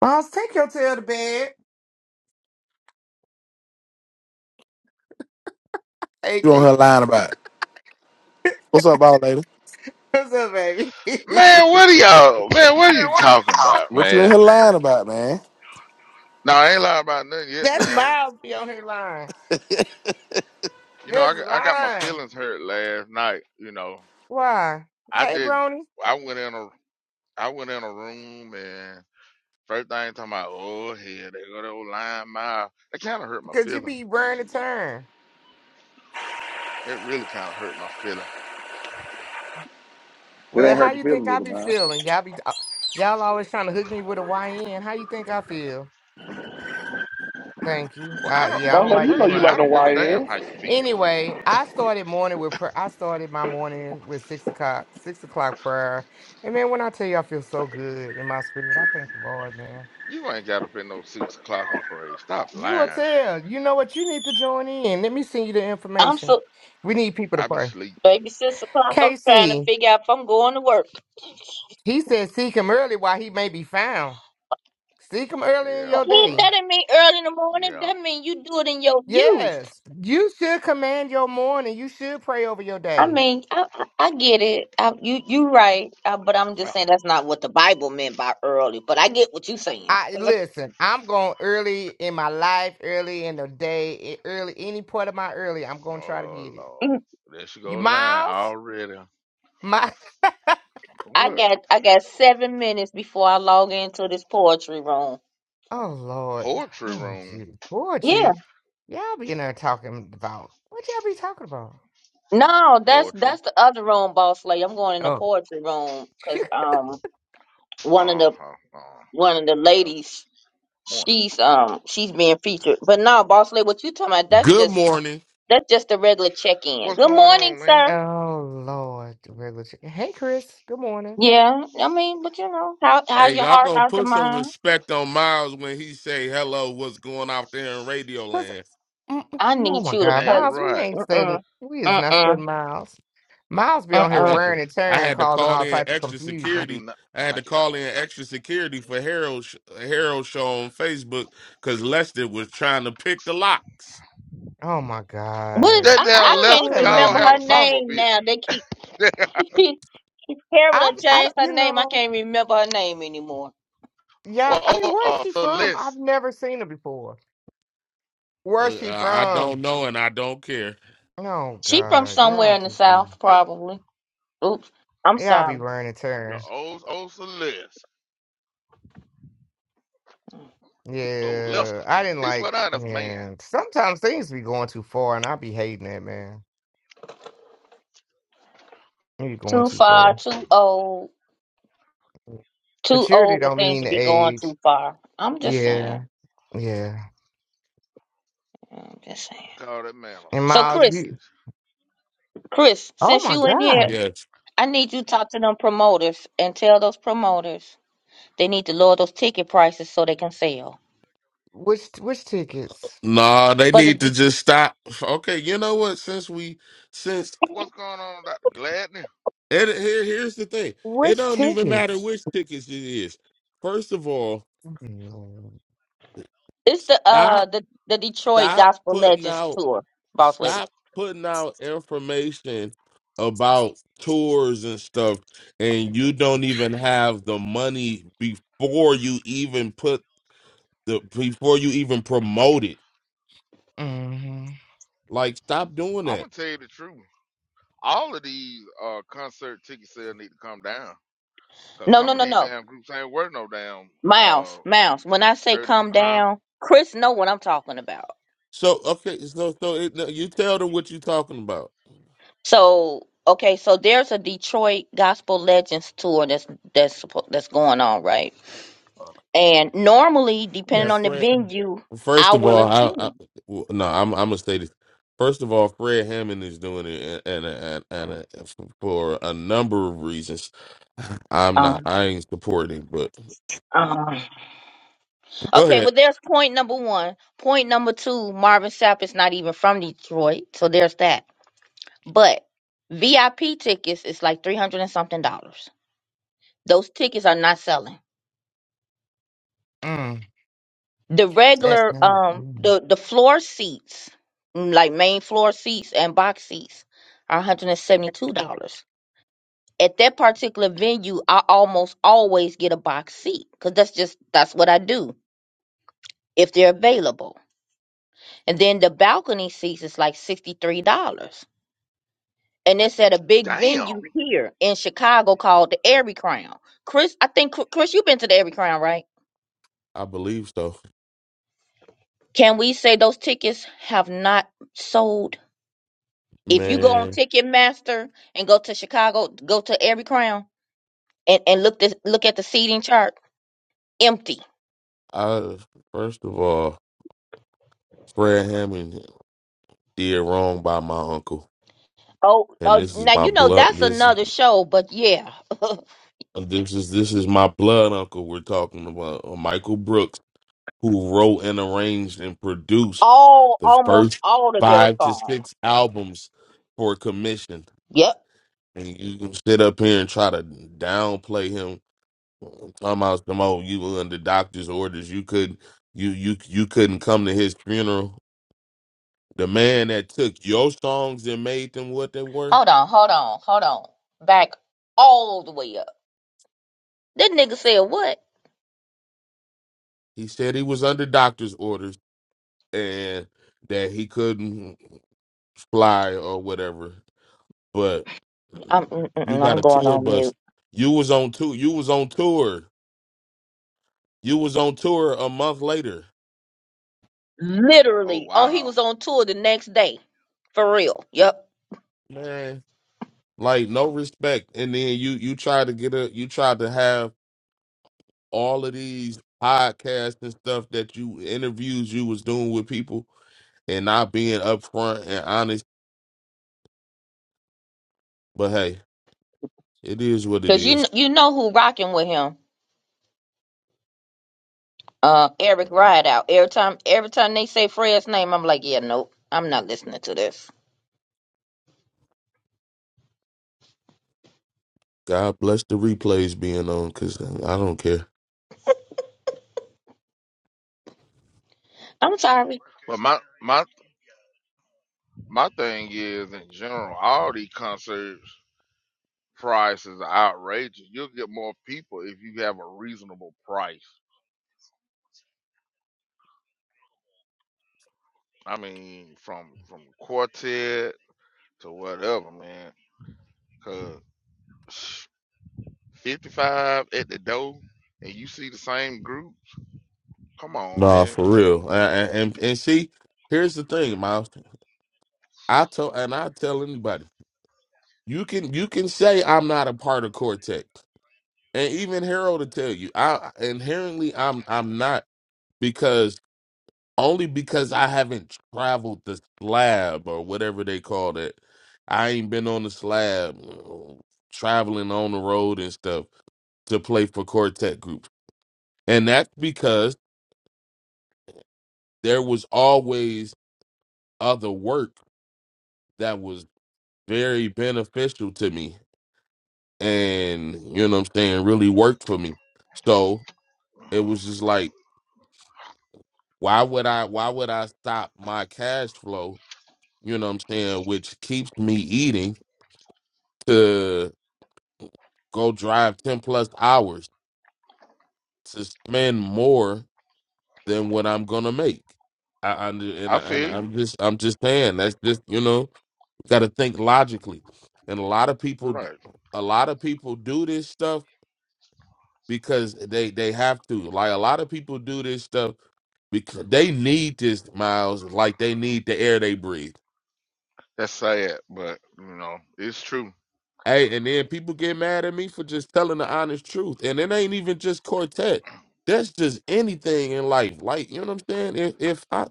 Boss, take your tail to bed. you on AK, here lying about? What's up, ball lady? what's up, baby? Man, what are y'all? Man, what are you talking about, What you in man? here lying about, man? No, I ain't lying about nothing yet, That's man. my be on here line. You know, I This got, I got my lying. feelings hurt last night. You know, Why? I Hey, just Brony, I went in a I went in a room and first thing talking about oh hell they go to old line mile. That kind of hurt my because you feelings. be burning to turn. That really kind of hurt my feelings. Well, how you think I be man. feeling? Y'all be uh, y'all always trying to hook me with a YN. How you think I feel? Thank you. Well, I Uh, don't. yeah, I Boss don't Well, lady, like you know that personally, you like I neither. the don't give a damn how YN. you feel. Anyway, I started morning with prayer. I started my morning with six o'clock, six o'clock prayer. And man, when I tell you I feel so good in my spirit, I thank the Lord, man. You ain't got up at no six o'clock and pray. Stop You will lying. tell. You know what? You need to join in. Let me send you the I'm information. so We need people to I be pray. sleep. baby six o'clock. I'm trying to Casey, figure out if I'm going to work. he said, seek him early while he may be found. Seek him early in Yeah, your Hey, day. that not right. mean early in the morning. Yeah. That mean you do it in your youth. Yes, you should command your morning. You should pray over your I day. mean, I I, I get it. I, you you right. Uh but I'm just saying that's not what the Bible meant by early. But I get what you're saying. I 'Cause I, listen. I'm going early in my life, early in the day, e- early any part of my early. I'm going to try to Oh get it. mm, Lord. There she You go line miles, already. my. I What? got I got seven minutes before I log into this poetry room. Oh Lord. Poetry Oh gee. room. Yeah. Poetry. Y'all be in there talking about what y'all be talking about? No, that's Poetry. that's the other room, boss lady. I'm going in the Oh, poetry room because um one of Uh the huh. Uh one of the yeah. ladies Morning. She's um she's being featured. But no, boss lady, what you talking about? That's Good just morning. that's just a regular check in. What's Good going morning, on, man? sir. Oh Lord, the regular shit. Hey Chris, good morning. Yeah, I mean, but you know, how Damn how's it. Hey, your y'all heart? gonna How's your put some mind? respect on Miles when he say hello. What's going out there in Radio Cause, Land? mm, mm, I oh need my you to God, cut Damn it. Miles, we right. ain't Mm studying. We is mm not mm studying Miles. Miles be mm on I here mm. had to, wearing and I tearing, had to causing call all in type of extra I confusion. do security. not I had to thank you. call in extra security for Harold sh- Harold show on Facebook because Lester was trying to pick the locks. Oh my What? God, That I I damn I don't can't know Lester even that Call remember lady. had her a samba name now. bitch. They keep Carol I've, done I, don't- changed her you name. I know, can't remember her name anymore. yeah. well I mean, oh where is uh she from? I've Celeste. never seen her before. Where is Uh, she I from? don't know and I don't care. Oh She from God, somewhere y'all in the just be south, Yep. probably. Oops, I'm y'all be sorry. running The turn. old old Celeste. Old Lester. Yeah, I didn't He swear like. down that's a man. Man, sometimes things be going too far, and I be hating that man. You be going Too too far, far. too old. Too Maturity old for don't things to mean be going age. too far. I'm just Yeah, saying. yeah. I'm just saying. Call that man a And So samba Miles, bitch. Chris, you, Chris, oh since my you in here, God, Yes. I need you to talk to them promoters and tell those promoters they need to lower those ticket prices so they can sell. which which tickets? Nah, they But the, need to De- just stop. Okay, you know what? Since we, since What's going on, Dr. Gladney? and here, here's the thing. It Which don't even matter tickets? which tickets it is. First of all. Mm-hmm. it's the uh Stop, the the Detroit stop Gospel putting Legends out, tour, boss lady. stop putting out information about tours and stuff, and you don't even have the money before you even put the before you even promote it. Like, stop doing I'm gonna that. tell you the truth. all of these uh concert ticket sales need to come down because No, no, some of no, these no. damn groups ain't worth no damn uh Miles, Miles. When I say thirty come huh? down, Chris know what I'm talking about. So okay, so so it, no, you tell them what you're talking about. So okay, so there's a Detroit Gospel Legends tour that's that's suppo- that's going on, right? And normally, depending That on the friend. Excuse me. venue, I First of will all, I, I attend. w- no, I'm I'm gonna say this. First of all, Fred Hammond is doing it, and and, and, and for a number of reasons, I'm not. Um, I ain't supporting, but um, go okay, ahead. well, there's point number one. Point number two, Marvin Sapp is not even from Detroit, so there's that. But VIP tickets is like three hundred and something dollars. Those tickets are not selling. Mm, The that's regular, mm. um, mm. the the floor seats, mm, like main floor seats and box seats, are one hundred and seventy two dollars. at that particular venue, I almost always get a box seat because that's just that's what I do if they're available. And then the balcony seats is like sixty three dollars, and it's at a big Damn. venue here in Chicago called the Airy Crown. Chris, I think Chris, you've been to the Airy Crown, right? I believe so, Can we say those tickets have not sold? If you go on man. Ticketmaster and go to Chicago, go to Airy Crown and, and look this look at the seating chart, empty I first of all, Fred Hammond did wrong by my uncle, Oh, and uh, this is now my you know blood. that's This another show, but yeah, this is this is my blood uncle. We're talking about uh, Michael Brooks. who wrote and arranged and produced all the almost first all of their five to songs. six albums for commission. Yep. And you can sit up here and try to downplay him. I'm talking about some old you were under doctor's orders. You could you you you couldn't come to his funeral. The man that took your songs and made them what they were, Hold on, hold on, hold on. Back all the way up. That nigga said what? he said he was under doctor's orders and that he couldn't fly or whatever. but I'm mm, mm, you mm, got I'm a going tour on bus. mute. You was on tour. You was on tour. You was on tour a month later, Oh Literally. Oh, he wow. was on tour the next day. For real. Yep. man. Like no respect. And then you you tried to get a you tried to have all of these podcasts and stuff that you interviews you was doing with people and not being upfront and honest. But hey, it is what it Cause you kn- is. you know who rocking with him. Uh, Eric Rideout. Every time every time they say Fred's name, I'm like, yeah, nope. I'm not listening to this. God bless the replays being on because I don't care. I'm sorry. But my my my thing is in general, all these concerts prices are outrageous. You'll get more people if you have a reasonable price. I mean, from from quartet to whatever, man. Cause fifty five at the door, and you see the same group. Come on, Nah, man. for real. And, and and see, here's the thing, Miles. I tell and I tell anybody, you can you can say I'm not a part of Cortex, and even Harold will tell you, I inherently I'm I'm not because only because I haven't traveled the slab or whatever they call it. I ain't been on the slab, uh, traveling on the road and stuff to play for Quartet groups, and that's because there was always other work that was very beneficial to me and you know what I'm saying really worked for me. So it was just like, why would I why would I stop my cash flow, you know what I'm saying, which keeps me eating to go drive 10 plus hours to spend more than what I'm gonna make. I, I and, I I- and feel you. I'm just I'm just saying that's just you know gotta think logically, and a lot of people Right. a lot of people do this stuff because they they have to. Like a lot of people do this stuff because they need this miles, like they need the air they breathe. That's sad, but you know, it's true. Hey, and then people get mad at me for just telling the honest truth. And it ain't even just quartet. That's just anything in life. Like, you know what I'm saying? If if I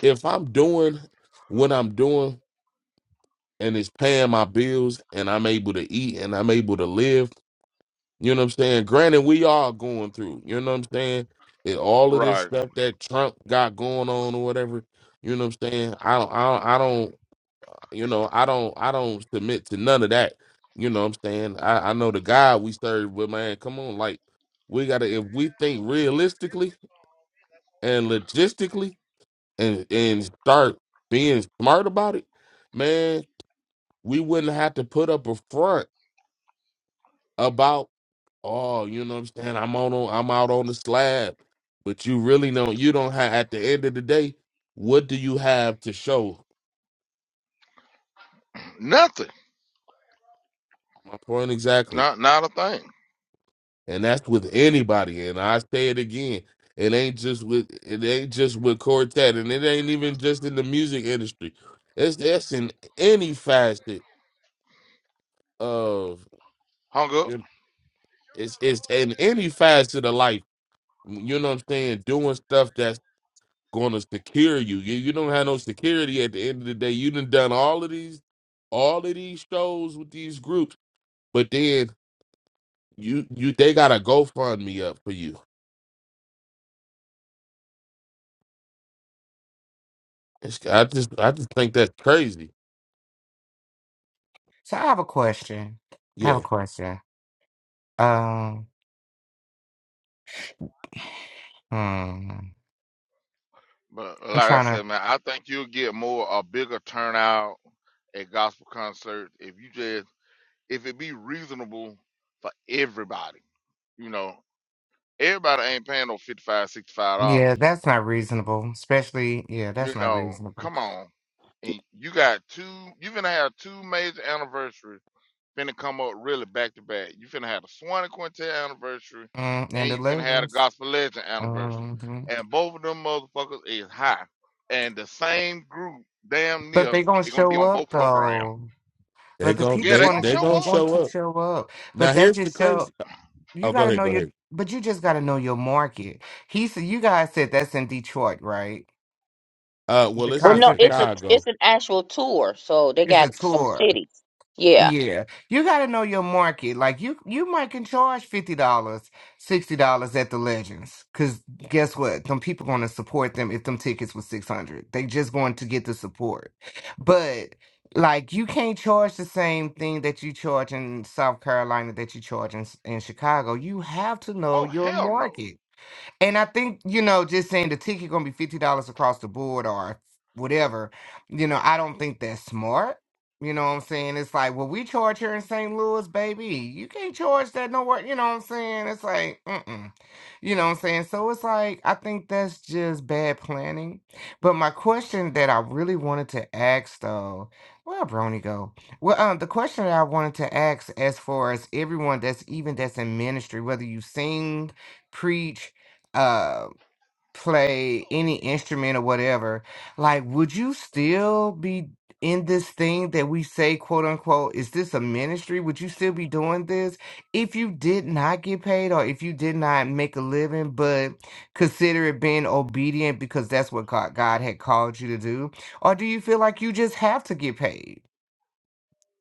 if I'm doing what I'm doing and it's paying my bills and I'm able to eat and I'm able to live You know what I'm saying? Granted, we are going through, you know what I'm saying? And all of this Right. stuff that Trump got going on or whatever, you know what I'm saying? I don't, I don't, I don't you know, I don't, I don't submit to none of that. You know what I'm saying? I, I know the God we serve, but man, come on, like we gotta, if we think realistically and logistically and and start being smart about it, man, we wouldn't have to put up a front about. oh, you know what I'm saying? I'm on, I'm out on the slab, but you really don't. You don't have. At the end of the day, what do you have to show? Nothing. My point exactly, Not not a thing. and that's with anybody. And I say it again. It ain't just with it ain't just with quartet, and it ain't even just in the music industry. It's it's in any facet of Hung up. it's it's in any facet of life. You know what I'm saying? Doing stuff that's going to secure you. you. You don't have no security at the end of the day. You done done all of these, all of these shows with these groups, but then you you they got a GoFundMe up for you. It's, I just I just think that's crazy. So I have a question. I have a Yeah, question. Um. Hmm. But uh, I'm like I trying to. said, man, I think you'll get more a bigger turnout at gospel concerts if you just if it be reasonable for everybody. You know, everybody ain't paying no fifty five, sixty five dollars. Yeah, that's not reasonable. Especially, yeah, You that's not know, reasonable. come on. And you got two you're gonna have two major anniversaries finna come up really back to back. You finna have the Swanee Quintet anniversary, Mm, and and the you finna have the legends. Gospel Legend anniversary, hmm and both of them motherfuckers is high, and the same group damn But near they gonna is gonna be show on up both programs. though. they But the gon' people Yeah, they they gonna gonna they sh- show they gonna up. going show to up. show up. But Now that here's the just show crazy. you Oh, go gotta ahead, know go your. ahead. But you just gotta know your market. He said you guys said that's in Detroit, right? Uh, The well, it's Well, in no, concept it's that you- a it's Chicago. an actual tour, so they it's a got some tour. cities. Yeah. Yeah, you got to know your market. Like you, you might can charge fifty dollars, sixty dollars at the Legends, because guess what? Them people going to support them if them tickets was six hundred. They just going to get the support. But like, you can't charge the same thing that you charge in South Carolina that you charge in, in Chicago. You have to know Oh your hell no. market. And I think, you know, just saying the ticket gonna be fifty dollars across the board or whatever, you know, I don't think that's smart. You know what I'm saying? It's like, well, we charge here in St. Louis, baby. You can't charge that nowhere. You know what I'm saying? It's like, mm-mm. You know what I'm saying? So it's like, I think that's just bad planning. But my question that I really wanted to ask, though, where Brony go? Well, um, the question that I wanted to ask, as far as everyone that's even that's in ministry, whether you sing, preach, uh play any instrument or whatever like would you still be in this thing that we say quote unquote is this a ministry would you still be doing this if you did not get paid or if you did not make a living but consider it being obedient because that's what god, god had called you to do or do you feel like you just have to get paid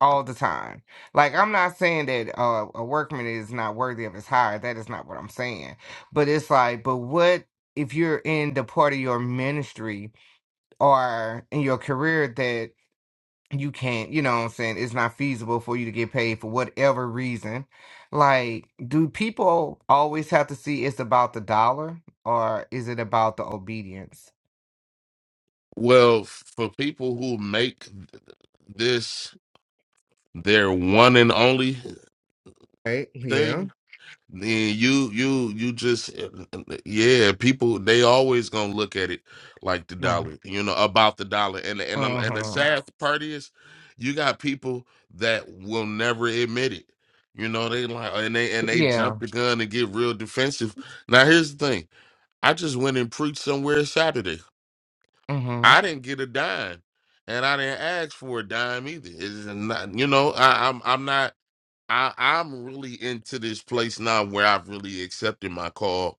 all the time. Like I'm not saying that uh, a workman is not worthy of his hire. That is not what I'm saying. But it's like, but what if you're in the part of your ministry or in your career that you can't, you know what I'm saying, it's not feasible for you to get paid for whatever reason. Like, do people always have to see it's about the dollar or is it about the obedience? Well, for people who make this their one and only Right? Yeah. thing, Then you you you just yeah, people they always gonna look at it like the Mm-hmm. dollar, you know, about the dollar. And and um, and the sad part is, you got people that will never admit it. You know, they like and they and they Yeah. jump the gun and get real defensive. Now here's the thing: I just went and preached somewhere Saturday. Mm-hmm. I didn't get a dime, and I didn't ask for a dime either. It's not, you know, I, I'm I'm not. I I'm really into this place now where I've really accepted my call.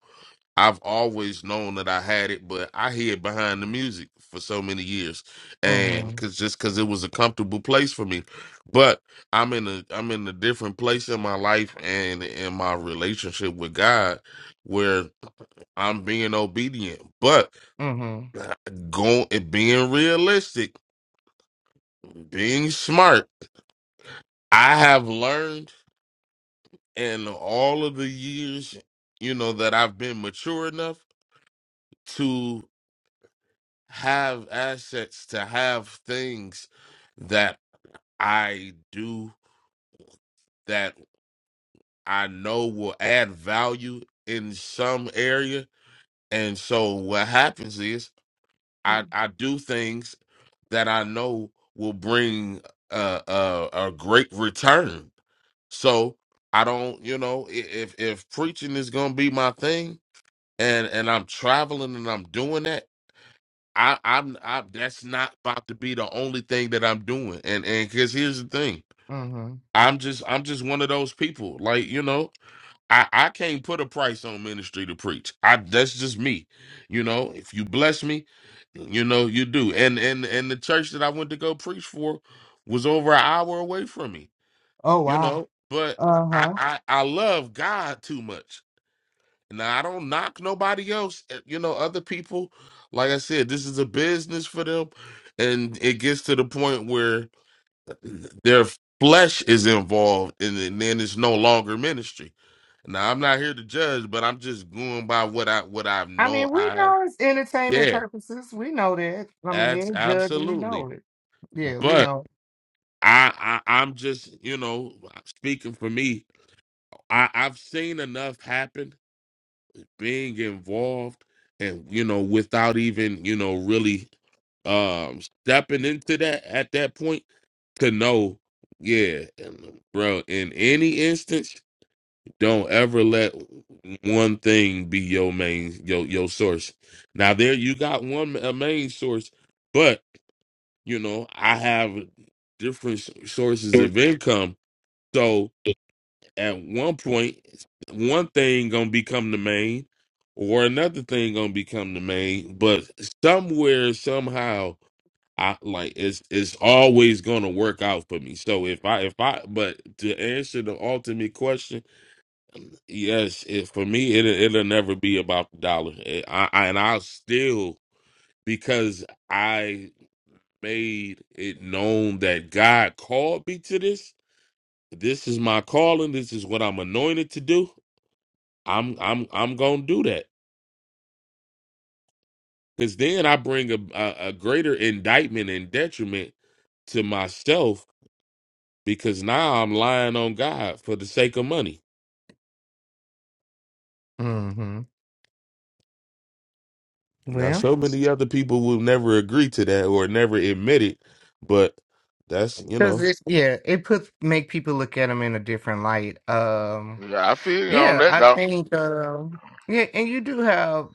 I've always known that I had it, but I hid behind the music for so many years, and Mm-hmm. cause just cause it was a comfortable place for me. But I'm in a I'm in a different place in my life and in my relationship with God, where I'm being obedient, but going being realistic, being smart. I have learned. and all of the years you know that i've been mature enough to have assets to have things that i do that i know will add value in some area and so what happens is i i do things that i know will bring a a, a great return so i don't you know i- if if preaching is going to be my thing and and I'm traveling and I'm doing that, I I'm I that's not about to be the only thing that I'm doing. And and because here's the thing, Mm-hmm. I'm just I'm just one of those people. Like you know, I I can't put a price on ministry to preach. I that's just me. You know, if you bless me, you know you do. And and and the church that I went to go preach for was over an hour away from me. Oh You wow. know, but I Uh-huh. I, I love God too much now I don't knock nobody else. uh, You know, other people, like I said, this is a business for them, and it gets to the point where their flesh is involved, and then then it's no longer ministry. Now I'm not here to judge, but I'm just going by what I what I I mean, know. we I know it's entertainment yeah, purposes. We know that. I mean, abs- any judge, we absolutely. know it. Yeah, we But know. I, I I'm just you know speaking for me. I I've seen enough happen being involved and you know without even you know really um stepping into that at that point to know yeah and, bro in any instance don't ever let one thing be your main your your source now there you got one a main source but you know i have different s- sources of income so at one point one thing gonna become the main or another thing gonna become the main but somewhere somehow i like it's it's always gonna work out for me so if i if i but to answer the ultimate question yes it, for me it, it'll it'll never be about the dollar It- I, I and i'll still because i made it known that god called me to this this is my calling this is what i'm anointed to do I'm I'm I'm gonna do that because then I bring a, a a greater indictment and detriment to myself because now I'm lying on God for the sake of money. Mm-hmm. Now, Well, so many other people will never agree to that or never admit it, but that's you because know. it, yeah, it puts make people look at them in a different light. Um, Yeah, I feel you on yeah, that I dog. think. Um, yeah, and you do have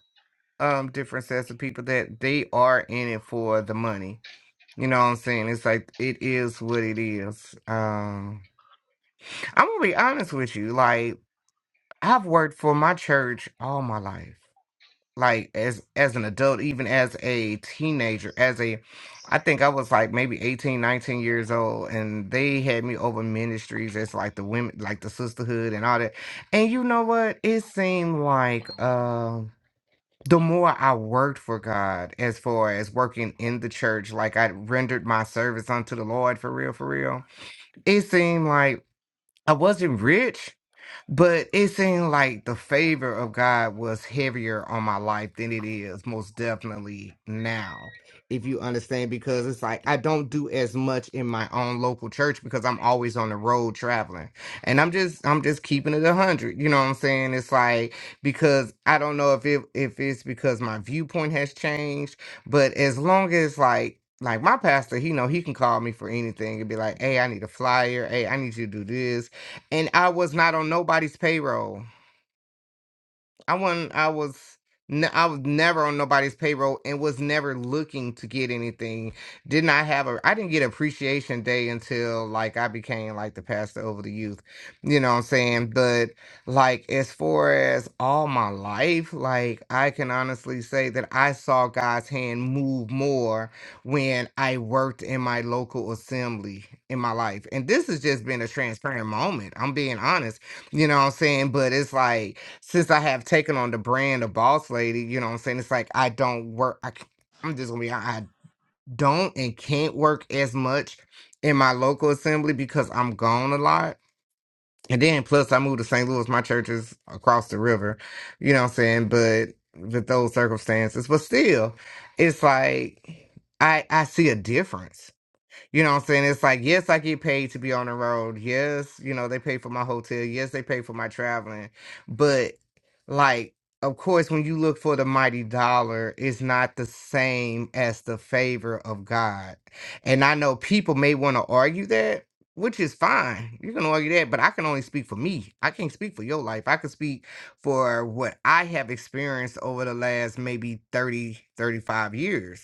um different sets of people that they are in it for the money. You know what I'm saying? It's like it is what it is. Um, I'm gonna be honest with you. Like I've worked for my church all my life. like as as an adult even as a teenager as a i think i was like maybe 18, 19 years old and they had me over ministries as like the women like the sisterhood and all that and you know what it seemed like um the more i worked for god as far as working in the church like i rendered my service unto the lord for real for real it seemed like i wasn't rich but it seemed like the favor of God was heavier on my life than it is most definitely now, if you understand, because it's like I don't do as much in my own local church because I'm always on the road traveling. And I'm just I'm just keeping it a hundred. You know what I'm saying? It's like because I don't know if it if it's because my viewpoint has changed, but as long as like like my pastor, he know he can call me for anything and be like, "Hey, I need a flyer. Hey, I need you to do this and I was not on nobody's payroll. I wasn't. I was. ne- I was never on nobody's payroll and was never looking to get anything. Did not have a. I didn't get appreciation day until like I became like the pastor over the youth. You know what I'm saying? But like as far as all my life, like I can honestly say that I saw God's hand move more when I worked in my local assembly in my life. And this has just been a transparent moment. I'm being honest. You know what I'm saying? But it's like since I have taken on the brand of boss lady, you know what I'm saying? It's like I don't work. I, c- I'm just gonna be hon- I don't and can't work as much in my local assembly because I'm gone a lot. And then plus I moved to St. Louis. My church is across the river, you know what I'm saying? But with those circumstances, but still, it's like I I see a difference. You know what I'm saying? It's like, yes, I get paid to be on the road. Yes, you know, they pay for my hotel. Yes, they pay for my traveling. But like, of course, when you look for the mighty dollar, it's not the same as the favor of God. And I know people may want to argue that, which is fine. You can argue that, but I can only speak for me. I can't speak for your life. I can speak for what I have experienced over the last maybe 30, 35 years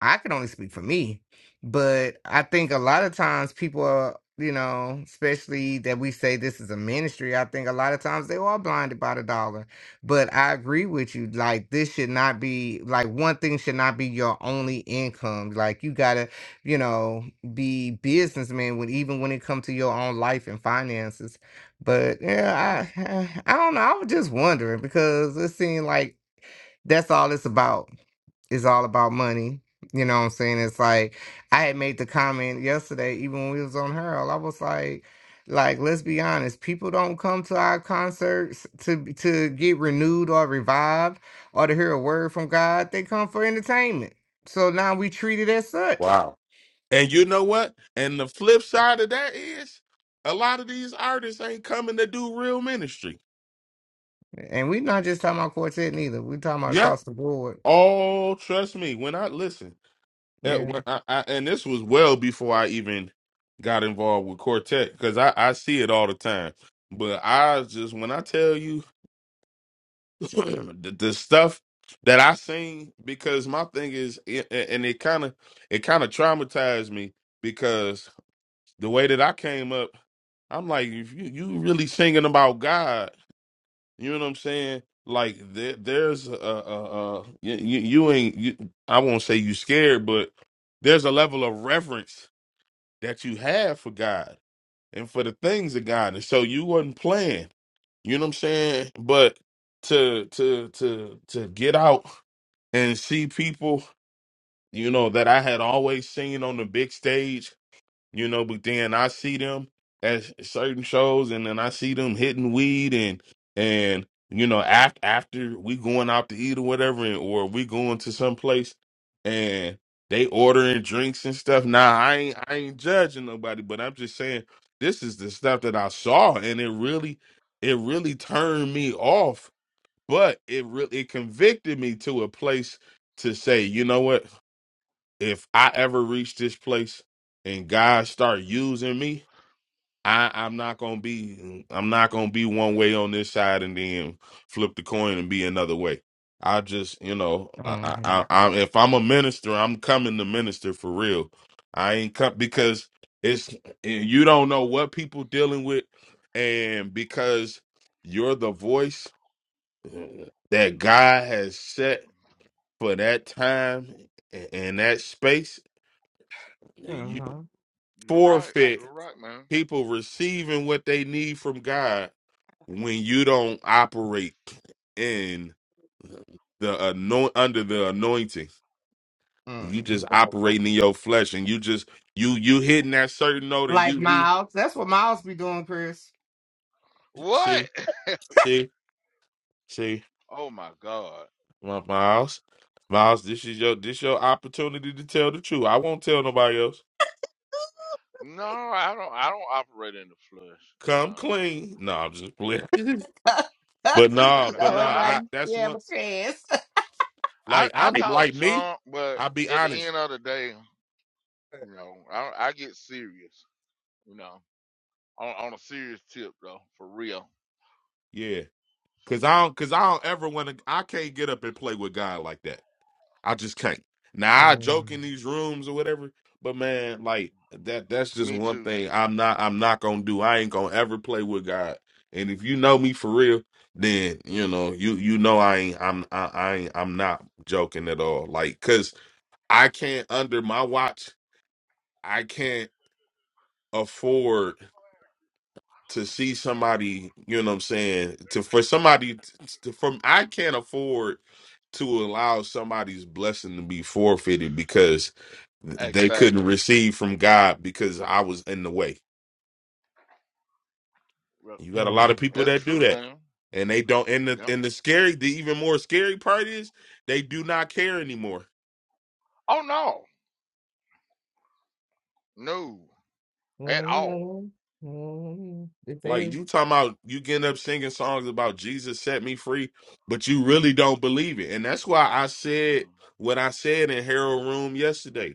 I can only speak for me, but I think a lot of times people are, you know, especially that we say this is a ministry, I think a lot of times they are blinded by the dollar. But I agree with you. Like, this should not be, like, one thing should not be your only income. Like, you got to, you know, be businessman when even when it comes to your own life and finances. But yeah, I, I don't know. I was just wondering because it seemed like that's all it's about is all about money. You know what I'm saying? It's like I had made the comment yesterday, even when we was on Harold, I was like, like let's be honest, people don't come to our concerts to to get renewed or revived or to hear a word from God. They come for entertainment. So now we treat it as such, Wow. And you know what? And the flip side of that is a lot of these artists ain't coming to do real ministry. and we're not just talking about quartet neither. We're talking about Yeah. across the board. Oh, trust me. When I listen. Yeah, Yeah. when I, I, and this was well before I even got involved with Quartet because I, I see it all the time. But I just when I tell you the, the stuff that I seen, because my thing is, a- and it kind of it kind of traumatized me because the way that I came up, I'm like, if you you really singing about God, you know what I'm saying? Like there, there's a, a, a you, you you ain't you, I won't say you scared, but there's a level of reverence that you have for God and for the things of God. And so you wasn't playing. You know what I'm saying? But to to to to get out and see people, you know, that I had always seen on the big stage you know. But then I see them at certain shows, and then I see them hitting weed and and you know after after we going out to eat or whatever, and, or we going to some place and they ordering drinks and stuff. Nah, I ain't I ain't judging nobody, but I'm just saying this is the stuff that I saw, and it really it really turned me off. But it really it convicted me to a place to say, you know what? if I ever reach this place and God start using me, I, I'm not gonna be I'm not gonna be one way on this side and then flip the coin and be another way. I just you know I, hmm I, I I'm- if I'm a minister, I'm coming to minister for real. I ain't come because it's you don't know what people dealing with, and because you're the voice that God has set for that time and and that space. hmm You're right. forfeit You're right, man. people receiving what they need from God when you don't operate in the anoint under the anointing. You just hmm operating in your flesh, and you just you you hitting that certain note, and Like you you Miles, that's what Miles be doing, Chris. What? see see see Oh my God. my Miles Miles. This is your this your opportunity to tell the truth. I won't tell nobody else. No, I don't. I don't operate in the flesh. Come No, clean. No, I'm just playing. to but nah, the but but you know, nah. Lord I I while that's Yeah, have one. a chance. I Like I I'm talk like me. junk, but I'll be at the honest. end of the day. You know, I I get serious. You know, on on a serious tip though, for real. Yeah, cause I don't, cause I don't ever want to. I can't get up and play with God like that. I just can't. Now I joke Mm, in these rooms or whatever, but man, like that. That's just Me one too. thing I'm not. I'm not gonna do. I ain't gonna ever play with God. And if you know me for real, then you know you you know I ain't. I'm I, I ain't. I'm not joking at all. Like, cause I can't under my watch. I can't afford. to see somebody, you know what I'm saying, to for somebody to, from I can't afford to allow somebody's blessing to be forfeited because they couldn't Exactly. receive from God because I was in the way. Well, You got a lot of mm. people That's that do true, that. man. And they don't and the Yeah. and the scary the even more scary part is they do not care anymore. Oh no, no, at Well, you all. know, mm, if they, Like you talking about you getting up singing songs about Jesus set me free, but you really don't believe it. And that's why I said Mm. what I said in Harold Room yesterday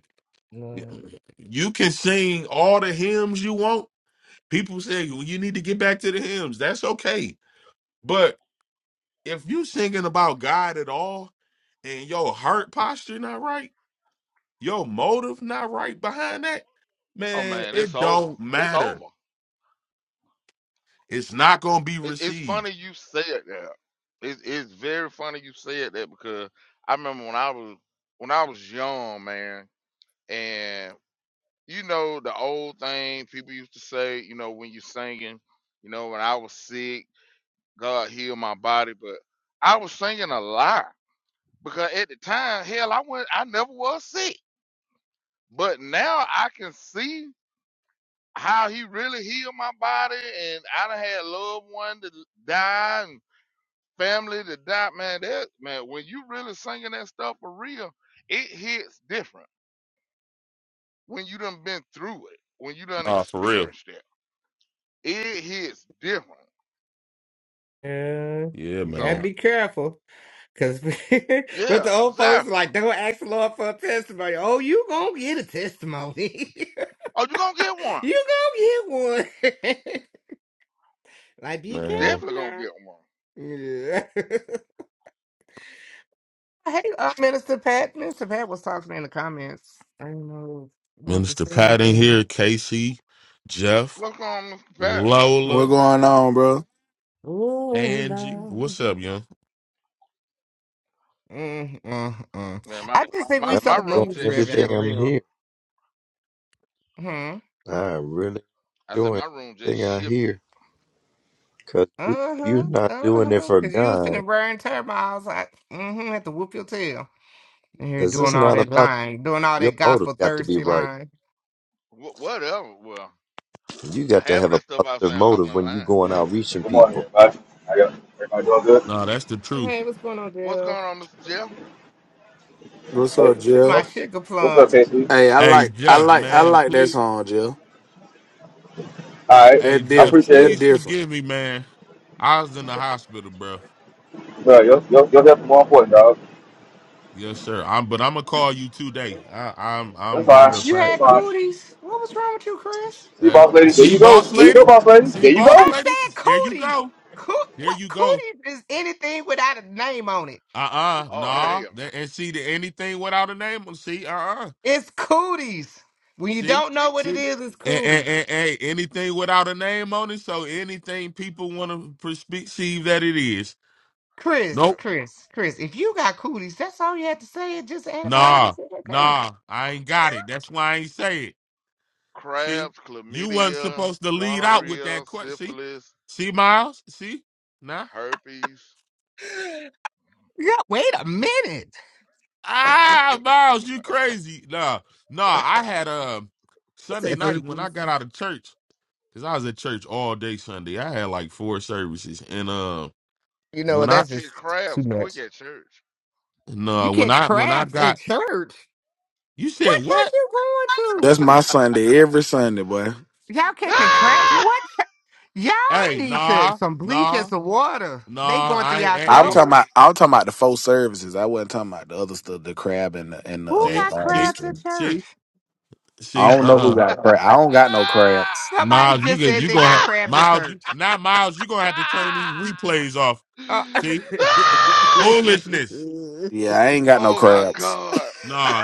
mm, You can sing all the hymns you want. People say well, you need to get back to the hymns. That's okay. But if you singing about God at all and your heart posture not right, your motive not right behind that, Oh man, man, it's it over. don't It's matter. over. It's not gonna be It, it's received. funny you said that. It, it's very funny you said that because I remember when I was when I was young, man, and you know the old thing people used to say. You know when you're singing. You know when I was sick. God heal my body, but I was singing a lie because at the time, hell, I went, I never was sick, but now I can see how He really healed my body, and I done had loved one to die and family to die. Man, that man, when you really singing that stuff for real, it hits different when you done been through it, when you done Oh, for real. experienced it. It hits different. yeah, Yeah, you gotta man. So be careful, cause but yeah, the old folks exactly. like don't ask the Lord for a testimony. Oh, you gonna get a testimony? Oh, you gonna get one. You gonna get one. like, be You Man. careful definitely gonna now. get one. Yeah. hey, uh, Minister Pat. Minister Pat was talking in the comments. I don't know if you want to Minister say Pat in anything. here, Casey, Jeff, Welcome, Mr. Pat. What Lola, going on, bro? Oh, Angie. no. What's up, young? Mm, mm, mm. Man, my, I just think my we I'm my so enjoying room money just driven everything for I'm shifted. real. here. Hmm. I really I said enjoying my room just everything I shifted. hear because Uh you're huh. not Uh doing it huh. for Cause you was finna God. burn turmoils. Like, mm-hmm. Have to whoop your tail. And here Because it's doing all not Man, that about the, lying, doing all your that motive. gospel Got to be thirsty right. lying. wh- whatever. Well, You got to half of have a that stuff I was positive saying I motive went when you lying. going out reaching Good morning, people. everybody. How y'all? Everybody doing good? No, that's the truth. Hey, what's going on, What's going Jill? on, Mr. Jeff? What's Hey, up, what's My Jill? up, sugar What's plum. up, KC? Hey, I Hey like, I Jeff, like, I man, like that please. song, Jill. All right, Hey That I Jeff, different. appreciate That it. please different. forgive me, man. I was in the hospital, bro. Bro, your, your, your help is more important, dog. Yes, sir. I'm, but I'm gonna call you today. I, I'm, That's I'm. Matter of You fine. fact, That's had fine. cooties. What was wrong with you, Chris? See, uh, boss lady, there see, you go. boss There you go, lady, boss lady. see, There you Well, boss go. I lady. said There you cooties. go. Coo- There what you go. cooties is anything without a name on it? Uh, uh Oh nah. hell, That- and see, the, anything without a name. on- See, uh, uh It's cooties. When you See, don't know what it see. is, it's And, and, cooties. and, and anything without a name on it. So anything people want to perceive that it is. Chris, yeah. Nope. Chris, Chris. If you got cooties, that's all you had to say. It's just Nah, antibiotics. It's okay. nah, I ain't got it. That's why I ain't say it. See, Crabs, you wasn't chlamydia, supposed to lead out with gonorrhea, that question. See, syphilis, see, Miles. See, nah. herpes. Yeah. Wait a minute. Ah, Miles, you crazy. Nah, nah. I had um I Sunday said night when I herpes. got out of church because I was at church all day Sunday. I had like four services, and uh, You know when what? You I can That's catch just too crabs quick much. at church. You no, when catch I when I crabs at got church. you What said church what? you going That's to? my Sunday every Sunday, boy. Y'all catching crabs? What? Y'all Hey, need to nah, some bleach and nah, some water. They nah. going through I ain't. y'all Hey, I'm hey. talking about. clothes. I'm talking about the four services. I wasn't talking about the other stuff, the crab and the and the Who uh. see, got uh, this see, crabs at thing. church? see, I see. don't Uh, know who uh got crab. I don't got Ah! no crabs. Somebody Miles, you just get said Ah! you they gonna got have Ah! crabs at Miles, you church. now Miles, you gonna have to turn these Ah! replays off. Uh, See? a Ah! Foolishness. little Yeah, I ain't got no Oh my crabs. god.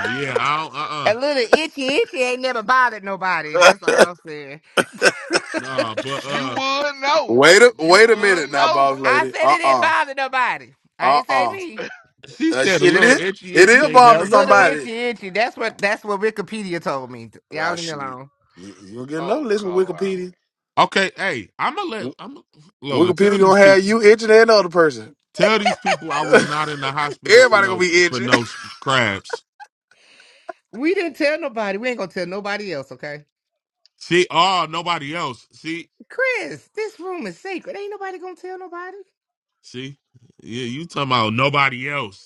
yeah, I don't uh uh itchy itchy ain't never bothered nobody. That's all I'm saying. Um, Nah, but You uh would know. wait a You wait a would minute now, know. boss I lady. said it Uh didn't uh bother nobody. I Uh ain't say uh me. she That said a shit it little is. itchy It itchy is ain't bomb A to never little man. somebody. itchy itchy. That's what that's what Wikipedia told me. Y'all Ah leave me shit. alone. You, you'll get another Oh list with God, Wikipedia. Okay, hey, I'ma let W- I'm Lola tell Wikipedia these gonna people have you itching and another person. tell these people I was not in the hospital for Everybody gonna no be for itching. no crabs. We didn't tell nobody. We ain't gonna tell nobody else, okay? See, oh nobody else. See, Chris, this room is sacred. Ain't nobody gonna tell nobody. see, yeah, you talking about nobody else.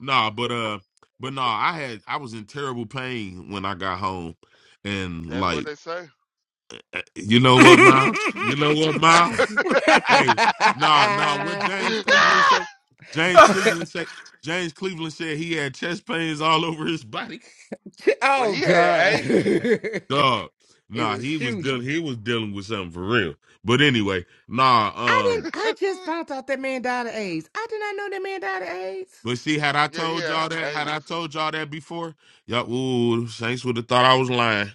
Nah, but uh, but nah, I had I was in terrible pain when I got home, and that's what like, they say. you know what, Miles? You know what, Miles? Hey, nah, nah. What James Cleveland said? James Cleveland said. James Cleveland said he had chest pains all over his body. well, oh he had God. AIDS. Dog, it nah, was he was dealing. shooting. He was dealing with something for real. But anyway, I nah. Um, didn't I just found out that man died of AIDS. I did not know that man died of AIDS. but see, had I Yeah, he told had y'all that, had I AIDS. told y'all that before, y'all, ooh, Saints would have thought I was lying.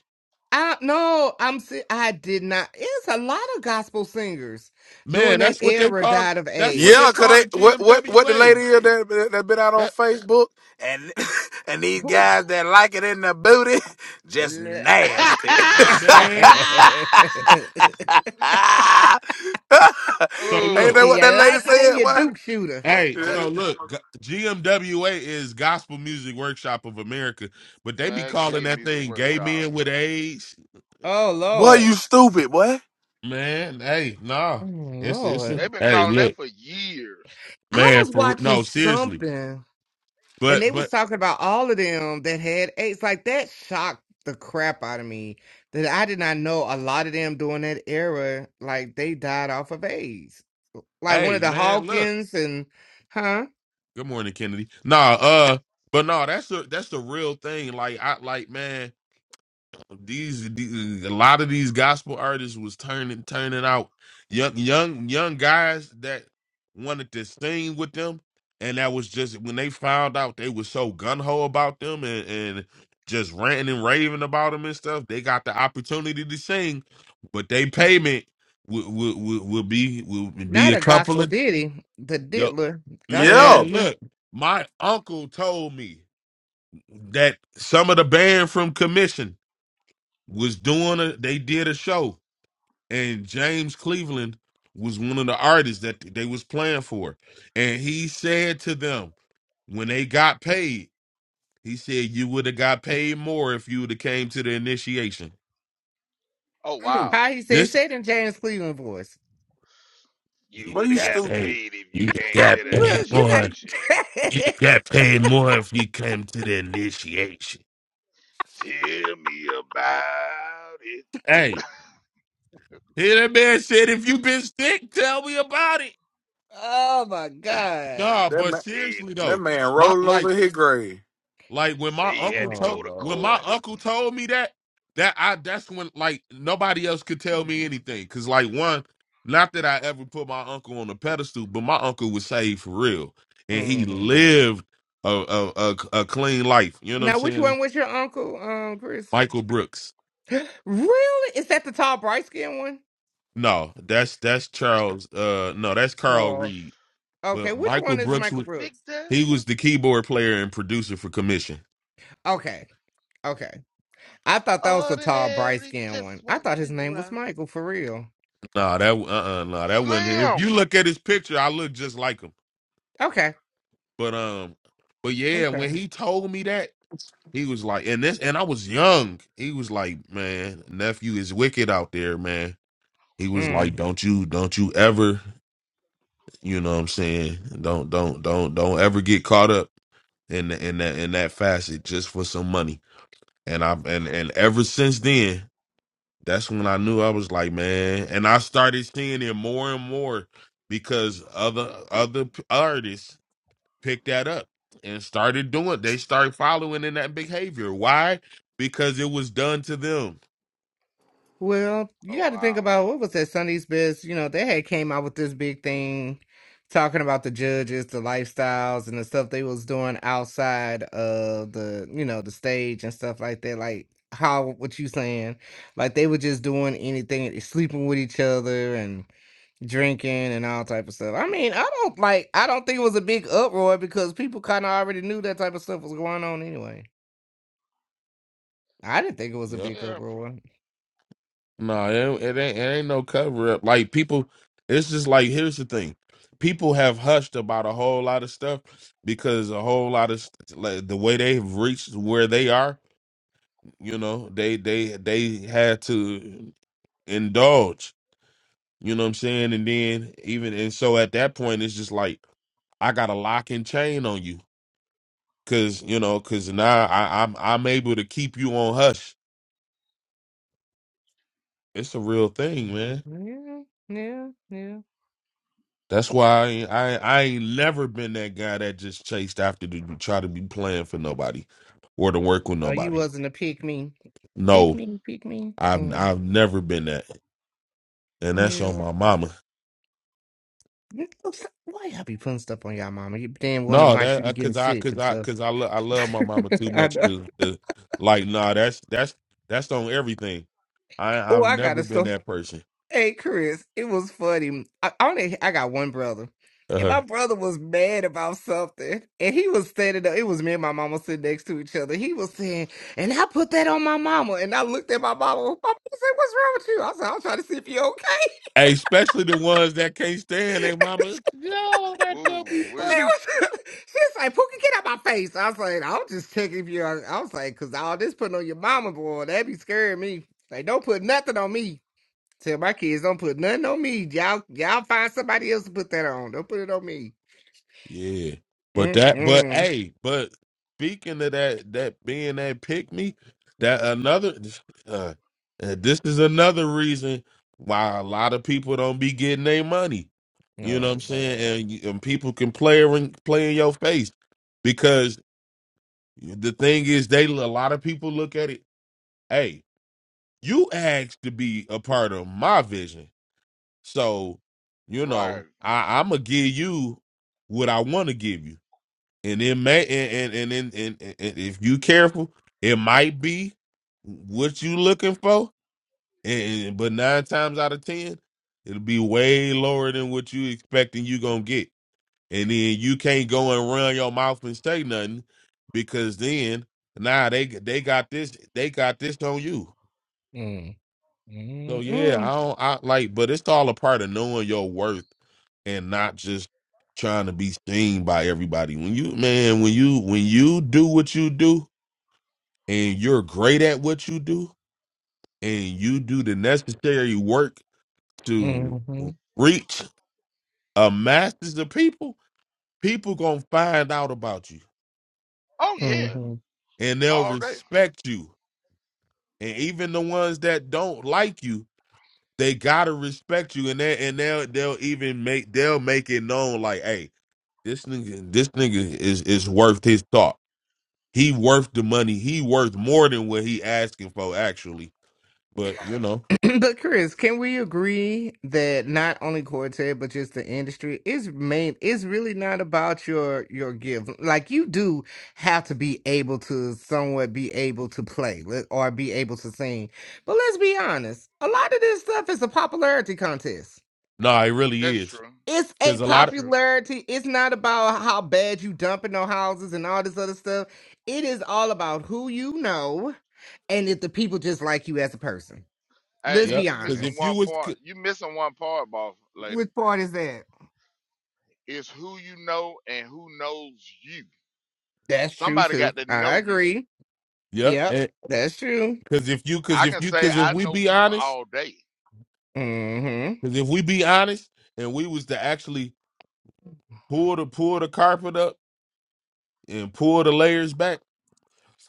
I no, I'm si- I did not. It's a lot of gospel singers during Man, that that's what they era call died of that's what AIDS. they yeah, cause call the they what what what the GMWA. lady is that that been out on That Facebook and and these Who guys that like it in the booty just if nasty. man. So Ain't look, that oh what that you lady like it then you said? Duke shooter. hey, That- Eh, so look, G- GMWA is Gospel Music Workshop of America, but they be man, calling gay that music thing gay workshop. men with AIDS. Oh Boy, Lord. you stupid, boy. Man, hey, nah. Oh, It's it's Lord. a, They've been hey, calling that look, for years. I man, was for watching no, seriously. something and they But was but talking about all of them that had AIDS. Like that shocked the crap out of me that I did not know a lot of them during that era, like they died off of AIDS. Like one of hey, the man, look. Hawkins and huh? Good morning, Kennedy. Nah, uh, but no, that's a that's the real thing. Like I like man. These, these a lot of these gospel artists was turning turning out young young young guys that wanted to sing with them, and that was just when they found out they was so gun ho about them and, and just ranting and raving about them and stuff. They got the opportunity to sing, but they payment would would would would be would be Not a a couple gospel of diddy, the yo diddler, gospel yeah. man. diddler. Look, my uncle told me that some of the band from Commission was doing a they did a show and James Cleveland was one of the artists that they was playing for. And he said to them when they got paid, he said you would have got paid more if you would have came to the initiation. Oh Mm. wow. How he said, This said in James Cleveland voice. You you Boy, would you have got got stupid. paid. paid if you You came I, got to the paid look, you more. gotta. initiation. You got paid more if you came to the initiation. Tell me about it. Hey, here that man said if you been sick, tell me about it. oh my God. Nah, That but man, Said seriously that though, man my rolling like over his grave. Like when my say you had uncle to Oh told go to when my court. Lord. uncle told me that, that I that's when like nobody else could tell me anything. Cause like one, not that I ever put my uncle on a pedestal, but my uncle was saved for real. And he lived a a, a, a clean life. You know what I'm Now, which one saying? was your uncle, um, Chris? Michael Brooks. Really? Is that the tall, bright skinned one? No, that's that's Charles uh no, that's Carl Tall. Reed. Okay, But which Michael one is Brooks Michael was Brooks? Victor, he was the keyboard player and producer for commission. Okay. Okay. I thought that was the tall, bright ordinary skinned one. just I won't thought his name do. Uh, was Michael for real. Nah, that uh uh nah, that wasn't him. If Slim. you look at his picture, I look just like him. Okay. But um, but yeah, when Okay. he told me that, he was like, and this, and I was young. He was like, man, nephew is wicked out there, man. He was like, don't you, don't you ever, you know what I'm saying? Don't, don't, don't, don't ever get caught up in the, in that in that facet just for some money. And I and and ever since then, that's when I knew I was like, man. And I started seeing it more and more because other other p- artists picked that up and started doing they started following in that behavior why because it was done to them Well, you Oh got to think wow. about what was that Sunday's Best. You know, they had came out with this big thing talking about the judges, the lifestyles, and the stuff they was doing outside of the, you know, the stage and stuff like that. Like how what you saying? Like they were just doing anything, eh, sleeping with each other and drinking and all type of stuff. I mean, I don't like. I don't think it was a big uproar because people kind of already knew that type of stuff was going on anyway. I didn't think it was a yep big Yeah. uproar. no it, it ain't it ain't no cover up like people it's just like here's the thing people have hushed about a whole lot of stuff because a whole lot of st- like the way they've reached where they are you know they they they had to indulge you know what i'm saying and then even and so at that point it's just like i got a lock and chain on you Cause you know, cause now I, I'm I'm able to keep you on hush. It's a real thing, Mm. man. Yeah, yeah, yeah. That's why I ain't- I, I ain't never been that guy that just chased after to try to be playing for nobody or to work with Oh, you nobody. wasn't a pick me. Pick No, me, pick me. I've Mm, I've never been that, and that's on yeah. my mama. You know, so- Why y'all be putting stuff on y'all mama? You damn wonder No, why she that was uh, getting cause I sick cause and I stuff. cause I lo- I love my mama too I much know. to, to like. Nah, that's that's that's on everything. I Oh, I've I got never a been story. that person. Hey, Chris, it was funny. I I only I got one brother. And Uh-huh. my brother was mad about something. And he was standing up. It was me and my mama sitting next to each other. He was saying, and I put that on my mama. And I looked at my mama. My mama said, What's wrong with you? I said, I'm trying to see if you're okay. Especially the ones that can't stand their mama. Yo, that's gonna be She Ooh wee. funny. was, she was like, Pookie, get out my face. I was like, I was just checking if you. are-" I was like, because all this putting on your mama, boy, that be scaring me. Like, don't put nothing on me. Tell my kids, don't put nothing on me. Y'all, y'all find somebody else to put that on. Don't put it on me. Yeah. But that but Mm-mm. hey, but speaking of that that being that pick me, that another uh, and this is another reason why a lot of people don't be getting their money. You know what Oh I'm saying? Lord. And, you- and people can play in, play in your face because the thing is, they a lot of people look at it. Hey, you asked to be a part of my vision. So, you Right. know, I, I'm gonna give you what I want to give you, and it may, and and and, and, and, and if you careful, it might be what you looking for, and, and- but nine times out of ten, it'll be way lower than what you expecting you gonna get, and then you can't go and run your mouth and say nothing because then now nah, they they got this they got this on you. Mm. So yeah, Mm-mm. I don't I like, but it's all a part of knowing your worth and not just trying to be seen by everybody. When you man, when you when you do what you do and you're great at what you do and you do the necessary work Mm-hmm. to Mm-hmm. reach a masses of people, people gonna find out about you Oh yeah. Mm-hmm. and they'll All day. respect you. And even the ones that don't like you, they gotta respect you and they and they'll they'll even make they'll make it known like, hey. This nigga, this nigga is is worth his thought. He worth the money. He worth more than what he asking for, actually. But you Right. know, But Chris, can we agree that not only Quartet but just the industry is main is really not about your your gift. Like you do have to be able to somewhat be able to play let- or be able to sing. But let's be honest, a lot of this stuff is a popularity contest. nah, it really That's is. true. It's a Cause a That's lot of, true. popularity. It's not about how bad you dumping no houses and all this other stuff. It is all about who you know and if the people just like you as a person. Let's Hey, and be yep. you Cause missing honest. if you one was, part. c- You missing one part, boss lady. Which part is that? It's who you know and who knows you. That's true Somebody too. got to I know you. agree. yep. Yep, And that's true. cause if you, cause I if can you, say cause if I we know be people honest, all day. Mm-hmm. cause if we be honest, and we was to actually pull the pull the carpet up and pull the layers back,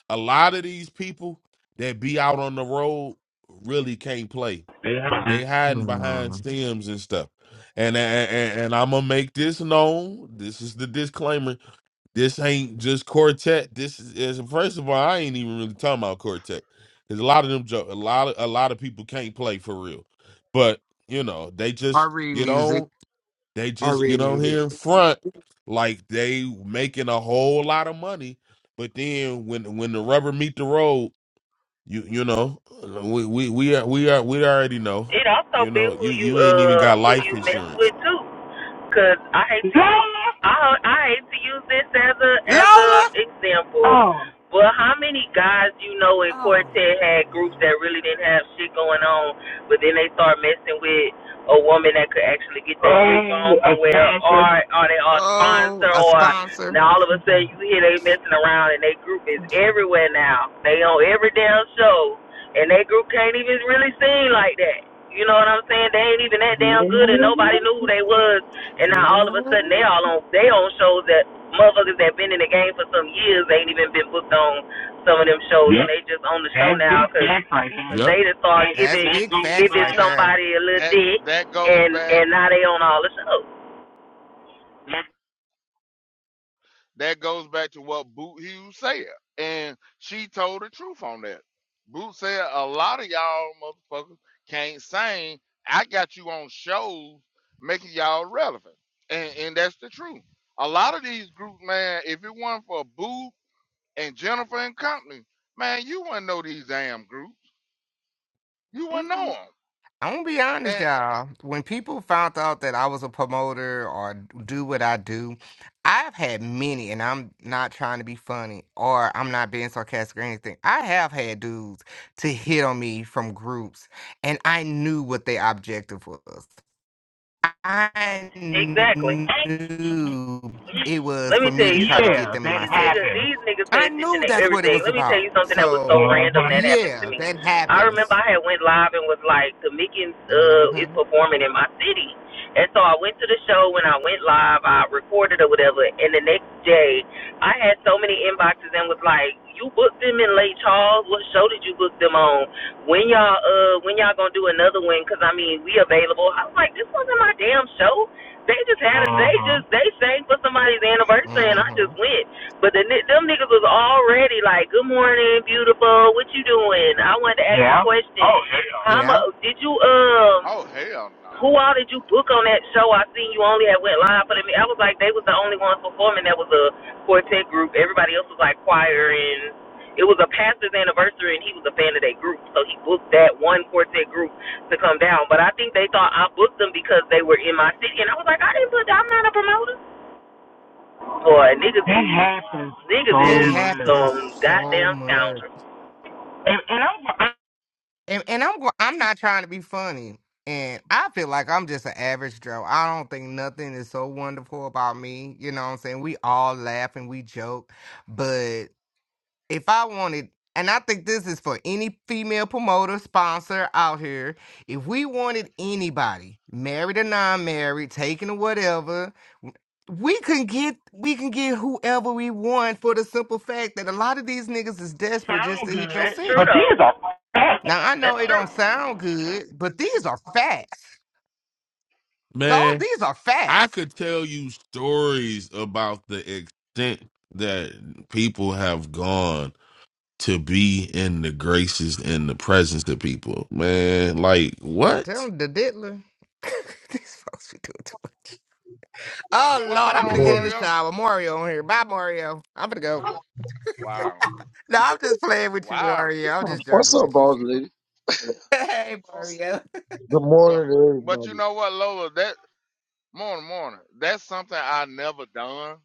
a lot of these people that be out on the road really can't play Yeah. They hiding behind Mm. stems and stuff. And and, and I'm gonna make this known. This is the disclaimer. This ain't just quartet. This is is- first of all, I ain't even really talking about quartet. Cause a lot of them, jo- a lot of a lot of people can't play for real. But you know, they I just read get music. on. They I just read get on music. here in front like they making a whole lot of money. But then when when the rubber meet the road, you you know, we we we are we are we already know. It also You be know, who you you you ain't even uh got who life you mess insurance. with too. Cause I hate to, I I hate to use this as a as a Lola! example, Oh. Well, how many guys you know in Oh. quartet had groups that really didn't have shit going on, but then they start messing with a woman that could actually get that dick on Oh, somewhere, or sponsor. or they are a Oh, sponsor, a or sponsor. now all of a sudden you hear they messing around and they group is everywhere now. They on every damn show, and they group can't even really sing like that. You know what I'm saying? They ain't even that damn good, and nobody knew who they was. And now all of a sudden, they Mm. all on they on shows that motherfuckers that been in the game for some years ain't even been booked on some of them shows, yep. and Yep. they just on the show That's now because right Yep, they just start That's giving big facts giving right That there. somebody a little that dick, that goes and back. and now they on all the shows. That goes back to what Boot Hughes said. And she told the truth on that. Boot said a lot of y'all motherfuckers can't sing. I got you on shows making y'all relevant. And and that's the truth. A lot of these groups, man, if it wasn't for Boot and Jennifer and company, man, you wouldn't know these damn groups. You wouldn't know them. I'm gonna be honest, And y'all. When people found out that I was a promoter or do what I do, I've had many, and I'm not trying to be funny or I'm not being sarcastic or anything. I have had dudes to hit on me from groups, and I knew what their objective was. I knew Exactly. it was Let for me tell me to you try to get yeah, them something. in Yeah, that These my niggas, city. these niggas pay I attention knew to that's what it everything. was Let me tell about. you something that was so So, uh, random Uh-huh. that happened to yeah, me. that I remember happens. I had went live and was like, the Mickens uh, is hmm performing in my city. And so I went to the show. When I went live, I recorded or whatever. And the next day, I had so many inboxes and was like, you booked them in Lake Charles. What show did you book them on? When y'all uh when y'all gonna do another one? Cause I mean, we available. I was like, this wasn't my damn show. They just had it. Uh-huh. They Mhm. just they sang for somebody's anniversary, and I hmm just went. But the them niggas was already like, "Good morning, beautiful. What you doing?" I wanted to ask Yeah. you a question. Oh yeah. How much Yeah. did you um? oh hell no. who all did you book on that show? I seen you only had went live for the. I was like, they was the only ones performing. That was a quartet group. Everybody else was like choir and. It was a pastor's anniversary, and he was a fan of that group, so he booked that one quartet group to come down. But I think they thought I booked them because they were in my city, and I was like, I didn't book. them. I'm not a promoter. Boy, niggas That happens niggas so That is much. some happens so Wow. goddamn much. scoundrels. And, and I'm, I And and I'm go- I'm not trying to be funny. And I feel like I'm just an average Joe. I don't think nothing is so wonderful about me. You know what I'm saying? We all laugh and we joke, but if I wanted, and I think this is for any female promoter, sponsor out here, if we wanted anybody, married or non-married, taken or whatever, we can get we can get whoever we want for the simple fact that a lot of these niggas is desperate just sound to hit good, your That's true city. but though. these are facts. Now I know That's it true. Wow. don't sound good, but these are facts. All man. these are I facts. could tell you stories about the extent that people have gone to be in the graces and the presence of people. Man, like I'm what? telling the diddler. these folks be doing too much. Oh What's Lord, going I'm Good on, finna For, get in morning. the Mario? shower. Mario on here. Bye, Mario. I'm finna go. Wow. No, I'm just playing with you, Wow. Mario. I'm just What's joking up, with you. boss lady? hey, Mario. Good But morning to but you everybody. know what, Lola? That Morning, morning. That's something I never done.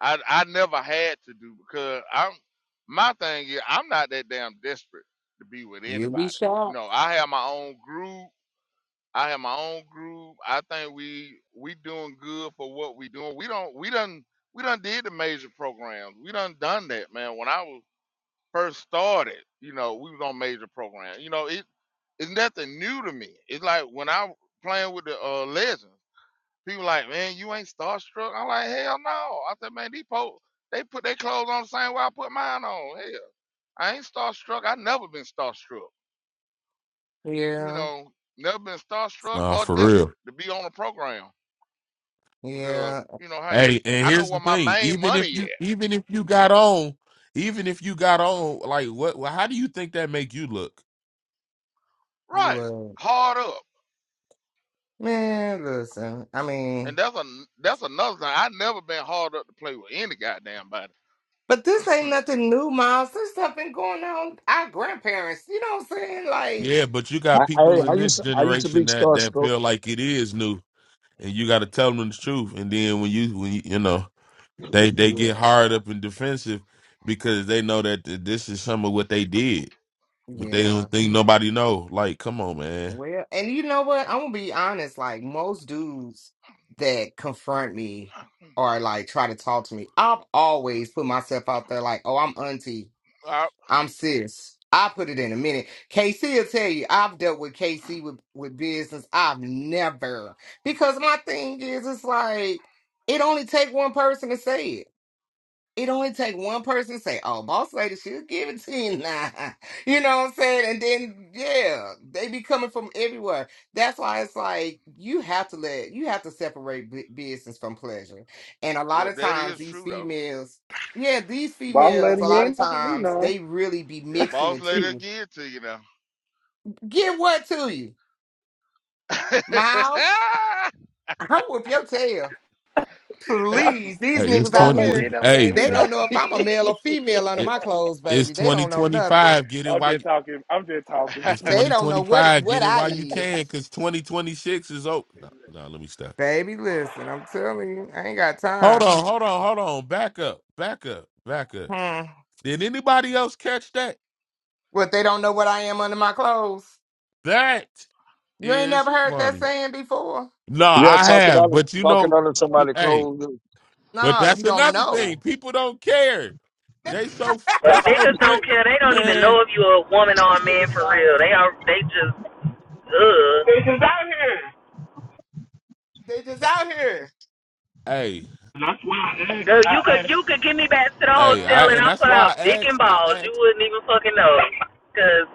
I I never had to do because I'm my thing is I'm not that damn desperate to be with You be anybody. You know, I have my own group. I have my own group. I think we we doing good for what we doing. We don't we done we done did the major programs. We done done that, man. When I was first started, you know, we was on major programs. You know, it it's nothing new to me. It's like when I playing with the uh legends. People like, man, you ain't starstruck. I'm like, hell no. I said, man, these folks, they put their clothes on the same way I put mine on. Hell, I ain't starstruck. I never been starstruck. You yeah, know, never been starstruck nah, or for real. desperate to be on a program because, yeah. you know, hey, Hey, and I know here's where the my thing: main even if money at. you even if you got on, even if you got on, like what? How do you think that make you look? Right, Look, hard up. man, listen. I And mean, that's a that's another thing. I never been hard up to play with any goddamn body. but this ain't nothing new, Miles. This stuff been going on. with Our grandparents, you know what I'm saying? Like, Yeah, but you got I, I people I in used this to I used to be generation that that starstruck. feel like it is new, and you got to tell them the truth. And then when you when you, you know they they yeah, get hard up and defensive because they know that th- this is some of what they did, but they yeah. don't think nobody know. Like, come on, man. Well, and you know what? I'm gonna be honest. Like most dudes that confront me or like try to talk to me, I've always put myself out there. Like, oh, I'm auntie. I, I'm serious. I put it in a minute. KC will tell you I've dealt with KC with, with business. I've never because my thing is it's like it only take one person to say it. It only take one person say, "Oh, boss lady, she'll give it to you now." You know what I'm saying? And then yeah, they be coming from everywhere. That's why it's like you have to let you have to separate bu- business from pleasure. And a lot well, of that times is these true though. females, yeah, these Boss females, lady, a you lot of ain't offering me times none. they really be Your mixing the boss lady will two. give it to you now. Get what to you, Miles? I'm whoop your tail, Boss, please. These Hey, it's niggas boss out lady, you here, ain't twenty. never gave Hey, me they none. don't know if I'm a male or female under it, my clothes, it's baby. They twenty don't know twenty nothing. five. Get it I'm while just you, talking. I'm just talking. it's They twenty don't twenty know what five. Get what it I while you is. can, because twenty twenty six is over. No, no, let me stop. Baby, listen, I'm telling you, I ain't got Hold time. on, hold on, hold on. Back up, back up, back up. Hmm. Did anybody else catch that? What they don't know what I am under my clothes. That You ain't is never heard that funny. saying before. No, Yeah, I talking have, under but you talking know, under but, somebody hey, clothes. but No, you that's don't another thing. know. People don't care. They so they Cause so niggas don't quick, care. They don't even man. know if you a woman or a Get the man for shower for real. They free. are. They just. Ugh. This is out here. They just out here. Hey, That's why I asked. Girl, I you I could asked. you could get me back to the hey, Well, I hotel and and I that's pull Dang. why out I dick and asked. I balls. You asked. wouldn't even fucking know, cause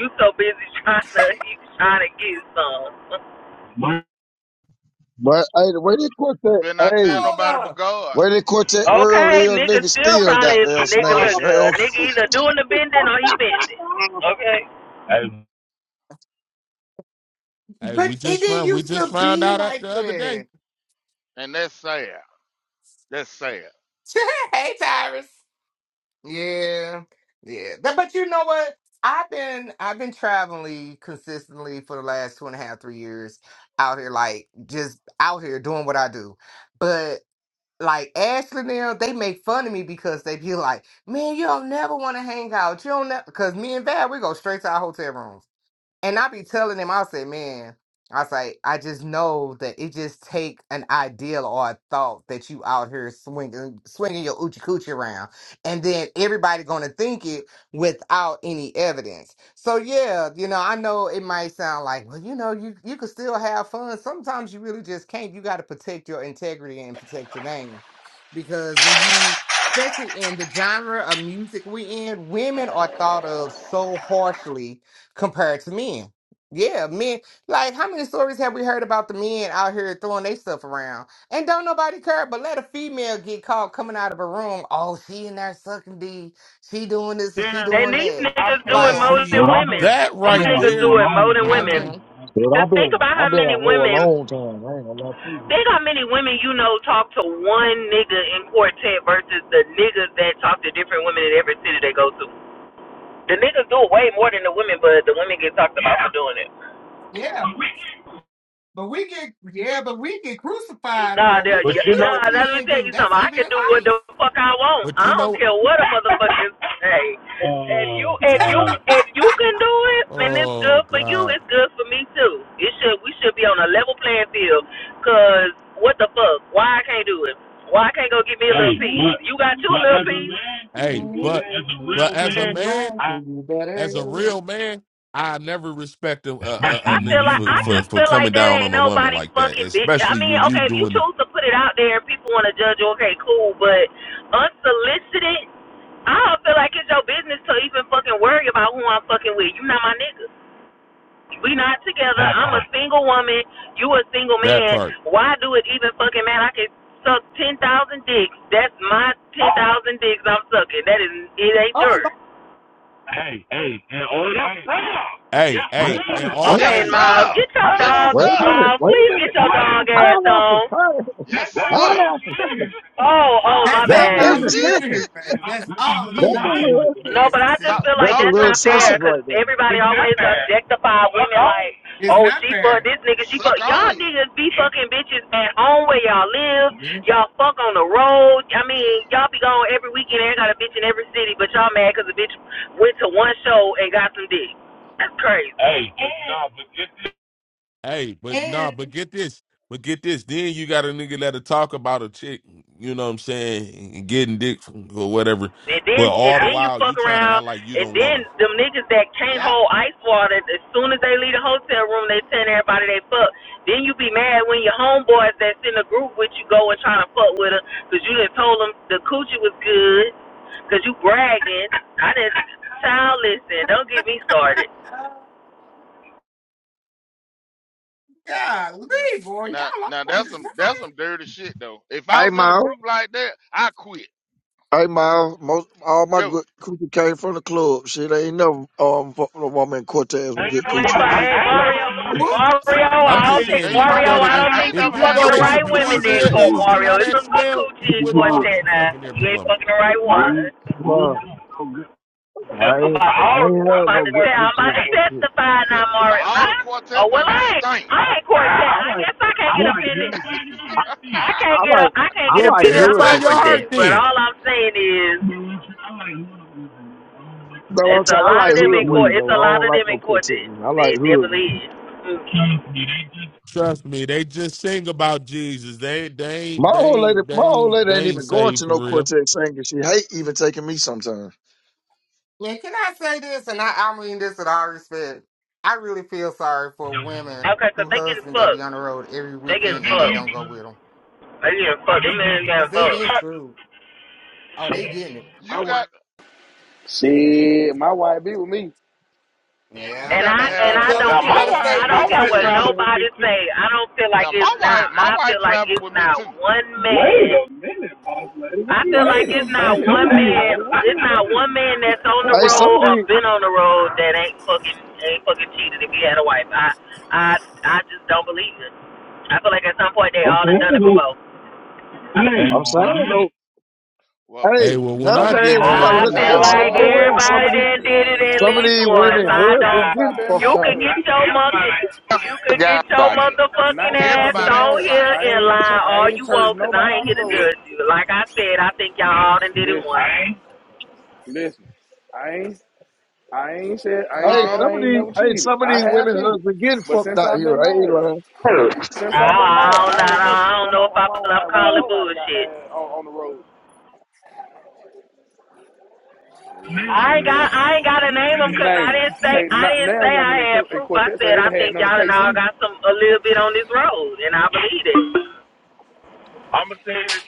you so busy trying to you trying to get some. But hey, the way they quit You better not tell hey, No, nobody but no. God. Where the quartet world Okay, is, nigga niggas still still got probably them nigga smash. look Hey, good. okay. Nigga either doing the bending or he bending. Okay. Hey, Hey, But we it just didn't found we used just to found be out that like the other that. day. And that's sad. That's sad. hey, Tyrus. Yeah, yeah. That, but you know what? I've been I've been traveling consistently for the last two and a half, three years out here, like just out here doing what I do. But like Ashley now, they make fun of me because they be like, "Man, you don't never want to hang out. You don't never." Because me and Val, we go straight to our hotel rooms and I be telling him, I say, man, I say, I just know that it just take an ideal or a thought that you out here swinging, swinging your oochie coochie around, and then everybody gonna think it without any evidence. So yeah, you know, I know it might sound like, well, you know, you you could still have fun. Sometimes you really just can't. You got to protect your integrity and protect your name, because when you especially in the genre of music we in, women are thought of so harshly compared to men. Yeah, men. Like, how many stories have we heard about the men out here throwing their stuff around? And don't nobody care, but let a female get caught coming out of a room. Oh, she in there sucking D. She doing this and she Yeah. Then doing these that. niggas do it Now Like, more than see Well, women. that These right niggas do there, it more than I women. can't. hmm dude, Just I've think been about how I've been a many hoe a women. long time. I ain't gonna lie to you. Think how many women you know talk to one nigga in quartet versus the niggas that talk to different women in every city they go to. The niggas do it way more than the women, but the women get talked about for doing Yeah, it. but we get yeah, but we get crucified for Nah, it. we there- But can't you do nah, know, what nah, the let me men tell do. you something. That's I even can in do what the fuck I want. But I you don't know, care what a motherfucker say. Uh, If you if you uh, if you can do it, then it's oh good for you. God, It's good for me too. It should we should be on a level playing field. Cause what the fuck? Why I can't do it? Why I can't go get me a hey, little piece? but You got two little as a piece. hey, but as a but real as a life. man, man. Life I will be better. as a real man, I never respect a, a, a a I feel nigga like for, I for, just for feel like coming that down ain't on a woman nobody like that, fucking bitch. I especially mean, when you okay, if you doing choose to put it out there, and people want to judge you. Okay, cool, but unsolicited, I don't feel like it's your business to even fucking worry about who I'm fucking with. You not my nigga. We not together. I'm a single woman. You a single that man. part. Why do it even fucking matter? I can suck ten thousand dicks. That's my ten thousand dicks I'm sucking. That is it ain't Oh, yours. Lord. Hey, hey, and all that. Yeah, Hey, hey, and all, Yes, Okay, hey, Miles, sir. get your Hey, dog, Yes, hey, hey, Wait a sir. minute, Miles, wait a please get minute. your hey, dog ass Pineapple, on. pineapple, Yes, sir. pineapple. Oh, oh, my that's That all bad. that's Miles needed to excessive. hear, baby. That's all he That's a needed to hear, little No, but nasty I just self. talk, feel like that's a talk that's little your not fair talk. excessive because right there. everybody always objectify women like, It's oh, not she fuck fair. this nigga, she fuck. Suck Y'all on. niggas be fucking bitches at home where y'all live. Yeah. Y'all fuck on the road. I mean, y'all be gone every weekend and got a bitch in every city, but y'all mad because a bitch went to one show and got some dick. That's crazy. Hey. but, nah, but get this hey, but nah, And but get this, but get this. Then you got a nigga that'll talk about a chick, you know what I'm saying, and getting dick from- or whatever, And then but and all the then you while you fuck trying to act around like you and don't want then her. them niggas that can't yep. hold ice water as soon as they leave the hotel room they telling everybody they fuck. Then you be mad when your homeboys that's in the group with you go and trying to fuck with her because you done told them the coochie was good because you bragging. I didn't child listen. Don't get me started. Uh, golly, boy, y'all Now, now all on that's this some that's some dirty shit though. If I Hey, was in a Ma. group like that, I quit. Hey, Miles, most all my Yo, good coochie came from the club. Shit, I ain't never um fucked with a woman in Cortez with Hey, good coochie. Mario, morning. Mario, What? I'm no. I just don't think saying, And you if you know Mario, go what? to I I, e- don't I ain't think you if never you had fucking go no the to woman right from women there, quartet Ecclesia either. Court and see Mario. how It's that some good smell, you coochie in wouldn't want to Quartet be now. fucking every You ain't woman. fucking the Well, right one. Just I I'm ain't, about, I all ain't I'm had about no to good te- I'm coochie about in to Cortez. testify Yeah, now, 'cause Mario. all the Huh? quartet Oh well, women I ain't. stink. I ain't Cortez. I guess I can't get offended. I, I can't I get. a, like I can't I get Well, like offended. I'm hood purify not your bitches though. Cortez. heart But then. all I'm saying is, That's what I'm it's a saying. I lot of like them in hood court. women It's though. a I lot don't of like them in no quartet Cortez. women. I like There hood definitely women. is. Mm. Trust me, they just sing about Jesus. They they My ain't they old lady, ain't my they old ain't lady they ain't ain't even going saved to for no real. quartet singing. She hate even taking me sometimes. And can I say this? And I, I mean this with all respect. I really feel sorry for women Okay, 'cause who they getting husband that be fucked. on the road every They getting weekend and they don't fucked. go with them They getting fucked. Them men because getting they get fucked. screwed. Oh, they getting it. I you got want Shit, my wife be with me. you Yeah. And got I to That, and have and I a tell her don't Now she better wife, strong I stay don't with you care what too. communication. nobody say. I don't feel like Now, my it's not. wife, my I wife feel like traveled it's with me not too. one Wait man. Wait a minute, boss lady. I feel like Wait a it's not minute, one man. boss lady. What It's you not one man mean? that's on the Hey, road some of or these, been on the road that ain't fucking ain't fucking cheated if he had a wife. I I I just don't believe it. I feel like at some point they all done done it before. Hey, I'm saying my though. Well, Hey, Hey, well when well, I get nowadays I'm- you well, married, I'm gotta gonna I I look at ain't tell feel you that cheating. shit something, like no, that Lola. both ain't ways. my everybody Some of these done did it testimony. at Not Some of not least these since I've once. been women on. I Not husbands since don't. I've getting been fucked You out could married. here. get your mother. Got You some good could get guys your out here. motherfucking Not since I've ass been Everybody ain't the on married. here same. I and ain't lie tur- I all you ain't turned want, 'cause I nobody ain't on here the to road. judge you. Like I said, I think y'all all done did it once. Listen, I listen. I ain't, I ain't said, I ain't Hey, said No, some I of ain't these, never hey, cheated. some of I these have women cheated, husbands getting but fucked since out I've here. been I ain't married, lying. since I've been married, don't I know. ain't never I cheated don't on my know if on I, my I'm ride with calling nobody. Got bullshit. on, on the road. Yeah, I ain't got. shit. no, I ain't but got to You- name them 'cause I Name them. didn't say. K, I not didn't now say I woman in, Q- had in proof. I quartet. So they said I didn't had think none of y'all and all KC. got some a little bit on this road, and I believe it. I'm gonna tell you the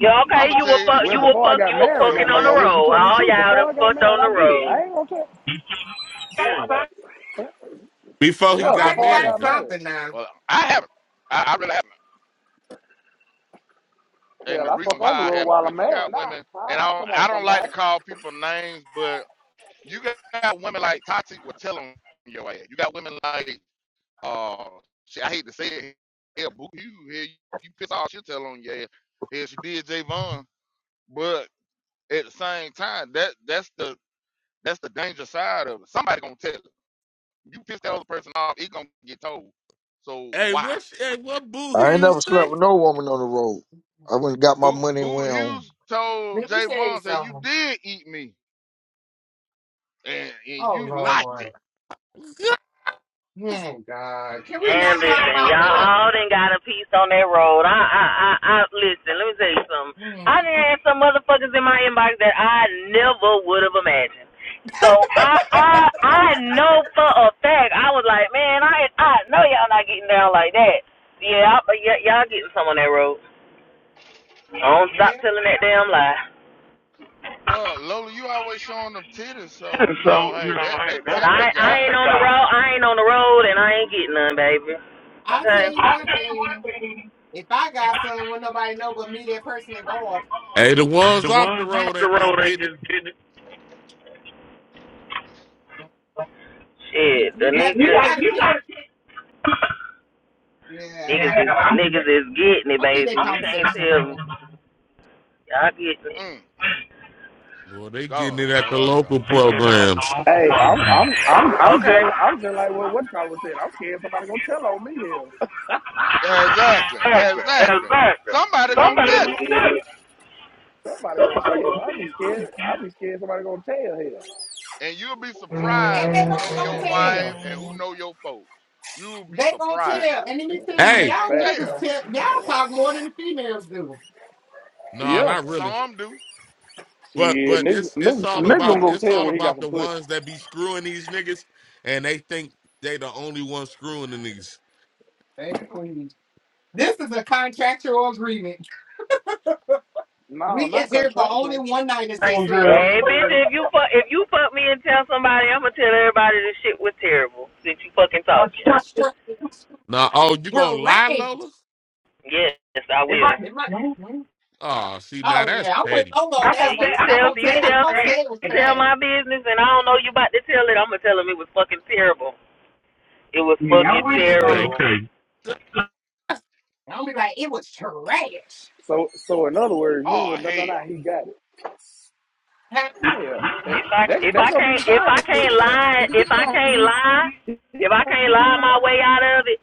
Yeah, I'm okay, gonna you tell were you the fuck, Well, you were truth. before I fuck, got you were married, The now fucking now, on the Lola, reason, you road. telling the All truth. y'all Before done I got fucked married, on I the did. road. I ain't gonna tell. And Before he Yeah, Somebody got done before I got married got though. married. something now. well, I haven't. I, I really haven't. And Hell, the I reason fuck why on the I road haven't, while I'm because you married. got Nah, women, and huh? I don't, Come I on, don't like to somebody. call people names, but you got women like Tati will tell on your ass. You got women like Uh, she, I hate to say it. Hell, boo you. Hell, you, you piss all she tell on your ass. Hell, she did Javon, but at the same time, that that's the that's the danger side of it. Somebody gonna tell it. You piss that other person off, it gonna get told. So Hey, why? what sh- hey, what boo he I ain't never used to slept say? with no woman on the road. I went and got my Boo, money and boo went home. Hughes told Let me tell you Javon said you something. did eat me, and and Oh you liked Lord. it. Gosh. Oh God. Can we not talk listen, about y'all all done got a piece on that road. I, I, I, I, listen. Let me tell you something. that? I done had some motherfuckers in my inbox that I never would have imagined. So I, I, I know for a fact. I was like, man, I, I know y'all not getting down like that. Yeah, I, y- y'all getting some on that road. Don't Well, stop telling that damn lie. Well, Lola, you always showing them titties, so you so know, you hey, know, that that I, But I that, tempting I guy. ain't the on the road. I ain't on the road, and I ain't getting none, baby. I'll Okay. tell you I one tell you what, thing. baby, If I got something when nobody know but me, that person and God, hey, the ones the off the ones off road the ain't is road ain't getting it. just getting it. you Shit, the you got You, you you got, got to you got pick. to get. Yeah, niggas yeah, is I'm Yeah, niggas is getting it, I'll leave baby. that You can't conversation tell me. alone. Y'all getting it. Mm, Well, they getting God, it at the God, local God. programs. Hey, I'm I'm I'm I'm Okay. just I'm just like well, what I was saying. I'm scared somebody gonna tell on me here. Exactly. Exactly, Exactly. exactly. Somebody gonna Somebody tell Shit, gonna it. get it. somebody gonna Somebody tell. gonna I'll be get scared. it. I'll be scared somebody gonna tell here. And you'll be surprised And they who know aren't your gonna wife tell. and who know your folks. You'll be They gonna surprised. tell. And let me tell you, They Hey, y'all gonna niggas Fact. tell. tell y'all talk more than the females do. no, Yeah. not really. Some do. But Shit, but nigga, it's it's nigga, all nigga gonna about go it's tell all when he got about some the pussy. ones that be screwing these niggas and they think they the only one screwing the niggas. Baby please. This is a contractual agreement. No, We not get here for only contractual. one night, as they same say, girl. Hey, Dream bitch, Girl. if you fuck if you fuck me and tell somebody, I'm gonna tell everybody this shit was terrible since you fucking Oh, talking. For straight, Now, oh, you gonna lie, correct. Lola? Yes, I will. It might. Oh, see, Oh now that's yeah, I went petty. low on You that one because I'm tell gonna you say I'm tell gonna say it was you tell trash. my business, and I don't know you about to tell it. I'm gonna tell them it was fucking terrible. It was Yeah, Yeah, fucking I Yeah, went to terrible. okay. low. Okay. I'm gonna be like, it was trash. So so in other words, you ain't Oh gonna dumb hell. that out. He got it. Huh? Yeah. If I That, that, if that I gonna be the can't if I thing. can't lie if He I gonna can't be lie he if I can't gonna be lie in my there. way out of it,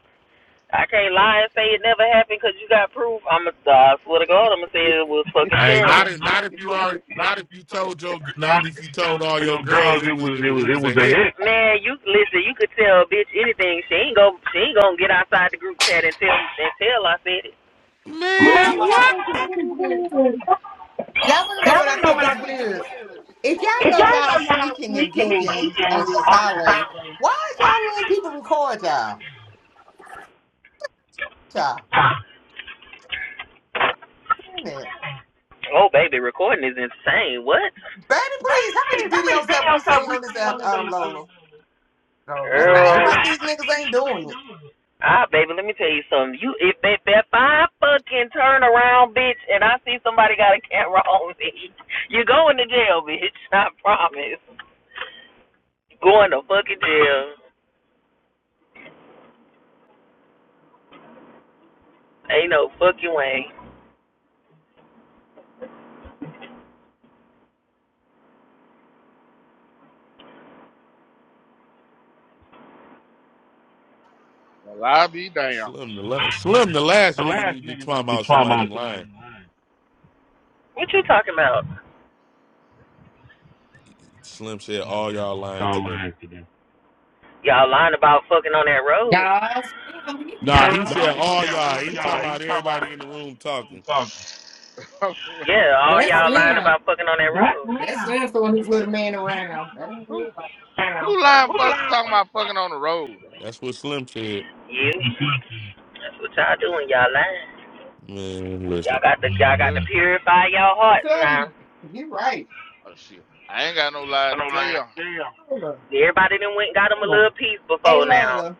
I can't lie and say it never happened because you got proof. I'm a, I swear to God, I'm gonna say it was fucking Hey, terrible. not not if not, not if if you you are, are not not if if you you told told your, your not not if if you you told told all all your your girls girls it it was was, it it was, was, it it was a was the hit. hit. Man, you listen. You could tell a bitch anything. She ain't go. She ain't gonna get outside the group chat and tell and tell I said it. You know Man, Man, what I what? think is that's weird? weird. Y'all wanna know Y'all what I wanna know think what I is think is weird? weird? If y'all If know y'all y'all know y'all sneaking and sneaking and geeking geeking on this on the highway, highway, why is y'all letting people record y'all? Y'all, wait a minute. Oh baby, recording is insane. What? baby, please. How many Please, how many videos have we videos have seen we on this seen on app, the um, app? Um, Lola? No, let's not act Girl. like these niggas ain't doing it. Ah, baby, let me tell you something. You if if, if I fucking turn around, bitch, and I see somebody got a camera on me, you going to jail, bitch. I promise. Going to fucking jail. Ain't no fucking way. Well, i be damn. Slim the last Slim the last The nigga need last to be nigga talking need to about somebody traumatize somebody lying. lying. What you talking about? Slim said Slim all said, y'all oh, lying y'all today. lying today. Y'all lying about fucking on that road. Y'all, Slim, he- Nah, he said Nah, he all said, y'all. oh, He talking y'all, he about talking about everybody his in the room room talking. talking. Yeah, all that's y'all lying Slim. about fucking on that Right road. That's now. that's throwing this little man around. That ain't real who life. who lying fuck, talking about fucking on the road though? That's what Slim said. You. That's what y'all doing. Y'all lying. Man, Y'all listen. got to y'all got Well, to purify y'all I'm hearts now. telling you, you're right. oh shit. I ain't got no lie I don't to lie to tell. them. Lola. Everybody done went and got them a little piece Hey before now. Lola,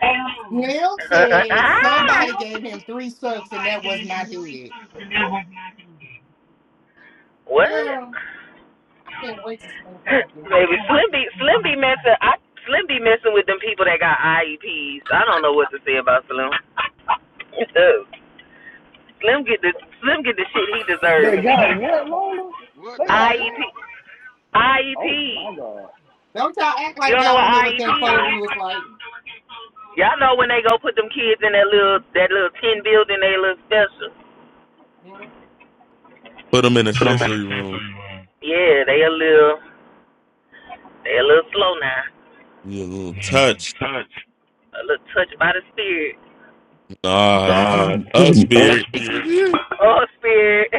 Neil said somebody gave him three sucks and that was not his. what? Girl, I can't wait to see him come back in here. Maybe Slim B Slim B messing I Slim be messing with them people that got IEPs. I don't know what to say about Slim. Slim get the Slim get the shit he deserves They because he be got what, Lola? What They the got hell? IEP. what? IEP. Oh my god. Don't y'all act You like don't know y'all what don't know what IEP that folder is? looks like. Y'all know when they go put them kids in that little that little tin building, they a little special. Mhm. Put them in a Put them in a sensory room. sensory room. Yeah, they a little they a little slow now. You little Mm. touch. Touch. A little touch by the spirit. Nah, Ah, Uh, us touch beard. spirit. Oh spirit.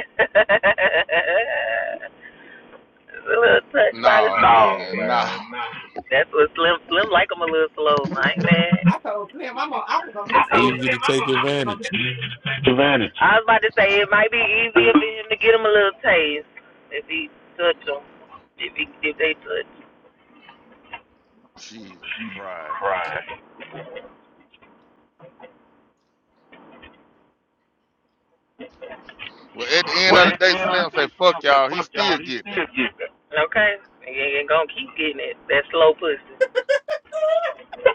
a little touch by the spirit. No, No, man, no. man, no. That's what Slim Slim like like 'em a little slow, right, man? I told him I'm on, I was on his Easy side. to take advantage. Vanity. I was about to say it might be easier for him to get him a little taste if he touch him, if he if they touch. Jesus Christ. Well, at the end Well, of the at the day, end of the Slim say, day, fuck Slim said, y'all. He fuck still y'all, he getting that. still get that. Okay, he ain't gonna keep getting it. That slow pussy.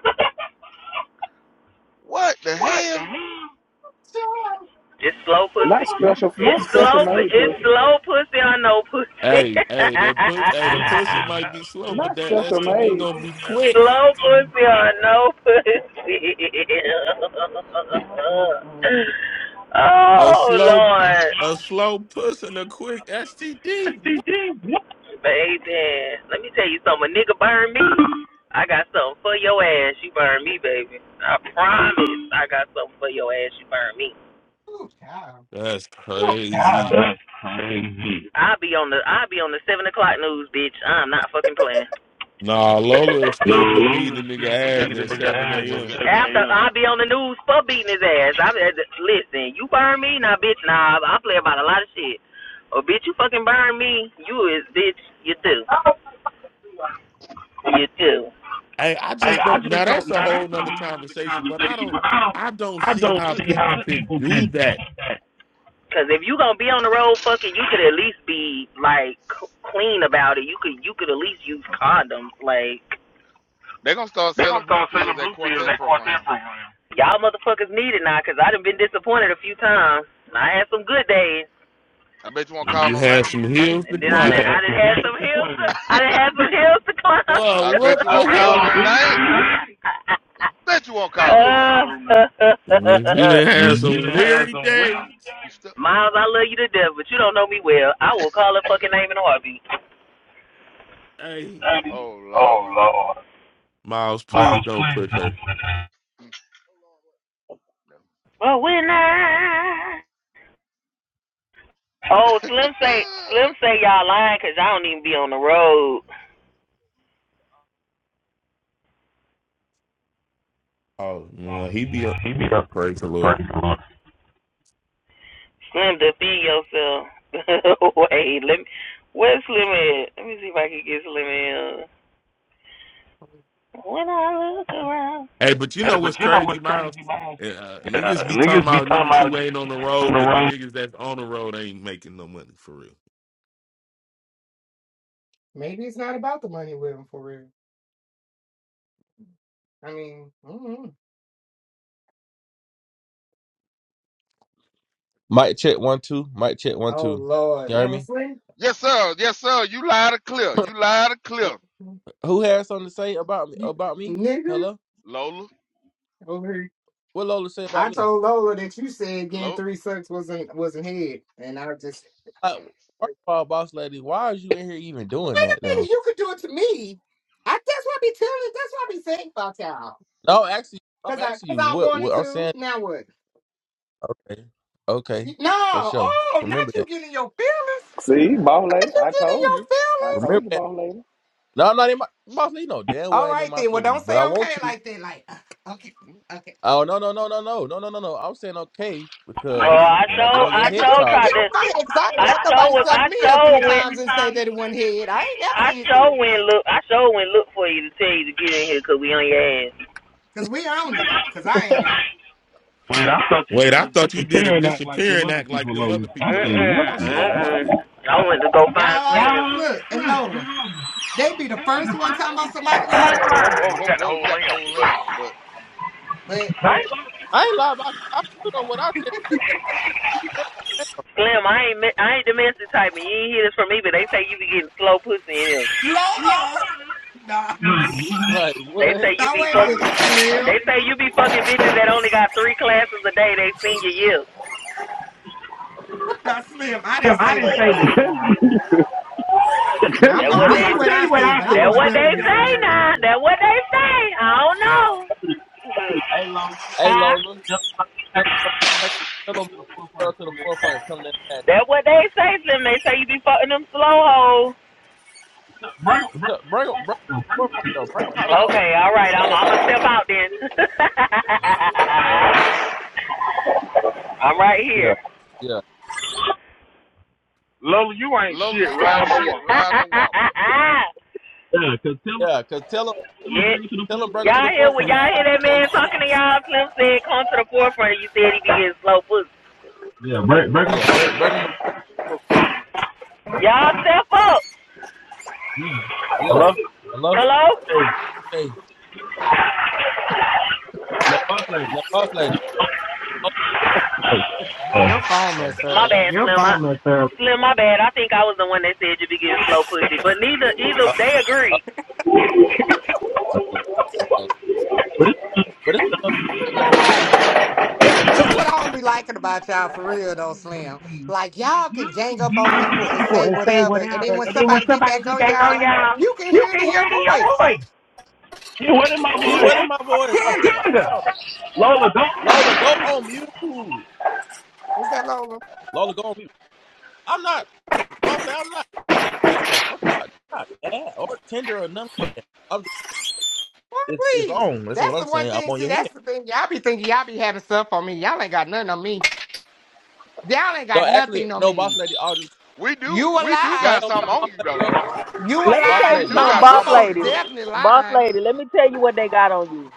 What the What the hell? hell? Sure. It's slow Not pussy. special. It's Not special slow. made pussy. It's slow pussy on no pussy. Hey, hey, the put, hey, the pussy might be slow, but Not that special STD made. gonna be quick. Slow pussy or no pussy. Mm-mm-mm. A oh slow, Lord. a slow puss and a quick STD. Baby. Let me tell you something. A nigga burn me. I got something for your ass. You burn me, baby. I promise I got something for your ass. You burn me. Ooh, child. That's crazy. That's crazy. I'll be on the I'll be on the seven o'clock news, bitch. I'm not fucking playing. Nah, Lola will No, still be Lola beating the still Oh, be you got, nigga ass beating him at in the seven ass oh, you a.m. got P. After a.m. be on the news for beating his ass. I listen, you burn me, now bitch, nah, I play about a lot of shit. Oh bitch, you fucking burn me, you is bitch, you too, you too. Hey, I Hey, just I don't. just Now don't. that's a Now whole that's a nother whole other conversation, but I conversation, don't, but I don't. I don't I see don't how see how people can people do can do that. that. Cause if you gonna be on the road fucking, you could at least be like clean about it. You could you could at least use condoms. Like They're going to start They selling gonna blue start selling pills at blue pills Quartet at program. quartet program. Y'all motherfuckers need it now, cause I done been disappointed a few times. And I had some good days, I bet you won't I bet call You no you had name. some gonna hills and to then I done, climb. I done had some hills. To, I done had some hills to climb. Oh, I bet you what I the won't bet heck? call some no good. name. Bet you won't call no name. If you done had You some done had weary some well. days. You still. Miles, I love you to death, but you don't know me well. I will call her fucking name in a heartbeat. Hey, Oh, Oh Lord. Lord, Miles, please Miles, don't please push don't her. put that. But when I Oh, Slim say Slim say y'all lying lying, cause I don't even be on the road. Oh, no, he be up. He be up Praise the Lord. praying the Lord. Slim, defend yourself. Wait, let me. Where's Slim at? Let me see if I can get Slim in. When I look around. Hey, but you Hey, know but what's you know crazy, what's Miles? crazy, man? Uh, niggas Yeah, be talking niggas be about talking niggas about who ain't niggas on who the ain't on road, the but the road. niggas that's on the road ain't making no money for real. Maybe it's not about the money with him for real. I mean, mm-mm. Mic check one two. Mic check one oh two. You Lord, hear me? Leslie. yes, sir. Yes, sir. You lied to clear. You lied to clear. Mm-hmm. Who has something to say about me? You, About me? nigga, Hello. Lola. over here. What Lola say about I me? told Lola that you said getting Lola. three sucks wasn't wasn't head, and I was just Like, first like, of all, boss lady, why is you in here even doing wait a that though? minute, you could do it to me. I that's what I be telling. That's what I be saying about y'all. No, actually, I'm Cause I asking cause you I what wanted what I'm to. saying. Now what? Okay, okay, for No, sure. oh, not Remember you that. getting your feelings. See, boss Not lady, you I getting told your you. I feelings. Remember told you, that. boss lady. No, I'm not in my boss lady. No, damn well All ain't in right my then. Well, feelings. don't But say I want okay you. like that. Like uh, okay. Okay. Oh no no no no no no no no no. I'm saying okay Oh, because I when I show, get on your I Hey, Did head show you top, tried get to, on my head? Cause I didn't I let show, nobody suck I me up three show times went, and say that it wasn't head. I ain't I never did show that. went look, I show went look for you to tell you to get in here, cause we on your ass. Cause we own it. Cause I I am. Man, I thought you Wait, did I a thought you did a disappearing act like them disappearing other act like people, them Lola. other I people, said, Lola. what I the? said, what Mm-mm. the? I went to go find Y'all Slim. look and Lola. They be the first one talking about somebody Oh, lying. you Whoa, got the- whoa. You got the whole limb, but But ain't lie about you. I put on what I said. Slim, I ain't I ain't domestic type, and you ain't hear this from me, but they say you be getting slow pussy in here. Lola, nah, Like They what? say you nah, be wait a minute, fucking. Slim, They say you be fucking bitches that only got three classes a day. They senior year. nah, Slim. I didn't Yeah, I say didn't that. say Nah, that. now I'm That I'm what gonna now, they. tell I'm you gonna what tell I you what I said, but said. I'm That gonna what step they in say and say that now. That what they say. I don't know. Hey Huh? Lola, tell them, bring- text- tell them girl to the forefront. Tell them that That what they say to them. They say you be fucking them slow hoes. fact. Tell- Bring 'em- bring 'em to the forefront though. Bring them out in the open. Okay, all right. Let I'm I'm everybody. gonna step out then. Oh, okay. Here. Yeah, Lola, you ain't Lola, shit, you ain't right? the shit riding or walking. Yeah, cause tell them, yeah. Cause tell them, Yeah. tell them, bring them to y'all the hear when forefront. If y'all hear that's the that case, man bring. talking to y'all? Slim said, "Come to the forefront." You said he be getting slow pussy. Yeah, break, break them. Yeah, bring, bring them. Up. for- Y'all step up. Yeah. Yeah. Hello. Hello. Hello. Hey, Hey, that boss lady. now, boss lady. Oh, yes. Uh, your phone oh, must My up. bad, Slim. I, Slim, my bad. I think I was the one that said you be getting slow pussy, but neither either they agree. okay. but it's, You know what? This this what I don't be liking about y'all for real though, Slim. Like y'all can gang up on people and say whatever, and then when somebody get back on Oh, y'all, y'all. you can You hear it can in your hear it in your voice. voice. Yeah, what in my he wasn't voice? my voice. What you Tender. talking Nigga. about? Lola, don't. Lola, go on mute. Is that Lola? Lola, go on mute. I'm not, boss lady. I'm not. Oh, fuck about not bad or tender or nothing. Why, it's it's please? wrong. That's what That's I'm the one saying. I'm thing. on See, your head. that's the thing. Y'all be thinking y'all be having stuff on me. Y'all ain't got nothing on me. Y'all ain't No, got actually, nothing on no, boss me. lady. I'll just We do You a we do no, lie. I got don't, something on you though. no, You a Let me boss tell We lie. you lady. do something, Listen, got Miles, you boss something most on you. lady. definitely Boss lying. lady, let me tell you what they got on you.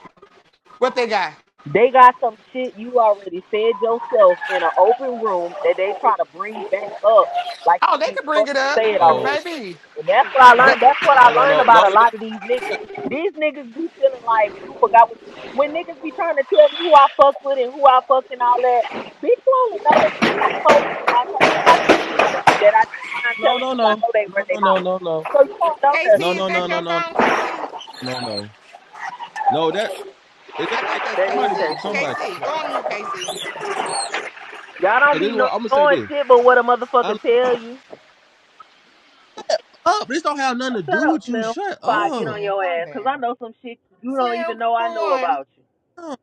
What they got? They got some shit you already said yourself in an open room that they try to bring back up like Oh, you they ain't could bring it fucking up. said Because, oh, already. baby, And that's what I is that learned. That's what I no, no, learned no, about a Lola, go. lot of these niggas. These niggas be feeling like you forgot what. You, when niggas be trying to tell me who I fucked with and who I fucked and all that, bitch, you only know that cause I told you or I told somebody you was cool with that I didn't mind No, telling no, cause I no, know they no, run their no, no, mouth. no, So you don't know no, KC, nothing. is no, no, no, that no, no, your phone, KC? no, no. No, that, is that I think that's That is somebody mute KC. KT. somebody. KC, What- go on mute, KC. Y'all don't So this be is kno- what I'm gonna say. knowing This shit but what a motherfucker I'm tell you. up. This don't have nothing Oh, to Shut do up, with you. Slim. Shut Before Oh, I get on up. Slim, your calm ass, cause down. I know some shit you don't even Slim, know for I know one. about you. No,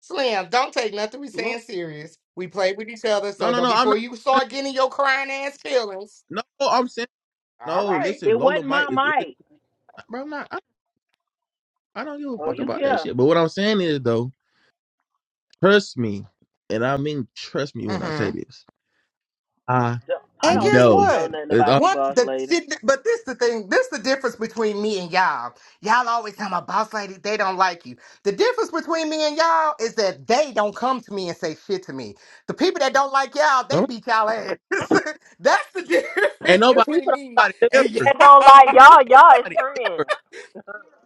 Slim, don't take nothing we Lo- saying serious. We play with each other, no, so no, don't no. I'm before you not. start getting your crying ass feelings. No, I'm saying All no. right. Listen, It Lola wasn't my Mike is irritating, mic. bro. I'm not. I, I don't give a Oh, fuck you about that care. shit. But what I'm saying is though. Trust me, and I mean trust me when I say Mm-hmm. this. I I And don't guess think he know. know what? nothing It's about all- you, What boss the lady. see, th- but this the thing, this the difference between me and y'all. Y'all always tell my boss lady they don't like you. The difference between me and y'all is that they don't come to me and say shit to me. The people that don't like y'all, all they right. beat y'all ass. That's the Ain't difference The nobody, between people don't me like nobody the and people ever, that don't y'all. like y'all, y'all is nobody friends. ever.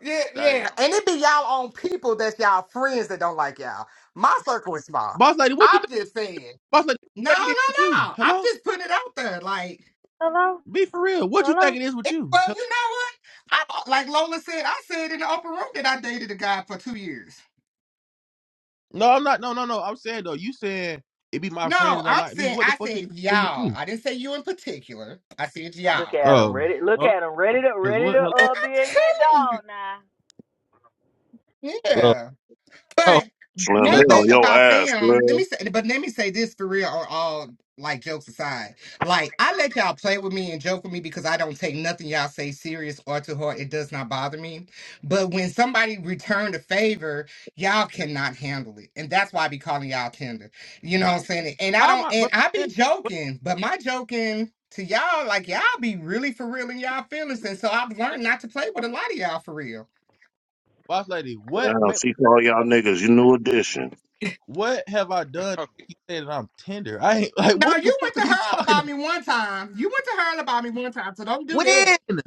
Yeah, yeah. Damn. And it be y'all own people that's y'all friends that don't like y'all. My circle is small. Boss lady, what you I'm think? just saying. Boss lady, what No, you think it is with no, you? no. I'm Hello? just putting it out there. Like, Hello? Be for real. What you think Hello? it is with you? well, Hel- you know what? I like Lola said, I said in the upper room that I dated a guy for two years. No, I'm not. No, no, no. I'm saying though, you saying it be my friend No, that don't I'm like me. saying What the I fuck you said think it is with y'all. you? I didn't say you in particular. I said y'all. Look at him, Oh, ready. Look okay. at him, ready to Cause ready what? to Hello? uh Like, be a hit I'm telling dog now. you. Oh, Yeah. oh, But Slim, one cause they on don't. thing your about ass, them, let me Slim. say, but let me say this for real, or all like jokes aside. Like I let y'all play with me and joke with me because I don't take nothing y'all say serious or to heart. It does not bother me. But when somebody return a favor, y'all cannot handle it, and that's why I be calling y'all tender. You know what I'm saying? And I How am don't, I? and But, I eh, be what- joking, but my joking. To y'all, like y'all be really for real in y'all feelings, and so I've eh, learned not to play with a lot of y'all for real. boss lady, what? Damn, she call y'all niggas your new addition. What have I done? to make You say that I'm tender. I ain't like Now what the you went fuck are to you her talking about about? me one time. You went to her about me one time, so don't do that. When?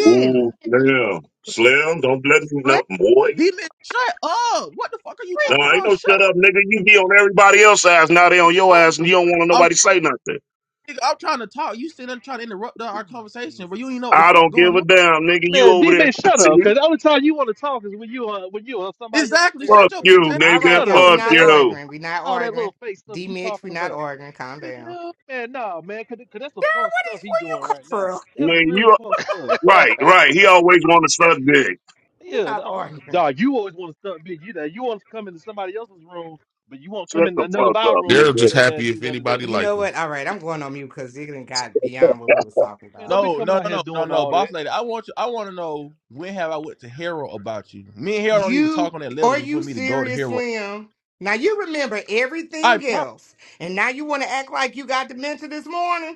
Ooh, Slim. Slim, don't let me know. Let's Boy. Demon, shut up. What the fuck are you No, talking real. ain't about? no Shut shut up, nigga. You be on everybody else's ass. Now they on your up. ass and you don't want I'm nobody say nothing. nigga, I'm trying to talk. You sitting there trying to interrupt the- our Oh conversation, Jesus. but you ain't know what the I fuck don't give going a on. damn, nigga. You Man, over D there. man, shut up. See? Cause the only time you want to talk is when you are when you are on somebody else's Exactly. Shut Fuck your territory. bitch you, ass. All Just nigga. right, shut y'all. up, We're Fuck not man. You, you. ordering. We're not all that ordering. little fake stuff D you Mitch, talking we're not about. ordering. Calm the down. hell. Man, nah, man, cause, cause that's the punk stuff he doing You come right now. through. That's Nigga, real you punk stuff. right, right. He always wanna suck dick. We're Yeah, not dog, what ordering. dog you always want to stuff big. You know, you want to come into somebody else's room, but you won't come Shut in the none of fuck our up, rooms and They're come nigga. just in there happy and do if none of that. anybody You like know them. what? All right, I'm going on mute because it done got beyond what we was talking Man, don't about. be No, coming no, out no, here no, no, doing no, all boss lady. I want you. I want to know when have I went to Harold about you? Me and Harold don't even talk You on that level are to- for you me to go to serious, Harold. Slim? Now you remember I everything promise. else, and now you want to act like you got dementia this morning.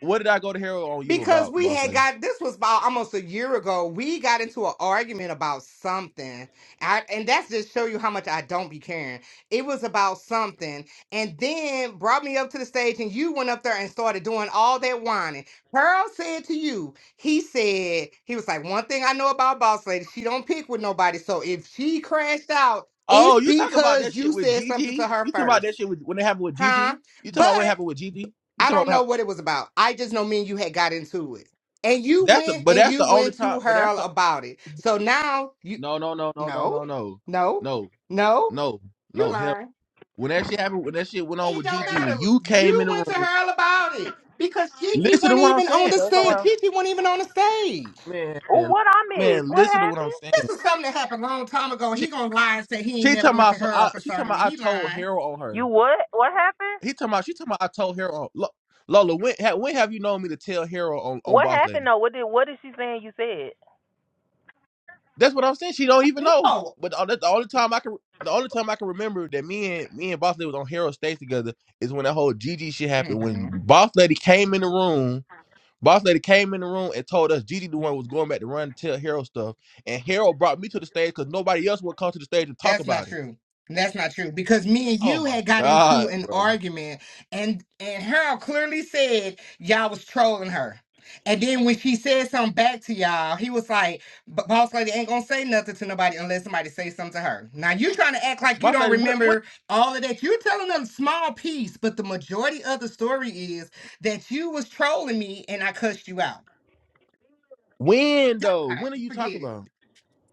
What did I go to Harold on you Because about, we boss had lady? got this was about almost a year ago. We got into an argument about something, I, and that's just show you how much I don't be caring. It was about something, and then brought me up to the stage, and you went up there and started doing all that whining. Pearl said to you, he said he was like, one thing I know about Boss Lady, she don't pick with nobody. So if she crashed out, Oh, it's you talking about that because you shit with said something to Gigi? her You talking about that first, shit with, when it happened with huh? Gigi? You talking about what But happened with Gigi? You I talking about don't what know happened? what it was about. I just know me and you had got into it. And you That's the went but and that's you the only went to time. But that's her the about it. So now you no no no no no no, no no no, no no, no you no hell. lying. When that shit happened, when that shit went on It with don't Gigi, when matter. you came You in the went to room, her about it because Gigi listen to wasn't what I'm even on saying. the Go When that, stage. somewhere. Gigi wasn't even on the stage. Oh, man, what I miss? man, What listen to what I'm happened? saying. This is something that happened a long time ago. She, He gonna lie and say he ain't she never talking went to about so her I, she talking concerning about me. I He told lying. Harold on You her. what? What happened? He talking about she talking about I told Harold on. Look, Lola, when ha, when have you known me to tell Harold on on What Boss Lady? happened though? What did what is she saying you said? That's what I'm saying. She don't even know. No. But the, that's the only time I can the only time I can remember that me and me and Boss Lady was on Harold Stage together is when that whole Gigi shit happened. When Boss Lady came in the room, Boss Lady came in the room and told us Gigi the one was going back to run and tell Harold stuff. And Harold brought me to the stage because nobody else would come to the stage and talk That's not about it. true. That's not true because me and Oh you my had got into God, an bro. argument, and and Harold clearly said y'all was trolling her. And then when she said something back to y'all, he was like, "B- "Boss lady ain't gonna say nothing to nobody unless somebody say something to her." Now you trying to act like you Boss don't Lady, what, what remember all of that. You're telling a small piece, but the majority of the story is that you was trolling me and I cussed you out. when though? God, When are you talking forget it. about?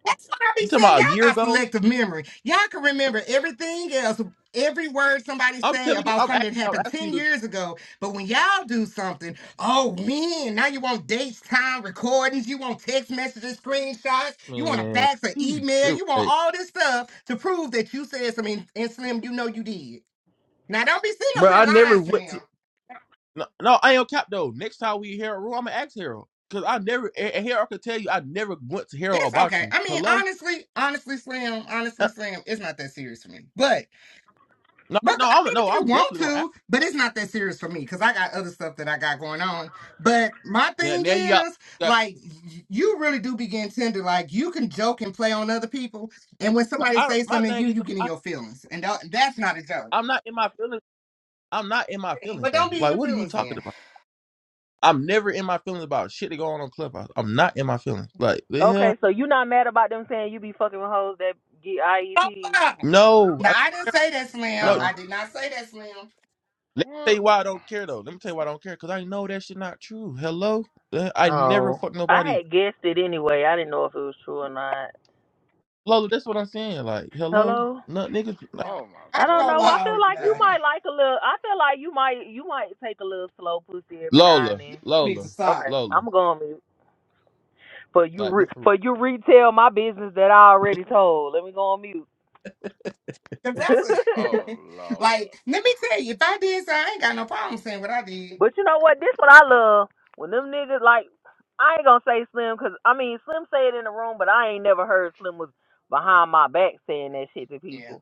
That's what I be You talking saying. about Y'all a year got ago? selective memory. Y'all can remember everything else, every word somebody I'm say telling you, about I'm asking something that I'm happened asking you 10 to years ago. But when y'all do something, oh man, now you want dates, time, recordings, you want text messages, screenshots, you want a Man, fax or you email, true. you want Hey, all this stuff to prove that you said something. And Slim, you know you did. Now don't be sitting up bro, here I lying, never went. Slim. No, no, I ain't on cap though. Next time we hear a room, I'ma ask Harold. Cause I never and and Harold can tell you I never went to Harold It's about okay. you. I mean, Hello? honestly, honestly, Slim, honestly, Uh, Slim, it's not that serious for me. But no, No, I no, I'm mean, if no, you I'm want definitely gonna ask. to, but it's not that serious for me because I got other stuff that I got going on. But my Now, thing now you got, is, got like, y- you really do begin tender. Like, you can joke and play on other people, and when but somebody I says my something to thing you, is you get in I, your feelings, and tha- that's not a joke. I'm not in my feelings. I'm not in my feelings But though. don't be in Like your what are you feelings talking then. about? I'm never in my feelings about shit that go on on Clubhouse. I'm not in my feelings. Like the hell? Okay, so you not mad about them saying you be fucking with hoes that get Oh, IEPs? wow. No, I Now I don't didn't care. say that, Slim. no. Oh. I did not say that, Slim. Let me tell what you why I don't care though. Let me tell you why I don't care. Cause I know that shit not true. Hello, Uh, I never Oh. fuck I nobody had guessed it anyway. I didn't know if it was true or not. Lola, that's what I'm saying. Like, hello, Hello. no niggas. Like, Now, oh my I I ain't don't gonna know. god. I lie feel on you like you That now. man might like a little. I feel like you might you might take a little slow pussy every now and Lola, then. Need to Lola, Okay, stop. Lola. I'm going to mute. For you Like, re, be for for you retell my business that I already told. Let me go on mute. Cause but that's a, oh Lord. like, let me tell you, if I did, so I ain't got no problem saying what I did. you know what? This what I love when them niggas like. I ain't gonna say Slim because I mean Slim say it in the room, but I ain't never heard Slim was behind my back saying that shit to Yeah. people.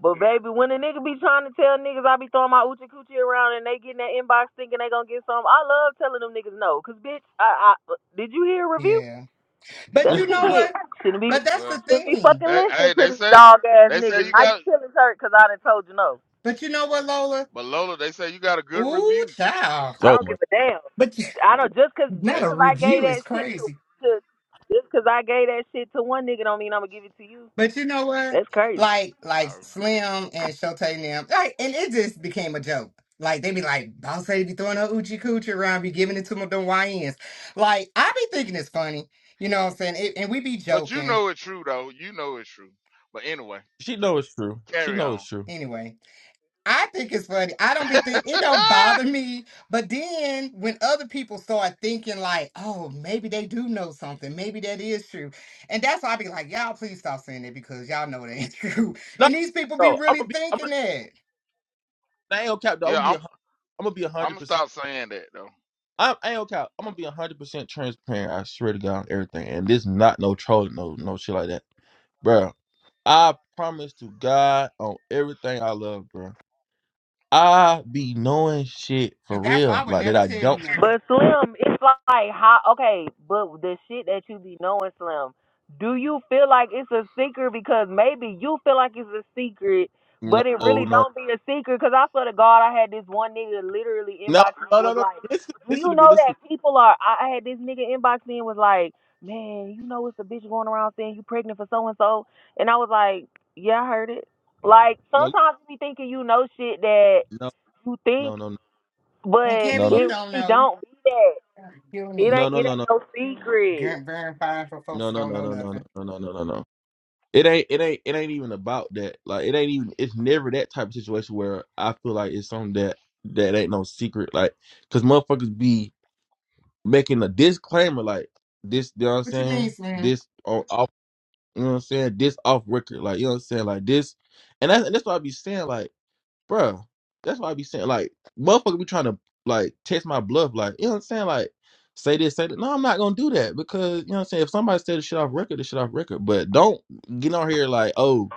But baby, when a nigga be trying to tell niggas I be throwing my oochie coochie around and they get in that inbox thinking they gonna get some, I love telling them niggas no. Cause bitch, I, I did you hear a review? Yeah. But That's real. you what you know get. what? Shouldn't be But that's the Well shouldn't be thing. fucking they listening hey to they these said dog ass they said niggas. you Now got your feelings hurt cause I done told you no. But you know what, Lola? but Lola, they say you got a good Ooh, review. child. I oh don't my. give a damn. But you- I don't just cause They not just a s- cause I gave review is that shit to, crazy. to just cause I gave that shit to one nigga don't mean I'm gonna give it to you. But you know what? That's crazy. Like, like I- Slim and Shote and them, like, and it just became a joke. Like they be like, Boss Lady be throwing her Uchi Coochie around, be giving it to my them YNs. Like, I be thinking it's funny. You know what I'm saying? It, and we be but you joking. know it's true though. You know it's true. But anyway, She c- know it's true. She carry know on. it's true. Anyway. I think it's funny. I don't be think it don't bother me. But then when other people start thinking like, oh, maybe they do know something, maybe that is true, and that's why I be like, y'all please stop saying it because y'all know it ain't true. No, And these people be no. I'm really gonna be. I'm thinking gonna. that, I ain't gonna cap though. I'm yeah, gonna be. I'm A, hun- I'm gonna be a I'm hundred gonna percent. stop saying that though. I'm, I ain't gonna cap. I'm gonna be a hundred percent transparent. I swear to God on everything. And this not no trolling, no no shit like that, bro. I promise to God on everything I love, bro. I be knowing shit for and that's why I real, would like that. never I tell you don't. nothing. But Slim, it's like how okay, but the shit that you be knowing, Slim, do you feel like it's a secret? Because maybe you feel like it's a secret, No, but it really no, don't be a secret. Because I swear to God, I had this one nigga literally No, inbox me and no, no, was no. like, Listen, "Do listen you to me. know Listen. that people are?" I I had this nigga inbox me and was like, "Man, you know it's a bitch going around saying you pregnant for so and so," and I was like, "Yeah, I heard it." Like To me. No, sometimes you be thinking you know shit that no, you think, no, no, And but Kevin, no, you it don't really know. don't be that. You don't It need no, no, ain't no, no, it no, ain't no secret. ver- verifying for folks no, no, no, that no, don't know no, nothing. no, no, no, no, no. no. It ain't, it ain't, it ain't even about that. Like, it ain't even. It's never that type of situation where I feel like it's something that that ain't no secret. Like, cause motherfuckers be making a disclaimer like this. You know what I'm What you mean, saying? Slim? This on off. You know what I'm saying? This off record. Like, you know what I'm saying? Like this. And that's and that's what I be saying. Like. Bruh, that's why I be saying like motherfucker be trying to like test my bluff, like, you know what I'm saying? Like say this, say that. No, I'm not gonna do that because you know what I'm saying, if somebody said the shit off record, the shit off record. But don't get on here like, oh,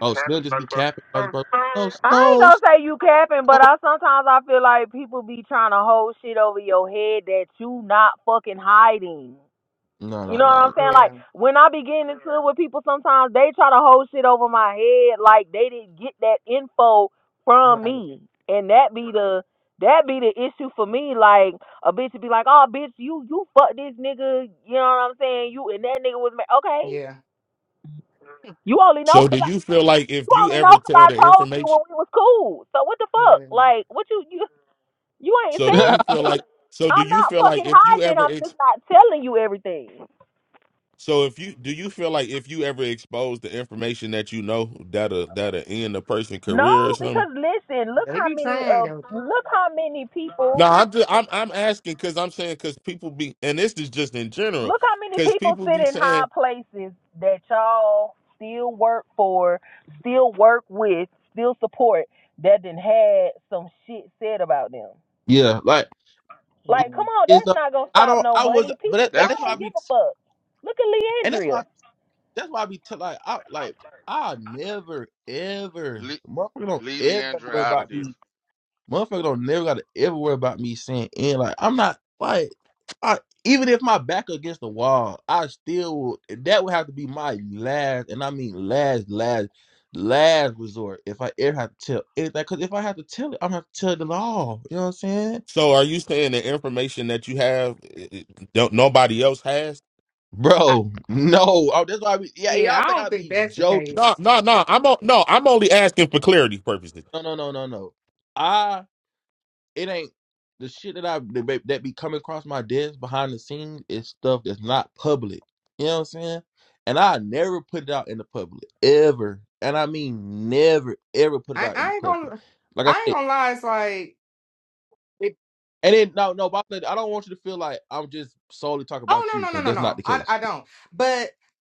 oh, Slim just be capping. No, no, I ain't no. gonna say you capping, but I sometimes I feel like people be trying to hold shit over your head that you not fucking hiding. No, You no, know no, what I'm no. saying? Like Yeah, when I be getting into it with people, sometimes they try to hold shit over my head, like they didn't get that info from right. me, and that be the that be the issue for me. Like a bitch would be like, "Oh, bitch, you you fuck this nigga," you know what I'm saying? You and that nigga was ma- okay. Yeah, You only know So 'cause do I. you feel like You if you only know ever 'cause tell I the told you information? when we was cool. So what the fuck? yeah. Like, what you you you ain't So do you feel saying shit. like? So do I'm you not feel like fucking if you hiding. ever I'm just not telling you everything. So if you do you feel like if you ever expose the information that you know that'll that'll end a person's No, career or something? because listen, look They how be many trying, of don't you? look how many people No, I'm just, I'm I'm asking because I'm saying because people be and this is just in general look how many because people people sit be in high saying. places that y'all still work for, still work with, still support that then had some shit said about them. yeah, like my Like, Yeah. come on, is that's uh, not gonna I stop don't no I was money. but People, that, and That's y'all that's why I don't true. give be a fuck. Look at and that's Leandria. why that's why I be tell like I like I never ever Le- motherfucker don't Leave ever gotta Leandra worry out of about these. this. Motherfucker don't never gotta ever worry about me saying and like I'm not like I even if my back against the wall, I still would that would have to be my last and I mean last, last, last resort if I ever have to tell anything. Cause if I have to tell it, I'm gonna have to tell the law. You know what I'm saying? So are you saying the information that you have eh, eh, don't nobody else has? I, Bro, no. Oh, that's why I be, yeah, yeah, I y'all think don't I think be that's the joking. case. No, no, no. I'm o- no. I'm only asking for clarity purposes. No, no, no, no, no. it ain't the shit that I that be that be coming across my desk behind the scenes is stuff that's not public. You know what I'm saying? And I never put it out in the public ever, and I mean never ever put it I, out in I the ain't public. gonna Like I I ain't said, gonna lie, it's like it- and then no, no, but I said, I don't want you to feel like I'm just solely talking about oh you no no because no that's no not no. the I case. I don't. But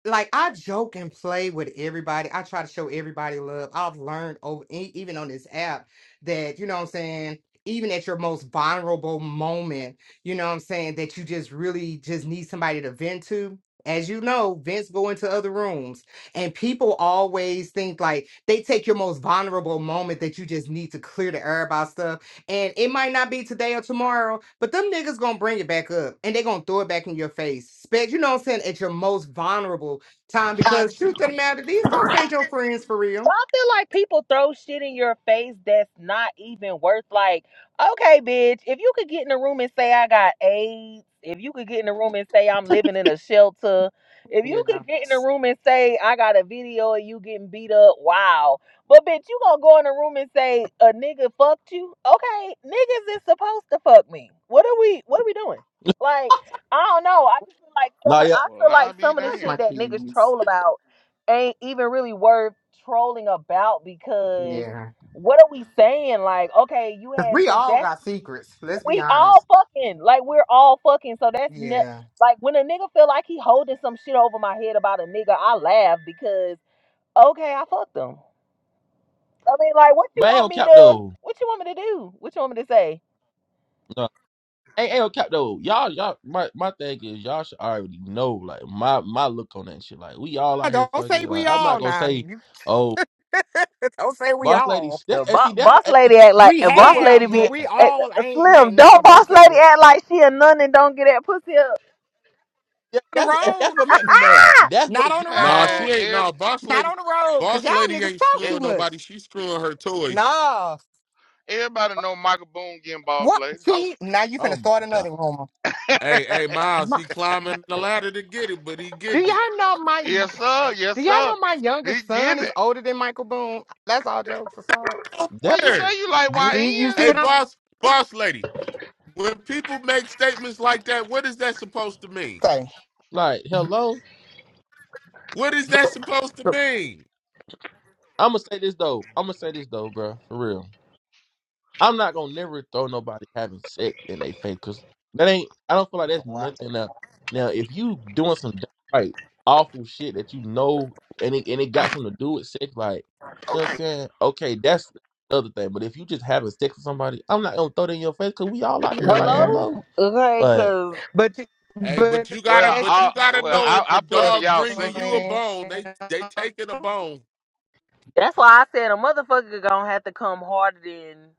like I joke and play with everybody. I try to show everybody love. I've learned over e- even on this app that you know what I'm saying, even at your most vulnerable moment, you know what I'm saying, that you just really just need somebody to vent to. As you know, vents go into other rooms, and people always think like they take your most vulnerable moment that you just need to clear the air about stuff and it might not be today or tomorrow, but them niggas gonna bring it back up and they gonna throw it back in your face. Spec, you know what I'm saying, at your most vulnerable time because truth of the matter, these folks ain't your friends for So, real. I feel like people throw shit in your face that's not even worth like, okay, bitch, if you could get in the room and say I got AIDS, if you could get in the room and say I'm living in a shelter, if you You could know, get in the room and say I got a video of you getting beat up, wow. But bitch, you gonna go in the room and say a nigga fucked you? Okay, niggas is supposed to fuck me. What are we what are we doing? Like, I don't know. I just feel like some Nah, of yeah, I Well, feel like I'll be some of the like damned. my shit that niggas kids. troll about ain't even really worth trolling about because Yeah. what are we saying? Like, okay, you Cause had we sex. all That's got secrets. Let's be we all honest. fucking. Like, we're all fucking. So that's ne- Yeah. like when a nigga feel like he holding some shit over my head about a nigga, I laugh because okay, I fucked him. I mean, like, what you but ain't want on me cap to? though. What you want me to do? What you want me to say? No, ain't, ain't on cap though. Y'all, y'all, my my thing is y'all should already know like my my look on that shit. Like we all Ah, out here Don't say fucking. we Like I'm all not gonna now. say. You- oh. Don't say we Boss lady, all. that's, Uh, and bo- see, that's what boss lady act like We a that's boss what made lady have, me be but eh, mad. we eh, all ain't right slim. now. Don't Don't boss say lady that. act like she a nun and don't get that pussy up. Yeah, On the that's road. that's what made me mad. That's what. Not Get on me the hot. Nah, Man, road. she ain't. every, Nah, boss Not on lady, the road. Cause boss y'all lady niggas ain't talk e- too screwing much. nobody. She's screwing her toys. Nah. everybody know Michael Boone getting boss What? lady. See, now you Oh finna my start god, another rumor. Hey, hey, Miles, My, he climbing the ladder to get it, but he do getting it. y'all know my? Yes, sir. Yes, Do y'all sir. know my He youngest son getting is it. older than Michael Boone? That's all jokes aside. Well, that you say Word. you like See, you YNs? see Hey, what I'm boss, boss lady, when people make statements like that, what is that supposed to mean? saying? like hello. What is that supposed to mean? I'm gonna say this though. I'm gonna say this though, bro. For real. I'm not gonna never throw nobody having sex in their face because that ain't. I don't feel like that's nothing up. Now, if you doing some like awful shit that you know and it and it got something to do with sex, like you know what I'm saying? Okay, that's the other thing. But if you just having sex with somebody, I'm not gonna throw that in your face because we all out here like Yeah, hello. Hello. Okay, But cause. but you- Hey, but but you gotta, Well, that's but I you gotta well know I, if a I put it but for dog y'all bringing single you a Slim, people. bone, they they taking a bone. That's why I said a motherfucker gonna have to come harder than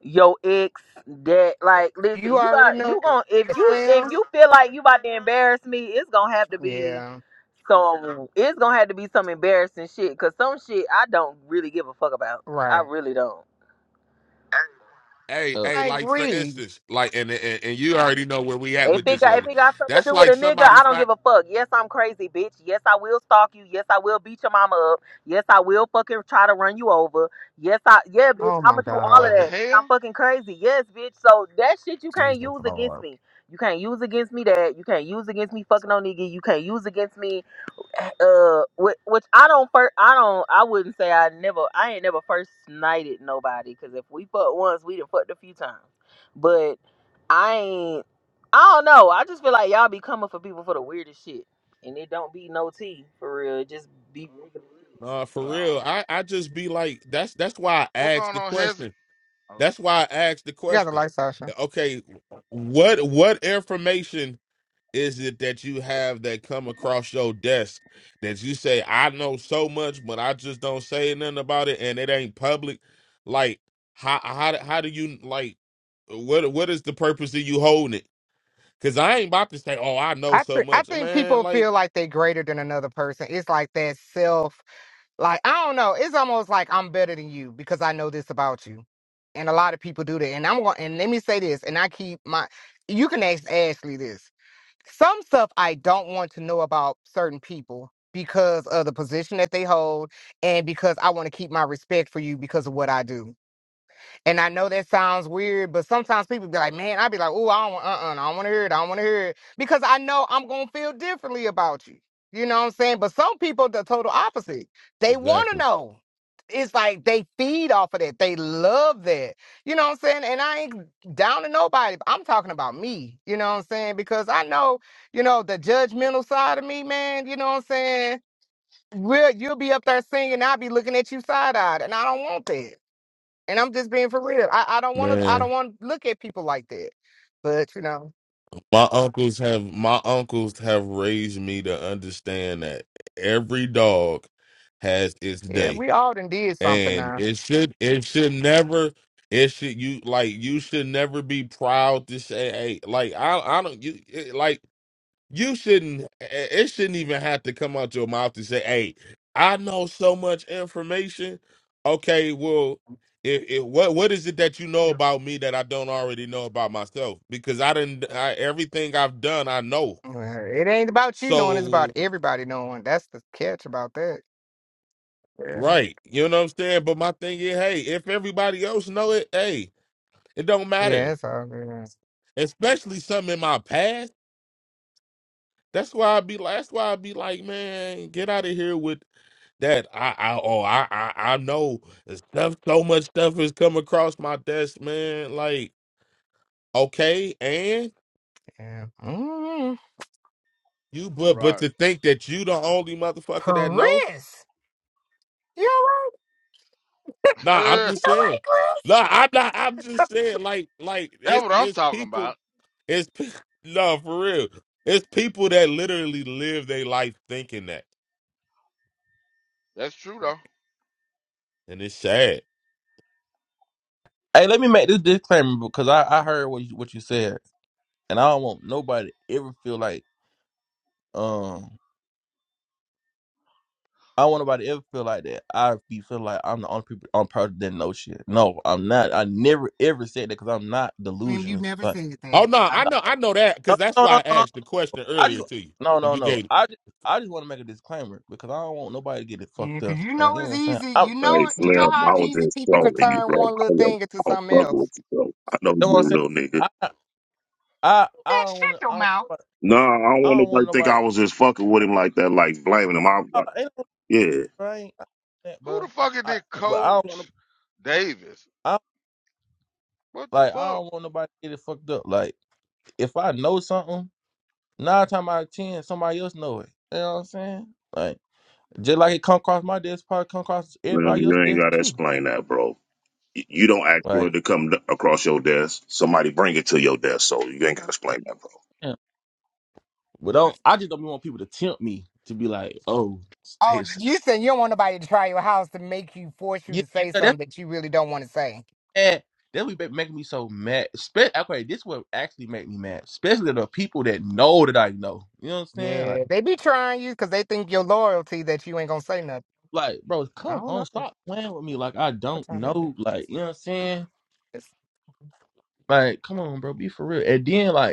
your ex that like listen, you you already got you know gonna if you if Slim. you feel like you about to embarrass me, it's gonna have to be Yeah, some it's gonna have to be some embarrassing shit. Cause some shit I don't really give a fuck about. I right. really don't. Hey, uh, hey, I like for agree. instance, like and and, and you already know where we at If with it this, got if Lola. it got something to That's do with like a nigga, somebody I don't find. give a fuck. Yes, I'm crazy, bitch. Yes, I will stalk you. Yes, I will beat your mama up. Yes, I will fucking try to run you over. Yes, I yeah, bitch. Oh I'ma my do all of What the God, that because I'm hell? fucking crazy. Yes, bitch. So that shit you can't Jesus use against Lord, me. You can't use against me that. You can't use against me fucking on nigga. You can't use against me uh, which, which I don't first, I don't, I wouldn't say I never, I ain't never first snited nobody. Cause if we fucked once, we done fucked a few times. But I ain't, I don't know. I just feel like y'all be coming for people for the weirdest shit, and it don't be no tea for real. It just be. Uh, for Well, real, I I just be like, that's that's why I what asked going the on, Hezzy? question. Oh, That's why I asked the you got the question. light, Sasha. Okay, what what information is it that you have that come across your desk that you say, I know so much, but I just don't say nothing about it and it ain't public? Like, how how how do you like what what is the purpose of you holding it? Cause I ain't about to say, Oh, I know I so th- I much. think Man, people like feel like they're greater than another person. It's like that self, like I don't know. It's almost like I'm better than you because I know this about you, and a lot of people do that. And I'm going. And let me say this. And I keep my. You can ask Ashley this. Some stuff I don't want to know about certain people because of the position that they hold and because I want to keep my respect for you because of what I do. And I know that sounds weird, but sometimes people be like, man, i be like, oh, I don't, uh-uh, I don't want to hear it. I don't want to hear it. Because I know I'm going to feel differently about you. You know what I'm saying? But some people, the total opposite. They want to Exactly. know. It's like they feed off of that. They love that. You know what I'm saying? And I ain't down to nobody. I'm talking about me. You know what I'm saying? Because I know, you know, the judgmental side of me, man. You know what I'm saying? We'll, you'll be up there singing. I'll be looking at you side eyed. And I don't want that. And I'm just being for real. I, I don't want to. I Man. don't want to look at people like that. But you know, My uncles have my uncles have raised me to understand that every dog has its yeah, day we all done did something and now. it should it should never it should you like you should never be proud to say hey like I I don't you it, like you shouldn't it shouldn't even have to come out your mouth to say hey I know so much information okay well if, if what what is it that you know Yeah. about me that I don't already know about myself because I didn't I, everything I've done I know Uh, It ain't about you knowing. It's about so everybody knowing. That's the catch about that. Yeah. right you know what I'm saying but my thing is hey if everybody else know it hey it don't matter Yeah, it's all good. especially something in my past. That's why I be like, that's why I be like, man, get out of here with that. I, I, oh, I, I, I know the stuff. So much stuff has come across my desk, man. Like, okay, and Yeah. Mm. you, but, but right. to think that you the only motherfucker that know. Chris, you all right? Nah, I'm You just all saying. right, Chris? Nah, I'm not. I'm just saying. Like, like Yeah, that's it's what I'm it's talking people. about. It's pe- no for real. It's people that literally live their life thinking that, That's true though. and it's sad. hey, let me make this disclaimer because I I heard what you, what you said and I don't want nobody ever feel like. um, I don't want nobody to ever feel like that. I be feel like I'm the only people on person that know shit. No, I'm not. I never ever said that because I'm not Slim, you delusional. never Like, said Oh that. no, I, I know, I know that no, because that's no, why no, I no, no. asked the question I just earlier to you, no, and no, you no. gave I just I just want to make a disclaimer because I don't want nobody to get it yeah, fucked because up. you Like, know you know what it's I'm saying? easy. I, you You Hey, know it. You know Slim, how I was easy just people could trolling you, turn bro. one I little was, thing into I was something fucking with else. you, bro. I know know what I'm you're a saying? real nigga. I I I That don't shut want to. I your don't. mouth. want- No, I don't I want don't nobody want to think nobody. I was just fucking with him like that, like blaming him. I, Uh, I, ain't no, yeah, I ain't I, ain't that, Who bro. the fuck is I this but I don't want to. Coach Davis? I What the like I fuck? don't want nobody to get it fucked up. Like if I know something. Nine time out of ten, somebody else know it. You know what I'm saying? Like just like it come across my desk, probably come across man, everybody else's you ain't desk gotta too. explain that, bro. Y- You don't ask for it Like, to come d- across your desk. Somebody bring it to your desk, so you ain't gotta explain that, bro. yeah. But don't I just don't want people to tempt me to be like, oh, Oh, stay safe. you said you don't want nobody to try your house to make you force you yeah, to say something that's that you really don't want to say. bad. That's what be making me so mad. Spe- okay, this would actually make me mad, especially the people that know that I know. You know what I'm saying? Like, Yeah, they be trying you because they think your loyalty that you ain't gonna say nothing. like, bro, I come don't on, know. stop playing with me. Like, I What don't time is it? know. Like, you know what I'm saying? It's Like, come on, bro, be for real. And then, like.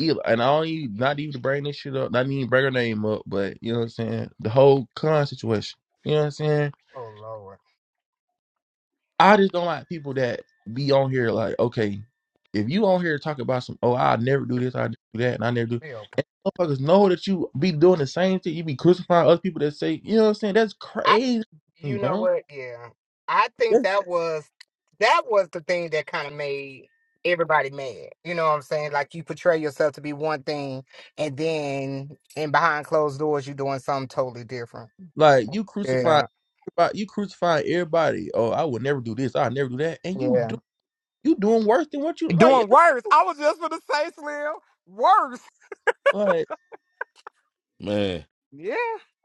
Eli, and I don't even, not even to bring this shit up, not even bring her name up, but you know what I'm saying? The whole con situation. You know what I'm saying? oh lord, I just don't like people that be on here like, okay, if you on here talking about some, oh, I'll never do this, I do that, and I never do. we open. And motherfuckers know that you be doing the same thing. You be crucifying other people that say, you know what I'm saying? That's I crazy, to me, you know bro. what? Yeah, I think That's that was that was the thing that kind of made everybody mad. You know what I'm saying? Like you portray yourself to be one thing, and then in behind closed doors, you doing something totally different. like you crucify, Yeah, everybody- you crucify everybody. Oh, I would never do this, I'll never do that, and you yeah. do you doing worse than what you like. Doing worse. I was just gonna say, Slim, worse. Like. man Yeah.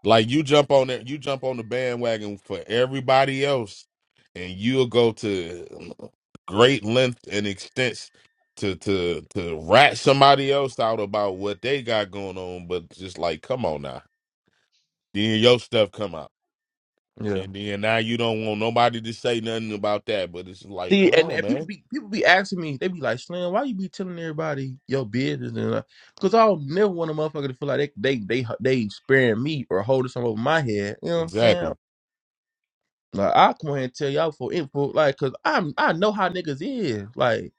like you jump on that, you jump on the bandwagon for everybody else, and you'll go to great length and extents to to to rat somebody else out about what they got going on, but just like, come on now, then your stuff come out, yeah. and then now you don't want nobody to say nothing about that, but it's like, See, come and, on, and people man, be people be asking me, they be like, "Slim, why you be telling everybody your business?" And because I don't never want a motherfucker to feel like they they they they sparing me or holding something over my head. You know what I'm saying? exactly, Like I come here and tell y'all for info, like, cause I'm I know how niggas is. Like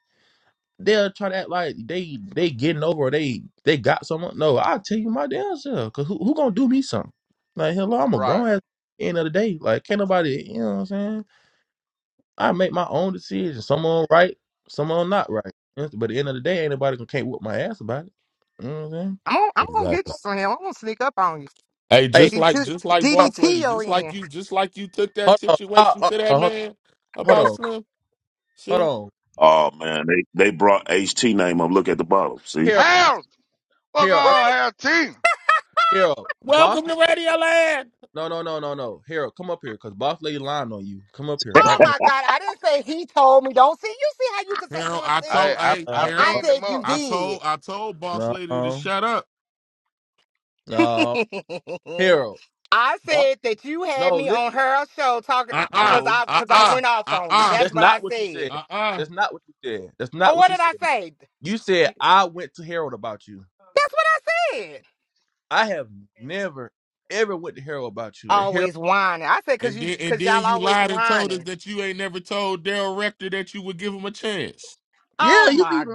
they'll try to act like they they getting over or they they got someone. No, I'll tell you my damn self. Cause who who gonna do me something? Like hello, I'm a Right. grown ass. End of the day, like can't nobody. You know what I'm saying? I make my own decisions. Some on right, some on not right. But at the end of the day, ain't nobody gonna can't whoop my ass about it. You know what I'm saying? I'm gonna, I'm gonna get exactly. you, Slim. I'm gonna sneak up on you. Hey, Hey, just like DDT, just like hold boss lady, your just like in. you, just like you took on, hold that on, uh, situation uh, to that uh, hold man hold about on, Slim. hold See, on. Oh man, they they brought HT name up. Look at the bottom, see? Harold, Harold, what's going Harold, I, on, Right? Harold T? Harold, boss. welcome to Lady, Radio Land. no, no, no, no, no. Harold, come up here, cause boss lady lying on you. Come up here Oh right my God. I didn't say he told me. Don't see. You see how you can take Harold, one I I told sentence? I hey I now. I Harold, No, pinged him said up. you I did. told I told boss lady to no, shut up. no. Harold, I boss. said that you had No, me listen. on her show talking Uh uh because No, I uh because I uh went off uh on you. uh That's that's what I not what you said. said. uh uh. That's not what you said. That's Oh, not what what you did I said. say? You said You- I went to Harold about you. That's what I said. I have never ever went to Harold about you. And Harold, Always whining. I said because And you then and because then y'all you always lied and told us whining. that you ain't never told Daryl Rector that you would give him a chance. yeah, Oh you beat my him.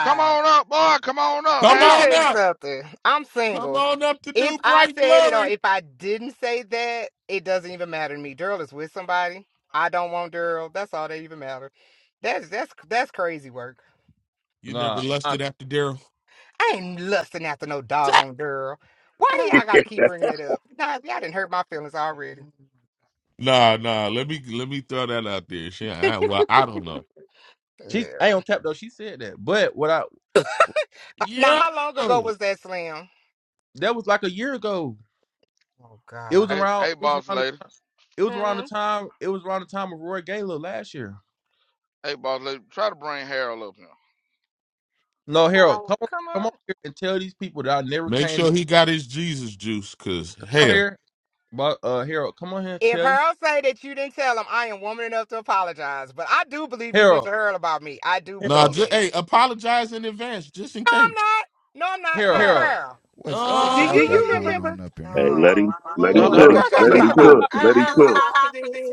Come on up, boy. Come on up, Let Come me Harold. on tell you up, something. I'm come single. on up to If new I bright said it or glory. if I didn't say that, it doesn't even matter to me. Daryl is with somebody. I don't want Daryl. That's all that even matter. That's that's that's crazy work. You never Nah, I, lusted after Daryl. I ain't lusting after no dog on Daryl. Why do y'all hey, gotta keep bringing it up? Nah, y'all didn't hurt my feelings already. Nah, nah. Let me let me throw that out there. Shit. I, well, I don't know. she I Yeah. ain't on cap though. She said that, but what I Uh, Now, Yo, how long ago was that slam? that was like a year ago. Oh It was God. Hey, around. hey, It was boss around the. lady. time- It Hmm. was around the I time. It was around the time of Roy Gaylor last year. Hey, boss lady. Try to bring Harold No, don't Harold, want come on, to come come up. on here and tell these people that I never make came. To, sure he got his Jesus juice, cause come on hell. here, but uh, Harold, come on here, and If tell these Harold say that you didn't tell him, I am woman enough to apologize. But I do believe you went Harold, to Harold about me. I do Nah, believe Harold, just that. hey, apologize in advance, just in No, case. I'm not. No, I'm not. Harold. Harold, Uh, do you remember? Oh let him my let Hey, him let No, lord! him cook, Girl, Lord. let shut let your him him mouth. why? cook. cook. Let I'm him too cook. hot for this.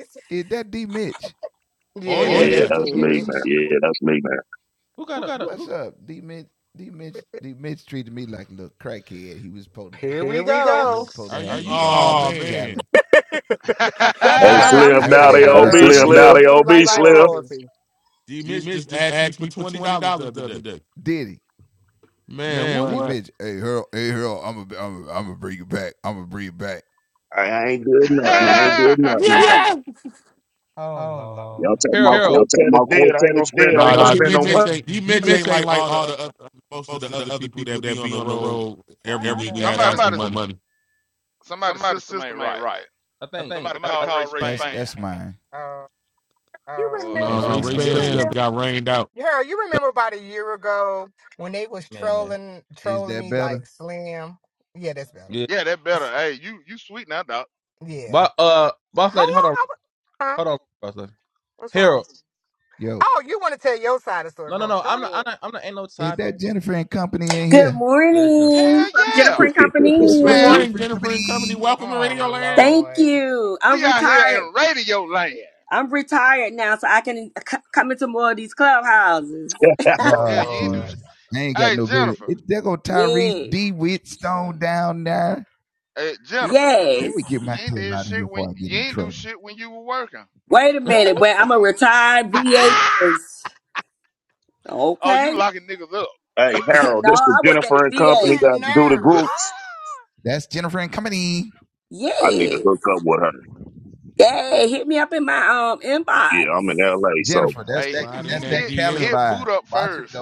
oh Yeah, yeah. that's Yeah, glitch. that's me, man. Yeah, that's me, man. who got a who? Here we go. Are you? Oh man, up That is Hey, not what you Slim, now said, they Hey, on Harold. You me, Slim, said he now Slim. they treated on you You me, like Slim. royalty. D Mitch just asked me for twenty dollars the other day. Man, what? I, I ain't doing I, Got, okay, nothing. here. Man. ain't doing nothing, man. Yeah. Y'all Oh lord! Y'all take my Harold. Harold. talking quartet is about quartet dead. I ain't is gonna spend dead. I ain't gonna no Nah, D spend money. no Mitch money. ain't D Mitch ain't like all the other, most of the other people that be on the road Why is every it week about an somebody, asking for echo? money. somebody's system ain't right. I think. Somebody I, called Ray Span. Oh, you Oh No, remember? hell. Ray Span stuff got rained out. Girl, you remember about a year ago when they was man, trolling trolling me like Slim? Yeah, that's better. yeah. Yeah, that better. S- Hey, you, you sweet now, dog? Yeah. But uh, boss How lady, hold on. long? I wa- huh? Hold on, brother. What's wrong? Harold. Oh, you want to tell your side of the story No, no, first? no. Go I'm not. I'm ahead. not. I'm not. Ain't no side. No. story. Good Yeah, that's It Jennifer. Hell morning is. from yeah, Jennifer and Good man. Company. morning, Jennifer and company. Welcome to Radio Oh Land. We, Thank Lord. you. I'm we out here retired. in radio land. I'm retired now, so I can c- come into more of these clubhouses. Oh Hell, you ain't do. sh- Lord. Hey, Jennifer. Yes. Hey, Jennifer. Yes. You ain't did shit when you ain't do shit when you were working. Wait a minute. Oh, Wait, I'm a retired VA nurse. oh, you Okay. locking niggas up. Hey, Harold, no, this is I work at Jennifer the and Company VA. that that do the nerves. groups. I need to Yes. hook up with her. Yay. Hit me up in my um inbox. Yeah, I'm in LA, so Hey, he Wait a Slide in that minute. hit DM. hit boot up first.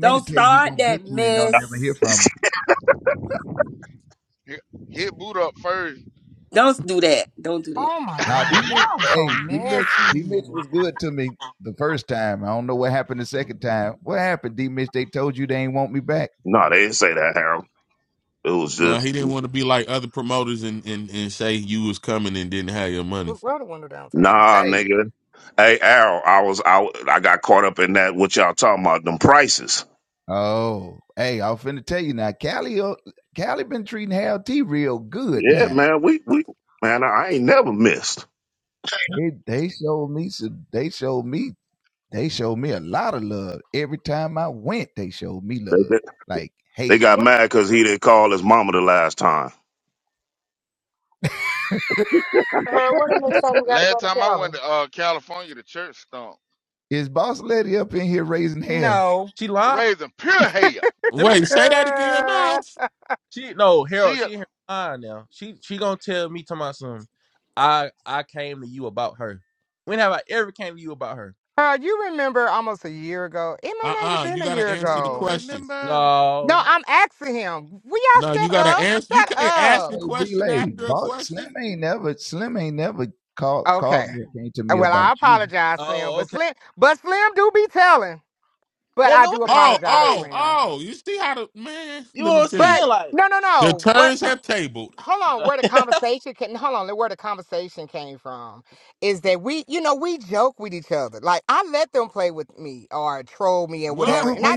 Don't start that mess. Hit, hit boot up first. Don't do that. Don't do that. Oh my God, y'all was so messy. no, they didn't say that, Harold. It was No, just he didn't want to be like other promoters and, and, and say you was coming and didn't have your money. Look, Roll the window down, Tasha. That's fine. nah, nigga. Hey, Harold, I was out. I got caught up in that. What y'all talking about? Them prices? Yeah, man. We we man, I ain't never missed. They, they, they got What? mad because he didn't call his mama the last time. Uh, what the next time you got to Last go to time I Cali? went to uh, California, the church stunk. No. She lied. Raising pure hell. Let me. Tell Wait, say that again, Miles. she no. Harold. She, a- She ain't here lying now. She she gonna tell me talking about some. I I came to you about her. When have I ever came to you about her? Uh, you remember almost a year ago. It might not even Uh-uh. You been a gotta year do answer the you ago. question. remember? No, No. I'm asking him. Will y'all No, you shut gotta up? answer. You Shut can't ask up. a question after a question. Okay. Uh, Well, I apologize, Slim. Oh, But okay. Slim, but Slim do be telling. But Yeah, I no. do Oh, I apologize, oh, Slim. oh. You see how the man, You know let me what I'm tell you. But saying? Like, no, no, The no. What? turns have tabled. Hold on. Where the conversation can? Hold on. Where the conversation came from is that we, you know, we joke with each other. Like I let them play with me or troll me or What? whatever, and I.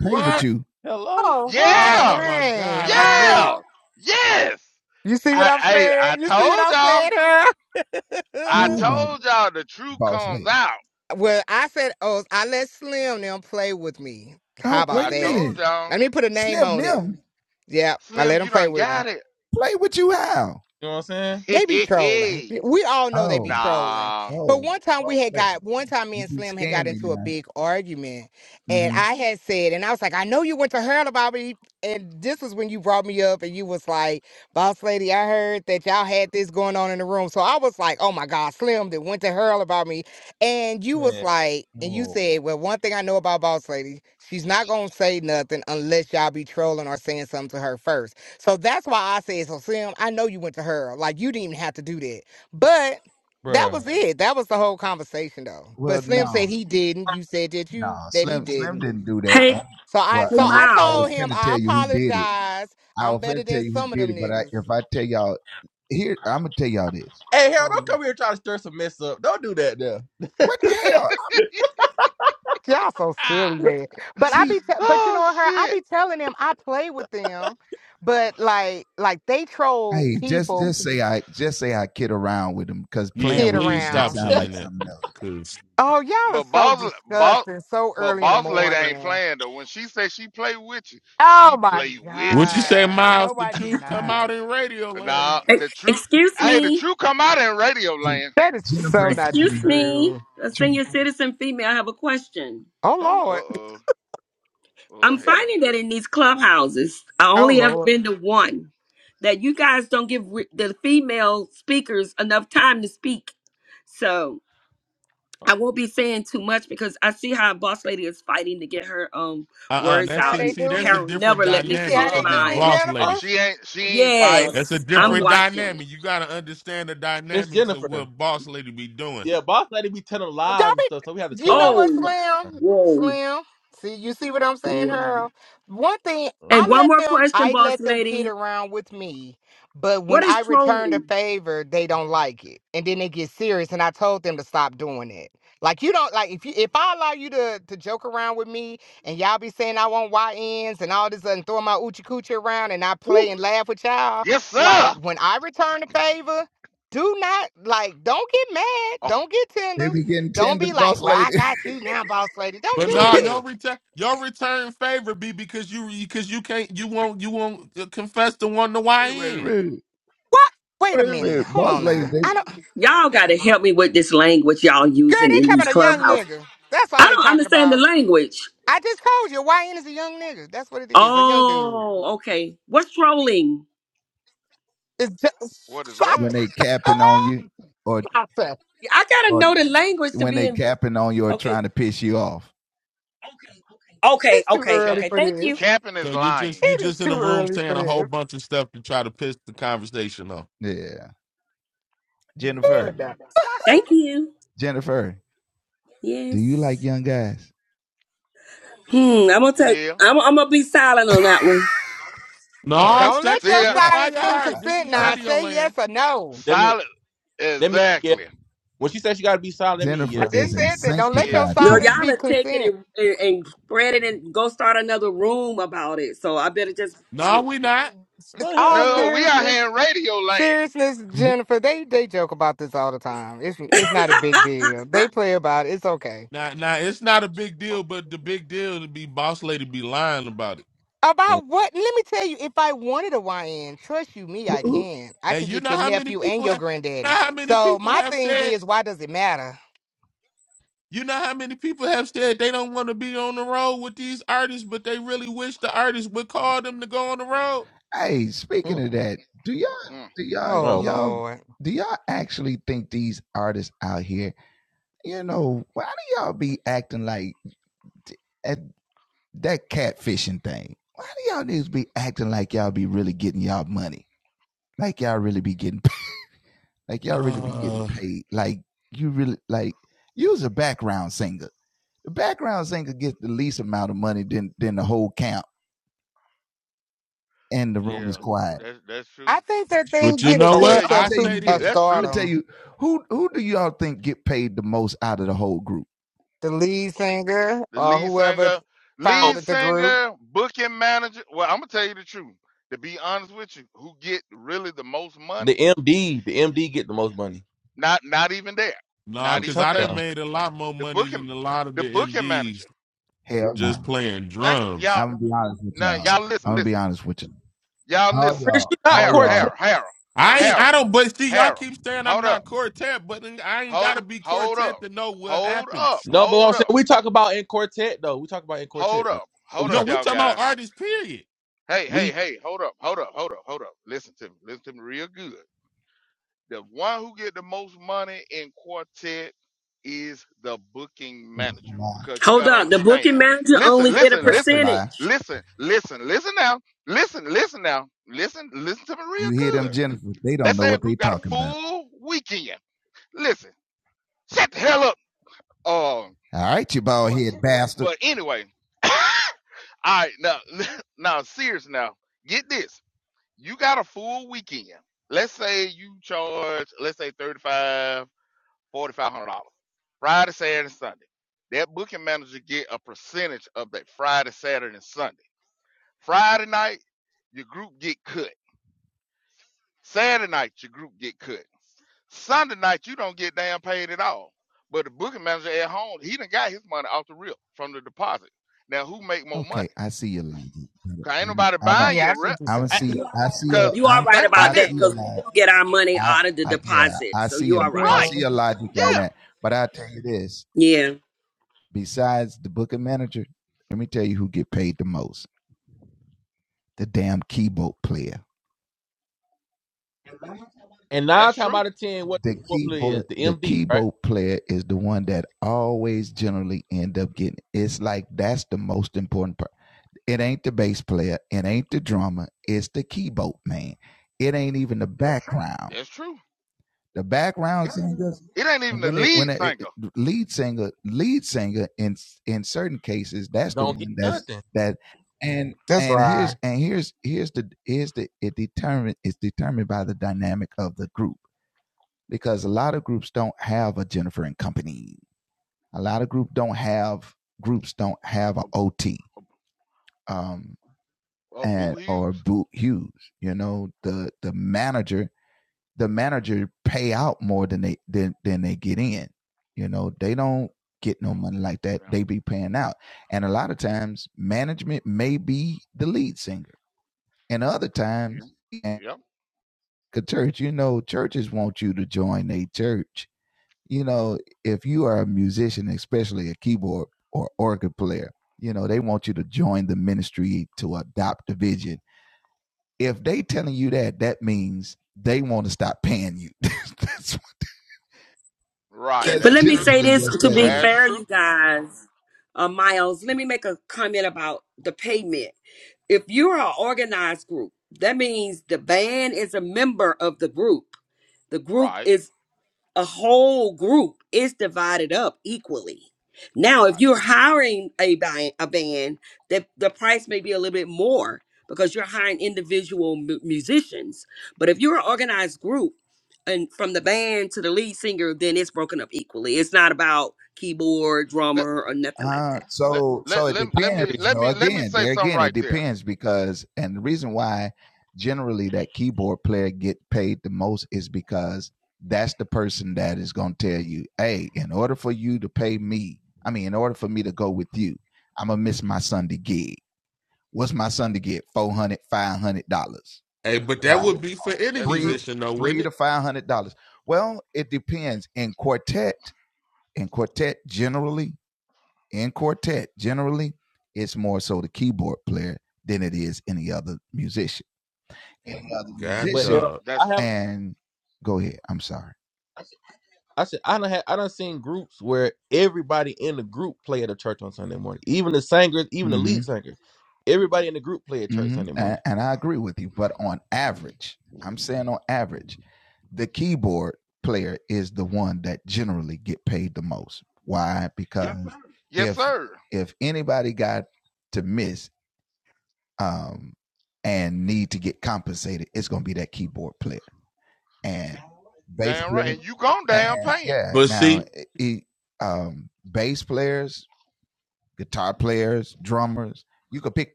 What? hello. Oh, girl, Oh Yeah, my dang, God. I knew it. yeah, girl. yes. You see what I, I'm I, I saying? You see what told I'm y'all. saying, huh? I told y'all the truth comes out. well, I said, oh, I let Slim them play with me. How about I that? told y'all, Let me put a name on it. Yeah, I let Slim, them you play done with me. got it. You know what I'm saying? They be trolling. We all know they be trolling. nah. But one time we had got one time me and Slim had got into a big argument, and I had said, and I was like, I know you went to her about me, and this was when you brought me up, and you was like, boss lady, I heard that y'all had this going on in the room, so I was like, oh my god, Slim that went to her about me, and you was Man, like, and you said, well, one thing I know about boss lady, she's not gonna say nothing unless y'all be trolling or saying something to her first. So that's why I said, so Sim, I know you went to her. Like you didn't even have to do that. But that bruh. was it. That was the whole conversation though. But Slim said he didn't. You said that you that he didn't. Hey, So I hey so I Miles. told him I apologize. I'm better than some of them niggas. Hey, Harold, don't Mm. come here trying to stir some mess up. Don't do that, there. Y'all so silly, Ah. man. But I be, te- but you Oh know her. shit. I be telling them I play with them, but like, like they troll people, Yeah, kid please stop around. saying that. Oh, y'all are But so boss, boss, disgusting. So but early in the boss lady ain't morning. playing though. When she say she play with you, Oh she my play with Would you you. say, God. No, Miles, the I do truth come not. out in radio land? Nah, E- the truth, excuse hey, the me. truth come out in radio land. That is so not Excuse me, true. a senior citizen female, I have a question. Oh Oh, no. Uh Lord. oh, oh I'm hell, finding that in these clubhouses, I Oh only ever Lord. been to one, that you guys don't give re- the female speakers enough time to speak. So I won't be saying too much because I see how Boss Lady is fighting to get her um Uh-uh. You words see That's how out, see, they and see, do that's me? a Harold different never let You me see how dynamic finish huh? they because it's do me, mine. boss Uh, uh, Jennifer? lady. she ain't, she ain't no, fighting. no, That's a Yes, no, I'm no. different watching. dynamic. You gotta understand the Miss dynamics of Jennifer. what boss lady be doing. Yeah, boss lady be telling lies Don't and stuff, so we had to be, cut you know off. Oh, what, Slim? Uh, whoa, Slim. See, you see what I'm saying, whoa. Harold? One thing, I And one let more them, question, I Boss let them kid Lady. around with me, but when What is I return the trolling? favor, they don't like it, and then they get serious. And I told them to stop doing it. Like you don't like if you if I allow you to to joke around with me, and y'all be saying I want y YNs and all this and throwing my oochie coochie around, and I play and laugh with y'all. Yes sir. Like when I return the favor, do not like don't get mad, Oh, don't get tender don't be like, well, I got you now, boss lady. Don't But do nah, your that. return your return favor be because you because you can't you won't you won't uh, confess to one to YN. What? Wait a minute. Hold on now. I don't. Y'all got to help me with this language y'all Girl, using they in talking these about a young clubhouses. nigga. That's I all they don't talking understand the about. language. I just told you, YN is a young nigga. That's what it is, a young dude. Oh, okay. What's trolling? It's what is just. what? I gotta know the language to be in. Okay, okay, it's too okay, early Cap, okay. for Thank you, this. capping is So you just lying. you It is just in too the room early for saying a whole this. bunch of stuff to try to piss the conversation off. But no. thank you. Yes. Hmm. I'm gonna take. Yeah. I'm, I'm gonna be silent on that one. No, Don't let See sex your that? purify silence your mean heart. This consent is now. Si- radio Say yes land. or no. That mean solid. that mean yeah. Exactly. When she said she gotta be silent, that mean I yeah. just said that. Don't let your Yes. No, silence y'all be are taking consent. it and, and, and spread it and go start another room about it. So I better just be No, quiet. we not. No the hell All we No, not. we out seriousness. here in radio land. Seriousness, Jennifer, they they joke about this all the time. It's it's not a big deal. They play about it. It's okay. Now, now it's not a big deal, but the big deal to be boss lady be lying about it. Mm, About what? Let me tell you, if I wanted a YN, trust you me, I can. I And can you get know your how many nephew and people your have, you granddaddy. know how many So people my have thing said, is, why does it matter? you know how many people have said they don't want to be on the road with these artists, but they really wish the artists would call them to go on the road. mm. Mm, Oh oh, Lord. Uh, yeah, that's that's true. I think that they but you get a know oh wait. what? Hell, sense I of you. su- say of this, That's true. stardom. The lead singer The or lead whoever singer, Oh, lead founded the group. singer, booking manager. Well, I'm gonna tell you the truth. To be honest with you, who get really the most money? the MD, the Yeah, MD get the yeah. most money. Not, not even there. nah, Not I'm cause telling even I there. done you, made a lot more The money booking, than a lot of the the booking manager. MDs just playing Thank y'all. drums. Now y'all listen, listen. Y'all listen. Chris, you not Harold, quartet. Harold, I ain't, I Harold, don't, but see, y'all Harold, keep Harold. saying I'm Hold not up. quartet, but then I ain't Hold, gotta be hold up. quartet to know what Hold up. happens. No, but what I'm Hold saying up. we talk about in quartet though. We talk about in quartet Hold though. up. What we Hold up, No, talk we about? y'all talking guys. about artists, period. Hey, hey, We hey, hold up, hold up, hold up, hold up. Listen to me. Listen to me real good. The one who get the most money in quartet is the booking manager because you Hold got to on. The booking understand. manager Listen, only get a listen, listen, percentage. listen, listen, listen now. Listen, listen now. Listen, listen to me real good. Let's say a group got a full weekend. Listen, shut the hell up. Um, but anyway, all right, now, now, serious now. Get this. you got a full weekend. Let's say you charge, let's say thirty five, forty five hundred dollars Friday, Saturday, Sunday. That booking manager get a percentage of that Friday, Saturday, and Sunday. Friday night, your group get cut. Saturday night, your group get cut. Sunday night, you don't get damn paid at all. But the booking manager at home, he done got his money off the rip from the deposit. Now, who make more money? Cause ain't nobody buying Yeah, your I rep. think you saying. Because You are right think about about that this. because we do get our money out of the deposit. So you are right. Right. Yeah. We don't- Yeah, Yeah. and that's nine true. time out of ten, what what play is the MD, right? That's true. It ain't even the lead singer Don't get nothing. That's right. of Boot Hughes. Yeah. Yep. Right. But That's let me true. say this to be That's fair, you true. guys, uh, Miles, let me make a comment about the payment. If you're an organized group, that means the band is a member of the group. The group Right. is a whole group is divided up equally. Now, if Right. you're hiring a band, a band, the, the price may be a little bit more because you're hiring individual mu- musicians. But if you're an organized group, and from the band to the lead singer, then it's broken up equally. It's not about keyboard, Let drummer, or nothing like that. let let let, I let me agree. let me let me say something right there. Hey, but that would be for any That's true. musician, though, wouldn't it? God, But Harold, dog. That's I have. I said I don't have I done seen groups where everybody in the group play at a church on Sunday morning. Even the singers, even the lead singer, everybody in the group play at church Sunday morning. yes, sir. Damn right. And you gone damn paying. But see,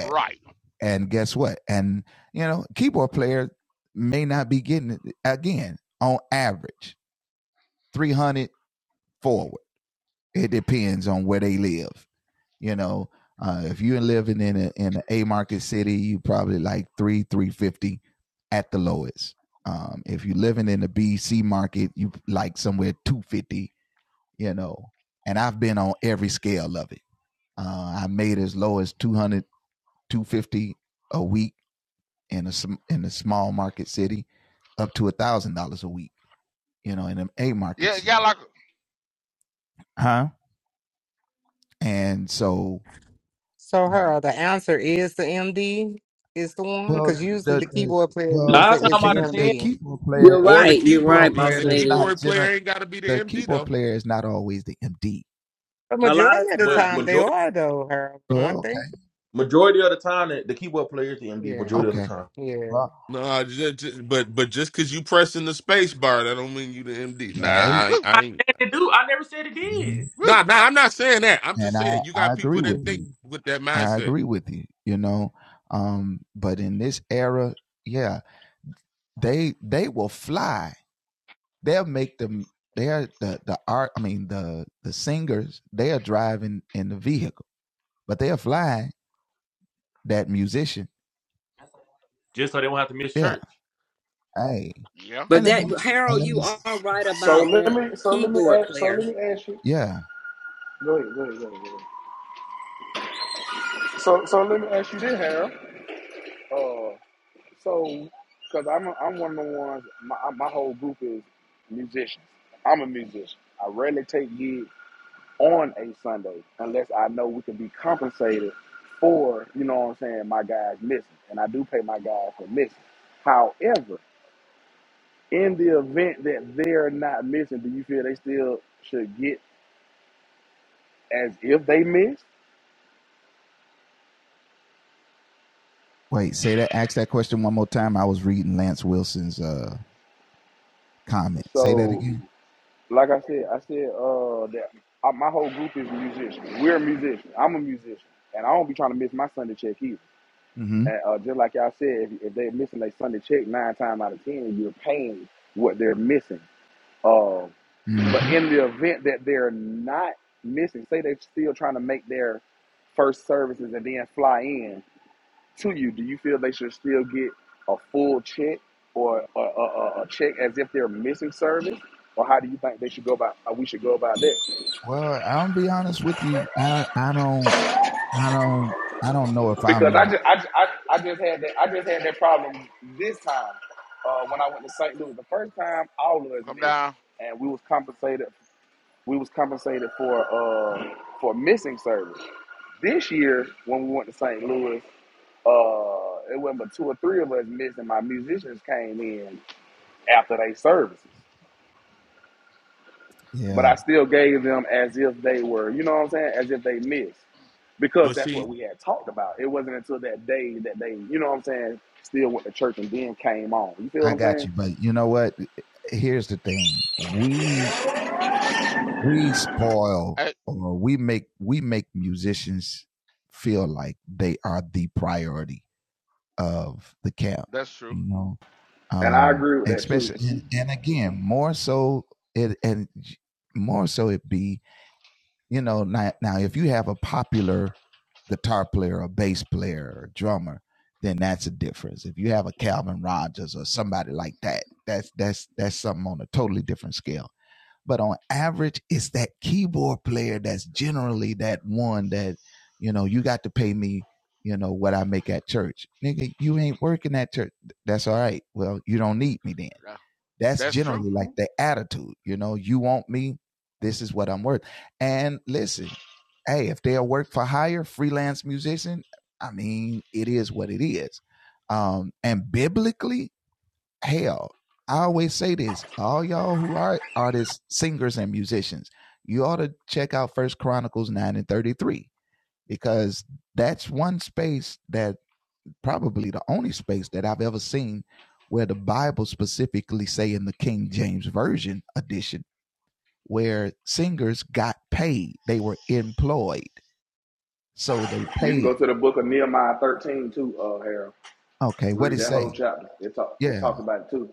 Right. Yeah, it got like a So, her, the answer is the MD is the one, because usually the keyboard player user Nine is time the out of ten, MD. You're or the right. You're keyboard, right, be- boss the lady. keyboard player ain't got to be the MD though. The A lot majority of of the but time times. they majority are though, her, aren't they? Majority of the time, the, the keyboard player is the MD. Yeah, Majority of the time, yeah. No, just, but but just because you pressing the space bar, that don't mean you the MD. Nah, I, ain't- woo, I I ain't. said it do. I never said it did. woo. Nah, nah, I'm not saying that. I'm just saying you got people that think with that mindset. Just so they won't have to miss church. Yeah. But that, Harold, you are right so about let that me, so let me, keyboard ask, so player. let me ask you. Go ahead, go ahead, go ahead. Go ahead. So, so let me ask you this, Harold. Uh, so, because I'm, a, I'm one of the ones. My, my whole group is musicians. I'm a musician. I rarely take gigs on a Sunday unless I know we can be compensated for, you know what I'm saying, my guys missing, and I do pay my guys for missing. However, in the event that they're not missing, do you feel they still should get as if they missed? So, like I said, I said uh, that I, my whole group is musicians. We're musicians. I'm a musician, and I don't be trying to miss my Sunday check either. And uh, just like y'all said, if, if they're missing their Sunday check nine times out of ten, you're paying what they're missing. Uh, but in the event that they're not missing, say they're still trying to make their first services and then fly in, to you, do you feel they should still get a full check or a, a, a a check as if they're missing service? Or how do you think they should go about? How we should go about that? Because I just, I, ju- I, I just had that, I just had that problem this time uh, when I went to St. Louis. The first time, all of us Come missed, down. and we was compensated. We was compensated for uh, for missing service. This year, when we went to St. Louis, uh, it wasn't but two or three of us missed, and my musicians came in after they services. But I still gave them as if they were, you know what I'm saying, as if they missed, because But that's what see, we had talked about. It wasn't until that day that they, you know what I'm saying, still went to church and then came on. You feel what I'm saying? Hey, that's true. And I agree with that too. Yeah, That's true. You can go to the book of Nehemiah 13 too, uh, Harold. Read that whole chapter. It talk it talk about it too.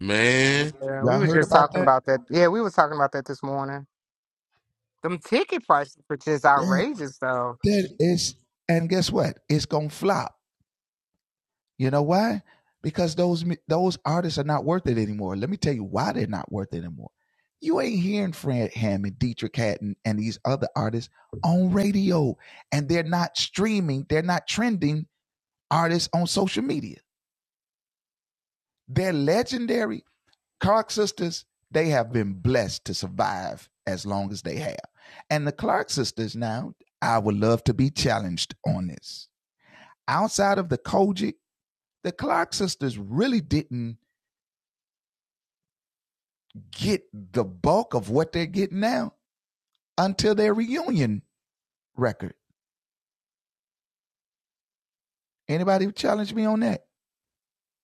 man, Yeah, we were just talking about that. Yeah, we were talking about that this morning. Them ticket prices are just outrageous though.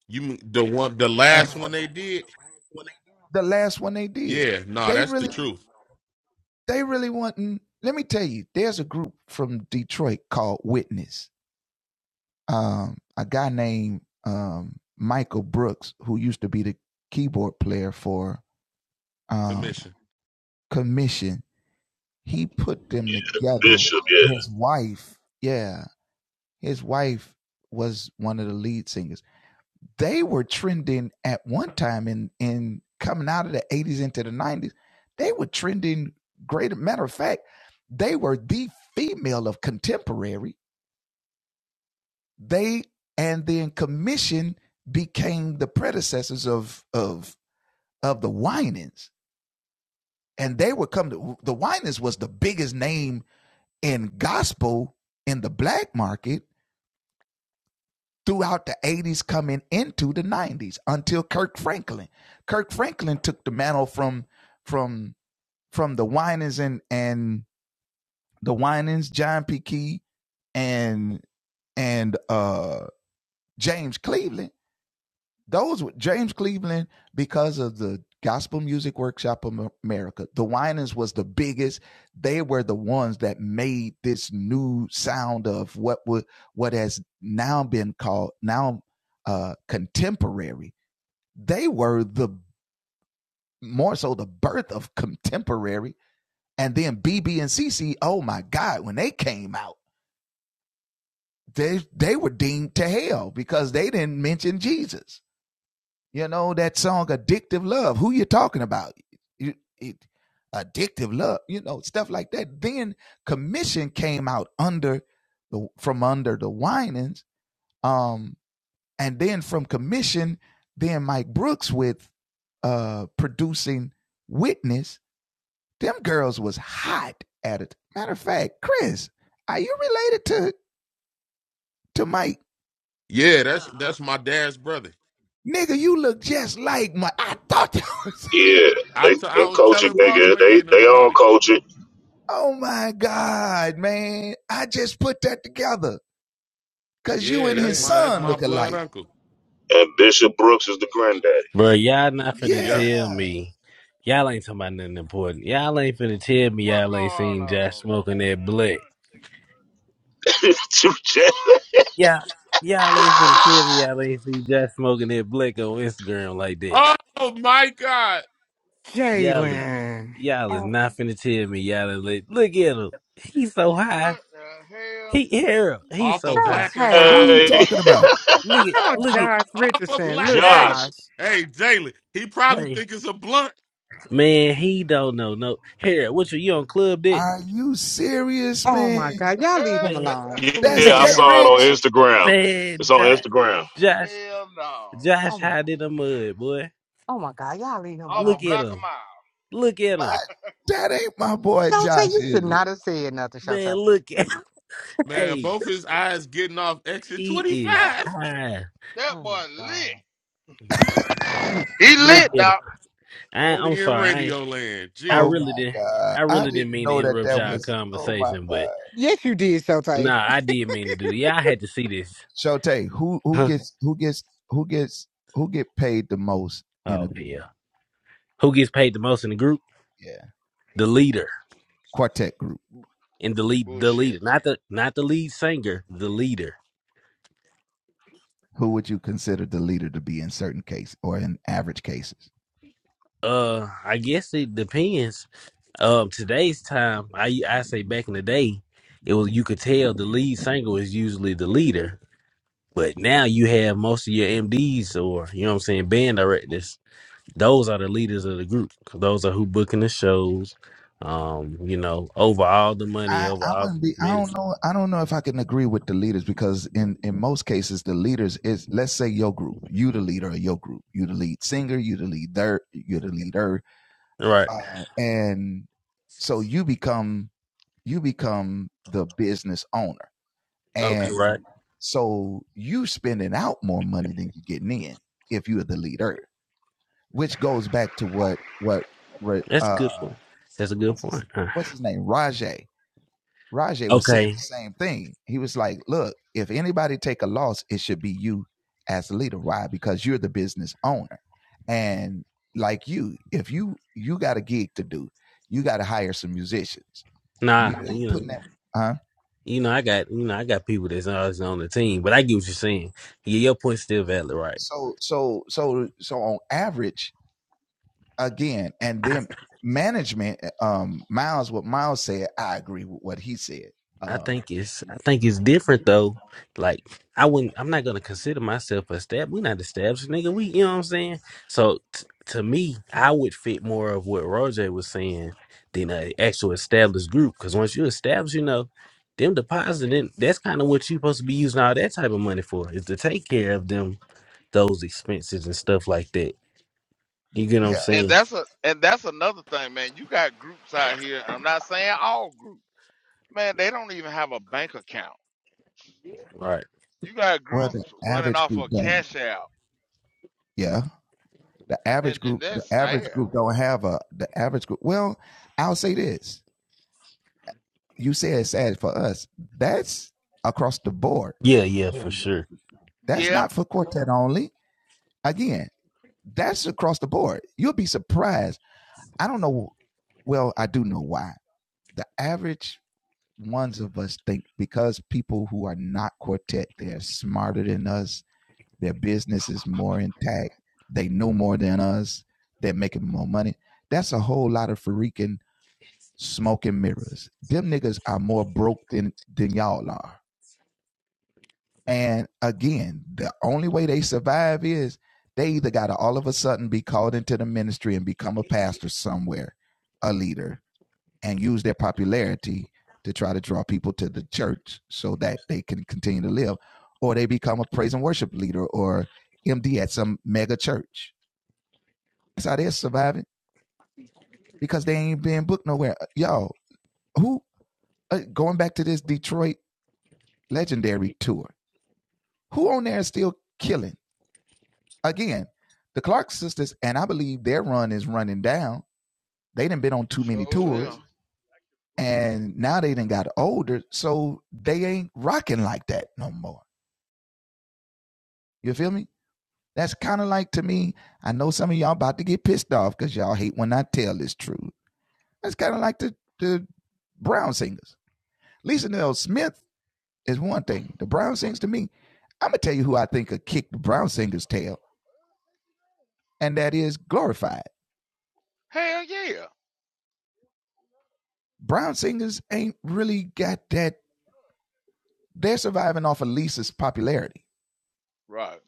you the one, the last one they did. Yeah, nah, that's the truth. Commission. Bishop, yeah, Yeah, that's that's my dad's brother. yeah, I they t- I the was coaching telling boss nigga. lady They and them they all about it. coaching, Yeah, that's my that's my blood uncle. and Bishop Brooks is the granddaddy. Bro, y'all not finna Yep. tell me. Y'all ain't talking about nothing important. Y'all ain't finna tell me What y'all going ain't on? seen Josh smoking that blick. What? Yeah, y'all ain't finna tell me y'all ain't seen Josh smoking that blick on Instagram like that. Oh my God. Y'all, is- Jalen. y'all is Oh, not finna tell me y'all is like, look at him. He's so high. What He the Harold. He's Off so of so high. black and tight. mild Hey. though. Look at, Come on, look at. Josh Off of Richardson, black. little Josh. Hey, Josh. hey, Jalen. He probably Hey, think it's a blunt. man, he don't know no. Harold, what you you on club dick? Oh my God, y'all hell? leave him Man, alone. Please man, Yeah, I leave him saw it on alone. Instagram. It's man, on Instagram. Josh. Hell no. Oh Josh my, hide in the mud, boy. oh my God, y'all leave him Of a Look alone. at block a him. mile. Look at him. Shotay, you should not have said nothing, Man, Shotay. look at Man, Hey, both his eyes getting off exit he is 25. high. That Oh my boy lit. God. He Look lit, at him. doc. I, I'm Only in sorry. I ain't- radio land. I Jesus. really didn't. I really didn't mean to interrupt y'all conversation, but Yes, you did, Shotay. nah, I did mean to do. Yeah, I had to see this. Huh? Oh yeah. Who gets paid the most in the group? The leader and the lead. The Bullshit. leader, not the not the lead singer. The leader. Uh, I guess it depends. Um, today's time, I I say back in the day, it was you could tell the lead singer was usually the leader, but now you have most of your MDs or you know what I'm saying band directors. Those are the leaders of the group. Those are who booking the shows. Um, you know, over all the money, over all the management. Right. Okay. Right. That's a good point. That's a good point. Huh. Okay. Nah. You know. You know. I got. You know. I got people that's always on the team, but I get what you're saying. Yeah, your point's still valid. Right. I think it's I think it's different though. Like I wouldn't I'm not gonna consider myself a stab. we not established, nigga. We you know what I'm saying? So t- to me, I would fit more of what Roger was saying than an actual established group. Cause once you establish, you know, them depositing, that's kind of what you supposed to be using all that type of money for, is to take care of them those expenses and stuff like that. You get what I'm And saying? that's a and that's another thing, man. You got groups out here. I'm not saying all groups. Man, they don't even have a bank account. Right. You got groups running off of cash out. And and that's sad. Yeah, yeah, for sure. Yeah. Sure will. Hell yeah. Right.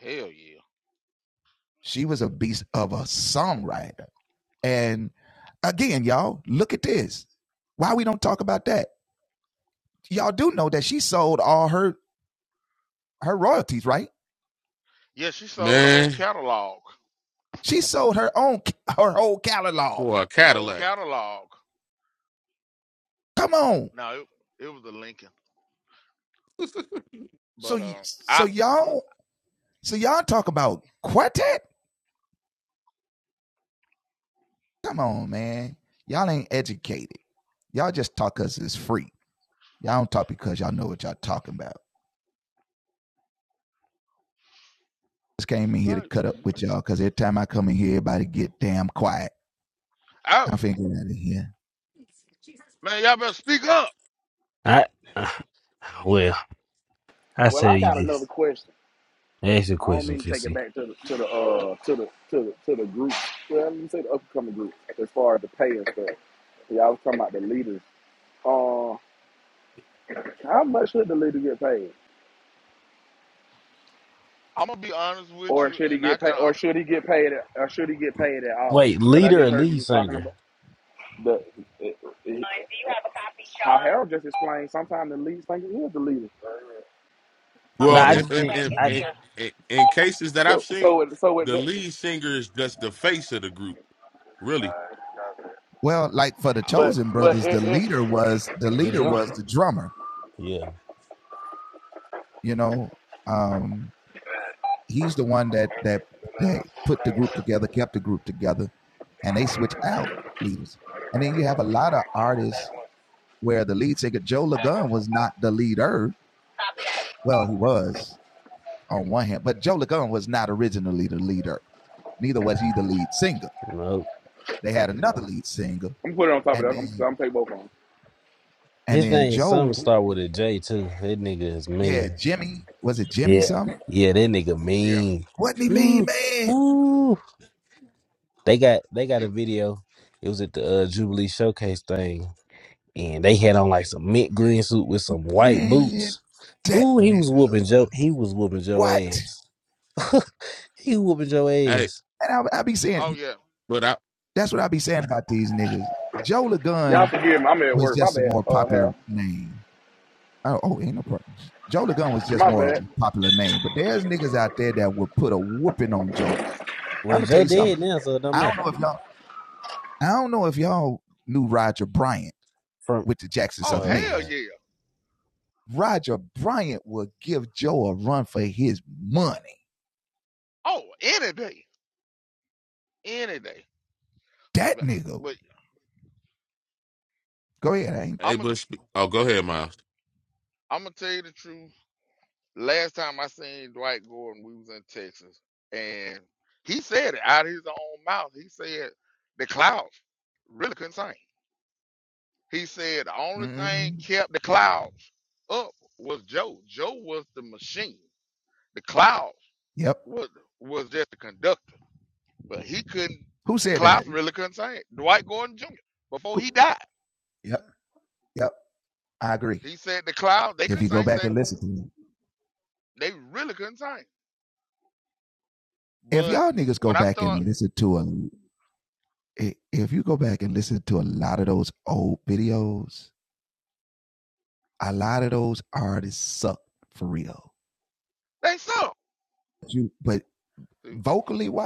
Hell yeah. Yeah, she sold a whole Man, catalog. for a Whole Cadillac. catalog. No, it, it was a Lincoln. But um I right. I Man, y'all better speak up. I uh, well, I Well, I say got another this. question. Ask your I don't question, mean to take it Kissy. back to the to the uh to the to the to the group. Well, let me say the upcoming group as far as the pay and stuff. Y'all was talking about the leaders. Uh. How much should the leader get paid, I'm gonna be honest with or you, should he and I get can. paid, I, or should he get paid, or should he get paid at all? Wait, Because I leader just or heard you lead was talking singer? about the. It, it, I'll just explain. Sometimes the leaders think he is the leader. No, Well, I in just in, did. in, I in, in in cases that I've So seen, so it, so it, the lead but singer is just the face of the group. Really. I, but it, it, the drum. Yeah, nope. I'm putting it on top of that. I'm I'm gonna take both on. His name is something start with a J too. That nigga is mean. Yeah, yeah, that nigga yeah. mean. Ooh, ooh. They got they got a He, video. It was at the uh, Jubilee Showcase thing, and they had on like some mint green suit with some white boots. Ooh, he was whooping Joe. He was whooping Joe ass. he whooping Joe Hey, ass. oh yeah. but I, Y'all forgive me. I'm at work. My bad, uh, Harold. My bad. Well, Joe dead now, so it don't matter. From Oh oh hell yeah. yeah. Oh any day, any day. But, but Hey, I'm gonna Bush, spe- oh, go ahead, Miles. I'm gonna tell you the truth. Last time I seen Dwight Gordon, we was in Texas, and he said it out of his own mouth. He said the clouds really couldn't sing. He said the only thing kept the clouds up was Joe. Joe was the machine. The clouds was was just the conductor But he couldn't, the clouds really couldn't sing. Dwight Gordon Jr., before he died, he said the clouds they could not sing, said they really couldn't sing. But when I start, they sung.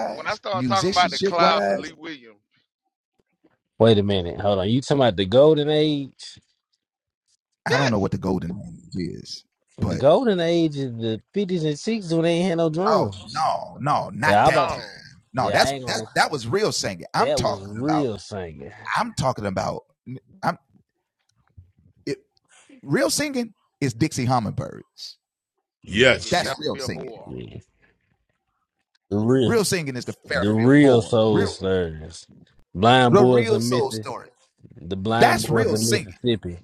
When I start talking about the clouds and Lee Williams, Wait a minute. Hold on. You talking about the golden age? yes, The golden age is the fifties and sixties when they ain't had no drums. Yeah, I about no, yeah, I ain't gonna lie. That was real singing. Yeah, yeah, Yes, Fast Field 4, yeah. The real the real soul stirs. Blind boys of Mississippi the blind boys of Mississippi.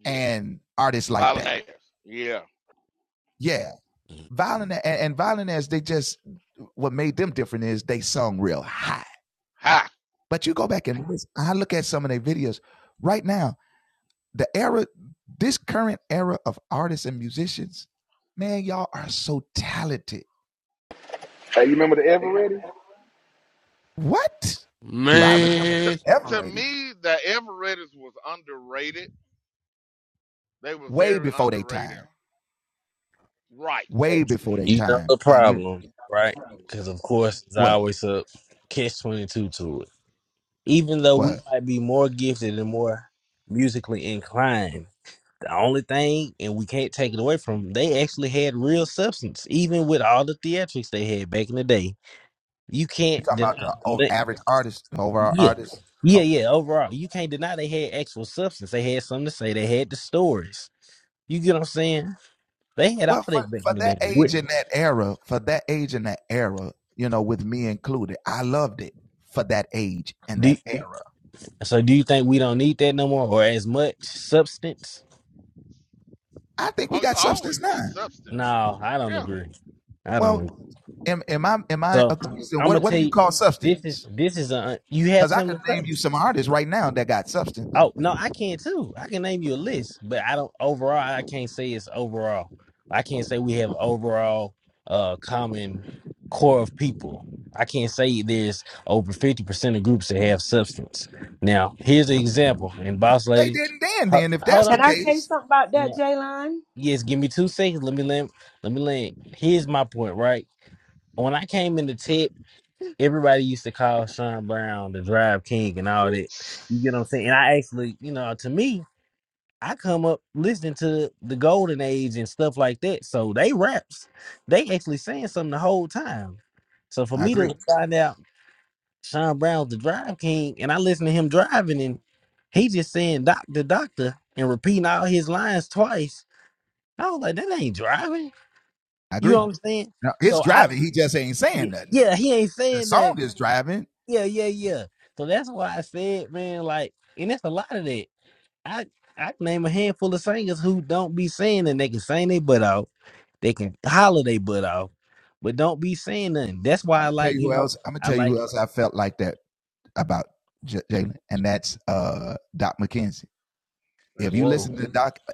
yes, Ballinaires, yeah, ha. Hey, you remember the Eveready? To, man, to me, the Everett's was underrated. They were very underrated. Right. But you know the problem, right? Because of course it's always a catch twenty two to it. Even though we might be more gifted and more musically inclined, the only thing, and we can't take it away from them. they actually had real substance, even with all the theatrics they had back in the day. You can't deny that. Yeah. Yeah, yeah. Overall, you can't deny they had actual substance. They had something to say. They had the stories. You get what I'm saying? They had all that back in the day. What- do- so do you think we don't need that no more or as much substance? Oh, you always need substance. No, I don't Yeah, agree. I don't agree. So I'm gonna tell you this is this is a you have something to say. Oh no, I can too. I can name you a list, but I don't overall. I can't say it's overall. I can't say we have overall uh common core of people. I can't say there's over fifty percent of groups that have substance. Now, here's an example. And boss lady, ho- hold Can on. I say something about that, No, Jaylon? yes, give me two seconds. Let me land. Let me land. Here's my point. Right when I came into tech, everybody used to call Sean Brown the Drive King and all that. You get what I'm saying? And I actually, you know, to me, I come up listening to the golden age and stuff like that. So they raps, they actually saying something the whole time. So for me to find out Sean Brown's the drive king and I listen to him driving and he just saying doctor, doctor and repeating all his lines twice. I was like, that ain't driving. You know what I'm saying? So I y- yeah, he ain't saying that. Yeah, yeah, yeah. So that's why I said, man, like, and that's a lot of that. I I can name a handful of singers who don't be saying and they can sing their butt off, they can holler their butt off, but don't be saying nothing. That's why I like you know I like that's true. whoa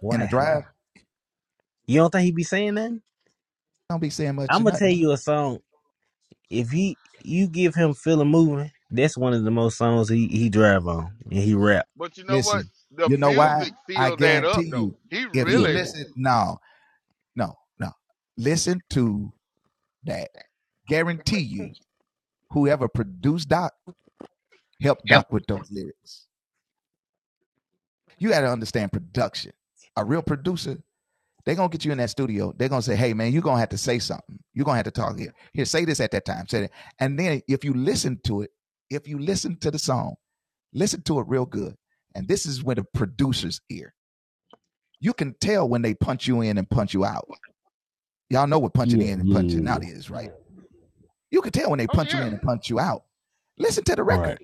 wow. You don't think he be saying nothing? I'm gonna tell you a song. If he you give him feeling moving, that's one of the most songs he he drive on and he rap. But you know what? The music filled that up though. He Yeah really, yeah yeah yeah. oh yeah. right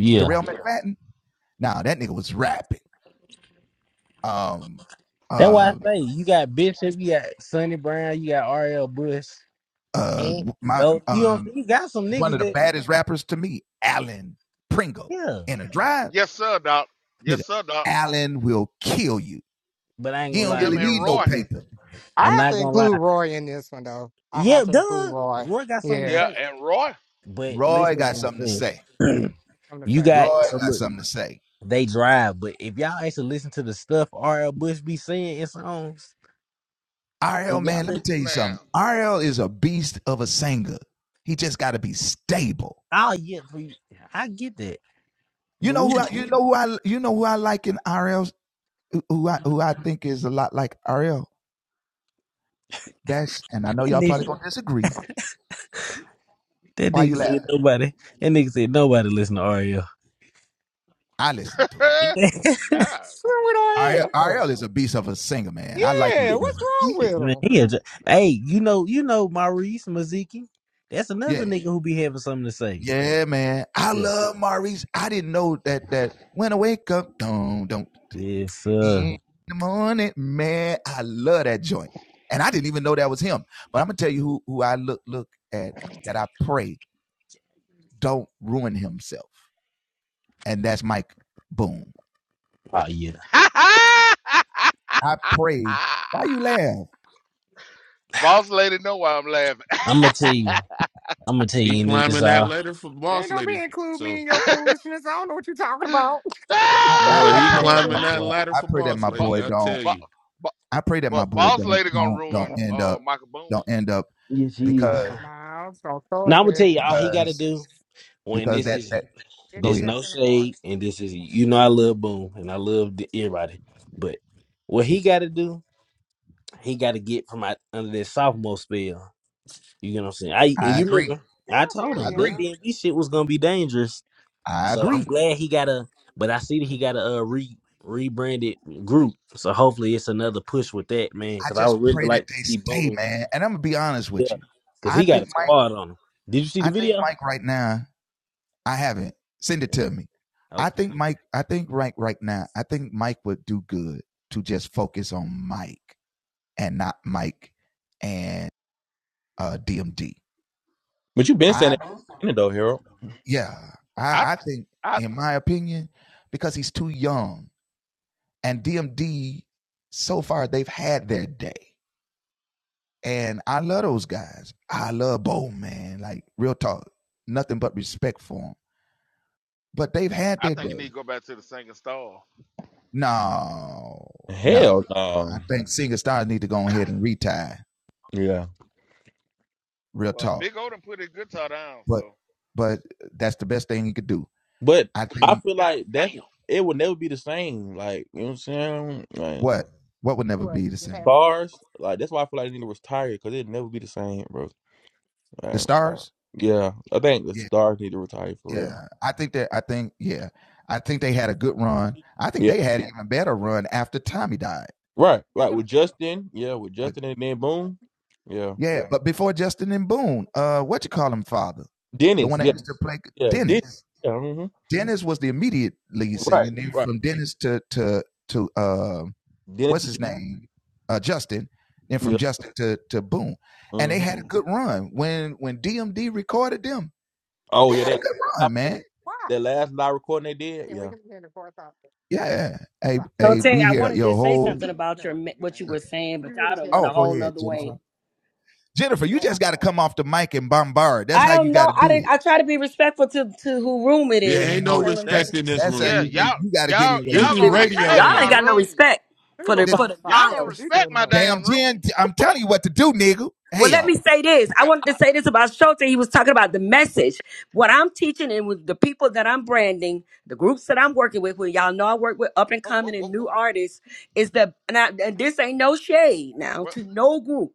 yeah. That's why I say you got Bishop, you got Sonny Brown, you got R.L. Bush, and though you don't you got some niggas that Yeah, Yes, sir, Doc. Yes, sir, Doc. but I ain't gonna lie. Him and Roy. Listen, I I'm have not to gonna lie. include Roy in this one, though. I Yeah, have to include duh. Roy. Roy got something to Yeah, Yeah, say, and Roy. but listen to what I'm saying. I'm the you same. got so look, they drive, but if y'all actually listen to the stuff R.L. Bush be saying in songs, if y'all listen, Man. oh yeah, for you, I get that. But we, that, nigga, that nigga said nobody. That nigga said nobody listen to R.L. yeah, God. What's wrong with Roy? Oh, Yeah, what's wrong with man, him? he a dr- hey, you know, you know, Maurice Maziki. That's another nigga who be having something to say. Yeah. Yes, sir. Oh yeah. Boss lady know why I'm laughing. I'ma tell you. I'ma tell he you into this climbing that all. ladder for Man, boss don't be lady. include me So, in your foolishness. I don't know what you're talking about. Don't be boy, he Ah! include climbing me. that ladder for boss but, lady. I tell but, you, but, but boss lady gonna ruin uh Michael Boone. Yes, yes. Miles, don't throw it Now I'm gonna tell there. you all he gotta do when this is Get you this left no in the car. shade and this is you know I love boom and I love the, everybody. But what he gotta do, he gotta get from out under that sophomore spell. You know what I'm saying? I and you remember Yeah, I told here he him that is. DMV shit was gonna be dangerous. So I'm glad he got a, but I see that he got a uh, re rebranded group. So hopefully it's another push with that man, because I would really like to see Boom. Yeah, because he got a squad on him. Did you see the video? Okay, but you've been saying it in it though, Harold. I I I think you need to go back to the singing stars. Hell no. Yeah, Well, Big O done put his guitar down, so but I feel God like that's damn. it would never be the same. Like you know what I'm saying? Like, What? Stars, like that's why I feel like they need to retire because it'd never be the same, bro. Like, yeah, I think the stars need to retire for real. Yeah, right, right. With Justin, yeah, with Justin and then boom, yeah, Dennis, yeah, yeah, Dennis, yeah, hmm What? right, right. Dennis, the, yeah, hmm oh yeah, that last, Why? that last live recording they did, Can't we yeah. just get in the car? Stop. Tote, I wanted to say something about your No. ma- yeah, what you hey, were saying, but You y'all really done can't went a wait till whole the nother way. tomorrow. Wow. I don't know. I didn't. I try to be respectful to to who room it it is. You know ain't what I'm no saying? What I'm That saying? respect in this room. yeah, y'all y'all This y'all is gonna radio respect Y'all Oh, my ain't land. got no room. respect We're for gonna go the for find the Y'all Foxes gonna because miles. you're respect doing the my most. damn room. Well, let me say this. I Yeah, wanted to I- say this about Schultz. He was talking about the message. What I'm teaching and with the people that I'm branding, the groups that I'm working with, where y'all know I work with up and oh, whoa, coming whoa, and new whoa, whoa. artists, is the and, I, and this ain't no shade now What to no group.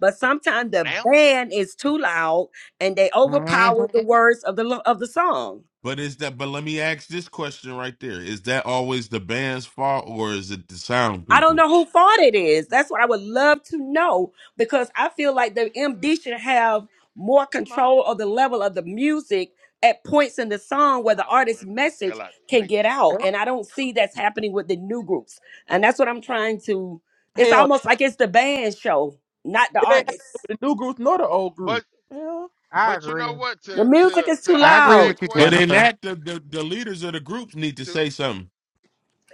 But sometimes the now? band is too loud and they overpower the Mhm. words of the lo- of the song. But is that? But let me ask this question right there: Is that always the band's fault, or is it the sound I don't people? know who fault it is. That's what I would love to know because I feel like the MD should have more It don't matter. control of the level of the music at points in the song where the I want artist's him to get the message hell out of the can way get out. first. And I don't see that's happening with the new groups. And that's what I'm trying to. It's Hell, almost like it's the band show, not the it ain't artist. happening with the new group nor the old group. But Hell, I but you agree. know what? The To to music is too to I answer agree loud. that with you, But question, in Jennifer. that, the, The the leaders of the groups need to to say something.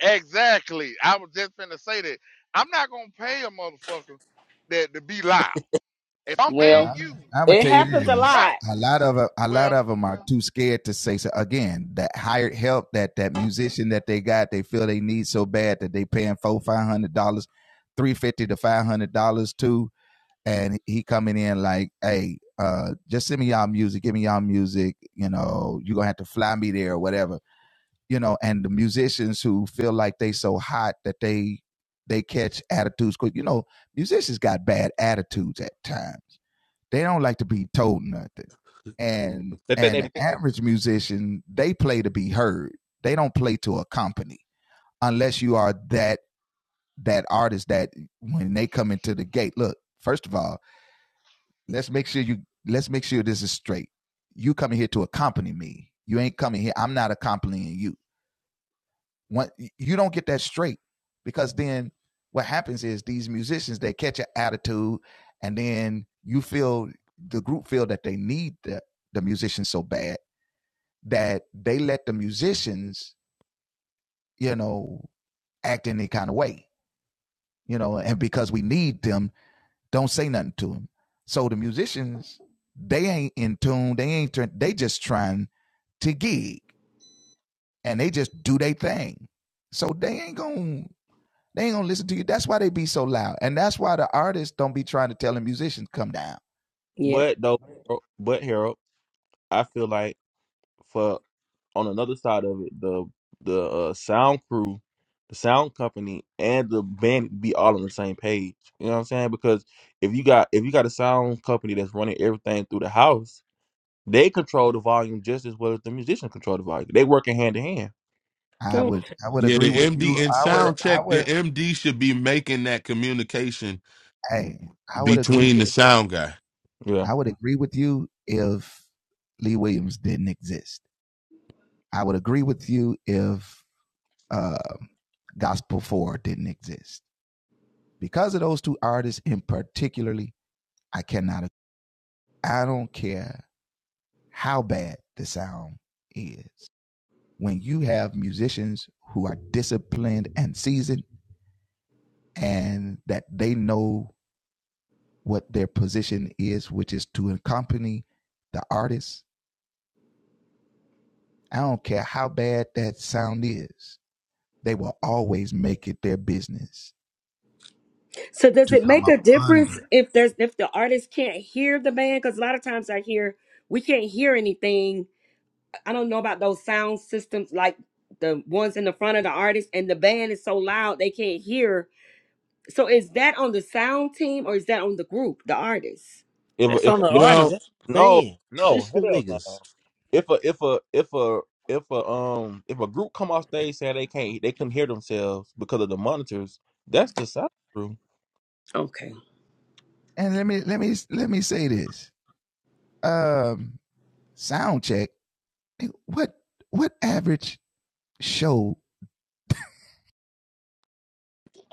exactly. I was just finna say that I'm not gonna pay a motherfucker that to be loud. If I'm paying Well, you, it happens you a gonna be right. lot. Well, they think they, Yeah. but though, bro, but Harold, I feel like. for on another side of it, the the uh, sound crew, the sound company, and the band be all on the same page. You know what I'm saying? Because if you got if you got a sound company that's running everything through the house, they control the volume just as well as the musician control the volume. They working hand in hand. yeah, the MD And sound check, the MD should be making that communication between the sound guy. Yeah. So does it make a difference if there's if the artist can't hear the band? Because a lot of times I hear we can't hear anything. I don't know about those sound systems like the ones in the front of the artist and the band is so loud they can't hear. So is that on the sound team or is that on the group, the artist? If a- that's if, on a- the if artist. Well, That's the no band. no System hell niggas. no. If a if a if a if a um if a group come off stage saying they can't they couldn't hear themselves because of the monitors, that's the sound crew. Okay.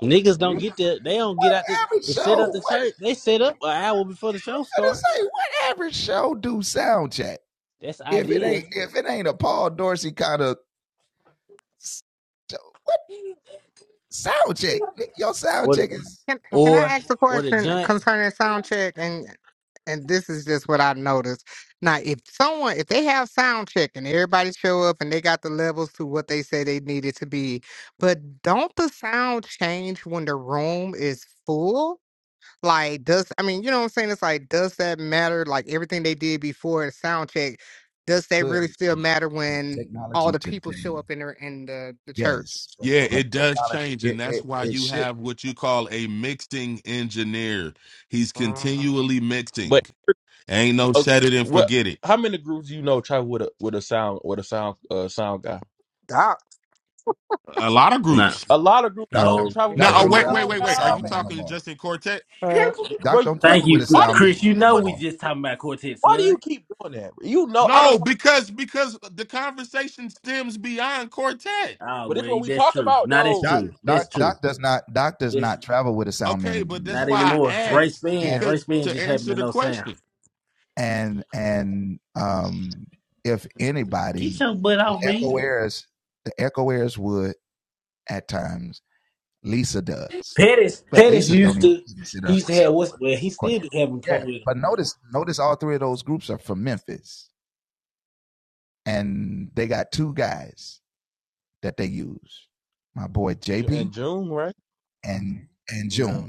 Niggas don't get there. They don't get out the, to set up the church. They set up an hour before the show start. That's the idea. Or the Can Can I or ask a or the question joint. concerning sound check? And and this is just what I noticed. Now, if someone, if they have sound check and everybody show up and they got the levels to what they say they needed to be, but don't the sound change when the room is full? Like, does I mean, you know what I'm saying? It's like, does that matter? Like everything they did before the sound check, does that really still matter when all the people show up in the in the, the church? yeah, it does change, and that's why you have what you call a mixing engineer. He's Um, continually mixing. But Ain't no Okay. set it and What? forget it. How many groups do you know travel with a with a sound with a sound uh sound guy? Doc, A lot of Nah. groups. A lot of groups don't Oh, travel with Now, oh, wait, a wait, sound wait, wait. Are guy. you talking just in quartet? uh, But Chris, Thank you, Chris. why do you Chris, keep You know doing that? we just talking about Quartet Why do you Son. keep doing that? You know I don't. No, Talk, because because the conversation stems beyond quartet. Ah, but it's well, what we that's talk true. about Now that's though. true. That's true. That's Okay, but that's not why I anymore. Ray asked Span, Ray because Span to just happened answer to the know sound. question. Get your butt off me. Pettis, Pettis used to. He used to have what's well. He still just have him come with him. Ju- In June, right? Yeah.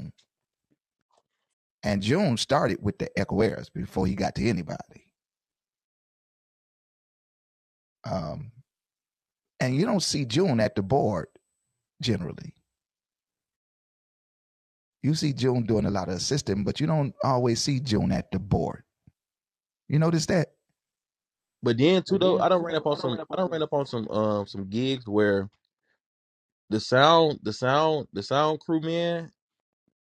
But then too though, I don't ran up on some. I don't ran up on some um some gigs where the sound the sound the sound crew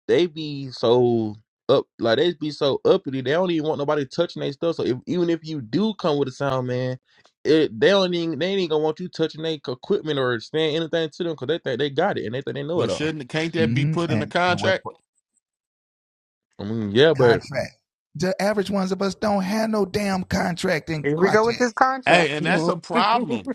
they be so up like they be so uppity they don't even want nobody touching their stuff so if, even if you do come with a sound man it they don't even they ain't gonna want you touching their equipment or saying anything to them because they think they got it and they think they know Well, it all shouldn't can't that be put in the contract? i mean yeah but here we go with this contract. Hey, and that's Can a problem.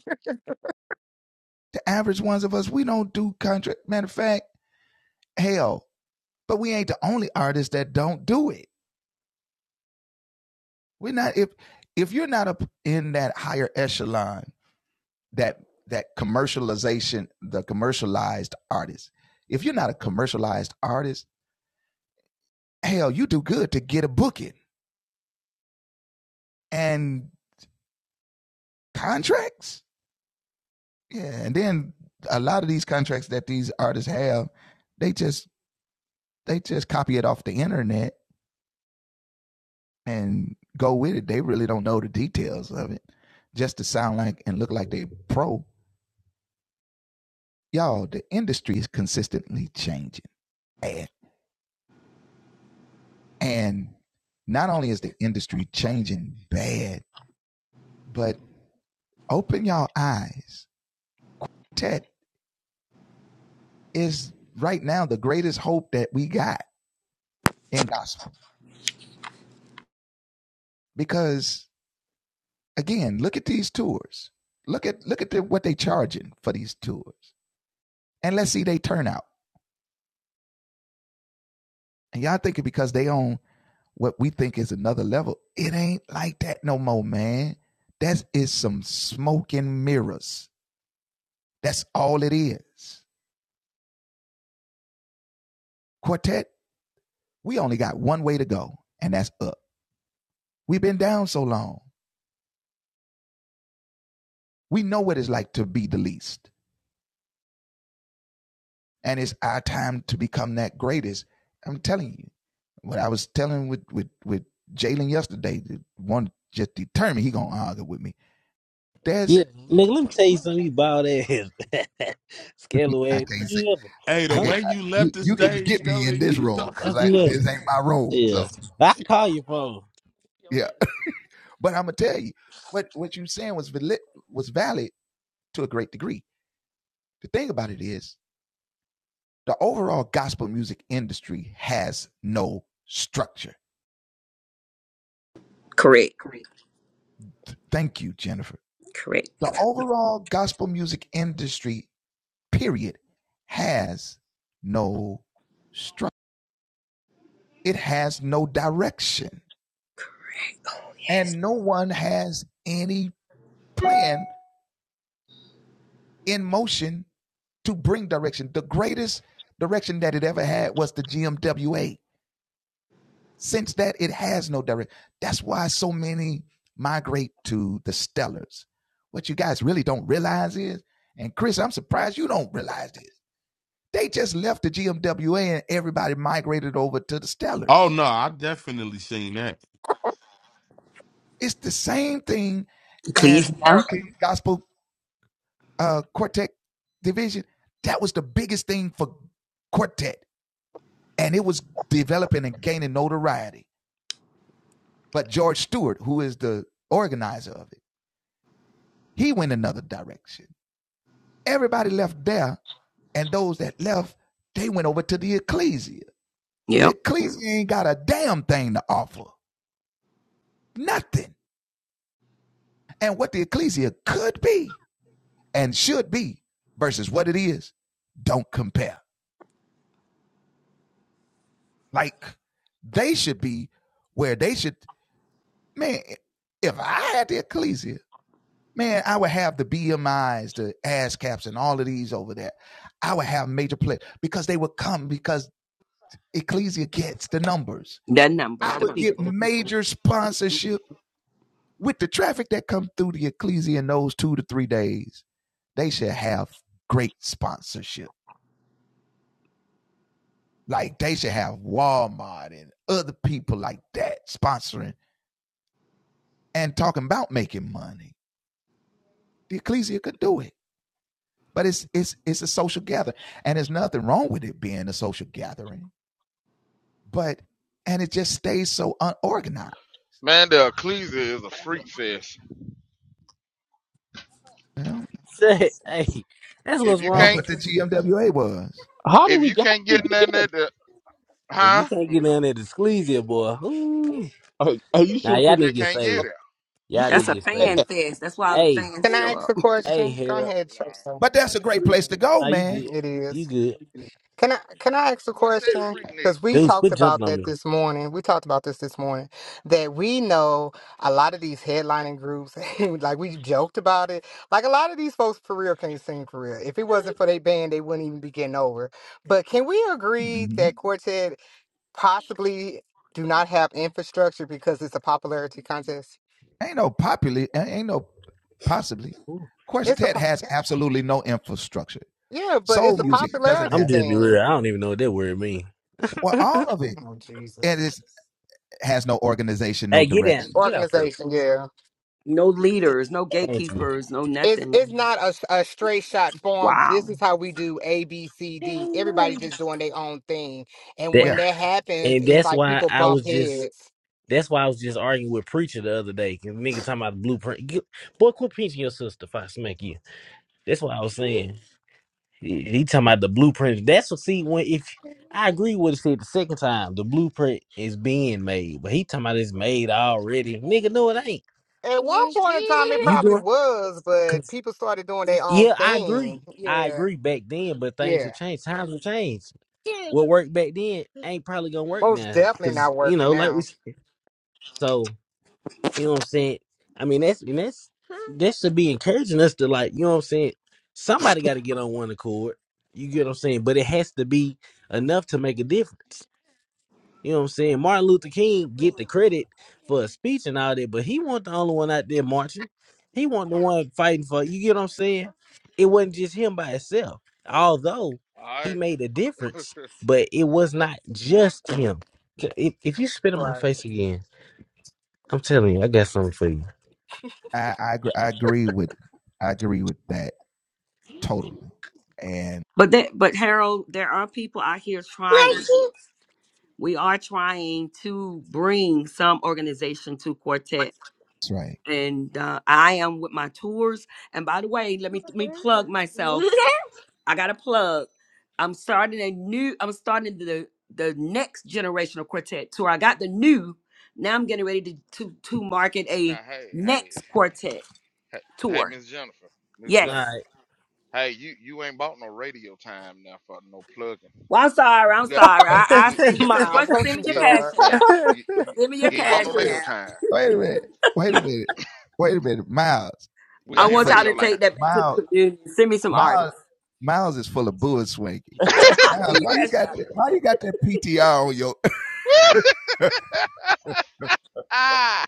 Yeah, nigga, let me tell you something. You bald ass, scalawag. Don't you ever? Hey, the Don't way you left the you ever? stage though, and you talk- Don't you ever? Yeah, I can call your phone. Correct. Correct. Oh no, I definitely seen that. Ecclesia. Yep. That number, the people. man, the Ecclesia is a freak fest. Say, hey, that's If what's you wrong. can't How do if we you how do can't we get get nothing there? at the If you huh, can't get down there to squeeze boy. Ooh. Oh, oh, you Now shooting you y'all pretty. need just to get can't get saved. it. You Y'all shooting. need That's to a get fan saved. fest. That's why all the Hey, fans I show ask a up. hey, question? Go Harold. ahead, Nah. Chester. Now you good. It You is. good. Can I can I ask a What's that, question? freak nigga. Because we Dudes, talked quit about jumping on that me. this morning. We talked about this this morning that we know a lot of these headlining groups. like we joked about it. Like a lot of these folks for real can't sing for real. If it wasn't for their band, they wouldn't even be getting over. But can we agree that Quartet possibly do not have infrastructure because it's a popularity contest? Ooh. It's a po- yeah, but it's a popularity I'm just be thing. real. I don't even know what that word mean. Oh Jesus! Hey, get down. Get off that. Organization, yeah. No leaders, no Thank you. gatekeepers, no It's nothing. it's not a, a straight shot form. Wow. This is how we do A, B, C, D. Everybody just doing their own thing. And That when that happens, and it's that's like why people I bump was just heads. that's why I was just arguing with preacher the other day. Cause nigga talking about the blueprint. Get, boy, quit pinching your sister if I smack you. That's what I was saying. He, he talking about the blueprint. That's what see when if I agree with what he said the second time. The blueprint is being made, but he talking about it's made already. Nigga, no, it ain't. At one point in time, it You probably doing? was, but Cause people started doing their own yeah, I agree. thing. I Yeah, agree back then, but things yeah. have changed. Times have changed. What worked back then ain't probably gonna work Most now, definitely cause not you working know, like we now. said. So you know what I'm saying. I mean, that's and that's that should be encouraging us to like, you know what I'm saying. Somebody got to get on one accord. You get what I'm saying, but it has to be enough to make a difference. You know what I'm saying? Martin Luther King get the credit for a speech and all that, but he wasn't the only one out there marching. He wasn't the one fighting for you get what I'm saying? It wasn't just him by himself. Although he Alright. made a difference, but it was not just him. If, if you spit in my Right. face again, I'm telling you, I got something for you. But that, but Harold, there are people out here trying. We are trying to bring some organization to Quartet, and uh, I am with my tours. And by the way, let me let me plug myself. I got a plug. I'm starting a new. I'm starting the the next generation of Quartet tour. I got the new. Now I'm getting ready to to, to market a Now hey, hey, next Quartet hey, hey, tour. Miss Jennifer. Miss All Yes. Jennifer. right. Hey, you you ain't bought no radio time now for no plugging. Well, I'm sorry. I'm You got sorry. I I you, you send you. got you got Miles, What? don't Send me you your this cash start. out. now you, you Send me your you ain't bought cash no radio app. time. We I out here in want y'all radio to land. take that back to the community. Send me some artists. I'll send you cash app. Woo! Ah,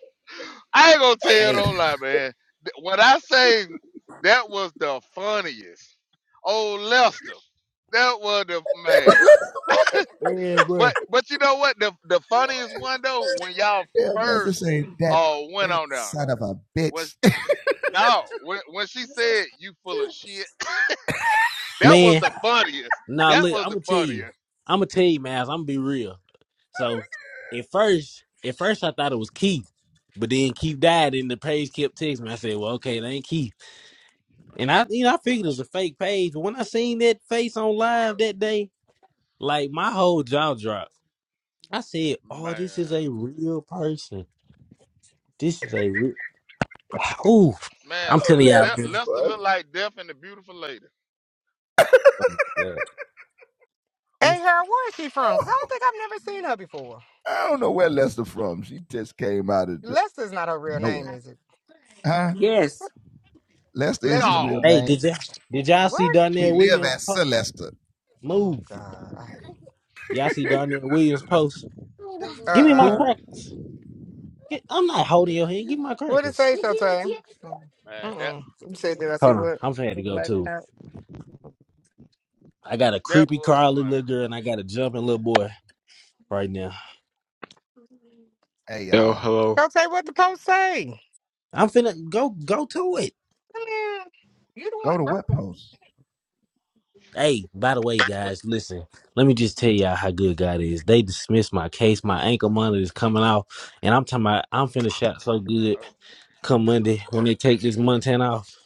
I ain't gonna tell Hey, no lie, man. Th- When I say that was the funniest, oh Lester, that was the man. man, bro. But but you know what? The the funniest one though, when y'all first uh went on down was no when when she said you full of shit. That was man. the funniest. Nah, That look, was I'm the gonna tell you. funniest, I'm gonna tell you, man. I'm gonna be real. So, at first, at first, I thought it was Keith, but then Keith died, and the page kept texting me. I said, "Well, okay, it ain't Keith." And I, you know, I figured it was a fake page. But when I seen that face on live that day, like my whole jaw dropped. I said, "Oh, man. this is a real person. This is a real." Ooh, Man, I'm telling y'all, Le- man. Lester looked like Death and the Beautiful Lady. Yeah. Hey, Harold, where is she from? 'Cause I don't think I've never seen her before. Lester's not her real name, is it? Yes. Lester, No, Hey, did y'all did y'all see what? Donnell Williams post? Oh, Move. God, I hate Y'all this. see Donnell Williams post? Give me my Uh-uh. crackers. Get- I'm not holding your hand. Give me my What it crackers. say, Shotay? man, that Mm-mm. You said that. I see Hold on. what? I'm finna have to The go black too. out. I got a that creepy was crawly funny. little girl and I got a jumping little boy right now. Yo, hello. Shotay, what the post say? I'm finna go go to it. Man, you the one that broke it. Hey, by the way, guys, listen. Let me just tell y'all how good God is. They dismissed my case. My ankle monitor is coming off, and I'm talking about I'm finna shot so good Oh, come Monday when they take this Montana off.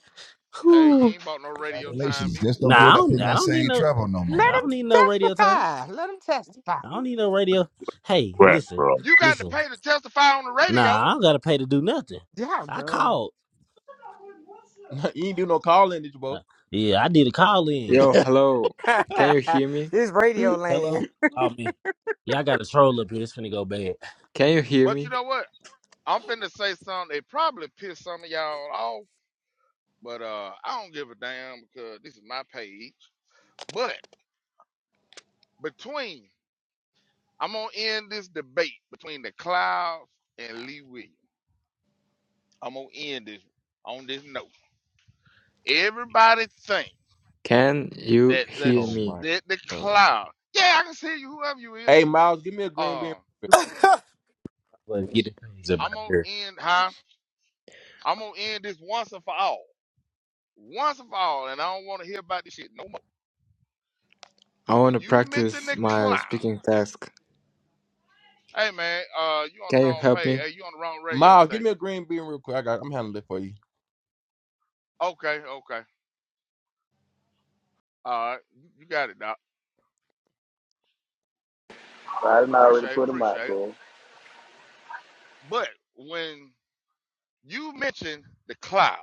Hey, you Whew. ain't bought no radio time either. Nah, I don't, I don't need no. I Let don't need no him radio time. testify. Let him testify. I don't need no radio. Hey, Right, listen, bro. You got to listen. pay to testify on the radio. Nah, I don't gotta pay to do nothing. I Y'all called. you ain't do no calling did you Uh, bro yeah, I did a call in. Yo, hello. Can you dumb. hear me? this radio land. Hello? Oh man. Yeah, I got a troll up here. It's finna go bad. Can you hear But you me? know what? I'm finna say something. They probably piss some of y'all off, but uh, I don't give a damn because this is my page. But between, I'm gonna end this debate between the clouds and Lee Williams. I'm gonna end this on this note. Everybody think Can you that the hear oh me? my that the god cloud. Yeah, I can see you, whoever you is. hey miles give me a green Uh, bean But get the page up out I'm of gonna here. end, huh? I'm gonna end this once and for all. once and for all, and I don't want to hear about this shit no more. I want When to you mention practice the my cloud, speaking task. hey man, uh, you on the Can you wrong help page. me? Hey, you on the wrong radio miles give me a station. green bean real quick i got i'm handling it for you Okay, okay, all right, you you got it, doc. I didn't already Appreciate it, put him out, appreciate it. bro. But when you mention the cloud,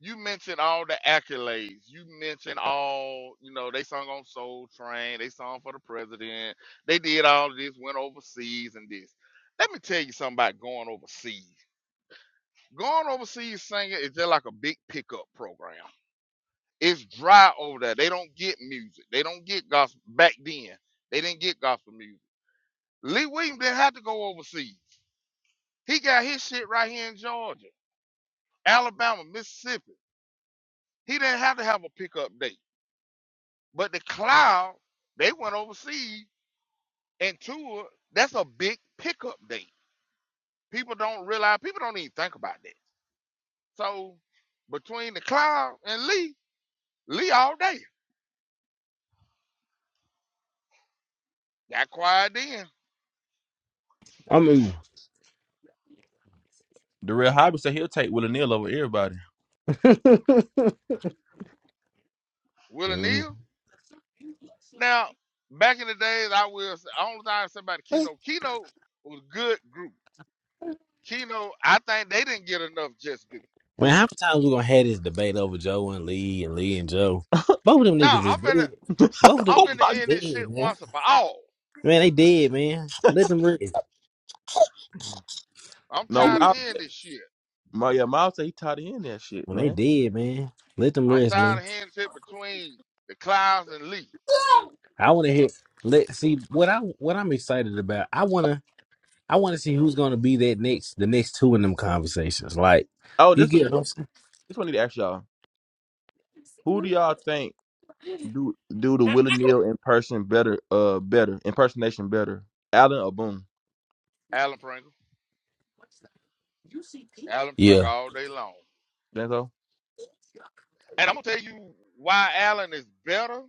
you mention all the accolades. You mention all, you know, they sung on Soul Train, they sung for the president, they did all this, went overseas and this. Let me tell you something about going overseas. Going overseas singing is just like a big pickup program. It's dry over there. They don't get music. They don't get gospel. Back then, they didn't get gospel music. Lee Williams didn't have to go overseas. He got his shit right here in Georgia, Alabama, Mississippi. He didn't have to have a pickup date. But the Cloud, they went overseas and toured. That's a big pickup date. People don't realize. People don't even think about that. So between the Cloud and Lee, Lee all day. Got quiet then I'm eating. The real hobby said he'll take Willie Neal over everybody. mm Willie Neal. Man, Now, back in the days, I will say, I only time somebody Keynote. Keynote was a good group. Keynote, I think they didn't get enough just do. how many times we gonna have this debate over Joe and Lee and Lee and Joe? Both of them Now, niggas is I'm dead. finna, Both of I'm them oh finna niggas my is end this shit dead, man. once and for all. Man, they dead, man. Let them rest. I'm no, Give tired me of Miles, hearing this shit. my yeah, Miles said he tied in that shit, when they man. dead, man. Let them I'm rest, tired man. of hearing shit between the clouds and Lee. I wanna hear let see what I what I'm excited about. I wanna I want to see who's going to be that next, the next two in them conversations. Like, Oh, you this what get what I'm saying? this one I need to ask y'all. Who do y'all think do do the Willie Neal in person better? Uh, better impersonation better. Allen or Boone? Alan Pringle. Alan Pringle Yeah. all day long. That's all. And I'm gonna tell you why Alan is better.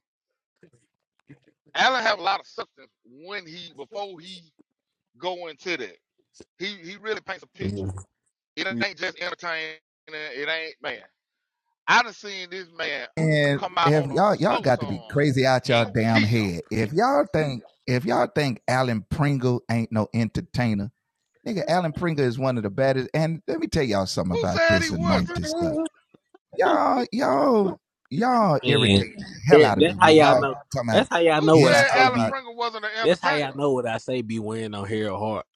Alan have a lot of substance when he before he go into that. He he really paints a picture. Mhm. It Yeah. ain't just entertaining. It ain't man. I done seen this man come out on a slow song and kill. Who said he wasn't? Who And that- that's how y'all know. That's how y'all who know what I said say Alan be. Pringle wasn't an That's how y'all entertainer? know what I say be wearing on Harold Hart.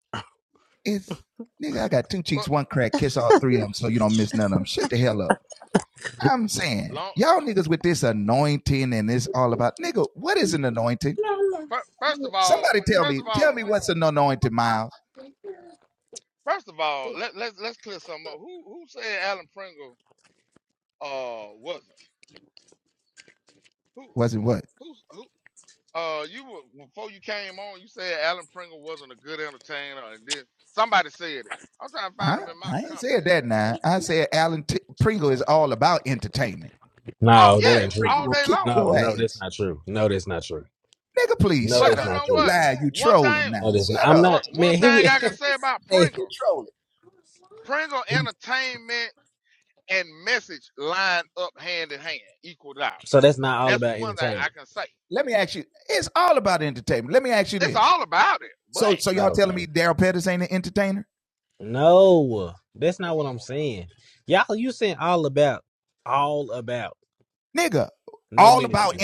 But long fir- first of all, first of all, first of all, let let's let's clear something up. Who who said Alan Pringle uh wasn't? Who who who uh you were before you came on, you said Alan Pringle wasn't a good entertainer and then somebody said it. I'm trying to find him in my comments. Oh No, that yes, ain't true. all day long. No, no, that's not true. No, that's not true. No, But that's you not know true. what? One thing, No, that's not. I'm one not, one man. thing Here we. I can say about hey, Pringle, Pringle entertainment and message line up hand in hand, equaled out. so that's not all That's about one thing I entertainment. can say. It's all about it. But No, no, that's not what's what going I'm on saying. Y'all, you saying all about, all about, no ministry.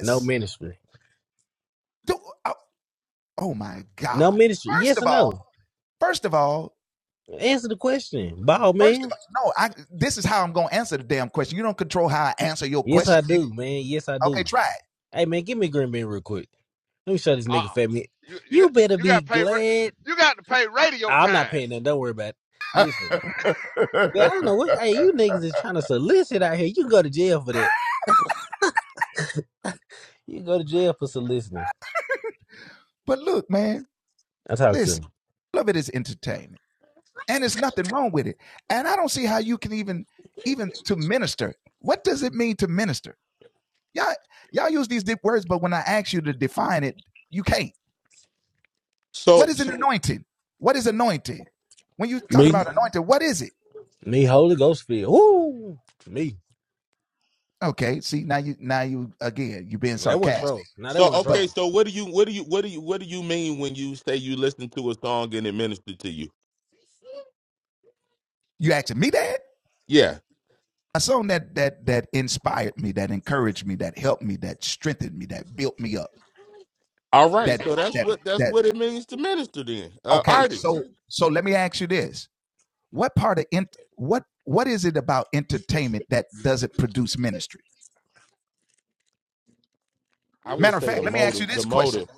No ministry. No ministry. Yes or no? Answer the question. Ball man. Yes I do, man. Yes I do. Hey man, give me a green bean real quick. Let me show this now? Uh, nigga uh fat me. you you You got better you be got to pay glad. ra- you got to pay radio I'm not time. paying that. Don't worry about it. Listen. Yeah, I don't know what hey, you niggas is trying to solicit out here. You can go to jail for that. You can go to jail for soliciting. I talk to him. So Me. Me Holy Ghost feel. Woo! Me. That wasn't trolling. No, that so wasn't okay, trolling. so what do you what do you what do you what do you mean when you say you listen to a song and it ministered to you? It, Yeah. it All right. hurts you So hard. that's what that's what it means to minister then. Uh artist. I would say the motive. The motive.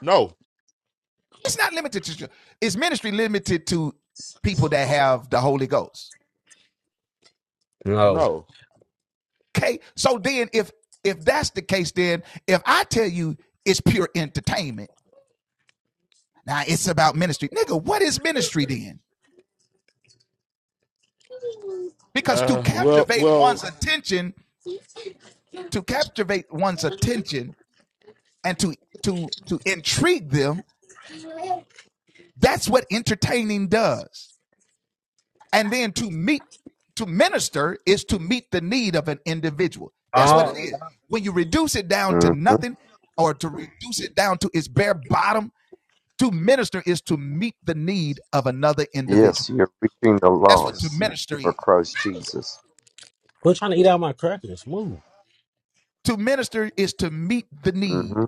No, No. no. Uh well well Uh hmm Yes, you're reaching the lost for Christ Jesus. quit trying to eat out my crackers. Move. hmm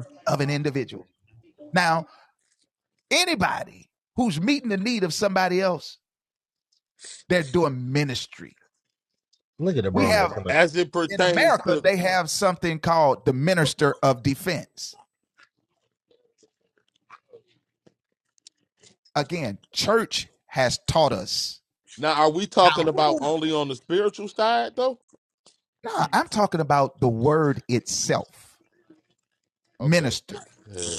Look at the bronies. as it pertains to now are we talking about only on the spiritual side though? Okay. Uh,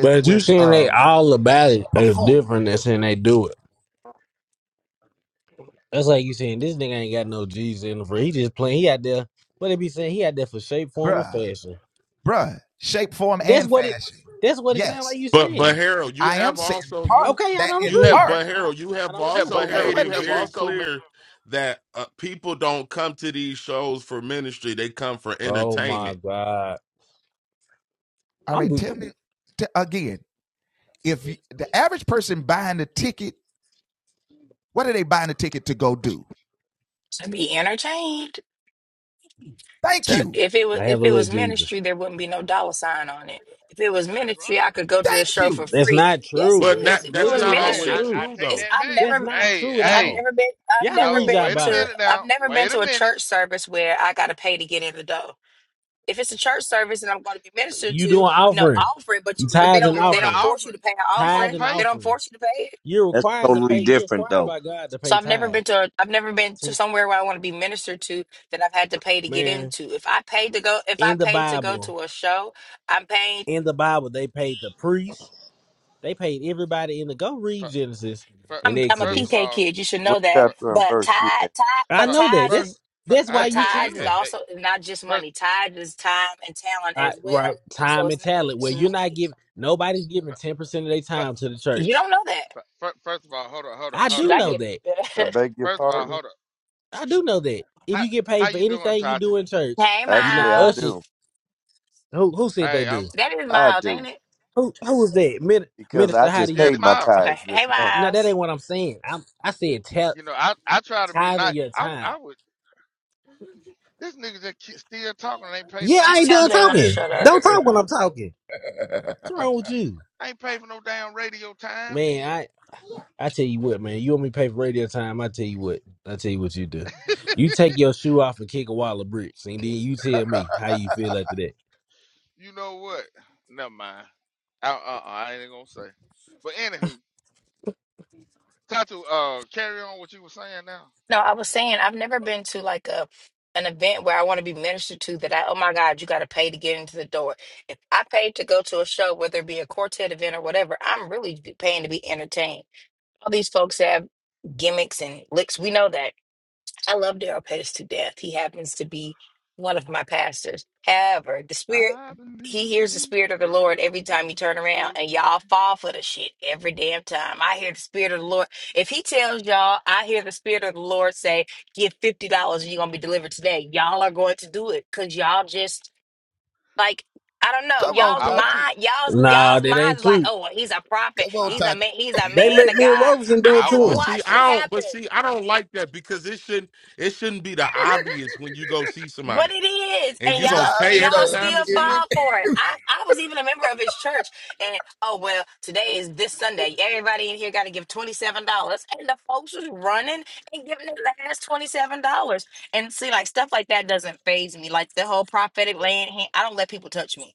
But you saying they all about it is different than saying they do it. That's like you saying this nigga ain't got no G's in the for. He just playing. He out there. What they be saying? He out there for shape, form, or fashion. That's what it. That's what it sounds like you But but saying. Harold, you have also you Okay, I don't you have agree. but Harold, you I have don't agree. also made it very clear that uh, people don't come to these shows for ministry; they come for Oh my entertainment. god, I'm. to be entertained. To if it was I have if a it little was Jesus. ministry, there wouldn't be no dollar sign on it. If it was That's ministry, right. I could go to the show for That's free. not Yes, true. it But is. That's not If it Well, that's was literally not I, not always ministry, I I true. true take it's though. that I've back. That's never not Hey true at I've hey, all. never been I've Y'all don't never read no, y'all been wait a Bible. to minute I've now. never been Wait a to a minute. church service where I got to pay to get in the door. If it's a church service and I'm going to be ministered You to, doing no offering, offering, but you but they tithes You and don't they doing an offering. don't force you offering, to pay an you gonna tithes offering. and pay. They don't offering. force you to pay it You're That's required to totally pay. You're different, required though. by God to So pay I've never tithes. been to a, I've never been to See, somewhere where I Yeah, want to be ministered to that I've had to pay to get yeah. Man, into. If I paid to go, if I in the paid to go Bible, to a show, I'm paying. in the Bible, they paid the priests. They paid everybody in the. Go read Fir- Genesis fir- and I'm I'm a First of Exodus. PK all, kid. You should What know that. first, chapter and But verse you tide, in? tide, I but know that. tides, first, is- That's that's why but hey, hey, you should hey, tides is hey, know. hey. also not just First, money. Tides is time and talent I, as right, well. So time it's and not talent. Where just you're not money. giving. Nobody's giving fir- ten percent of their fir- time to the You church. don't know that. fir- fir- first of all, hold up, hold I up, hold Should do up, I know hold up. get? that. I beg your First of all, pardon. hold up. I do know that. If How you get how paid for you doing, anything you Tati? do in church, hey you're Actually, not I ushers. Miles, do. Who who said they Hey, I'm. do? that is I y- Miles, ain't do it? Who who was that? Min- because I Minister, how do just you? Yeah, paid this my my. Okay. tithes Hey this month. No, that Miles, ain't what I'm saying. I'm, I said tell, You know, I I try to be tithing nice. your I w- time. I would. This nigga just keep still talking. and Ain't paid for Yeah, no I just ain't tell done radio Jalen to time. talking. shut up. Don't talk when I'm talking. What's wrong with you? Ain't paid for no damn radio time. Man, Hell, I, I tell you what, man. You want me to pay for radio time? I tell you what. I tell you what you do. You take your shoe off and kick a wall of bricks, and then you tell me how you feel after that. you know what? Never mind. I, uh, uh, I ain't gonna say. But anywho, Tatu, uh, carry on what you were saying now. No, I was saying I've never been to like a an event where I want to be ministered to that I oh my God, you got to pay to get into the door. If I paid to go to a show, whether it be a quartet event or whatever, I'm really paying to be entertained. All these folks have gimmicks and licks. We know that. I love Daryl Pettis to death. He happens to be one of my pastors. However, the spirit I believe he hears the he's spirit of the Lord turning every time you around turn for around, and me. y'all fall for the shit every damn time. I hear the spirit of the Lord. If he tells y'all, I hear the spirit of the Lord say, "Give fifty dollars, and you're gonna be delivered today." Y'all are going to do it because y'all just like I don't know. Y'all's I won't. mind, y'all's Nah, y'all's that mind ain't is like, true. "Oh, well, he's a prophet. I, He's a man. He's a They man let of Neil God." Robinson do it I I have to But won't. him. see, watched it I don't. But happen. see, I don't like that because it shouldn't it shouldn't be the obvious when you go see But somebody it is, and and you're gonna y'all and pay every y'all time still to see them. fall for it. I, I was even a member of his church, and oh well, today is this Sunday. Everybody in here got to give twenty seven dollars, and the folks was running and giving the last twenty seven dollars. And see, like stuff like that doesn't phase me. Like the whole prophetic laying hand, I don't let people touch me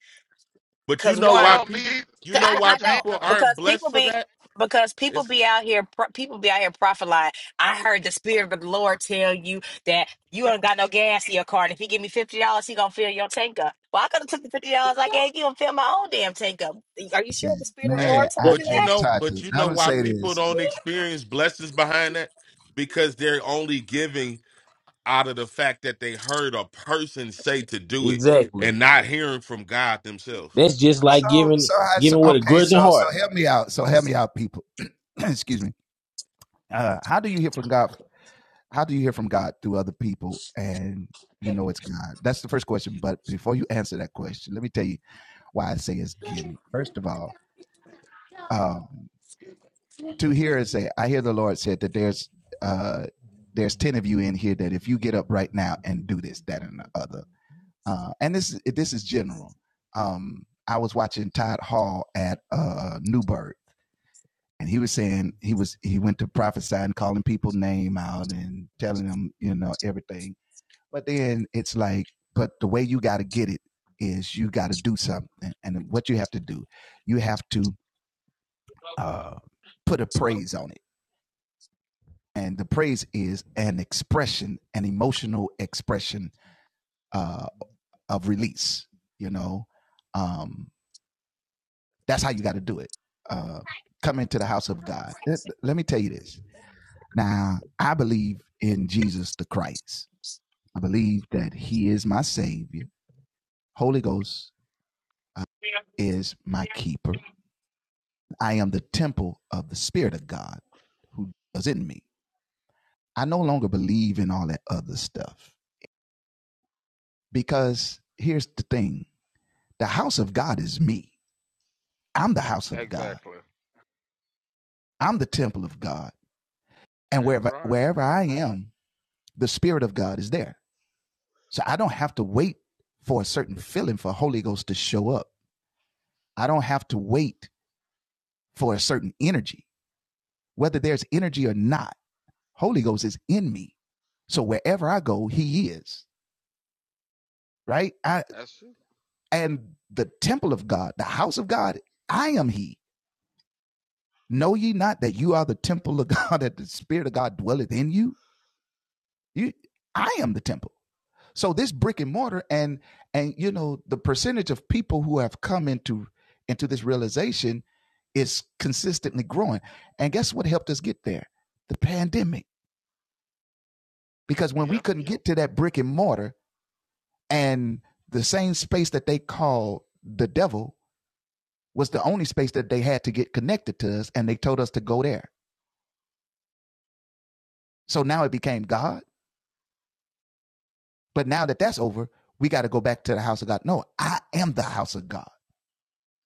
But you because know Oh, one. why no, me people either. you 'Cause You ain't know I, gonna why I put your hands don't people on me. aren't because blessed people for be that? because people be out here pro- people be out here prophesying. I heard the spirit of the Lord tell you that you ain't got no gas in your car. And if you give me fifty dollars, he gonna fill your tank up. Well, I could have took the fifty dollars I gave you and filled my own damn tank up. Are you sure the spirit of the Lord Hey, Yeah, told you but you that? know, but you know why people don't experience blessings behind that? Because they're only giving out of the fact that they heard a person say to do it Exactly. and not hearing from God themselves. That's just like giving giving with a grudging heart. Exactly. Damn right. That's true. Yeah,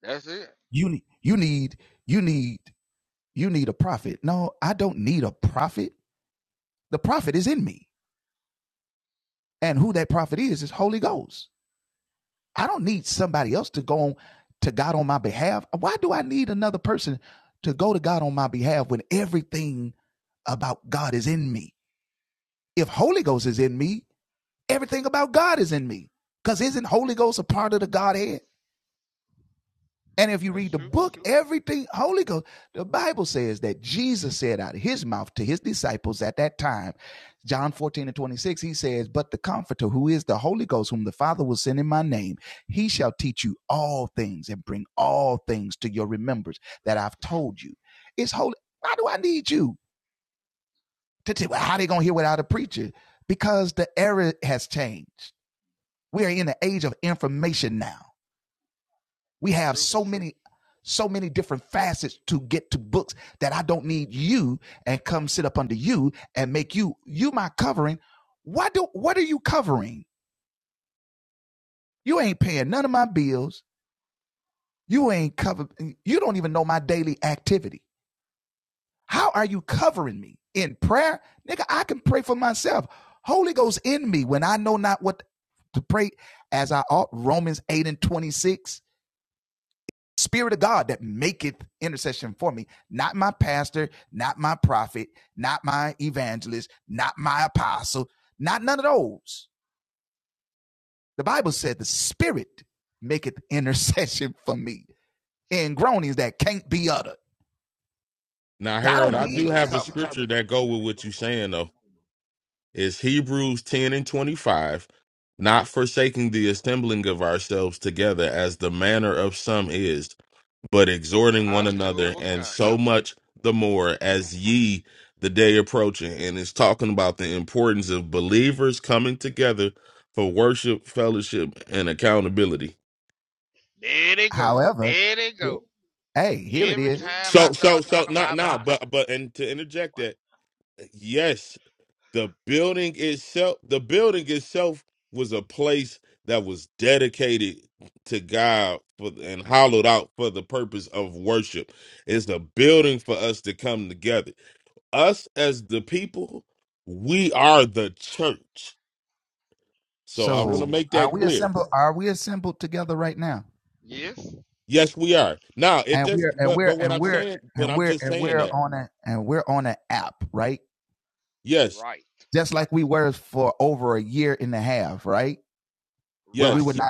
that's it. That's true. That's true. Now, Harold, I do It, have a scripture that go with what you're saying though. It's Hebrews 10 and 25, not forsaking the assembling of ourselves together as the manner of some is but exhorting I one knew it another, was and coming. so much the more as ye the day approaching. And it's talking about the importance of believers coming together for worship, fellowship, and accountability. There they go. There they go. Every time I So, so, start so, talking not about now, boxing. but, but, and to interject What? that, yes, the building itself, the building itself was a place that was dedicated to God for, and hollowed out for the purpose of worship. It's a building for us to come together us as the people, we are the church. So I want to make that clear. Yes. Yes, we are. Now it doesn't. But but what I'm saying, but I'm just saying that. Yes, Right. Right. yes,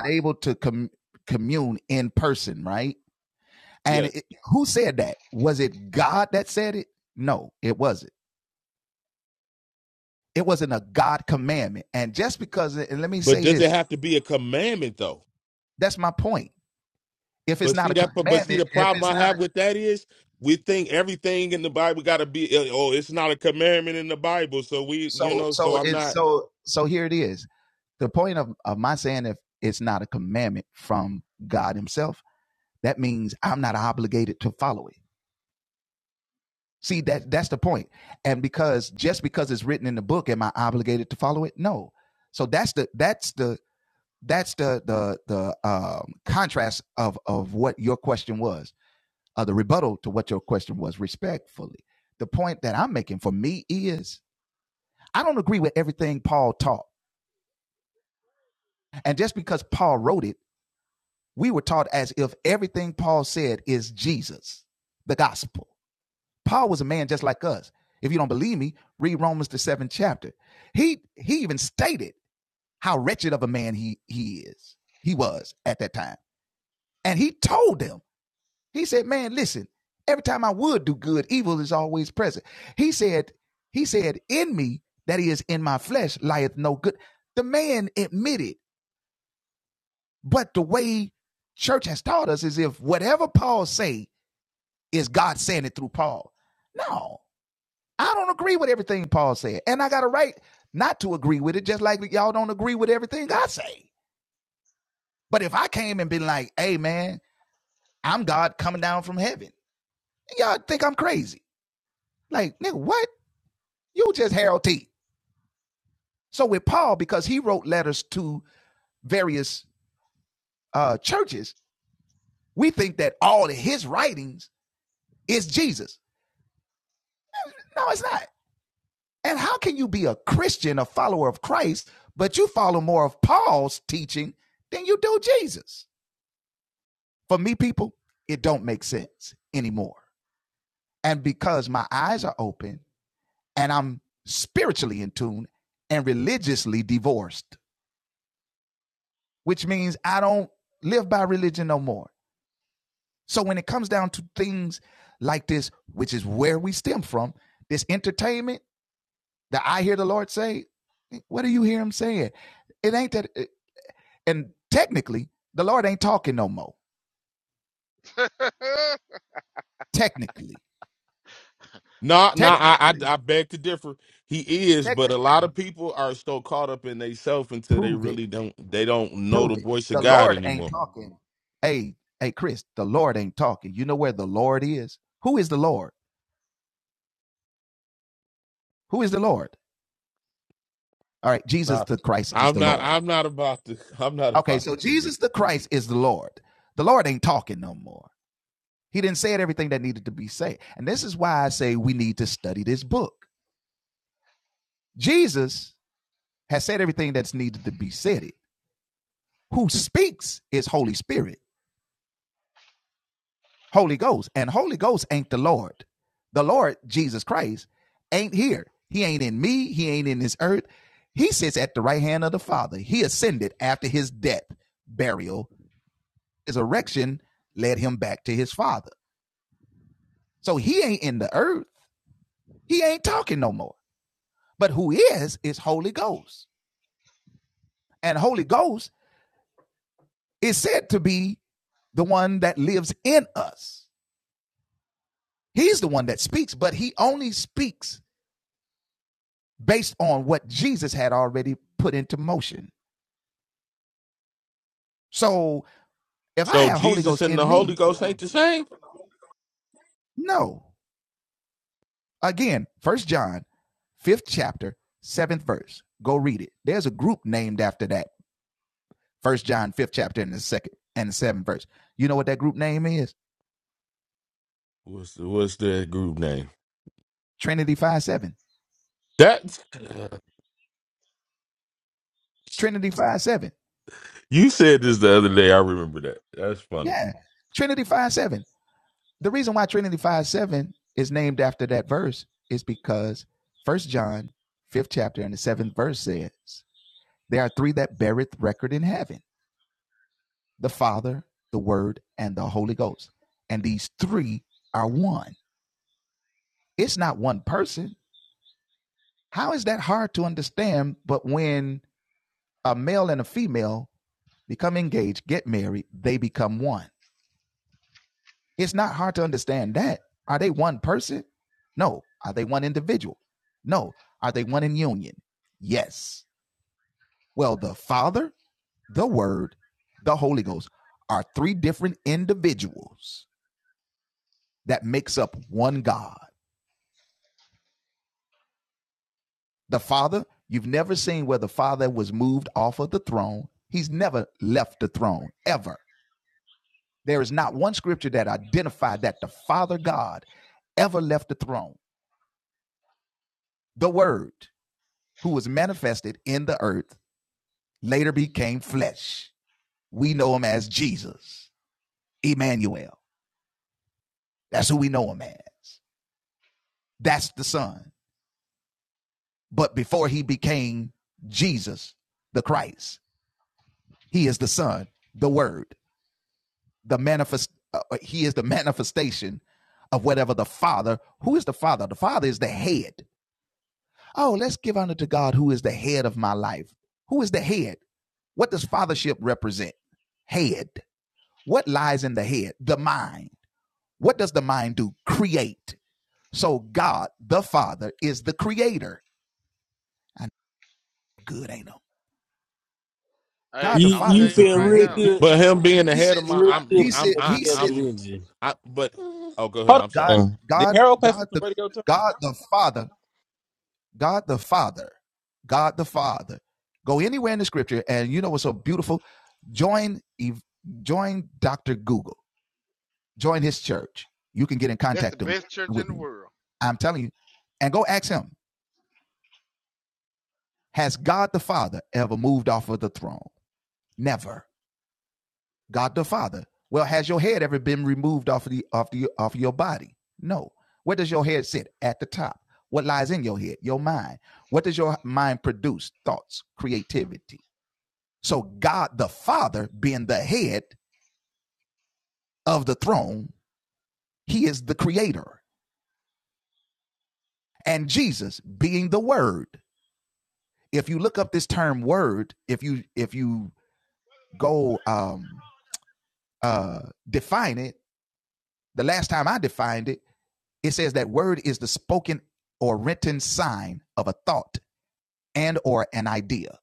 yes. But does it have to be a commandment though? But see that. But, but see the problem I have with that is we think everything in the Bible got to be. eh, Oh, it's not a commandment in the Bible, so we, you know, so I'm not. No, no, I, I, I beg to differ. He is, but a lot of people are so caught up in themselves until they really don't. They don't know the voice of God anymore. Nah, I'm not. I'm not about to. I'm not about to do this. So Jesus and the Holy Ghost ain't the same. What's the What's their group name? That you said this the other day. I remember that. That's funny. Hey, You I'm you telling you feel right real now. good. But him being the You Yeah, head feel of my, real I, good I'm, putting you. I'm, that I, together, I'm, didn't you? I. But oh, go ahead. Hold I'm sorry. on. Did Harold play for the radio too? That's the best church in the world.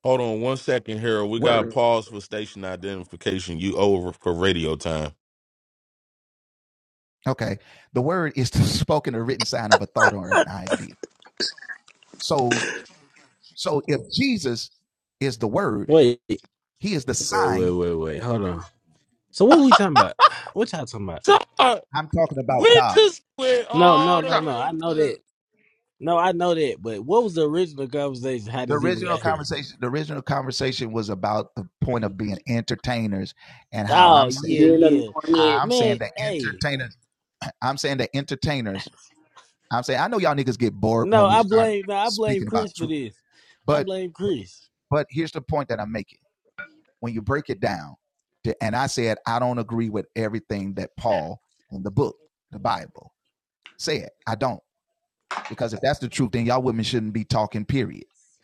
Hold on one second, Harold. We got to pause for station identification. You over for radio time. Wait, wait, wait, wait, wait. Hold on. So what we talking about? What y'all talking about? God, we just went No, no, all We the no, talk. no. way I know to. that. No, I know that. But what was the original conversation? How this even got here? Oh yeah, Being yeah. anointed. Man, hey. No, I blame. No, I blame Chris for this. I blame Chris.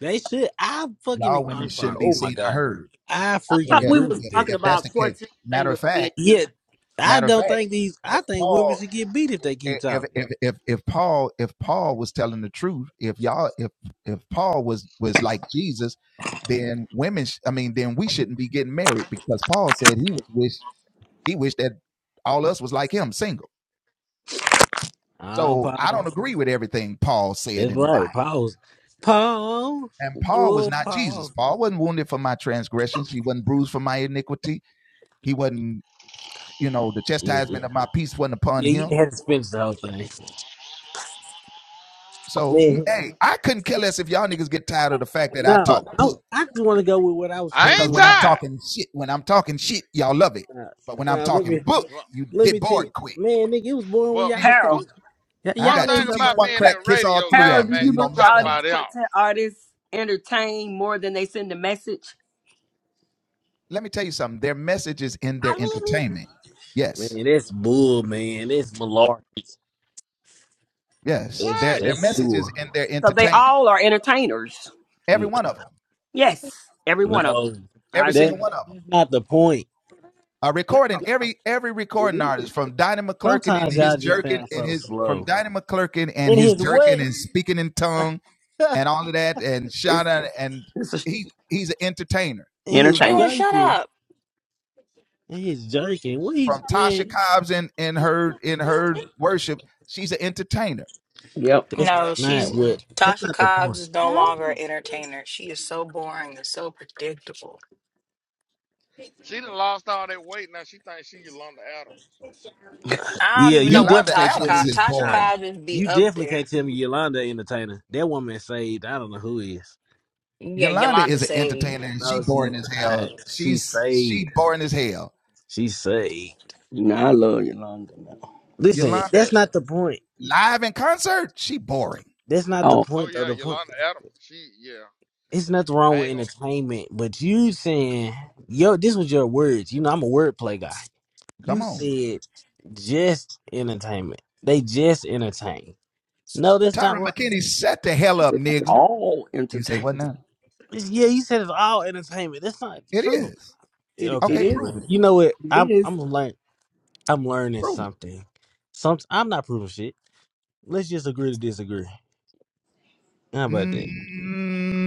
They should. I fucking. I'm sorry. Oh my god. I I freaking thought we agree was with that. talking about quartet singers being entertained. Yet I don't think these. I think women should get beat if they keep talking. Oh, Paul. That's right. Paul's Paul. Oh, Paul. Yeah. Yeah, you had to finish the whole thing. Man, no, I, I just want to go with what I was trying I to go ain't with. tired. Now, now let me Well, let me tell you, man, nigga, it was born when well y'all one, Harold, started. Y- one y'all ain't thing talking about about that. being in radio land, Harold, do man, you we believe talk all these about it all. quartet artists entertain more than they send a message? I really. Man, that's bull, man. That's malarkey. That's What? that's sewer. So they all are entertainers. N- Yes, every one of them. No, that, I agree. that's not the point. Y'all, It is. sometimes y'all just sound so slow. And his what? It's it's a And he's entertainment. Jalen, shut joking. up. And he's joking. What he's man? Yep. That's No, Yeah. not she's what. That's Tasha not the Cobbs point. is no longer an entertainer. She is so boring and so predictable. She done lost all that weight. Now she thinks she Yolanda Adams. I don't Yeah, even you know what definitely can't Tasha tell Cobbs. me. Tasha Nah, Cobbs would be you up definitely there. can't tell me Yolanda entertainer. That woman saved. I don't know who is. Yeah, Yolanda Yolanda. Sage. No, she's not. She saved. She saved. Now I love Yolanda now. Listen, that's not the point. That's not the Oh, Oh, point. Though yeah, the point. Yolanda Adams. She, yeah. It's nothing wrong I with ain't gonna. entertainment, but you saying, "Yo, this was your words." You know, I'm a wordplay guy. You said just entertainment. They just entertain. No, that's not right. they're all entertaining. It's- yeah, you said it's all entertainment. That's not true. It Okay. it is. Well, you know what? It I'm is. I'm learn I'm learning something. Some I'm not proving shit. Let's just agree to disagree. How about that?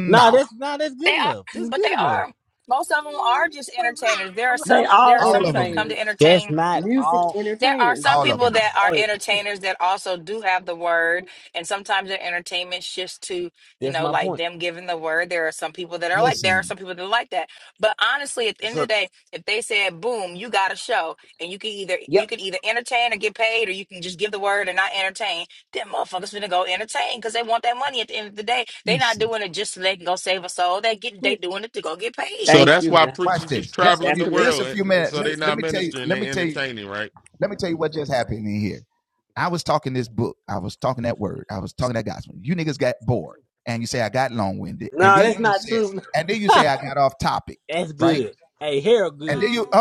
Nah, that's nah, that's good They are, enough. That's but good they enough. are. Most of them are just entertainers. There are They some. all There are some people that come entertainers, to That's entertain not music all. there are entertainers. some people Y'all, that are hey, entertainers that also do have the word, and sometimes their entertainment shifts to, you that's know, my like point. them giving the word. There are some people that are like, there are some people that are like that. But honestly, at the end of the So, day, if they said, boom, you got a show, and you can either you Yep. can either entertain or get paid, or you can just give the word and not entertain, then motherfuckers finna go entertain because they want that money at the end of the day. they not doing it just so they can go save a soul. They get they yeah. doing it to go get paid. So Thank that's you. why nah. preachers is traveling That's the correct. world, and, and so they not ministering, they entertaining, right? no, that's not true. that's good. Hey, Harold, good. No.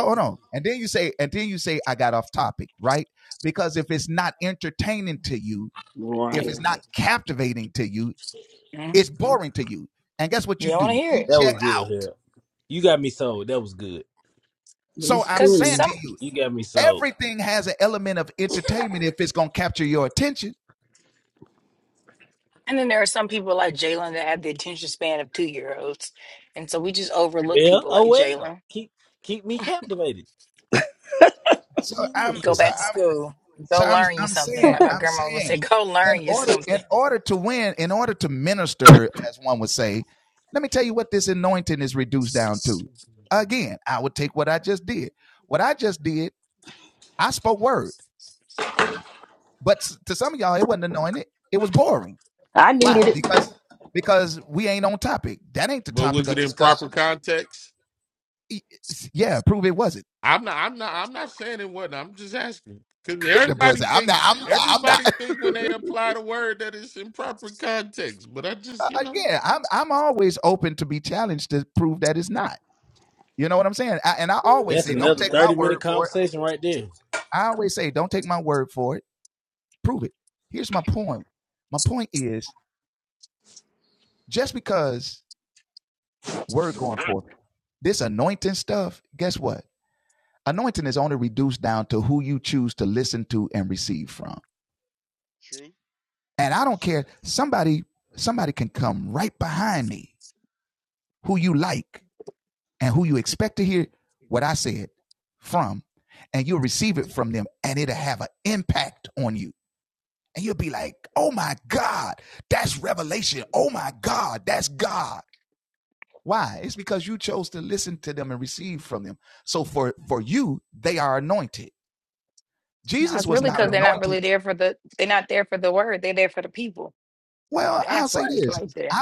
Right. Mhm. You don't want to hear it That was good, Harold. You got me sold. That was good. But it's because true. some. You got me sold. And then there are some people like Jalen that have the attention span of two year olds. And so we just overlook Well, people oh like well. Jalen. Keep keep me captivated. What you mean? Go back to school. Go learn you something. Like my grandma would say, go learn you something. I needed it. But was it in proper context? I'm not. I'm not. I'm not saying it wasn't. I'm just asking because everybody think everybody think when they apply the word that it's in proper context. But I just, you know, That's another thirty minute conversation right there. True. That's true. No, it's really because they're not really there for the they're not there for the word. They're there for the people. That's why it's like that.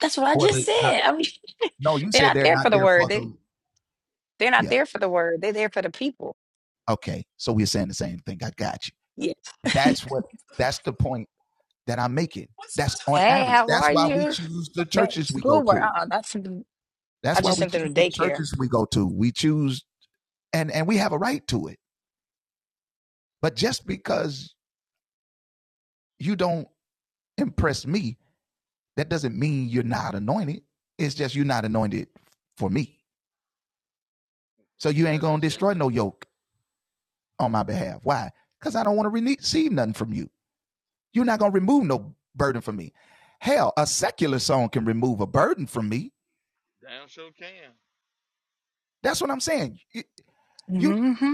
That's what I just said. I mean, they're not there for the word. They they're not there for the word. They're there for the people. Yeah. Hey, how are you? Man, schoolwork. Uh, uh not something. I just sent them to daycare. Yeah, that's true. Damn sure can. Mm-hmm.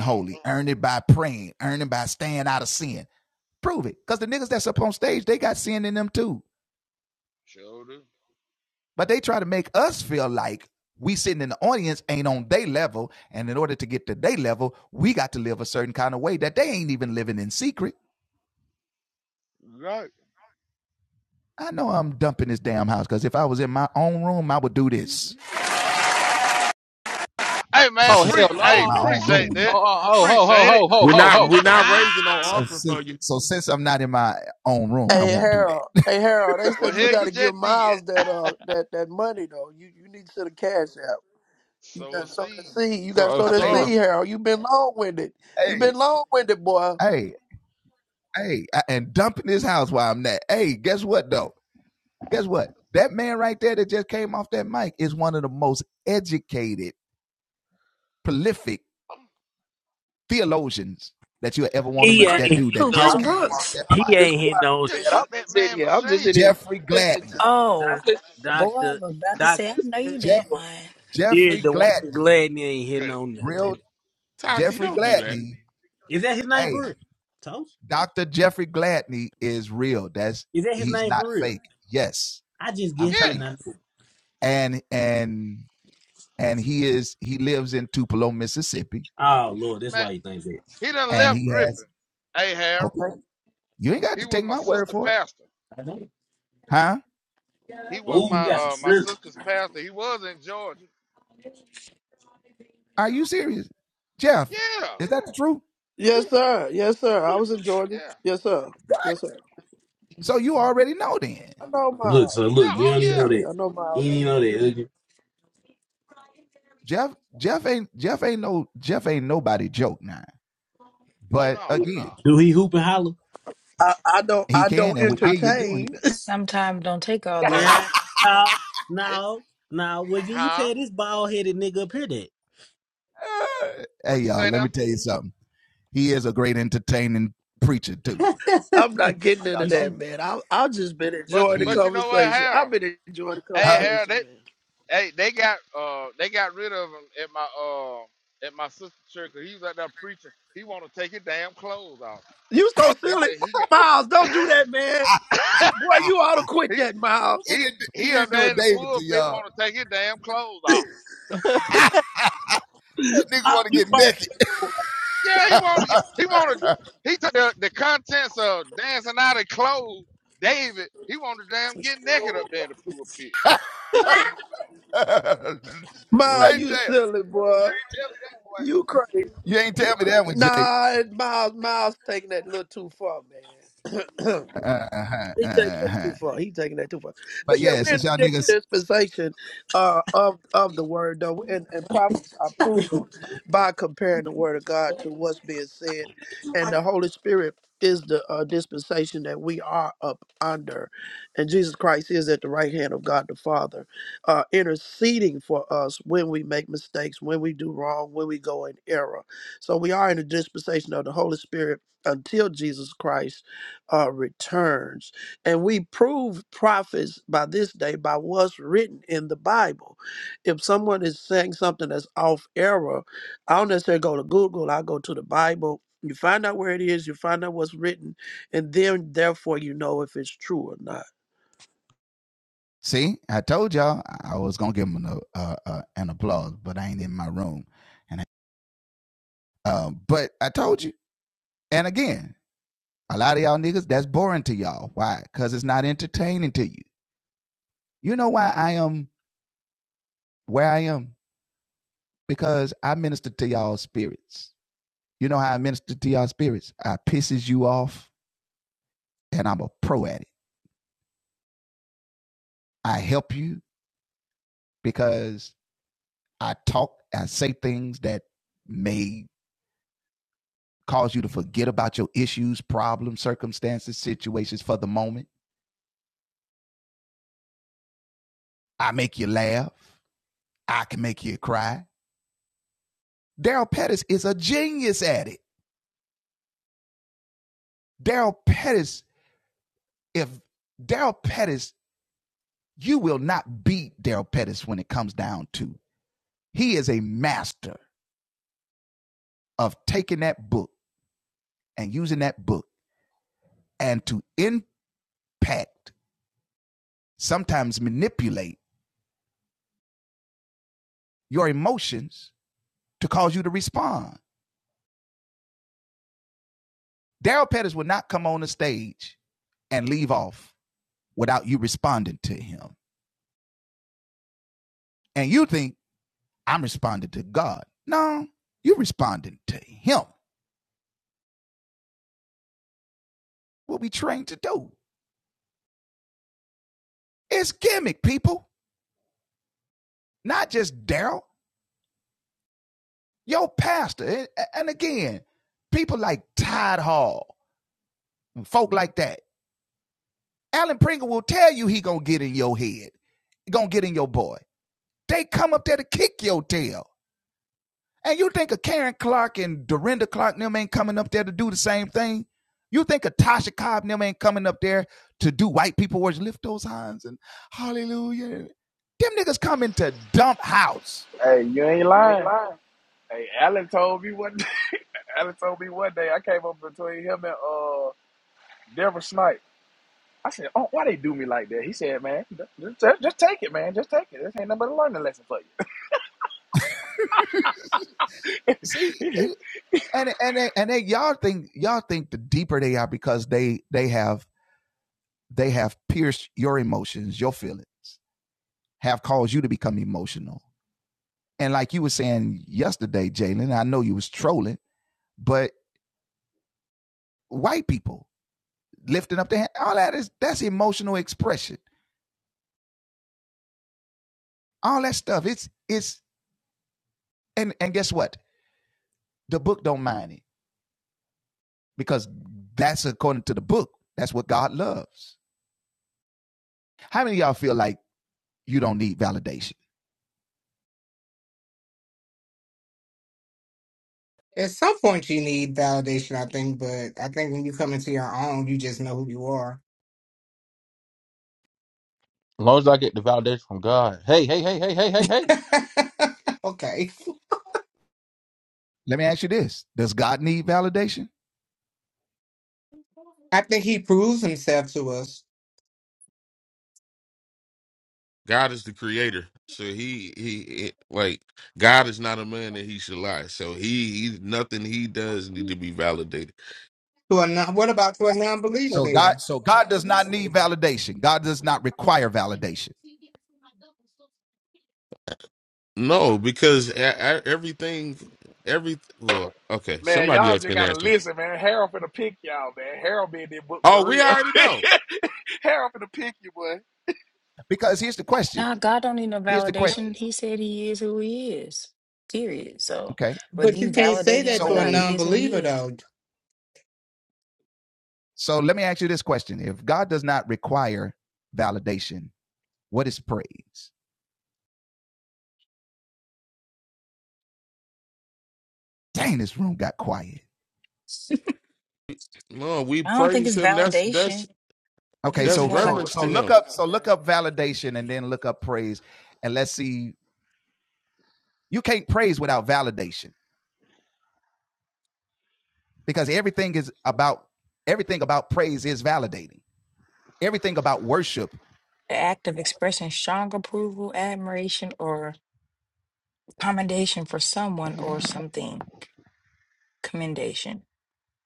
Mm. Sure do. Right. Hey, man. Oh Pre- hell hey, no! appreciate Oh that. oh oh oh, ho Appreciate it. ho ho ho we're ho not. ho We're ho. not raising no offering for you, Hey Harold, hey Harold, they Well, said you hell, got you to give just did. Miles that uh that that money though. You you need to send a cash out. You Sow a got to sow that seed. seed. You got to Oh sow Sow a that son. seed, seed. Harold. you have been long winded. you have been long winded, boy. He Man, ain't Chris, hitting who? Chris I'm, no. Brooks. I'm He just ain't hitting quiet, no. you man. Sh- I'm took that just in man here. I'm just in machine. here. You listening to? you. I'm doc, Oh, listening. boy, I doctor was about to I'm say, Doctor I know listening to you damn you. Boy. lying. Jared Dwayne Gladney ain't hitting Could it? no nothing. Tati. Yeah, Don't I do that. know. It needs- Is that his name for real? Toast? Is that his name for real? I just guessed it. And I Yes. knew it. oh Lord, that's Man, why he thinks that. he done left Griffin. Hey, Harold. He was my sister pastor. He was Oh, you my got some uh my shit. sister's pastor. He was in Georgia. Yeah. Yes, sir. Yes, sir. I was in Georgia. Yeah. Yes, sir. Yes, sir. I know Look, so Miles. look, Yeah. you Oh don't even Yeah, yeah. know yeah. that. yeah. I know You don't Miles. even know that. Oh no. No. Do he hoop and holler? I, I don't. I don't I. entertain. Sometimes don't take all Yeah. that. No, It, no, no. Well, can you huh? tell this bald headed nigga up here What you say now? I'm that? not getting into you see? that, man. I I just been But enjoying the Yeah. but you know what, conversation. I've Harold? been enjoying the Hey, Harold. they, conversation, man. Hey, they got uh they got rid of him at my uh at my sister's church 'cause he was out there preaching. He want to take his damn clothes off. You so Oh. They silly, say he got Miles. Don't do that, man. Boy, you ought to quit he that, Miles. he he up there in the pulpit want to take his damn clothes off. Miles, you Yeah, he want to get he want to he took the, the contents of dancing out of clothes. David, he want to damn get naked up there in the pulpit. As Miles, you silly boy. You crazy. Nah, Miles, Miles taking that a little too far, man. he taking that too far. He taking that too far. But yeah, we're in a different dispensation uh, of of the word though, and and prophets are proven by comparing the word of God to what's being said, and the Holy Spirit is the uh, dispensation that we are up under, and Jesus Christ is at the right hand of God the Father, uh, interceding for us when we make mistakes, when we do wrong, when we go in error. So we are in the dispensation of the Holy Spirit until Jesus Christ uh, returns. And we prove prophets by this day by what's written in the Bible. If someone is saying something that's off error, I don't necessarily go to Google, I go to the Bible. You find out where it is, you find out what's written, and then therefore you know if it's true or not. Hey, you ain't lying. Hey, Alan told me one. day. Alan told me one day I came up between him and uh. Deborah Snipe. I said, oh, why they do me like that? He said, man, just, just just take it, man. Just take it. This ain't nothing but a learning lesson for you. At some point, you need validation, I think, but I think when you come into your own, you just know who you are. long as I get the validation from God. Hey hey hey hey hey hey hey. okay. I think he proves himself to us. God is the creator. So he he it- like God is not a man that he should lie. So he, he nothing he does need to be validated. To a non- what about to a non believer then? No, because e- e- everything every well okay Man, somebody y'all else just can gotta answer. listen, man. Harold finna pick y'all, man. Harold been in that book Oh, for we real. already know. Harold finna pick you, boy. Nah, God don't need no validation. He said he is who he is. Period. So whether But you you can't say validate that him or to a not, he non is who he believer, is. though. No, we I don't think praise it's him. That's that's validation. I think it's that's more like reverence a to him. like a See? The act of expressing strong approval, admiration, or commendation for someone or something. Commendation.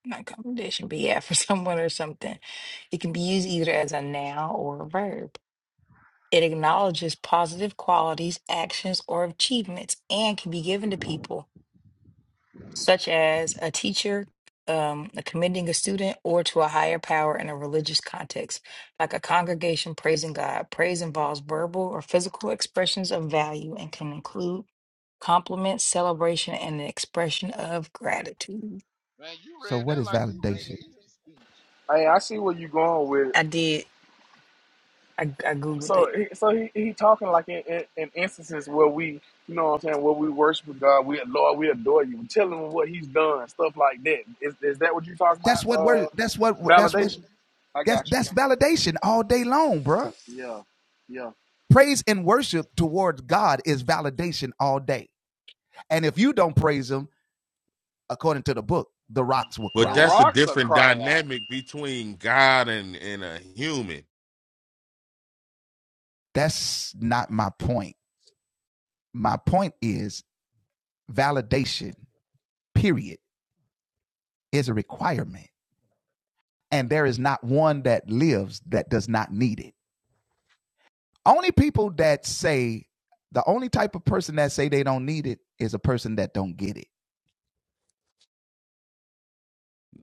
Not commendation, but yeah, for someone or something. It can be used either as a noun or a verb. It acknowledges positive qualities, actions, or achievements and can be given to people such as a teacher um, commending a student or to a higher power in a religious context, like a congregation praising God. Praise involves verbal or physical expressions of value and can include compliments, celebration, and an expression of gratitude. Man, you read that like you reading the Easter speech. Hey, I should go on. I did. I, I googled So, it. he, so he, he talking like in, in, in instances where we, you know what I'm saying, where we worship God, we Lord, we adore you. Tell him what he's done, stuff like that. Is, is that what you talking about? Uh, validation. I got you. Yeah, yeah. The But that's a rocks are different crying out. dynamic between God and and a human.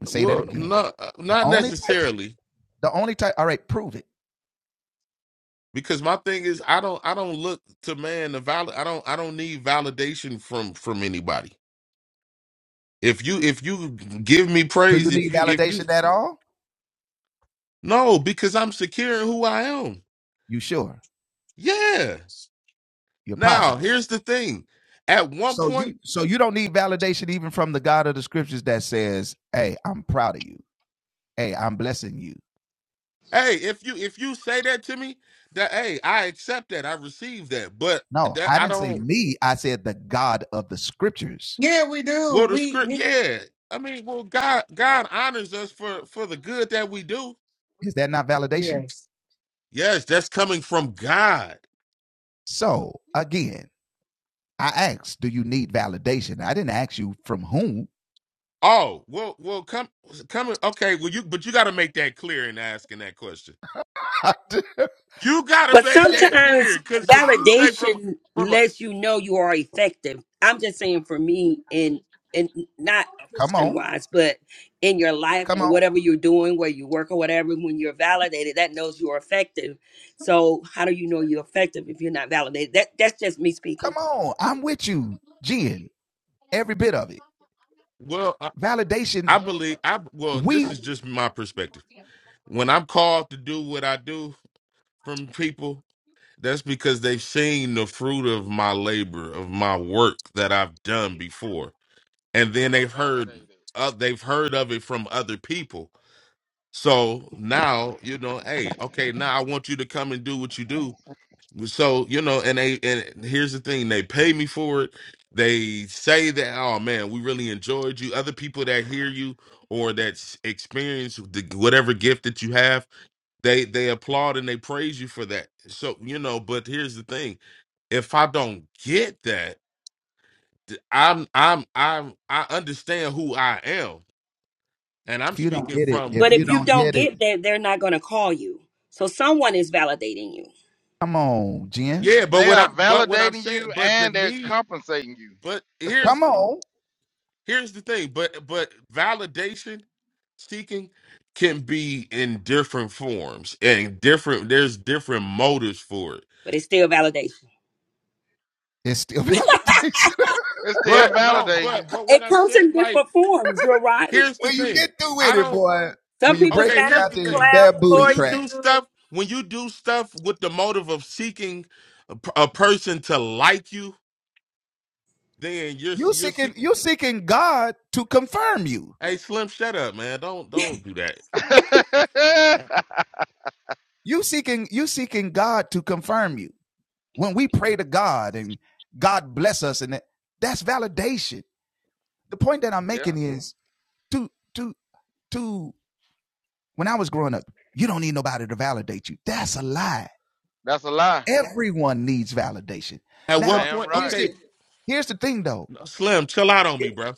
Well, not not necessarily because my thing is i don't i don't look to man the valid i don't i don't need validation from from anybody if you if you give me praise if you if you no because i'm secure in who i am yeah now here's the thing at one point hey if you if you say that to me that hey i accept that i receive that but that i don't Yeah, we do. well the We, script we yeah i mean well god god honors us for for the good that we do yes. yes that's coming from god Oh, well, well, come, coming. Okay, well, you, but you got to make that clear in asking that question. You got But to make that sometimes clear because if you say from validation from a lets you know you are effective. I'm just saying for me and and not Christian wise, but in your life or whatever you're doing, where you work or whatever, when you're validated, that knows you are effective. So how do you know you're effective if you're not validated? That that's just me speaking. well, I, I believe I well, this is just my perspective. When I'm called to do what I do from people, that's because they've seen the fruit of my labor, of my work that I've done before, and then You are they've heard, validated. uh, they've heard of it from other people. So now you know, hey, okay, now I want you to come and do what you do So you know, and they and here's the thing: they pay me for it. They say that, oh man, we really enjoyed you. Other people that hear you or that s- experience the, whatever gift that you have, they they applaud and they praise you for that. So you know, but here's the thing: if I don't get that, th- I'm I'm I'm I understand who I am, and I'm speaking from But c- if you don't get that, they're not going to call you. So someone is validating you, yeah. But They what are I but what I'm validating saying, you but the and they're need, compensating you. but here's here's the thing but but validation seeking can be in different forms and different there's different motives for it but it's still validation. it It's still but no validating you. but but what i'm comes saying in like different forms. You're right. here's the thing i don't Some people okay stand up here's the and thing clap when for you do you. stuff when you do stuff with the motive of seeking a, p- a person to like you then you're you're see- hey slim shut up man don't don't do that yeah, that's a lie. at what Damn point right. okay slim chill out on me bro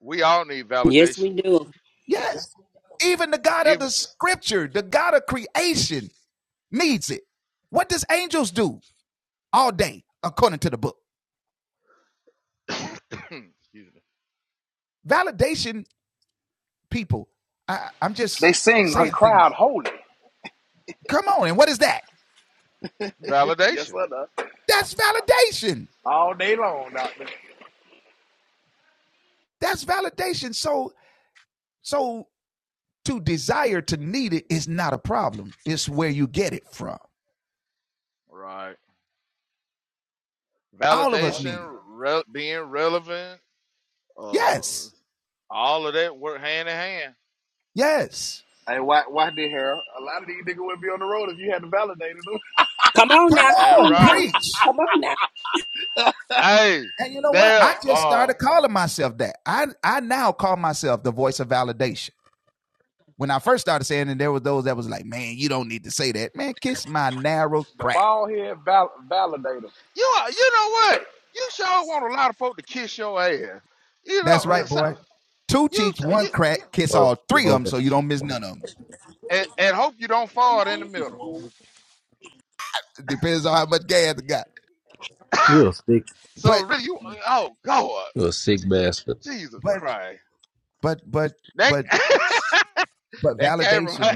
We all need Yes, validation. we do. If excuse me, They sing and crowd holy. Yes, validation, sir. nah. All day long, doctor. right? Validation, re- being relevant, uh, all of that work hand in hand. Here, a lot of these niggas would not be on the road if you hadn't validated them. Come on now. Come Damn on right. now. Come on now. Hey, there. Uh, The ball head val- validator. you are- you know what? You sure want a lot of folk to kiss your ass. You know, uh, so, you so, you and, and hope you don't fall in the middle. You're a sick. So really, you oh God, You're a sick bastard. Jesus Christ, that that came from her.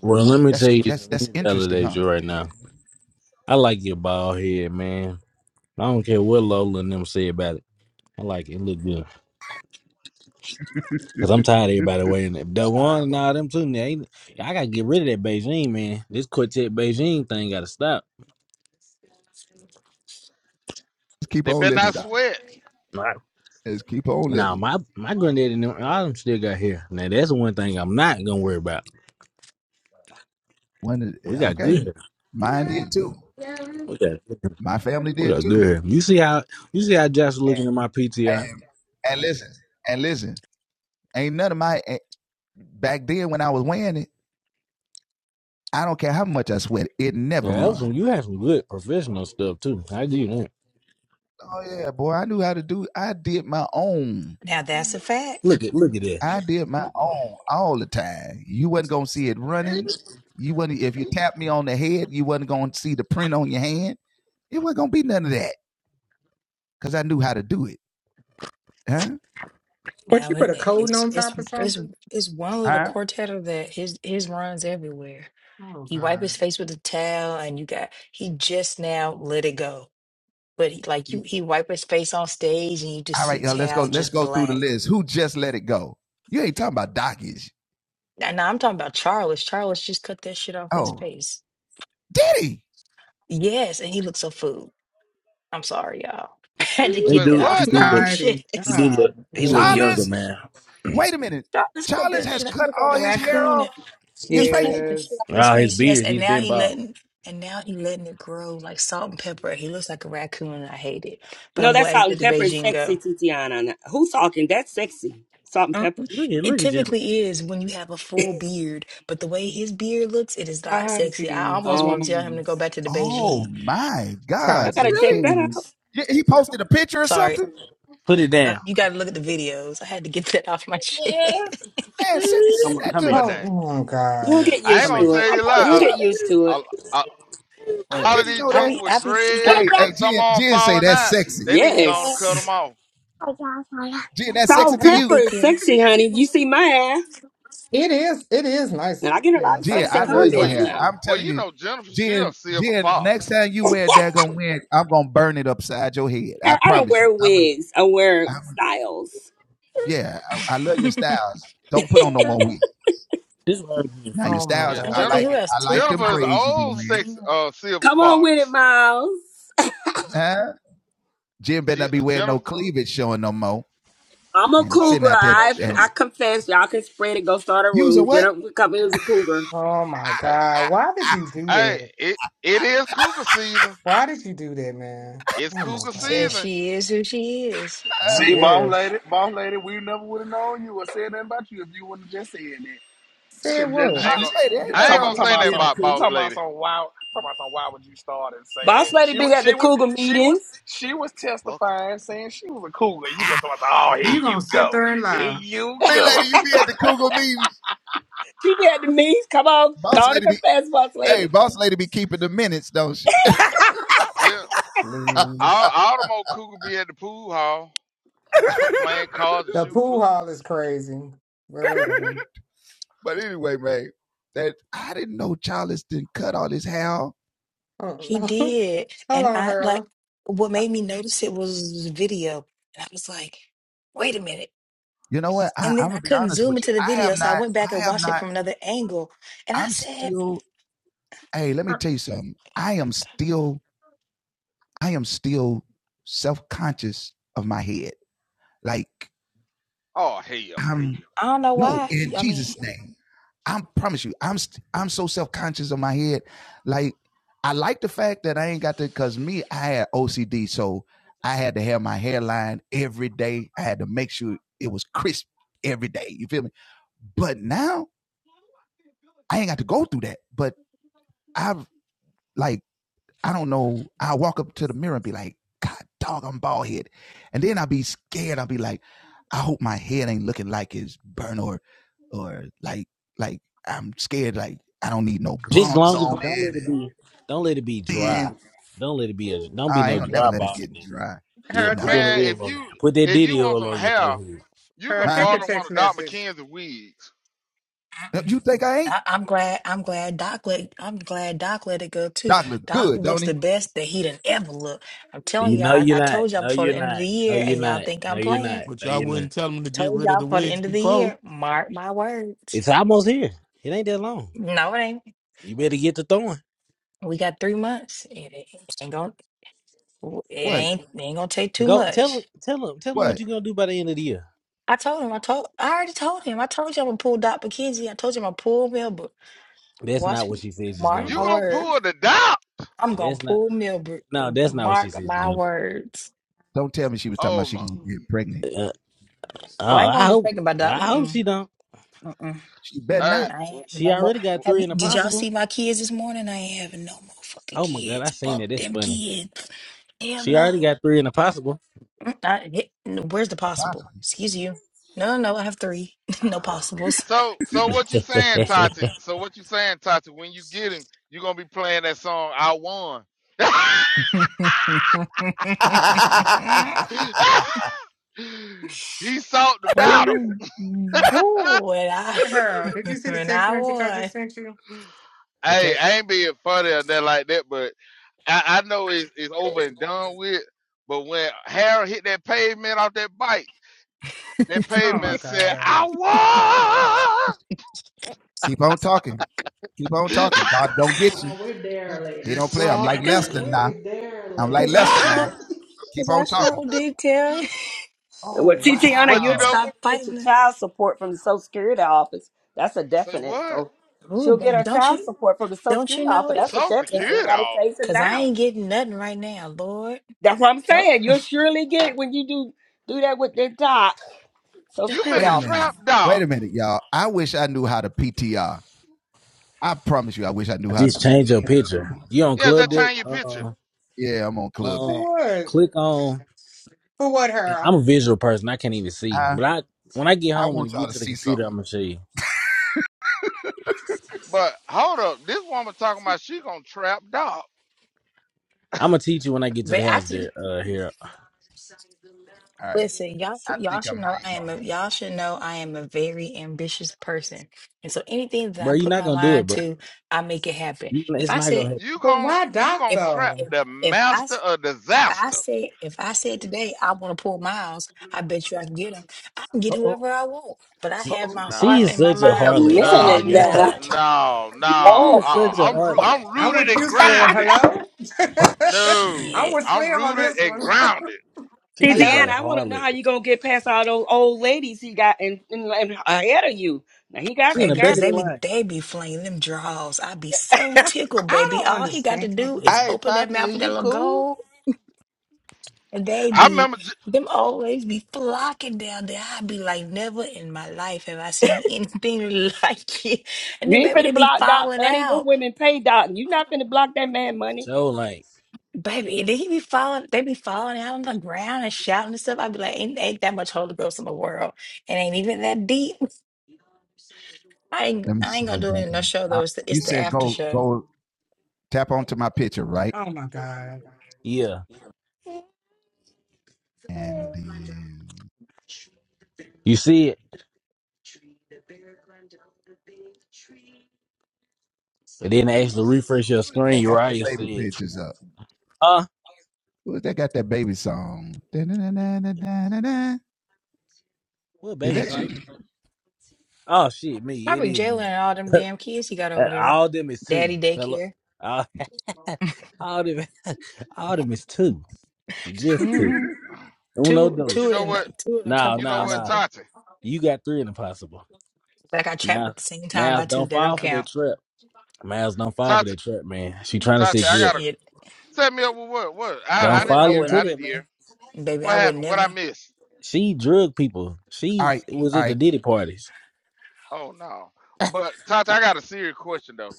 Well, let me tell you. Let me validate you right now. I like your bald head, man. I don't care what Lola and them say about it. I like it. It look good. Cause I'm tired of everybody waiting. That that one and them two, They, ain't- I gotta get rid of that Beijing man. This quartet Beijing thing gotta stop. They better not sweat. Now my my granddaddy and them- all them still got hair. Now that's the one thing I'm not gonna worry about. We got good hair. We got we got good hair. You see how you see how Josh looking at my PTI? Yeah, that was some, you had some good professional stuff too. I do that. Now that's a fact. Look at look at that. But Now you it, put a it- coating it's on it's top of it's something? it's one little quartet of that. His his runs everywhere. Oh He wipe God. his face with a towel, and you got he just now let it go But he like you he wipe his face on stage and you just see the towel just black. And now I'm talking about Charles. Charles just cut that shit off his face. Yes, and he looks so food. I'm sorry, y'all. I had to He Say get that do he off what my do now? look Tidy he do chest. God. look he look Mm. younger man. Charles cut that I'm shit off. He sore. looked like a raccoon. He cut the shit Yes. off his Ah, his face, yes, beard and he's now been he bald. letting and now he letting it grow like salt and pepper. He looks like a raccoon and I hate it. But No, I'm that glad salt that and the pepper is Beijing sexy, go. Titiana. Who's talking? That's sexy. Salt and Uh, pepper. Look at It look at Jennifer. typically is when you have a full beard, but the way his beard looks, it is not sexy. Tati, I almost want Oh, to tell him to go please. back to the Beijing. I got to Tati, check that out. please. Sorry, Put it uh, down. you got to look at the videos. I had to get that off my chest. Come on, come here. Well, Oh, damn. oh You'll God. get I ain't used Come gonna here. to it. tell you a You'll lie. get used to A, a, it. a, Lay all down. of these I jokers be, with I be thinking, dreads and some on falling out, they need to go on and cut them Yes. off. Salt and I be pepper is thinking. sexy, honey. You see my ass. It is it is nice. And I get a Yeah, lot of Santa sexy Pepper is Well, comments you nice. now. well you know Jennifer, she a silver fox. I, I don't wear wigs. I wear styles. This one is freaky. Oh as my Yeah, I'm hell. trying to think God. Jennifer who else. Tim, Jennifer I, is an I old thought sex Tim. uh silver Come on with it, fox. Miles. She Jennifer. I'm a Oh cougar. oh I she go. I confess. Y'all can spread it. Go start a room. Jennifer Cummings is a cougar. Oh my Hey, God. Why did you do Hey, that? it it is cougar season. Why did you do that, man? It's Oh my cougar She says God. season. she is who she is. I See, boss guess. Uh, lady, boss lady, we never would have known you or said nothing about you if you wouldn't have just said that. Said Just, just, what? I you, ain't you, gonna you- I talking ain't about gonna talking say about nothing some about boss talking about lady. some wild. Mm, talking about some why would you start and say Boss that? lady She be was at she the was cougar she was meetings. she was Fuck 'em. testifying saying she was a cougar. You gonna talk about oh here You gonna you sit go, there and here lie? you go. She be at the meetings. Come on, go on and confess, boss Yeah, lady. yeah. All Please. all the more cougar be at the pool hall playing cards and The shooting pool pool. hall is crazy, but whatever. Uh, He did, Hold and on, I like. Harold. What made me notice it was the video. And I was like, "Wait a minute." And then I couldn't zoom into the video, so I went back and watched it from another angle. And I said, Oh hell, I don't know why. I mean, Just long as don't let it be don't let it be dry. Don't let it be a don't be no dry ball nigga. Yeah, Harold, put check. that man! oil If on there. you Put that if you diddy want oil some on your hair, forehead. you Harold, can check your borrow one text of Doc message. McKenzie wigs. I, I'm glad. I'm glad Doc let. I'm glad Doc let it go too. Doc looks the best that he done ever looked. I'm telling You y'all. know I, you're I not. told y'all No before you're the end of not. the No year, you're and y'all not. think No I'm you're not. playing. But No y'all you're not. wouldn't tell them to get Told rid of the y'all for the wigs end of the before. year. Mark my words. It's almost here. It ain't that long. No, it ain't. You better get to throwing. We got three months. It, it ain't gonna. It ain't. It ain't gonna take too Go tell much. him tell him tell him what you're gonna do by the end of the year. I told him. I told. I already told him. I told you I'm gonna pull Doc McKenzie. I told you I'm gonna pull Milbrook. That's not Watch, what me. she says she's mark Hmm? gonna You my do. gonna words. pull the Doc? I'm And gonna that's not pull Milbrook. no, that's not what she Mark says she's my gonna do. words. Oh my! Uh, Well, I ain't uh, I gonna get hope pregnant by Doc. I hope Mm-mm. she don't. Mm-mm. I Hey, ain't having She no more. already got Have three you, in the did y'all possible. see my kids this morning? I ain't having no more fucking Oh my god, I kids. seen Fuck it. That's them funny. kids. Hell She already no. got three in the possible. Mm, I, it, no, where's the possible? Excuse you. No, no, I have three. no possibles. So so what you saying, Tati? So what you saying, Tati? When you get him, you're gonna be playing that song I won. he sought the battle. Oh, boo. And I, Harold, did you see the and text I message I won. just sent you? Hey, I ain't being funny or nothing like that, but I, I know it's, it's over and done with. But when Harold hit that pavement off that bike, that Oh my pavement said, god. I won. he saw. Cause, cause I sure, cause I sure did, Terry. And with TT but you'll you be know, what? sure Stop to get your fighting. child support from the Social Security office. That's a say definite. what? So Ooh, she'll get but her don't child you, support from the Social don't Security you know office. it? That's a Social Cause, definite. So you security got to off. chase him 'cause I down. ain't getting nothing right now, Lord. That's what I'm Help, saying. You'll surely get when you do do that with the doc. So do You screw it, it God. finna off. trap dog. Just change your picture. You on Yeah, Club that Dip? change your picture. Uh, uh, For what? click on. For what, Harold? I'm a visual person. I can't even see. But I when I get home and get to the computer, I'm gonna show you. But hold up, this woman talking about she gonna trap dog. I'm gonna teach you when I get to But the I house. just There, uh, here, listen, y'all. Y'all should know I am. A, y'all should know I am a very ambitious person, and so anything that I bro. You're put not my gonna do it, mind bro. to, I make it happen. You- If It's I not gonna said happen. You But gon' why you Doc gonna if trap though? if the if I master s- of if I disaster. say if I said today I want to pull miles, I bet you I can get him. I can get whoever I want, but I She have my she heart is and No, my such Wait a a mind harlot. fixed Oh no, my minute on god, now. Milbert. no, no. she Whoa. is such Uh-uh. a I'm roo- harlot. I'm I'm rooted with and you, Slim. grounded. Hello. No, I'm Shit, with I'm Slim on rooted this and one. grounded. T She T is Hello. Anna. a I want to know harlot. how you gonna get past all those old ladies he got in, in, in- ahead of you. Now he got She in some the baby, girl. back because of the they be line. they be flinging them draws. I be so tickled, I baby. don't All he got to understand. do is Mm-mm. Hey, open that Tati, mouth is with that you little cool? gold. And they I be, remember, j- them old ladies be flocking down there. I be like, never in my life have I seen anything like it. And You then, ain't baby, they finna be block Doc falling money. Them out. women pay Doc. You not finna block that man money. So like, Baby, they be falling, they be falling out on the ground and shouting and stuff. I'd be like, ain't, ain't that much Holy Ghost in the world. It ain't even that deep. I ain't, I ain't gonna do it in no show though. It's the, it's the after show. Oh my god. yeah, you see it. And then they actually refresh your screen, Uriah said, uh, what baby son? Oh shit, me, it Probably is Jalen me. and all them damn kids he got Uh, over there. All them is two. Daddy Hello. daycare. Uh, all them all them is two. Just two. Mm-hmm. Uno Two, but you two dos. know and what? two and a No, couple You know no, what, no. possible. Tati, You got three in the possible. Like I chat Mouse at the same time Mouse by two. don't They don't fall Ta- for that count. trap. Mouse don't fall for Tati, that trap, man. She trying to Tati. set I you up. gotta Shit. set me up with what? What? I I Don't I would, didn't I fall hear. into I wouldn't, that, didn't man. hear. baby. What I would happened? What I never, missed? She drug people. She was at the Diddy parties. Oh no. But Tata, I got a serious question though.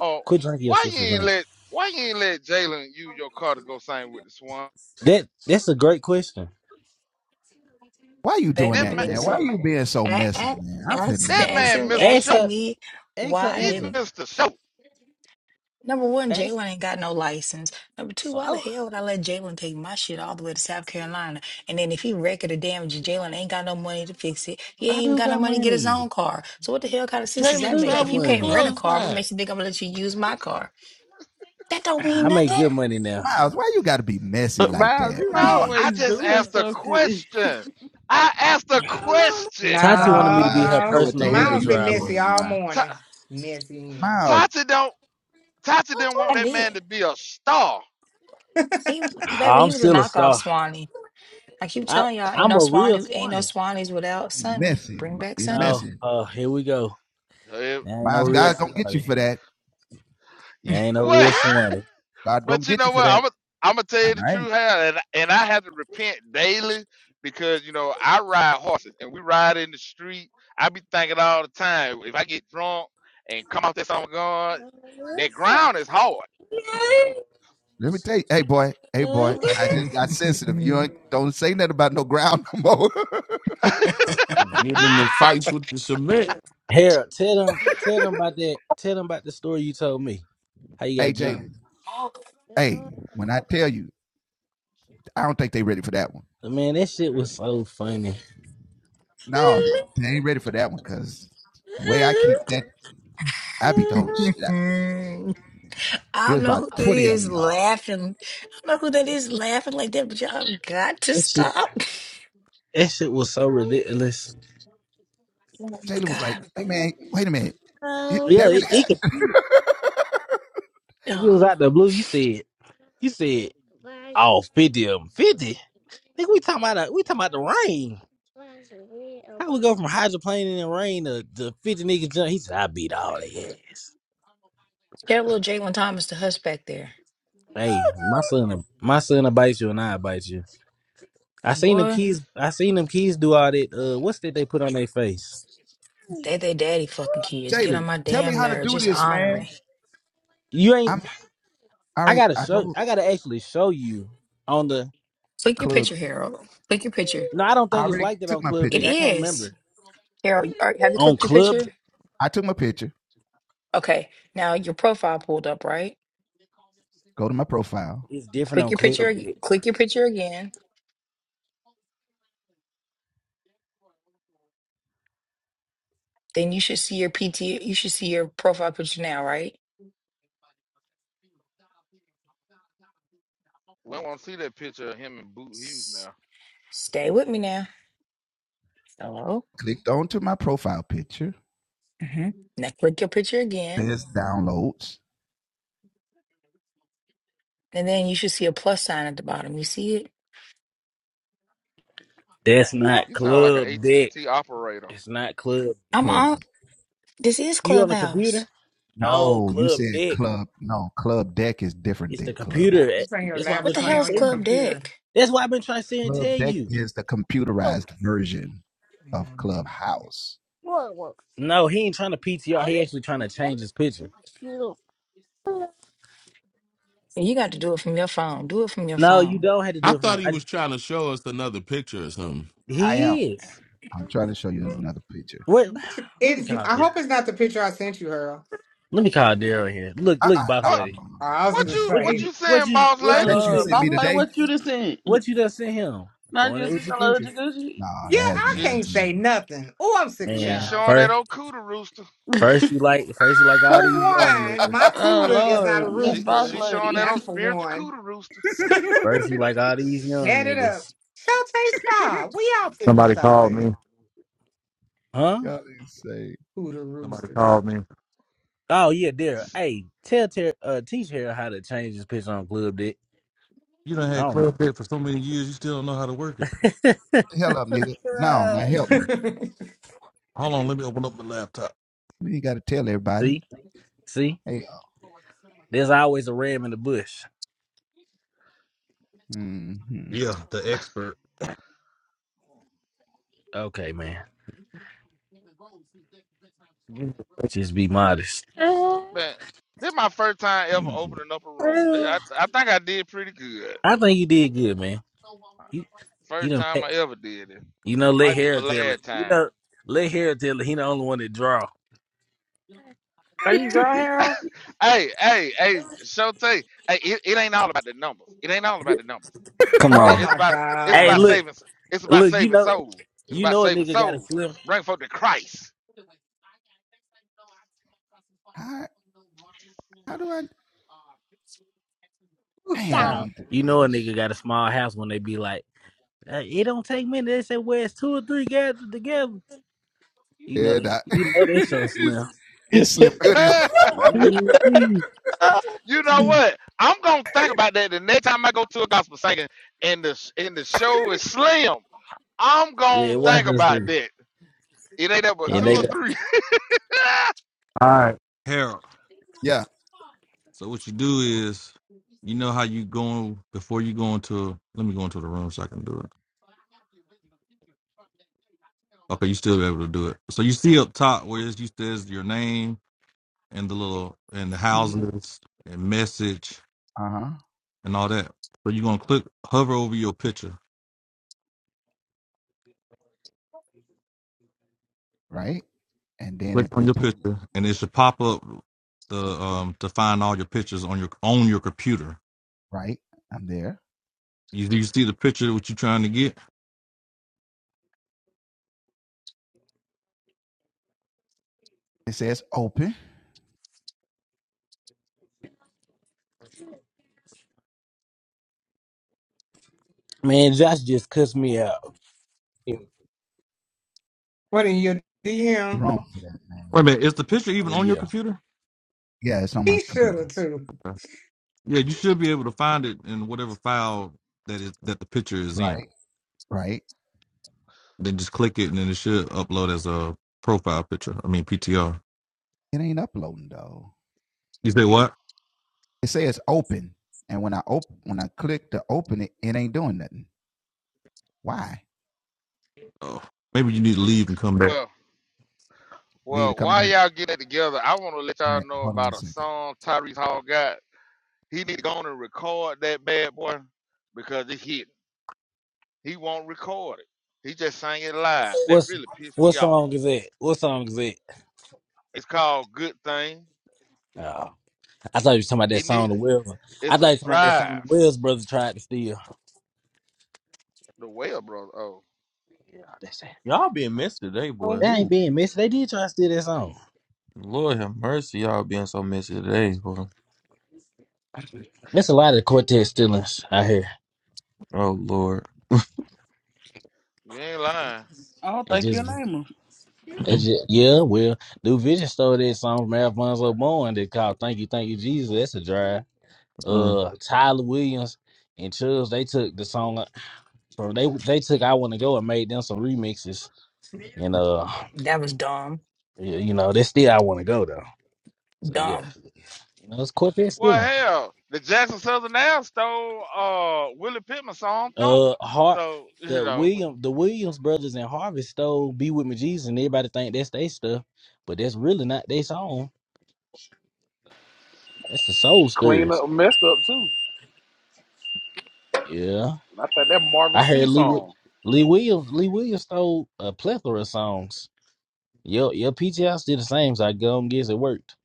Oh, Quit drinking your why you sister's ain't drink. let why you ain't let Jalen use your car to go sing with the Swan? That that's a great question. That baby. man, Listen, I, I, ask, that man asking, missed the Ask show. her. asking me Ask her why I He answer. didn't. missed the show. Number one, Ask Jalen ain't got no license. Number two, so why the I, hell would I let Jalen take my shit all the way to South Carolina? And then if he wrecked or damaged, Jalen ain't got no money to fix it. He ain't even do got no got money to get his money. own car. So what the hell kind of sense I does that Jalen do make? got If you traveled with can't money. rent a car, what glorified. makes you think I'm gonna let you use my car? That don't mean I make nothing. good money now. Uh, Miles, you No, I always just doing asked a something. question. I asked a question. Tati wanted me to No, be her Miles. personal Uber Miles been driver. messy all morning. Ta- Messy. Tata don't Tata didn't want I that did. man to be a star. He, baby, I'm he was a still a knockoff star. Swanee. I keep I telling y'all, ain't I'm no a real Swanee, ain't no Swanee. Swanees without Sunny. Bring back Sunny. No, uh, here we go. Eh, There ain't no real Swanee. There You, ain't no real what? Swanee. But you know what? I'm gonna I'm gonna tell you the truth, how and and I have to repent daily because you know I ride horses and we ride in the street. I be thinking all the time if I get drunk and come out there something God, that ground is hard. Getting the fights with the cement. Harold, tell them tell them about that. Tell them about the story you told me. How you got jumped. Oh, Man, that shit was so funny. Mm. I don't know who that is laughing. I don't know who that is laughing like that, but y'all got to That shit stop. that shit was so ridiculous. Oh my God. mm. Yeah, it, it If it Ugh. was out the blue, you said, you said, oh 50 of them. 50? Nigga, we talking about, a, we talking about the rain. How we go from hydroplaning and rain to, to 50 niggas jump? He said, I beat all they ass. That little Jalen Thomas, the hush back there. Hey, my son, my son will bite you and I bite you. I seen them Boy, kids, I seen them kids do all that, uh, what's that they put on their face? they they daddy fucking kids. Get on my damn nerves. Just honorary. You ain't, I gotta show, I gotta actually show you on the, Click your picture, Harold. Click your picture. no, I don't think it's like that on Club It Big. I can't is. remember. Harold, are, have you On clicked your Club, picture? Okay, now your profile pulled up, right? it's different Click on your picture, Club ag- Big. click your picture again. Then you should see your PT, you should see your profile picture now, right? We don't want to see that picture of him and Boot Hughes S- now. Stay with me now. Hello. hmm Now click your picture again, and then you should see a plus sign at the bottom. You see it? That's not You sound like an Club AT and Deck. T operator. It's not Club. I'm on. This is You on the Clubhouse. computer? No, Club Deck. It's the computer. Eh, It's on your That's what I've What been the laptop. trying Hang hell is to on tell your you. Club computer. Deck? That's what I've been trying to say and tell you. No, he ain't trying to PTR. He actually trying to change his picture. You got to do it from your phone. Do it from your No, you phone. don't have to I do it for thought me. he I, was trying to show us another picture or something. he is. What? Let me It's, call I Daryl. hope it's not the picture I sent you, Earl. Let me call Daryl here. Look, look, boss What lady. I was what gonna you What you what say. be? you What saying, you? boss What Oh, you lady? be Lord. sending? him? Boss Lady, what you just said? What you done sent him? Not Doing it just with you, your Lord coochie. Jacuzzi. Yeah, I She can't she say nothing. Oh, I'm sick of she's Man, y'all. showing that first, old cooter rooster. first you like, first you like all For these young one, niggas. my Oh, cooter is not Lord. a Miss She Boss she rooster. showing that Lady. That's old for spiritual one. cooter rooster. Shut Verse, you like all these young it up. niggas. Shante, stop. We all finished out there. Huh? Cooter roosters. Oh yeah, there. Hey, tell Ter- uh teach her how to change his picture on Club Dick. I don't oh see. See? There's always a ram in the bush. Okay, man. Just be modest. Man, this my first time ever opening up a room. Th- I, I think I did pretty good. I think you did good, man. You you First done time I pa- ever did it. you know, let Might be my Harold tell it. last You time. know, let Harold tell it. He the only one that draw. Are you dry, Harold? Hey, hey, hey, Shote. Hey, it, it ain't all about the numbers. It ain't all about the numbers. Come It- on. it's my about it's Hey, about look, God. saving s- it's about look, you saving know soul. It's you about know a saving nigga got a soul. slim Bring forth the Christ. Ooh, child. you know a nigga got a small house when they be like Uh, it don't take many. They say where it's two or three guys together. You know that. You know that show slim. you Mhm. know what? I'm gonna think about that the next time I go to a gospel singing and the s- and the show is slim. I'm gonna Man, watch think this about thing. that. It ain't up but And two they or go, three. that. man, Josh just cussed me out. What in your DM? Oh yeah. He should have too. Well, well, while y'all get that together, I want to let y'all know about a song Tyrese Hall got. He need to go on and record that bad boy because it's hit. He won't record it. He just sang it live. That What's really pissed what me off. song is that? What song is that? It's called Good Thing. Oh, I thought you was talking about that He song need the Wells. I it's thought a you was talking about that song the drive. Wells brothers tried to steal. The well, brother. Oh, That's- Y'all being messy today, boy. That Who? ain't being missed. They did try to steal that song. Lord have mercy, y'all being so messy today, boy. That's a lot of quartet stealings out here. Oh Lord. you ain't lying. I don't It think your just name her. It just, yeah, well, New Vision stole that song from Alfonso Bourne that called "Thank You, Thank You, Jesus." That's a drive. Mm. Uh, Tyler Williams and Chubbs they took the song from they they took "I Want to Go" and made them some remixes. And uh, That was dumb. yeah, you know, they still "I Want to Go" though. So yeah, Dumb. you know, it's Cortez Well, stealing. hell, the Jackson Southern now stole uh Willie Pittman's song Thunder. Uh, Hart, So you the know, William, the Williams brothers and Harvey stole "Be With Me, Jesus," and everybody think that's they stuff, but that's really not their song. That's the Soul Clean Stirrers. up messed up too. Yeah. And I think that Marvin I C heard Lee Wi- song. Lee Williams Lee Williams stole a plethora of songs. Your your PTS did the same, so I go and guess it worked.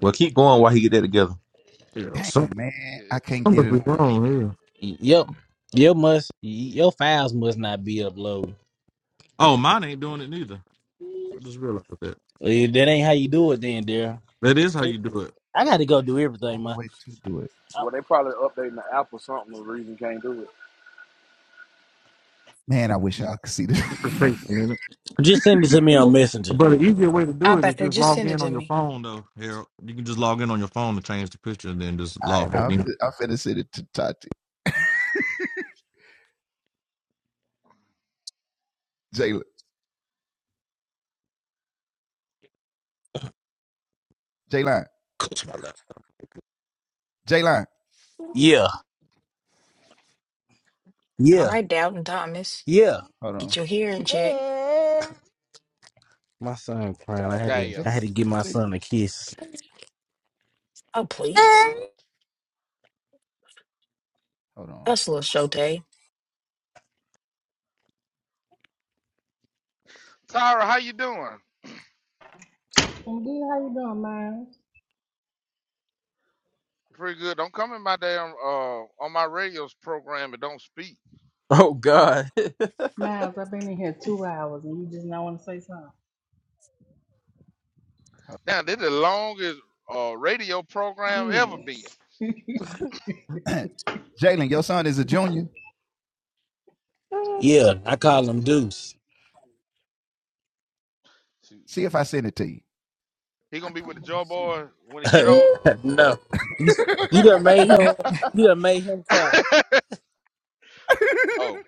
Well, keep yeah, going while he get that together. yeah. yeah, Y- Yep. Your must your files must not be uploaded. If that ain't how you do it then, dear. I gotta go do everything, man. I- Well, they probably updating the app or something. The reason can't do it. Just send it to me on Messenger. I bet they just send it to me. Yeah. All Yeah. right, Doubting Thomas. Yeah. Get your hearing checked. My son crying. I had to Damn. I had to give my son a kiss. Oh, please. That's a little Shote. Tyra, how you doing? MD, how you doing, Miles? Pretty good. Don't come in my damn uh on my radio program and don't speak. Oh God. Miles, I've been in here two hours and you just not want to say something. Now this is the longest uh radio program ever been. Goodness. Yeah, I call him Deuce. Shoot. He gonna be with the Joe Boy when he get older. no. You, you done made him you done made him cry. Oh,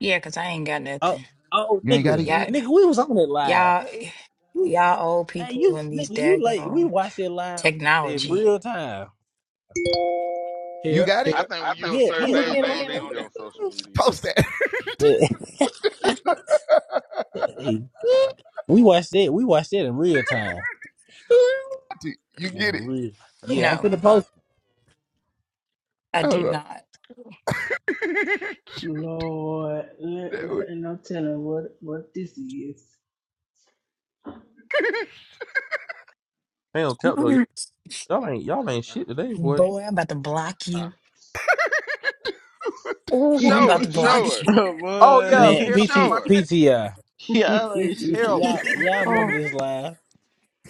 Yeah, 'cause I ain't got Oh, nothing. oh, nigga, Y'all, nigga, we was on it live. y'all, We- y'all old Hey, people you, and nigga, these you late. We daggone watched it live in technology. real time. Here, I think when you're a yeah, I'm certain looking age, at it you right don't need to be on social media. now. Hey, we watched it. We watched it in real time. In real, yeah, I'm No, finna post, I did not. Lord, let- let- no telling what, what this is. Damn, Cap though. Y'all ain't y'all ain't Uh, shit today, boy. Boy, I'm about to block uh. you. Oh, I'm Show about to it, show block it, you. Oh, Oh boy. yeah, man. Harold, we PTPTI. show watched it, that. PTI. Y'all ain't shit. Harold, Y'all, y'all remember Oh, this live?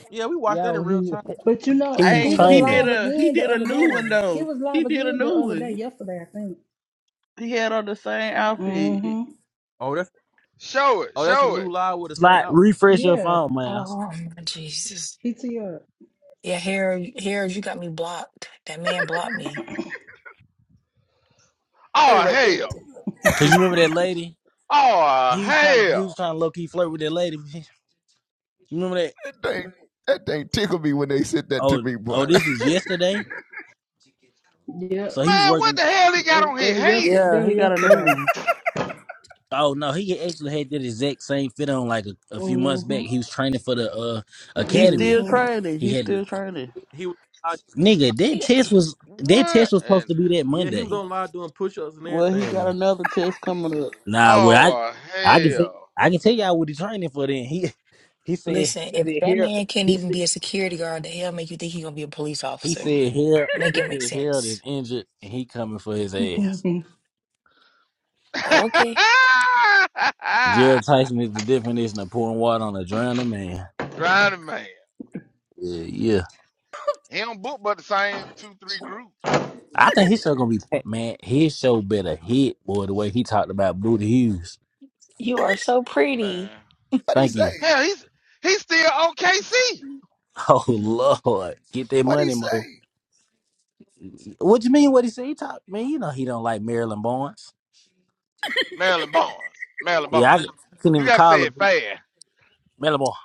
yeah, we watched that Y'all, in real he, time. but you know, he was he hey, was he trying oh, to did live a, he again the did a other new one, day. He though. was live He did a again the new other day, one. yesterday, I think. He had on the same outfit. Mm-hmm. Oh, that's show it, oh, that's a show new it. live with the same slide, outfit. refresh your Yeah. phone, man. oh, my Jesus. PTR. Yeah, Harold, Harold, you got me blocked. That man blocked me. Oh hell, Cause you remember that lady? oh He was trying to, he was hell, trying to low key flirt with that lady. You remember that? Oh, oh, this is yesterday. So Yep. Yep. he was man, what working. the hell he got on They his were, head? yes, they Yeah, were he got a new yesterday. one. Oh no, he actually had that exact same fit on like a, a few months back. Mm-hmm. He was training for the uh He's academy. still training. He He's had still training. He was I- nigga. That he, test was that What test was supposed and to be that yeah, he was Monday. on live doing push ups and Well, he got everything. another test coming up. Nah, well I oh I can say hell. I can tell y'all what he training for. Then he he said Listen, he if said that here man can't he even said be a security guard, the hell make you think he gonna be a police he officer? said here Make he it make said Harold is sense. injured and he coming for his ass. Mm-hmm. Okay. Jared Tyson is the definition of pouring water on a drowning man. Drowning man. Yeah, yeah. He don't book but the same two, three groups. I think his show gonna be packed, man. His show better hit, boy. The way he talked about Booty Hughes. You are so pretty. Man. Thank you. Hell, he's he's still OKC. Oh Lord, get that money, Mo. What you mean? What he said? He talked, man. You know he don't like Marilyn Barnes. Maryland Barnes. Maryland Yeah, I Barnes. couldn't You even gotta call say her it Bo- fair. Marilyn Barnes.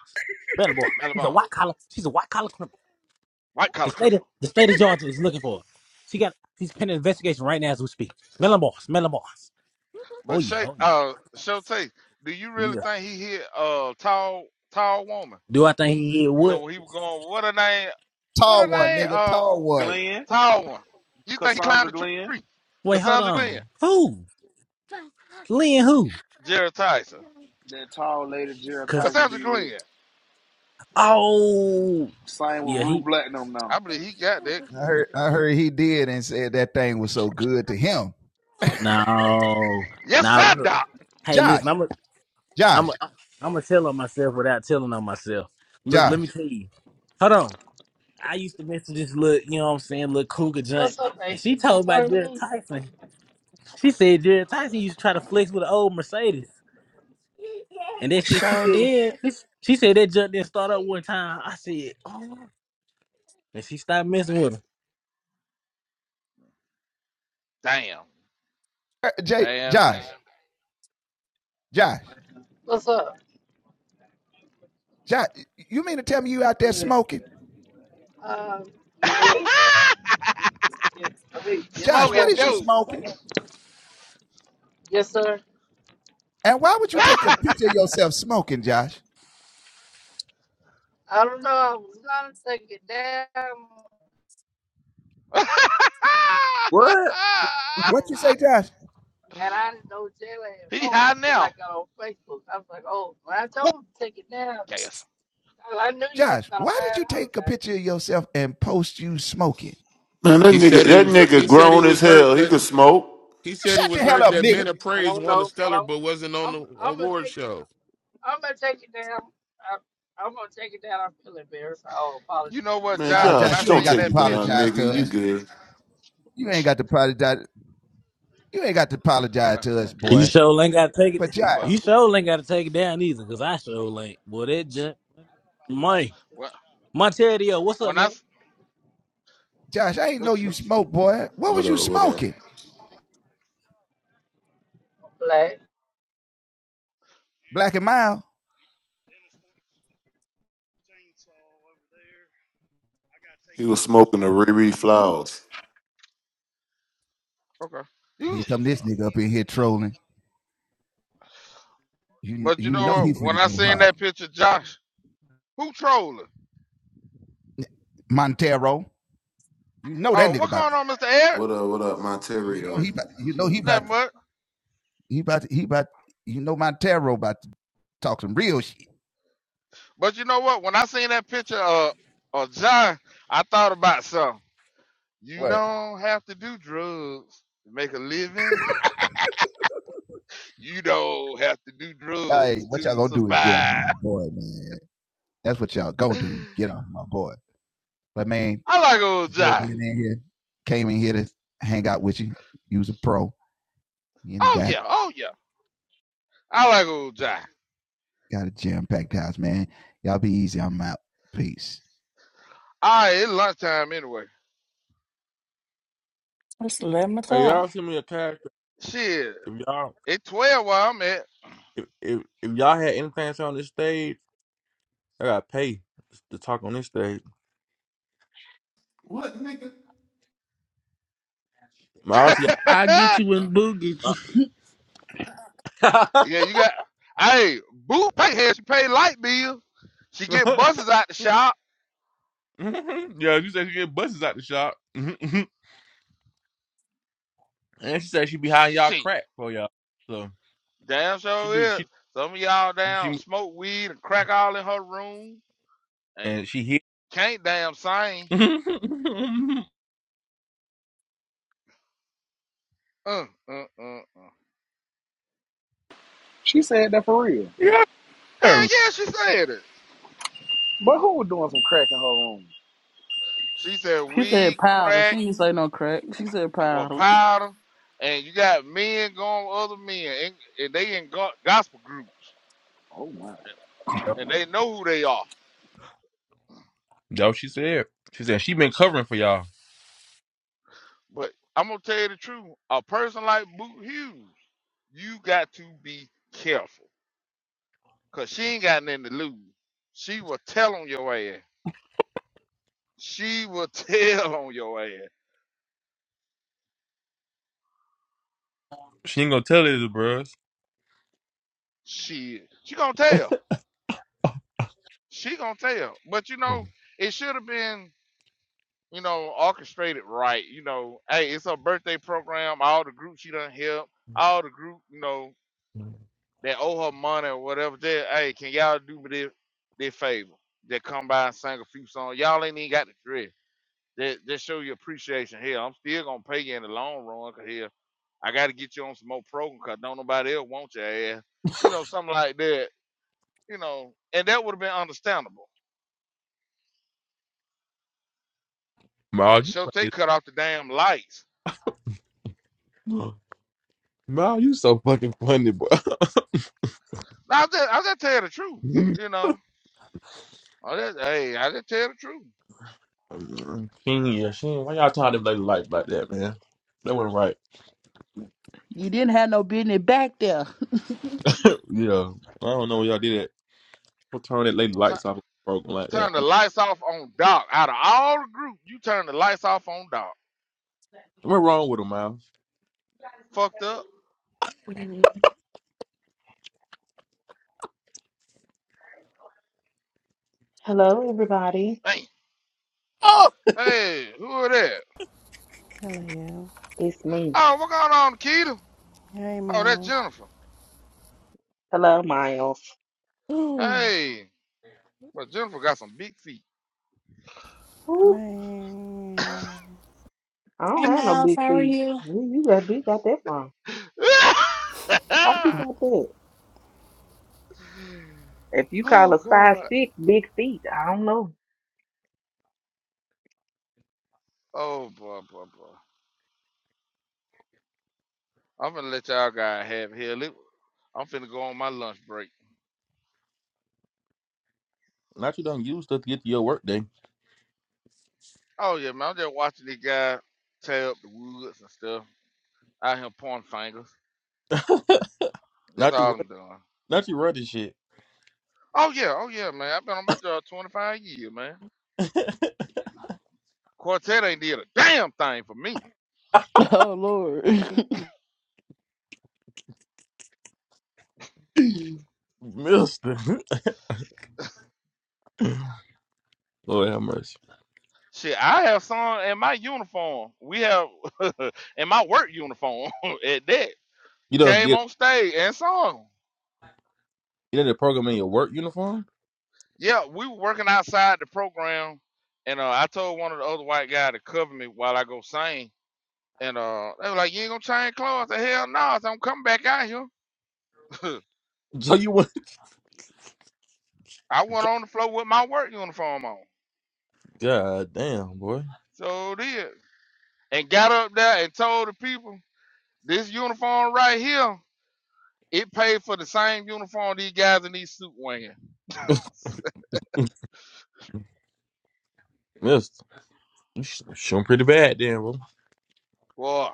Marilyn Barnes. Maryland She's a white Barnes. collar. She's a white collar criminal. White The collar state of criminal. the state of Georgia is looking for her. She got. She's pending investigation right now as we speak. Marilyn Barnes. Marilyn Barnes. Oh But yeah. Shay Oh yeah. uh Showtaste, do you really Yeah. think he hit a tall tall woman? Do I think he hit You know what? when he was going, what her name what her name? Uh Glenn, tall one. You think he climbed Cassandra the Glenn, tree? Wait, hold Cassandra Glenn. on. Who? Lynn? Who? Jared Tyson. that tall lady Jared Tyson Cassandra be with. Glenn. Oh, Same with yeah. Rue He Black now. I believe he got that. no, Yes, now sir, look. Doc. Hey, listen. I'm a, I'm a, I'm gonna tell on myself without telling on myself. Look, let me tell you. Hold on. I used to message this look. You know what I'm saying? Look, cougar junk. What's up, And she AC? You told about talking to Jared me? Tyson. She said Jared Tyson used to try to flex with an old Mercedes. And that shit. She Sure said. did. She said that junk didn't start up one time. I said, oh. And she stopped messing with him. Damn. Damn, damn. What's up? Um, yes. Yeah, I mean, yes, sir. Smoking dope. Yes, sir. I don't know. I was gonna take it down, What? and and I didn't know Jalen had he posted high till I now. got on Facebook. I was like, oh, when I told him to take it down, Yes. I I knew you was gonna find out about it. Man, that He nigga, said that he nigga he said he grown as was hurt hell. He that could smoke. he said he was hurt that men of I praise don't won a know, but stellar I'm but wasn't on I'm the I'm gonna award take show. I'm gonna take it down. I, I'm gonna take it down. I feel embarrassed. I owe apology You know what, Man, Josh? to When I Josh, don't seen take it that down, picture, nigga. You good? well, You sure ain't gotta take it. but You sure ain't gotta take it down either, cause I sure ain't. Boy, that junk. My well, my Teddy, what's up, when I, man? but you, What up? What up? everybody. I gotta take He was him smoking the to the shop. Riri flowers. okay, okay. You, but you know what? When I seen that picture, Josh, who trolling? Oh, what going on, Mister Eric? What up? What up, Monterio? Not much. But you know what? When I seen that picture of of John, I thought about something. You don't have to do drugs to make a living. you don't have to do drugs to survive. I like old John. Oh yeah, oh yeah. I like old John. All right, it's lunchtime anyway. It's 11 Hey, o'clock. y'all send me a character. Shit, If y'all it's twelve where I'm at. if if, if y'all had anything on this stage. I gotta pay to talk on this stage. What nigga? My also, I get you and Boo get you. yeah, yeah, you got. Hey, Boo pay here. She pay light bill. She get buses out the shop. you said she get buses out the shop, and she said she behind y'all Shit. crack for y'all. So Damn she sure do is. she Some of y'all damn she smoke weed and crack all in her room and and she hit. can't damn sing. Uh, uh, uh, uh. She said that for real. yeah, Hell yeah, she said it. But who was doing some crack in her room? She said She weed, said powder. She crack, ain't say no crack. She said well, powder. powder, and you got men going with other men, and, and they in go- gospel groups, Oh my! and, that's and they know who they are. what she said she said she been covering for y'all. But I'm gonna tell you the truth. A person like Boot Hughes, you got to be careful, cause she ain't got nothing to lose. She will tell on your ass. she will tell on your ass. She ain't gonna tell it to bruh. She she gonna tell. She gonna tell. But you know, it should have been you know orchestrated right. You know, hey, it's her birthday program. All the group she done help. All the group you know that owe her money or whatever. Just hey, can y'all do me this this favor? Just come by and sing a few songs. Y'all ain't even got the dress. Just, just show your appreciation. Here, I'm still gonna pay you in the long run. Cause here, I gotta get you on some more program. Cause don't nobody else want your ass you know, something like that. you know, and that would have been understandable. Ma, But you Shote funny. cut off the damn lights. Ma, you so fucking funny, boy. Now, I just, I just tell you the truth, you know. I just, hey, I just tell you the truth. Mm, King, yeah, she, ain't- why y'all tied this lady lights like that, man? That wasn't right. You didn't have no business back there. Yeah, I don't know why y'all did that. What turn that lady lights Tu- off broken like turn that? the lights off on Doc. Out of all the group, you turn the lights off on Doc. What's wrong with her, Miles? Fucked up. Hello, everybody. Hey, hey, who are that? Hello. It's me. Oh, what going on, Keita? Hey, Oh, that's Miles. Jennifer. Hello, Miles. Oh, Hey, but Jennifer got some big feet. Ooh, Man. I don't Hey, have no Miles, big how are feet. you? Where you got, where you got that from? How you got that? If you call a oh size God. six big feet, I don't know. Oh boy, boy, boy. I'm gonna let y'all guys have it. hell. It, I'm finna go on my lunch break. not you done used stuff to get to your work day. Oh yeah, man. I'm just watching this guy tear up the woods and stuff. Out here pointing fingers. That's Not you, all I'm run- doing. not you running shit, Oh yeah, oh yeah, man. I've been on my job 25 years, man. Quartet ain't did a damn thing for me. Oh Lord. Mister. Lord have mercy. Shit, I have some in my uniform. We have in my work uniform at that. You done Came did on stage and sung. you did a program in your work uniform? Yeah, we were working outside the program, and uh, I told one of the other white guy to cover me while I go sing And uh, they were like, "You ain't gonna change clothes?" I said, "Hell no! I said, I'm coming back out here." So you went. I went on the floor with my work uniform on, God damn, boy, so did, and got up there and told the people, "This uniform right here, it paid for the same uniform these guys in these suit wearing." Mister, you sh- showing pretty bad, damn, Boy,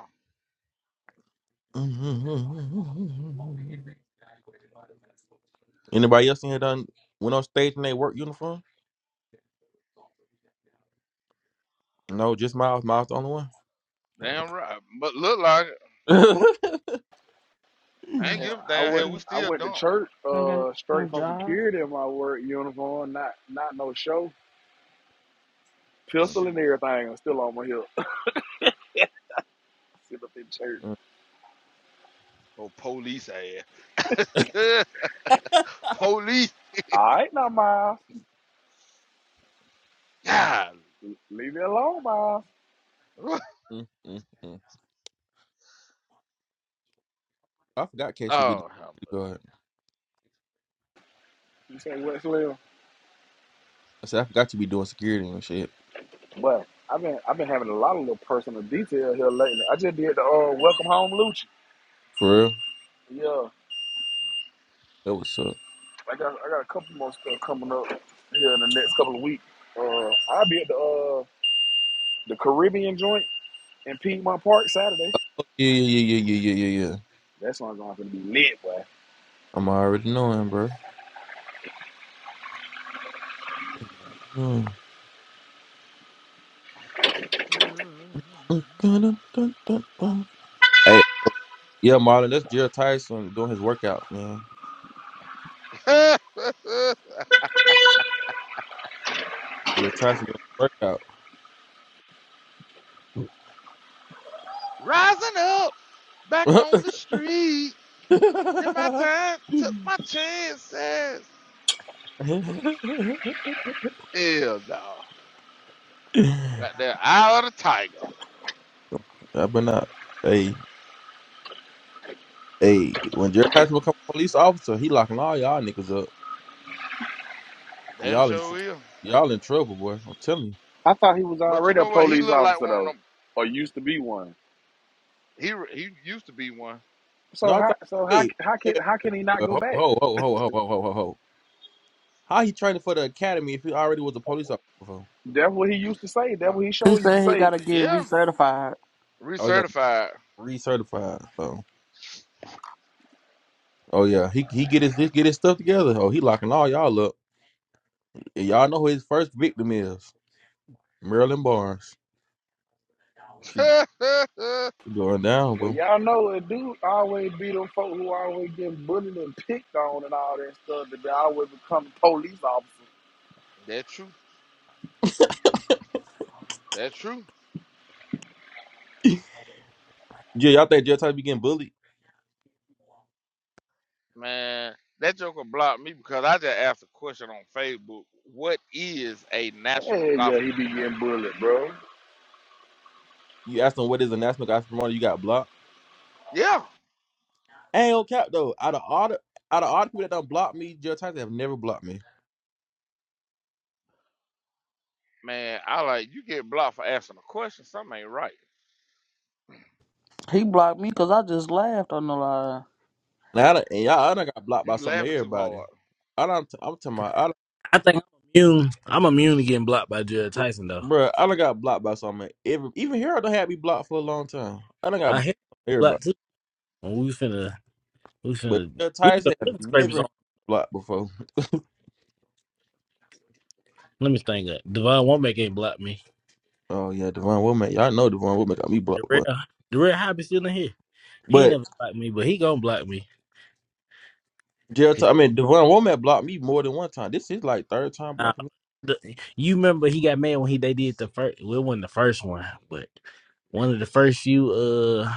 bro. Anybody else in here done went on stage in their work uniform? No, just Miles. Miles the only one. damn right, but look like it. Oh, Okay. I ain't Yeah, Mm, give a I damn. went. Hell, we I still went to dump. church don't got uh, no straight from job. security in my work uniform, not not no show, pistol and Shoot, everything. I'm still on my hip. Sit up in church. mm, oh police ass, police, All right, now Miles, golly. leave it alone, Miles. mm, mm, mm. I forgot Casey be the oh, security guard. You say Wesley? I said I forgot you be doing security and shit. Well, I've been I've been having a lot of little personal detail here lately. I just did the uh, welcome home Lucci. For real, Yeah, that was up. I got I got a couple more stuff coming up here in the next couple of weeks. Uh, I'll be at the uh, the Caribbean joint in Piedmont Park Saturday. Yeah, yeah, yeah, yeah, yeah, yeah, yeah. yeah. That's not going to be lit, boy. I'm already knowing, bro. Mm. Hey, yeah, Marlon, that's Jared Tyson doing his workout, man. how much? Jared Tyson doing his workout. Rising up. Back on the street. Did my time. Took my chances. Hell no. Got that eye of the tiger. I've been out. Hey, hey, when Jared Patton become a police officer, he locking all y'all niggas up. Damn Y'all in, sure tr- will. y'all in trouble, boy. I'm telling you. I thought he was But you already a know what? He police looked like officer one of though, them. or used to be one. He he used to be one. No, So I how thought, so how wait, how can wait, how can he not wait, go ho, back? ho, ho, ho, ho, ho, ho, ho, ho. How he training for the academy if he already was a police officer? before? That's what he used to say. That's Well, what he he showed used to said he say. gotta get yeah. recertified. Oh, he got to get Recertified. recertified. So, oh yeah, he he get his he get his stuff together. Oh, he locking all y'all up. And y'all know who his first victim is, Marilyn Barnes. She That's going down, Well, bro. y'all know it do always be them folk who always get bullied and picked on and all that stuff that they always become police officers. true. That's true. Yeah, y'all think Jared Patton be getting bullied? Man, that joker blocked me because I just asked a question on Facebook. What is a Hell national yeah, he gospel be getting promoter? bullied, bro. You asked them what is the national gospel promoter. You got blocked. Yeah. I Ain't no cap though. Out of all the out of all the people that done blocked me, Jill Tyson have never blocked me. Man, I like you get blocked for asking a question. Something ain't right. He blocked me cause I just laughed on the live. Now I done, and y'all, I done got blocked by You some of laughing too everybody. hard. I don't. I'm talking about. I done, I think I'm immune. I'm immune to getting blocked by Judge Tyson though. br- bruh, I done got blocked by some. of Every even Harold done had me blocked for a long time. I done got I hit blocked by everybody. blocked too. Well, We finna we But finna Jill we finna Tyson have living scrapers never had on. me blocked before. Let me think that. Devon Womack ain't blocked me. Oh yeah, Devon Womack. Y'all know Devon Womack got me The blocked, real but the real hobby still in here. He ain't but never blocked me, but he gonna block me. Jill. If, Ty- I mean Devon Womack blocked me more than one time. This is like third time uh, blocking me. the, you remember he got mad when he they did the first well it wasn't the first one, but one of the first few uh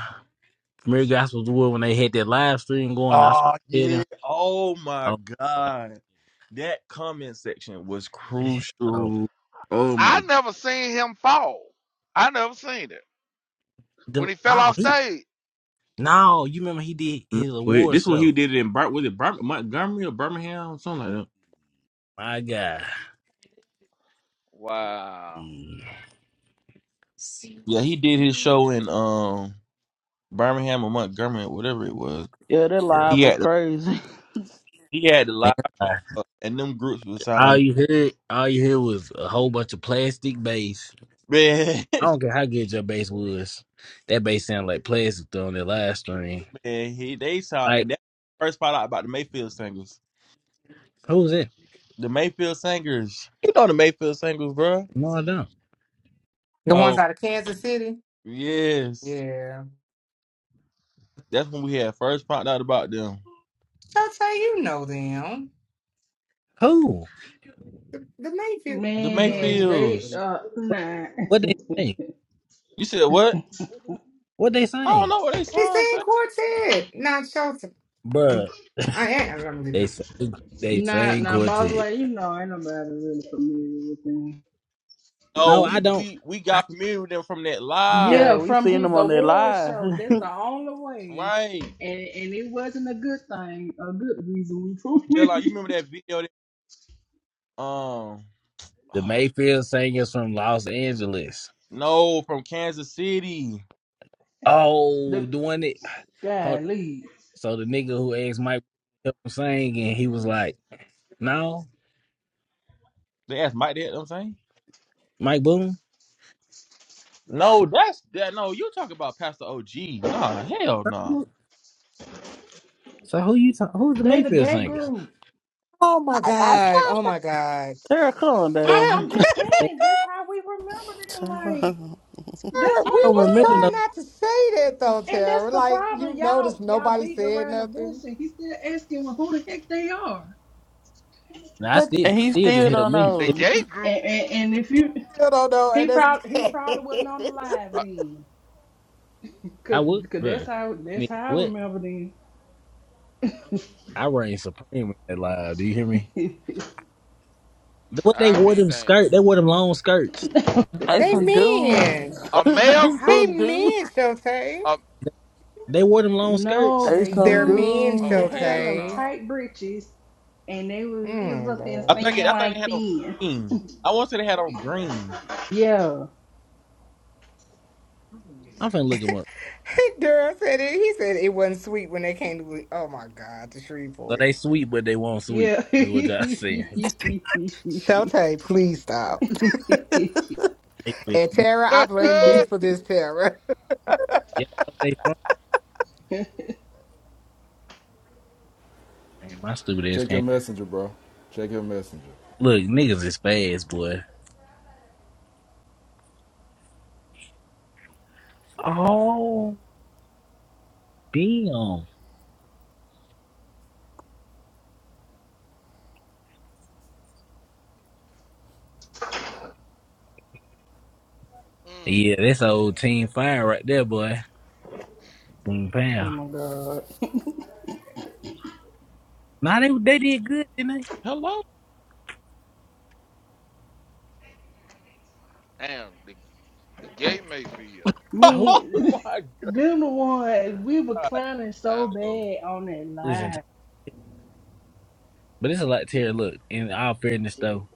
Premier Gospels were when they had that live stream going, I Oh said, yeah. Oh my God. That comment section was oh, crucial. Oh I my never seen him fall. I never seen it. The, When he fell oh, off he stage, no, you remember he did his wait, award this one he show. did it in Bir- was it Bir- Montgomery or Birmingham? Something like that. My God, wow. yeah, Yeah, he did his show in um Birmingham or Montgomery, whatever it was. Yeah, that live He yeah. was had the crazy. he had the man. live I- up, and them groups was All on you heard, all you heard was a whole bunch of plastic bass. man, I don't care how good your bass was, that bass sounded like plastic though on that live stream. man, he they saw Like and that first part out about the Mayfield singers. who's it? The Mayfield singers. You know the Mayfield singers, bro. No, I don't. The ones Oh out of Kansas City? yes. Yeah. That's when we had first found out about them. I'll tell you know them. Who? The, the Mayfield. The Man, they Mm. Mayfields. uh What? nah What they sing? You said what? What they I don't sing, know what they They song sing say. quartet, not Shelton. I'm, Bruh, I am. I'm gonna leave They it. sang, they nah sang nah by the quartet. way, you know ain't nobody really familiar with him. Oh, No, I we don't. we we I, got familiar with them from that yeah, Yeah, live, we from seen his him on that award live. show, that's the only way. right? And and it wasn't a good thing, a good reason we proved Just like you it. remember that video? That, um, the oh, Mayfield singers from Los Angeles. no, from Kansas City. Oh, The the one that hold on. golly. so the nigga who asked Mike to help him sing and he was like, No, They asked Mike that. I'm saying. Mike Boone. No, that's that. No, you talking about Pastor OG? Nah, hell no. So who you talk, who's the They the Mayfield gay singer? group. Oh my God. Oh my God. Tara, calm I'm Yeah, down. I'm just Man, saying that's how we remember So, them. Like I Tara, that's I we what don't was remember it no trying was. not to say that though, And that's Tara. the Like, problem. you notice Y'all y'all nobody beating said around the bush nothing, and he's still asking well, who the heck they are. I but still And he still still didn't help don't me. The know. gay group, And, and, and if you, still don't know. he And that's probably he bad. probably wasn't on the live uh, then, I cause, would 'cause bro. that's how that's Nigga, how I what? remember then. I reign supreme in that live. Do you hear me? What they I'll wore be them damned. skirt, they wore them long skirts. They they some mean. dudes. A I they male They some group, dudes. mean, Shelton. uh, They wore them long no, skirts. They they some They're do. mean, oh, They Shote. had dudes. on hell them no. tight breeches, and they was he was Mm, up there Lord. think singing it, I think they like had on this. green. I want to say they had on green. Yeah, I'm finna look them up. Daryl said it. He said it wasn't sweet when they came to. Oh my God, the So Shreveport. they sweet, but they won't sweet, yeah. is what y'all saying. Shote, please stop. They- and Tara, I blame you mm, for this, Tara. Yeah, they from. Man, my stupid ass Check can't. your messenger, bro. Check your messenger. Look, niggas is fast, boy. Oh, damn. Yeah, that's mm, old mm. Team Fire right there, boy. Team oh Power. my god, Nah, they, they did good, didn't they? Hello. Damn, the, the gay Mayfield. Oh, man. Oh my Them the Yeah. ones we were clowning I, so god. bad on that listen, to- live. but it's a lot, Terry. Look, in all fairness, though,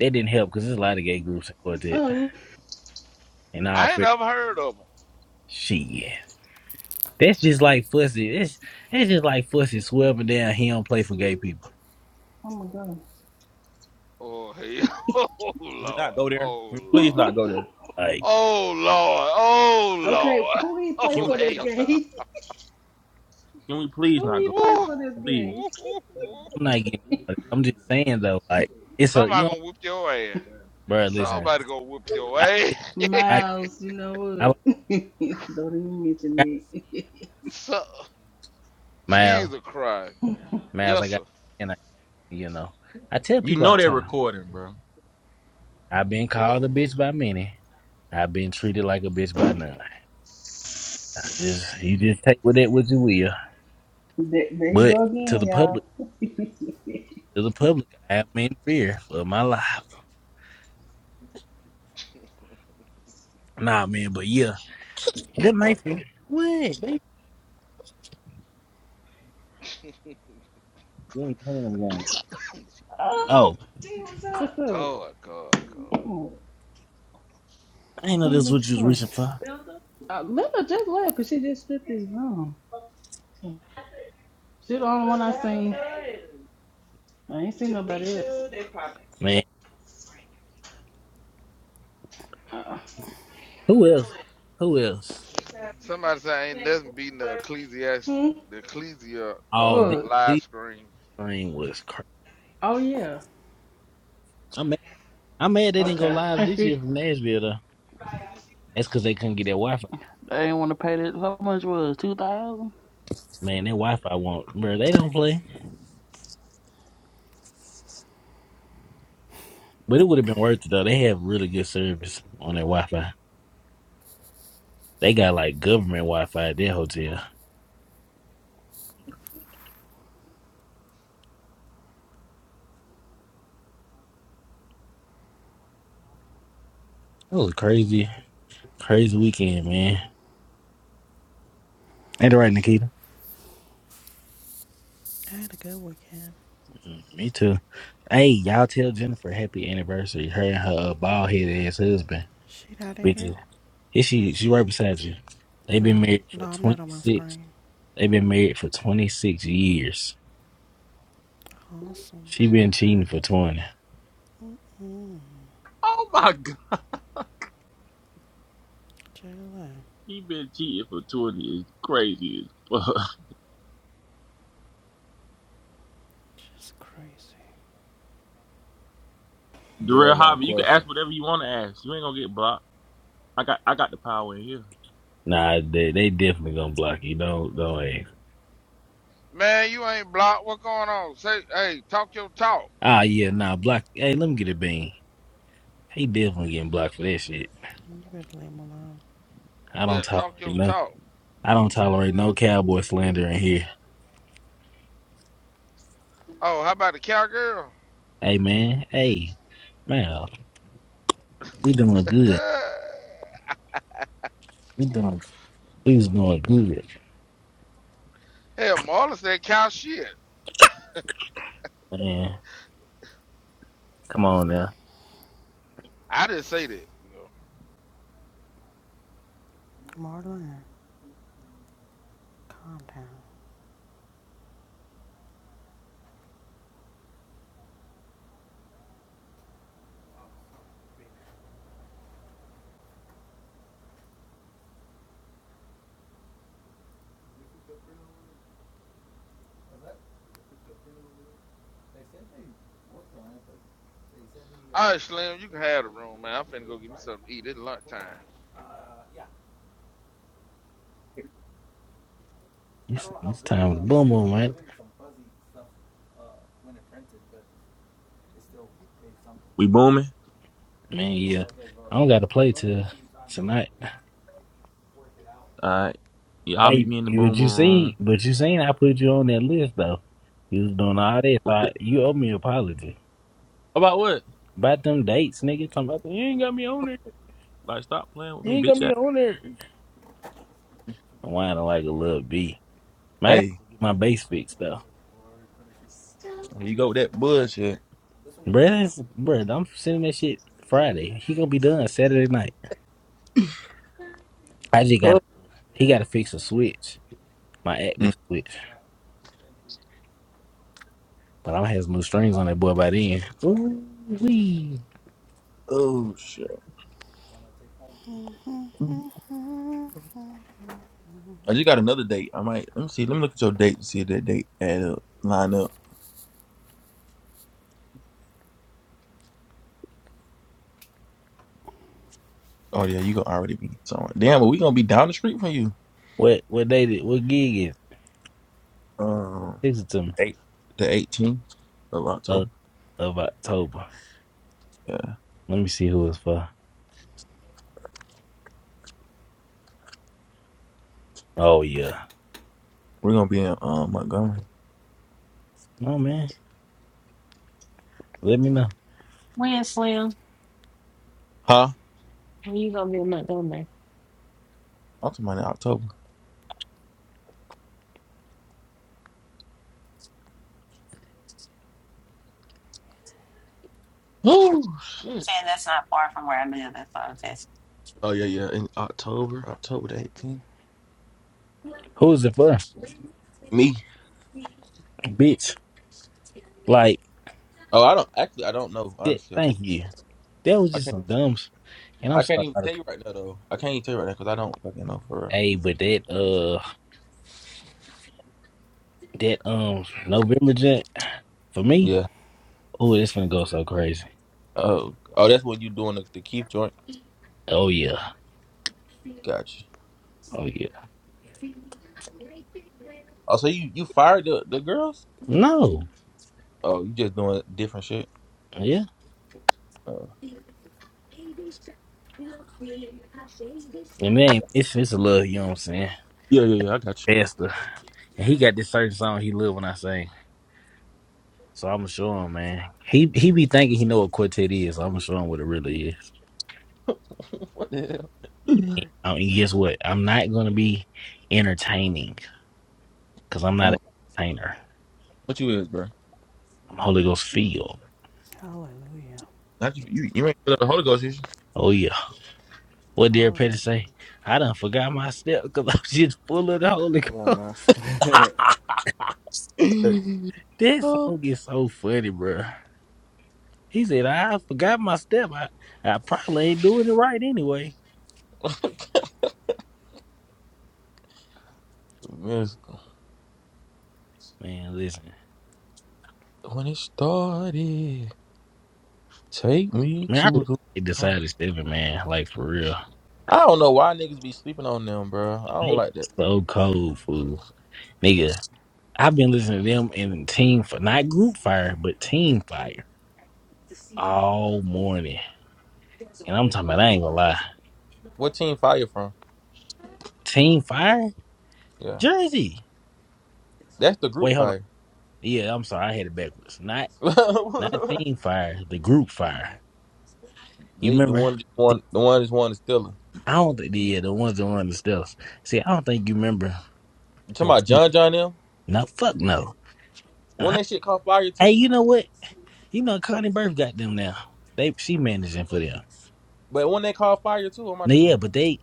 that didn't help because there's a lot of gay groups in Quartet. Oh, In all I ain't fairness, never heard of him. shit. yeah. That's just like Fussy. It's, it's just like Fussy swerving down. He don't play for gay people. oh my god. Oh, hell. Oh, Can we not Lord. go there? Oh, Can we please Lord. not go there? Like, Oh, Lord. Oh, okay, Lord. who he play Can Oh, we for this please, hell no. game? can we please I'm Who not he go play there, bro? Woo! for this Please. game? Woo, woo, woo. not getting. all that. I'm just saying, though, like, it's a, you Somebody know, gonna whoop your ass. bro, listen. Somebody gonna whoop your I tell ass. you what. I tell you Miles, you what. know I, what? was- Don't even I gotta mention say it. it. I gotta say it. so, And I use Mal. Jesus Christ. Mal's. Yes, like, I got. sir. And I use. You know. I tell You people all know they're the time. recording, bro. I've been called a bitch by many. I've been treated like a bitch by none. I just you just take with it what you will. There, there you But go to again, the public, y'all. See to the public, I am in fear of my life. Nah, man. But yeah, good Mayfield. What? They you ain't playing them games. Oh, what's up? What's up? God, God, God. Oh, I ain't know who you this looking what you was for? reaching for, Uh, Linda just left because she just stripped his room. She the only one I seen. I ain't seen nobody else. man. Uh, Who else? Who else? Somebody say ain't nothing beating the Ecclesiastes, hmm? the Ecclesia Oh, that uh, What? live Cleveland screen. stream was crazy. Oh yeah. I'm mad, I'm mad they didn't go Okay. live this year from Nashville though. That's because they couldn't get their Wi Fi. They ain't want to pay that. How much was two thousand? Man, their Wi Fi won't bro, they don't play. But it would have been worth it though. They have really good service on their Wi Fi. They got like government Wi Fi at their hotel. That was a crazy, crazy weekend, man. Ain't it right, Nikita? had a good weekend. Mm, Me too. Hey, y'all tell Jennifer happy anniversary. Her and her bald headed ass husband. She out of here? Bitch. Here she she right beside you. They've been No. married for No, I'm not on my 26. screen. They've been married for 26 years. Awesome. She been cheating for 20. Mm-mm. Oh my god. Jayla. He been cheating for 20 years. Crazy as fuck. She's crazy. Daryl Darrell got a Hobby, you can question. ask whatever you want to ask. You ain't gonna get blocked. I got I got the power in here. Nah, they, they definitely gonna block you. Don't don't. Hey. Man, you ain't blocked. What going on? Say, hey, talk your talk. Ah, yeah, nah, block. Hey, let me get a bean. He definitely getting blocked for that shit. You better leave him alone. I don't Yeah, talk tolerate your no. talk. I don't tolerate no cowboy slander in here. Oh, how about the cowgirl? Hey man, hey man, we doing good. We doing He's doing good. Hell, Marla said cow shit. Man, come on now. I didn't say that. Marlon, calm down. All right, Slim, you can have the room, man. I'm finna go get me something to eat. It's lunchtime. It's, it's time to boom boom, man. We booming? Man, yeah. I don't got to play till tonight. Alright. Y'all meet Hey, me in the you boom what boom you seen? room. But you seen I put you on that list though. You was doing all that, so What I, the- you owe me an apology. About what? About them dates, nigga. Talking about you ain't got me on there. Like stop playing with You me, ain't got bitch ass. me on there. I'm whining like a little bee. Man, I gotta Hey, get my bass fixed though. here you go with that bullshit. Bruh, that's, bruh, I'm sending that shit Friday. He gonna be done Saturday night. I just Huh? gotta he gotta fix a switch. My Mm. active switch. But I'm gonna have some new strings on that boy by then. Ooh wee. Oh shit. Mm I just got another date. I might let me see. Let me look at your date to see if that date add up, line up. Oh yeah, you gonna already be somewhere. Damn, but we gonna be down the street from you. What what day did what gig is? Um, Text it to me. eight, the eighteenth of Uh, October. of October. Yeah, Let me see who it's for. Oh yeah. we're gonna be in um Montgomery. No man. Let me know. When, Slim? Huh? When you gonna be in Montgomery? I'm talking about in October. Oh I'm shit. saying that's not far from where I live. That's all I'm asking. Oh yeah, yeah, in October, October the eighteenth. Who is it for? Me? Bitch. Like Oh, I don't actually. I don't know. that, Honestly, I can't. thank you. That was I just can't. some dumb s- and I'm I can't sorry even about tell people. you right now though. I can't even tell you right now because I don't fucking know for real. Hey, but that uh that um November jet for me, Yeah. oh it's gonna go so crazy. Oh. Oh, that's when you doing the, the Keith joint. Oh yeah. Gotcha. Oh yeah. Oh, so you you fired the, the girls? No. Oh, you just doing different shit. Yeah. Oh, And I man, got- Misfits a little, you know what I'm saying? yeah, yeah, yeah. I got you. Faster. And he got this certain song he love when I sing. So I'ma show him, man. He he be thinking he know what quartet is. I'ma show him what it really is. what the hell? Um, and guess what? I'm not gonna be entertaining because I'm not an Oh, entertainer. what you is, bro? I'm Holy Ghost filled. Hallelujah. Not you. You, you ain't feel the Holy Ghost, is Oh yeah. What did Petty say? Hallelujah. I done forgot my step because I'm just full of the Holy Come on Ghost. now. you? That oh, song is so funny, bro. He said, I forgot my step. I, I probably ain't doing it right anyway. Miss- Man, listen. when it started, take me Man, I to a good really part. decided seven, man. Like for real. I don't know why niggas be sleeping on them, bro. I They don't like are that. so cold, fool. Nigga, I've been listening to them in team for not group fire, but team fire all morning. And I'm talking about I ain't gonna lie. What team fire from? Team fire? Yeah, Jersey. that's the group Wait, hold on. fire. Yeah, I'm sorry, I had it backwards. Not they not team fire, the group fire. You the remember? one the one the one is one is still. I don't think yeah, the ones that run the steps. See, I don't think you remember. You talking when about John Keith- John them? No, fuck no. Uh, When that shit caught fire Hey, too. you know what? You know Connie Burke got them now. They she managing for them. But when they caught fire too, am I Now, yeah, tripping? but they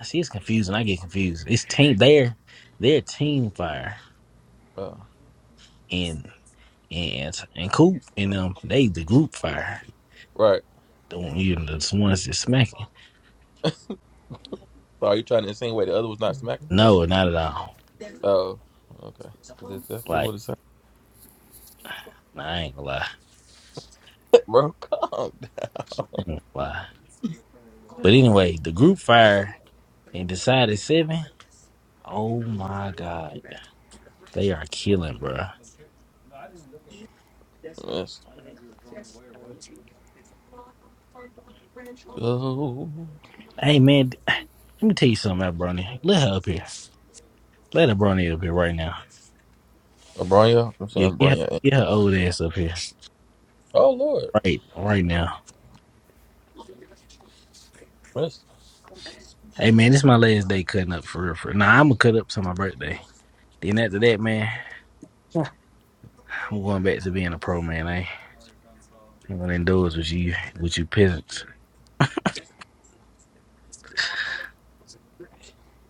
I see it's confusing. I get confused. It's team they're they're team fire Oh, and and and Coop and um they the group fire. right. The one you know, the ones that smacking. So are you trying to insinuate the other was not smacking? No, not at all. Oh, okay. 'Cause That's definitely Like what it said. nah, I ain't gonna lie. I Bro, calm down. ain't gonna lie. But anyway, the group fire and decided seven. Oh my God. They are killing, bro. Let's go. Hey, man. Let me tell you something about Brony. Let her up here. Let her Brony up here right now. Bronya, I'm Yeah, saying get her, Bronya. in. get her old ass up here. Oh Lord, Right, right now. let's Hey, man, this is my last day cutting up for real. For real. Nah, I'm going to cut up to my birthday. Then after that, man, I'm going back to being a pro, man. I ain't going to indoors with you, with you peasants.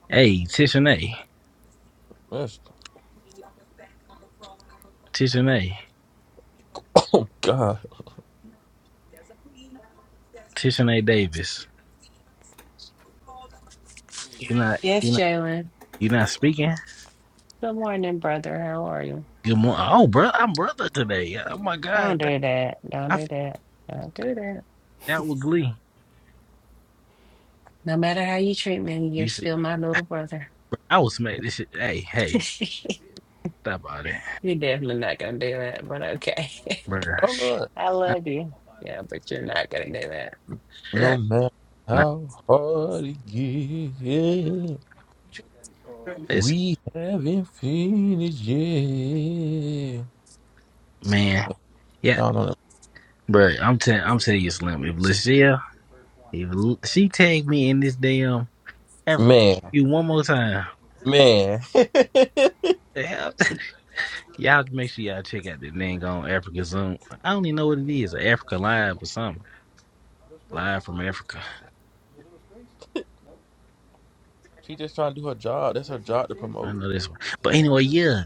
Hey, Tishane, let's. Tishane, Oh God, Tishane Davis. You're not, Yes, you're not, Jalen. you're not speaking? Good morning, brother. How are you? Good morning. Oh, bro, I'm brother today. Oh my Don't God, do that. Don't I do feel that. Don't do that. like that with Glee. No matter how you treat me, you're You see, still my little brother. bro, I would smack this shit. Hey, hey, stop all that, You're definitely not gonna do that, but okay. bro. oh Lord. I I- love you. Yeah, but you're not gonna do that. No yeah, matter Nah, how hard it gets, it's we haven't finished yet. man, yeah, Y'all know that. bro. I'm telling, I'm telling you, Slim. If Lucia, if Lu- she tagged me in this damn Africa, Man, you one more time. man. the hell? y'all make sure y'all check out the thing on Africa Zoom. I don't even know what it is, Africa Live or something. Live from Africa. She just trying to do her job. That's her job to I promote. know this one, but anyway, yeah.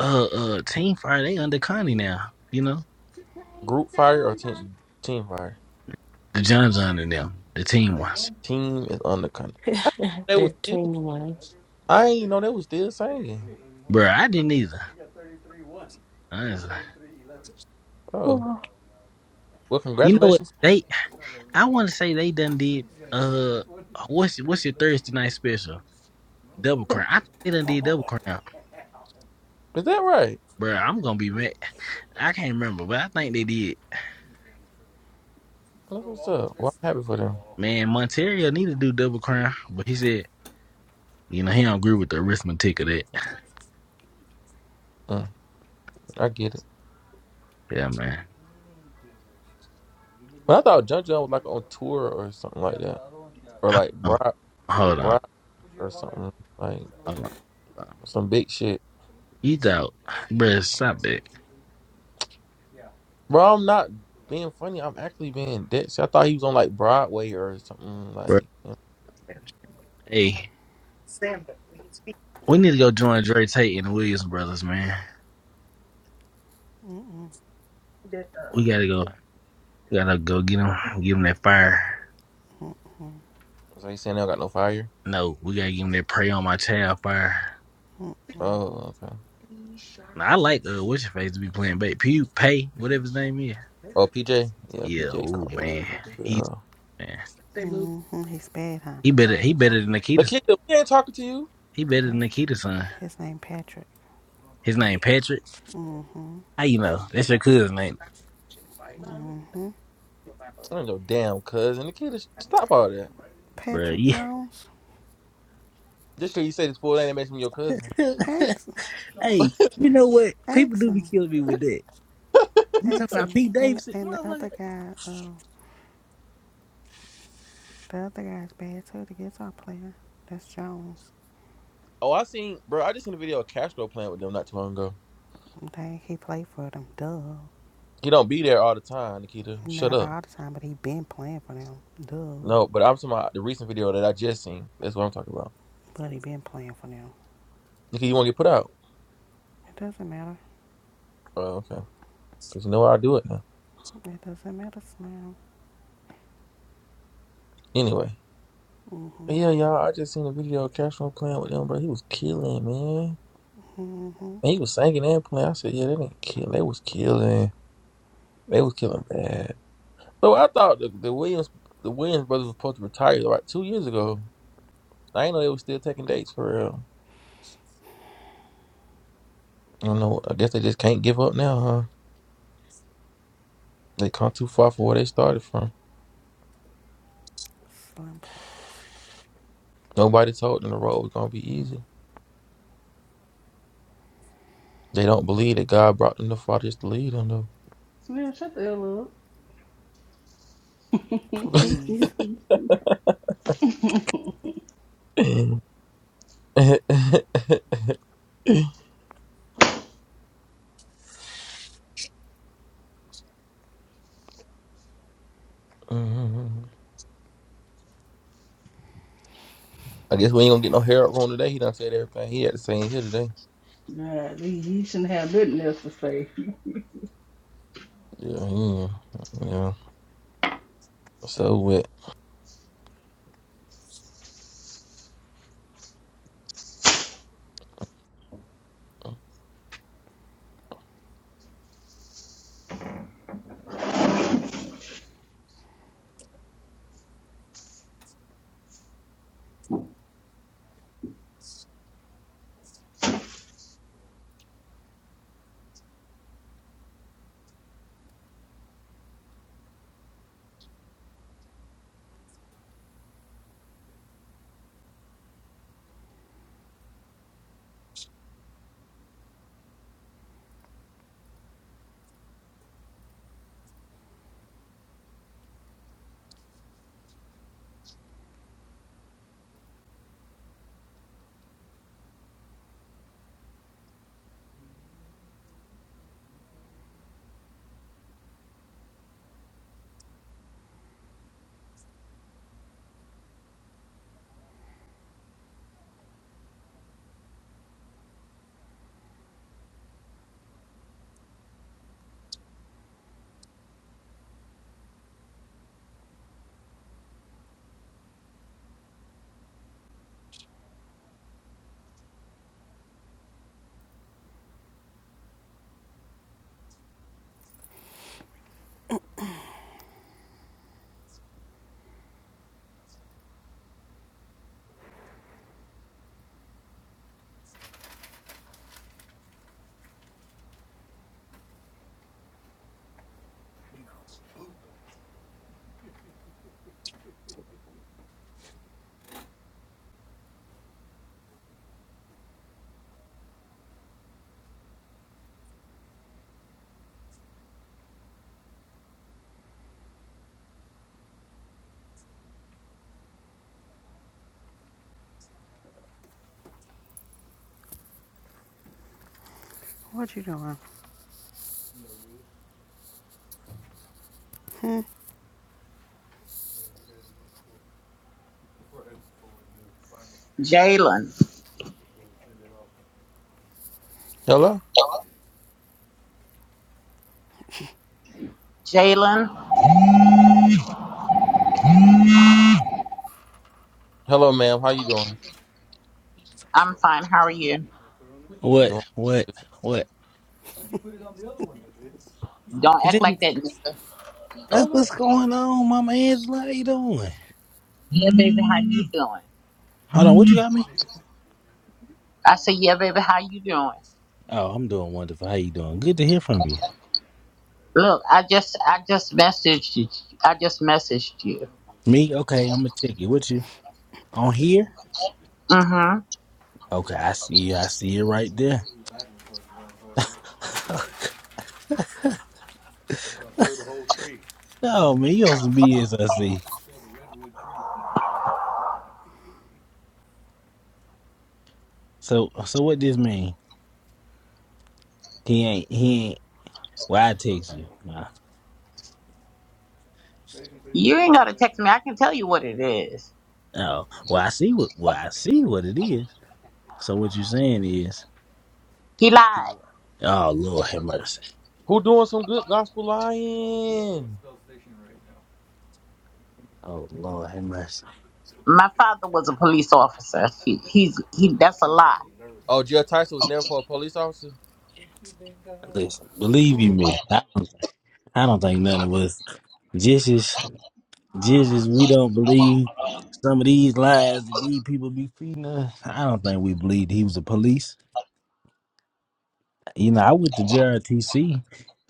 Uh, uh, Team Fire they under Connie now. You know. Group fire or team team fire? The John John and them, the team ones. Team is on the country. I They was still. 15 months. I ain't know they was still singing. Bro, I didn't either. Honestly. Oh Lord well, You know what? congratulations. They I wanna say they done did uh what's what's your Thursday night special? Double crown. I think they done did double crown. Is that right? Bro, I'm gonna be mad. I can't remember, but I think they did. That's what's up. Well, I'm happy for them. Man, Monterio need to do double crown, but he said, you know, he don't agree with the arithmetic of that. Mm, I get it. Yeah, man. But I thought Jun Jun was like on tour or something like that, or like Oh, Brock hold on. Brock or something like Hold on. Hold on. some big shit. You thought, bro, stop that. Bro, I'm not being funny. I'm actually being dead. See, I thought he was on like Broadway or something Bro. like. Hey. We need to go join Dre Tate and the Williams brothers, man. Mm-mm. We gotta go. We gotta go get them. Give them that fire. So you saying they don't got no fire? No, we gotta give them that pray on my child fire. Mm-mm. Oh, okay. Now, I like uh, what's your face to be playing bait. Pew Pay, whatever his name is. Oh, PJ? Yeah, Yeah, PJ oh Cole. man, he's Yeah. man. Mm-hmm. He's bad, huh? He better. He better than Nikita's. Nikita, we ain't talking to you. He better Okay. than Nikita's son. His name Patrick. His name Patrick. Mm-hmm. How you know? That's your cousin name, Mm-hmm. I ain't no damn cousin. Nikita, sh- stop all that. bro. Patrick Yeah. Jones? Just because you say this fool name, it makes me your cousin. hey, Ask you know what? People Ask do be him. killing me with that. You talking Ask about him. Pete And Davidson, and the motherfucker? other guy, uh, the other guy's bad too, the guitar player. That's Jones. Oh, I seen, bro, I just seen a video of Castro playing with them not too long ago. Dang, he played for them. Duh. He don't be there all the time, Nikita. Shut Not up. all the time, but he been playing for them. Duh. No, but I'm talking about the recent video that I just seen. That's what I'm talking about. But he been playing for them. Nikita, you want to get put out? It doesn't matter. Oh, okay. Because you know I'll do it now. It doesn't matter, Slim. Anyway. Mm-hmm. But yeah, y'all, I just seen a video of Castro playing with them, bro. He was killing, man. Mm-hmm. And he was singing and playing. I said, yeah, they didn't kill. They was killing. They was killing bad. So I thought the, the Williams the Williams brothers was supposed to retire like two years ago. I ain't know they was still taking dates for real. I don't know. I guess they just can't give up now, huh? They come too far from where they started from. Slim, please. Nobody told them the road was gonna be easy. They don't believe that God brought them this far just to lead them though. Slim, shut the hell up. Please. God, Mhm. I guess we ain't gonna get no Harold wrong today. He done said everything he had to say in here today. you shouldn't have nothing else to say. Yeah, yeah, yeah. So what? What you doing? Jalen. Hello, Jalen, hello, ma'am. How you doing? I'm fine. How are you? What? Doing? What? What? Don't Is act it? like that nigga. That's Hello. what's going on, Mama Angela. How you doing? Yeah, baby, how you doing? Hold on. What you got me? I said, yeah, baby, how you doing? Oh, I'm doing wonderful. How you doing? Good to hear from you. Look, I just, I just messaged you. I just messaged you. Me? Okay. I'm gonna check it. What you on here? Mm-hmm. Okay. I see you. I see you right there. oh man, you also be as I see. So, so what this mean? He ain't. He ain't. Well, I text you. Nah. You ain't gotta text me. I can tell you what it is. Oh, well, I see what. Well, I see what it is. So what you saying is? He he- lied. Oh Lord, have mercy. Who doing some good gospel Oh Lord. lying? Oh Lord, have mercy. My father was a police officer. He, he's, he. That's a lie. Oh, Jeff Tyson was never for a police officer. Listen, believe you Mm, me, I don't, I don't think none of us. Just as, just as we don't believe some of these lies that these people be feeding us, I don't think we believed he was a police. You know, I went to JRTC.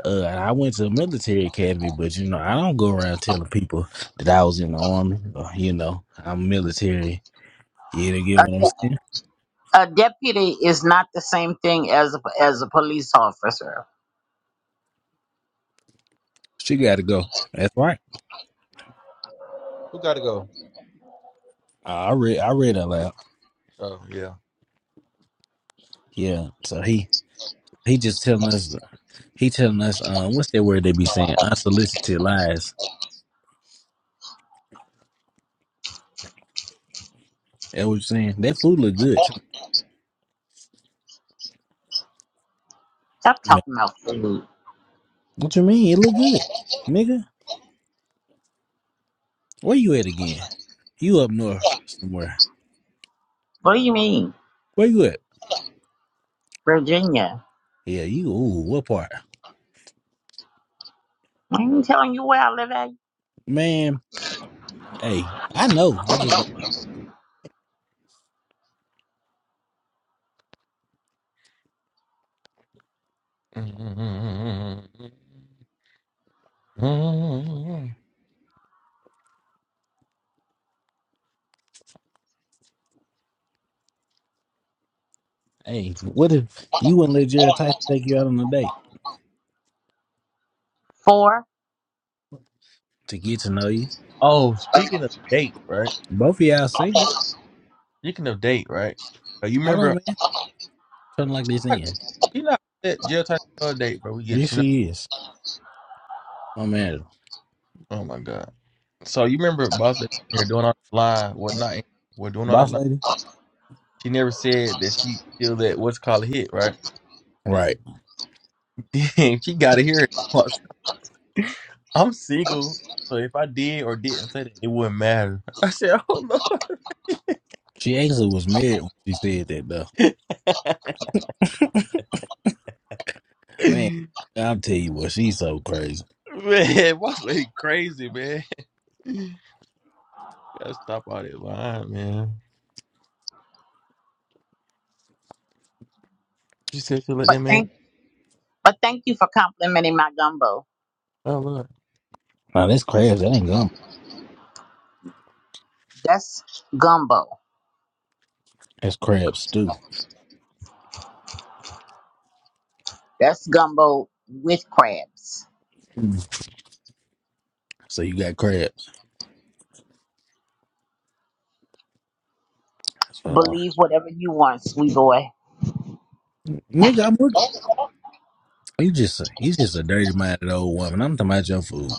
Uh, and I went to a military academy, but you know, I don't go around telling people that I was in the army or you know, I'm military. You to get A, what I'm saying? a deputy is not the same thing as a, as a police officer. She got to go. That's right. Who got to go? I I read, I read out loud. Oh yeah. Yeah. So he, He just telling us, he telling us, um, what's that word they be saying? Unsolicited lies. That what you saying? That food look good. too, Stop man. talking about food. What you mean? It look good, nigga. Where you at again? You up north somewhere? What do you mean, Where you at? Virginia? Yeah, you. Ooh, what part? I ain't telling you where I live at Man, hey, I know. I just don't. Hey, what if you wouldn't let Jared Tyson take you out on a date for, to get to know you? Oh, speaking of date, right? Both of y'all single. Speaking of date, right? Uh, You Hold on, remember? man. Trying to like this in. You not that jail Tyson on a date, bro. We get Yes, it. You know? she is. My man, Oh my god. So you remember Boss that here doing all that line? What not? What doing all that boss line? lady. She never said that she feel that what's called a hit, right? Right. Damn, she got to hear it. I'm single, so if I did or didn't say that, it wouldn't matter. I said, "Oh Lord, She actually was married when she said that though. Man, I'll tell you what, she's so crazy. man, what's lady crazy, man? Gotta stop all that lying, man." She said she let but that man. thank but thank you for complimenting my gumbo. Oh Lord, Now that's crabs, that ain't gum. That's gumbo. That's crab stew. That's gumbo with crabs. Mm. So you got crabs. That's what I Believe whatever you want, sweet boy. Nigga, I'm working. You just he's just a dirty minded old woman. I'm talking about your food.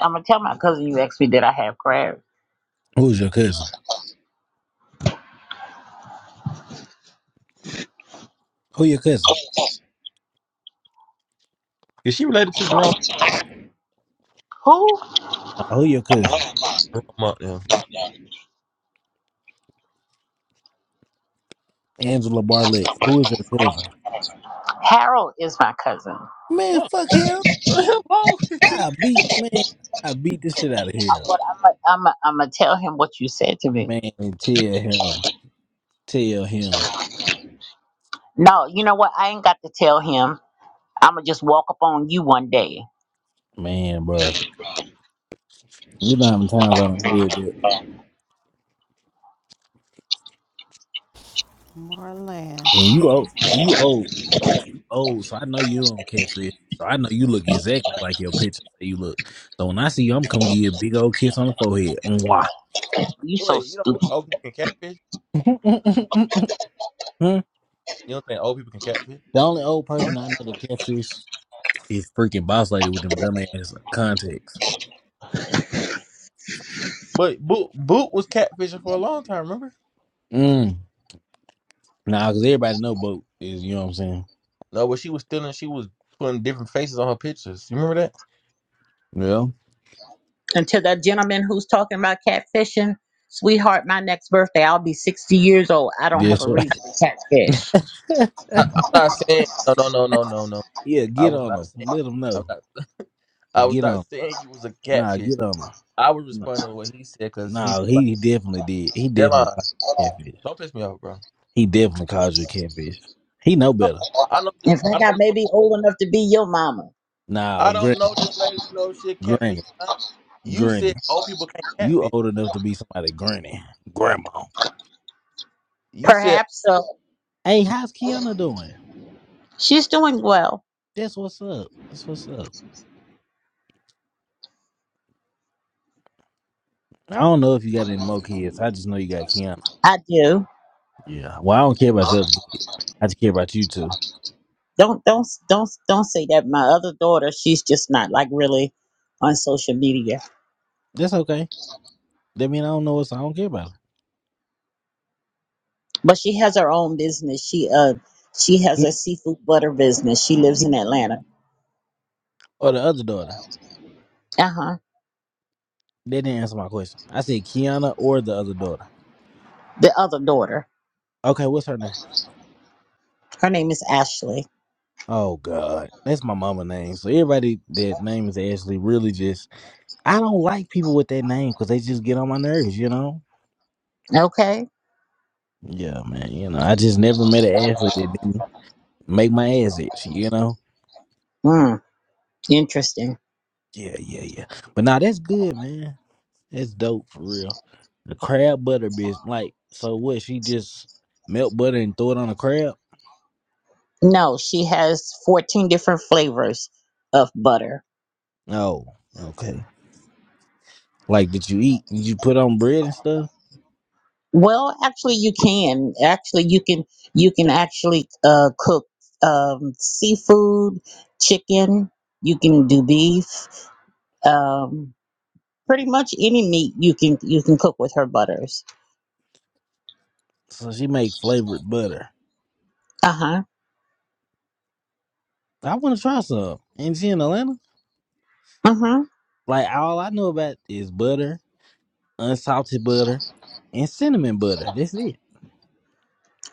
I'm gonna tell my cousin you asked me did I have crabs. Who's your cousin? Who your cousin? is she related to Jerome? Who? Uh, who your cousin? Jerome out there. Angela Barlett. Who is your cousin? Harold is my cousin. Man, Oh, fuck Harold. hello. I beat man, I beat the shit out of Harold. What I'm gonna I'm gonna I'm gonna tell him what you said to me. Man, tell him. Tell him. No, you know what? I ain't got to tell him. I'm gonna just walk up on you one day. Man, bro. You know how many times I don't hear that. Marlon. And you old, and you old, you old. So I know you don't catfish. So I know you look exactly like your picture say you look. So when I see you, I'm gonna give you a big old kiss on the forehead. Mwah. You so Wait, you don't stupid. think old people can catfish? Hmm? You don't think old people can catfish? The only old person I know that catfish is freaking boss lady with them dumbass contacts. Like, But Boot Boot was catfishing for a long time. Remember? Mm. Nah, cause everybody know boat is. You know what I'm saying? No, but she was stealing. She was putting different faces on her pictures. You remember that? yeah. And to that gentleman who's talking about catfishing, sweetheart, my next birthday, I'll be 60 years old. I don't have That's a right. reason to catfish. I, I'm not saying no, no, no, no, no, no. Yeah, I get was on not them. saying Let them I'm know. not I And was Get on. not 'em. saying you was a Nah, catfish. get on them. I was Nah, responding to what he said because he nah, feel like he definitely did. He definitely caught Jelon, the catfish. don't piss me off, bro. He definitely calls you a catfish. He know better. I know this, In I fact, I don't may know be old enough to be your mama. Now, I granny, don't know this lady to know if she a catfish granny, or not. You said granny. old people can't You catfish. old enough to be somebody granny, grandma. You said Perhaps so. Hey, how's Kiana doing? She's doing well. That's what's up. That's what's up. I don't know if you got any more kids. I just know you got Kiana. I do. Yeah. Well, I don't care about your other kids. I just care about you two. Don't don't don't don't say that. My other daughter, she's just not like really on social media. That's okay. That mean I don't know what's I don't care about. But she has her own business. She uh she has Her. a seafood butter business. She lives Ki- in Atlanta. Or the other daughter. Uh-huh. They didn't answer my question. I said Kiana or the other daughter. The other daughter. Okay, what's her name? Her name is Ashley. Oh God, that's my mama name. So everybody that name is Ashley really just I don't like people with that name because they just get on my nerves, you know. Okay. Yeah, man. You know, I just never met an Ashley that didn't make my ass itch, you know. Hmm. Interesting. Yeah, yeah, yeah. But now nah, that's good, man. That's dope for real. The crab butter bitch, like, so what? She just melt butter and throw it on a crab? No, she has 14 different flavors of butter. Oh, okay. Like, did you eat? Did you put on bread and stuff? Well, actually you can. Actually you can you can actually uh cook um seafood, chicken, you can do beef, um pretty much any meat you can you can cook with her butters. So she make flavored butter. Uh-huh. I want to try some. Ain't she in Atlanta? Uh huh. Like all I know about is butter, unsalted butter, and cinnamon butter. That's it.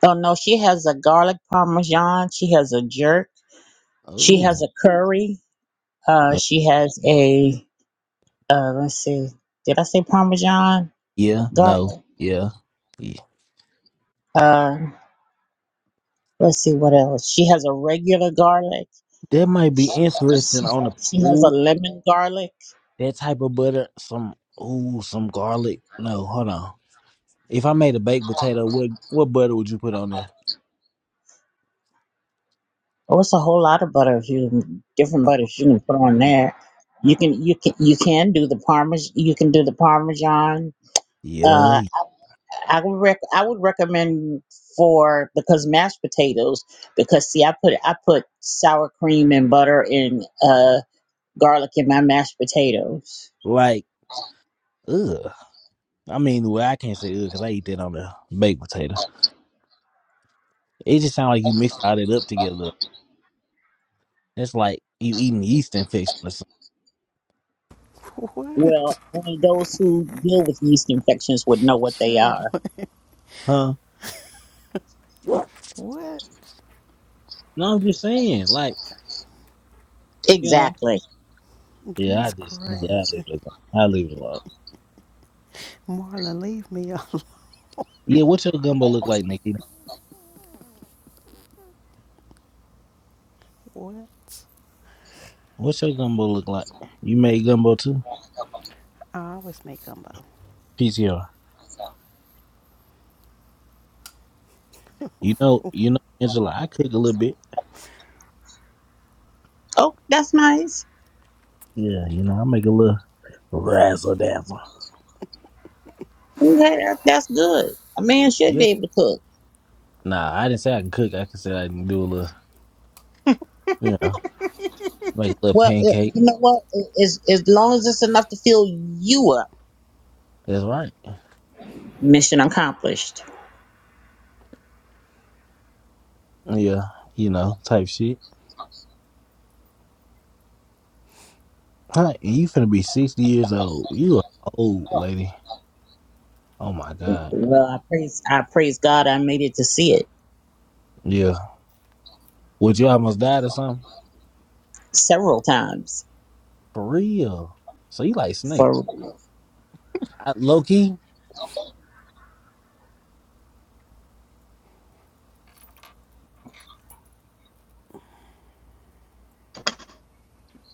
Oh no, she has a garlic parmesan, she has a jerk, she has Oh, a curry, uh no, she has a uh let's see. Did I say parmesan? yeah, no, Garlic. yeah, yeah. Uh. Let's see what else. She has a regular garlic. That might be She interesting has, on the she has a ooh lemon garlic. that type of butter. Some ooh some garlic. No, hold on. If I made a baked potato, what what butter would you put on there? Oh, it's a whole lot of butter. If you different butters you can put on there. You can you can you can do the parmesan. You can do the parmesan. Yeah, Uh, I, I would rec- I would recommend for because mashed potatoes because see I put I put sour cream and butter and uh garlic in my mashed potatoes. like ugh. I mean, well, I can't say ugh because I eat that on the baked potato. It just sounds like you mixed all that up together. It's like you eating yeast infection or something. What? Well, only those who deal with yeast infections would know what they are. Jalen. huh? What? No, I'm just saying, like, you know. Exactly. Yeah, I That's just I leave crazy. it alone. I leave it alone. Marla, leave me alone. Yeah, what's your gumbo look like, Nikki? What? What's your gumbo look like? You made gumbo too? I always make gumbo. PCR. You know, you know, Angela, I cook a little bit. Oh, that's nice. Yeah, you know, I make a little razzle dazzle. Okay, that, that's good. A man should be Yeah. able to cook. Nah, I didn't say I can cook. I can say I can do a little, you know, make a little Well, uh, pancake. you know what? A- As as long as it's enough to fill you up, That's right. mission accomplished. Yeah, you know, type shit. Huh? You finna be sixty years old. You a old lady. Oh my god. Well, I praise I praise God. I made it to see it Yeah. Would you almost died or something? several times. For real. So you like Snake. For I, low key?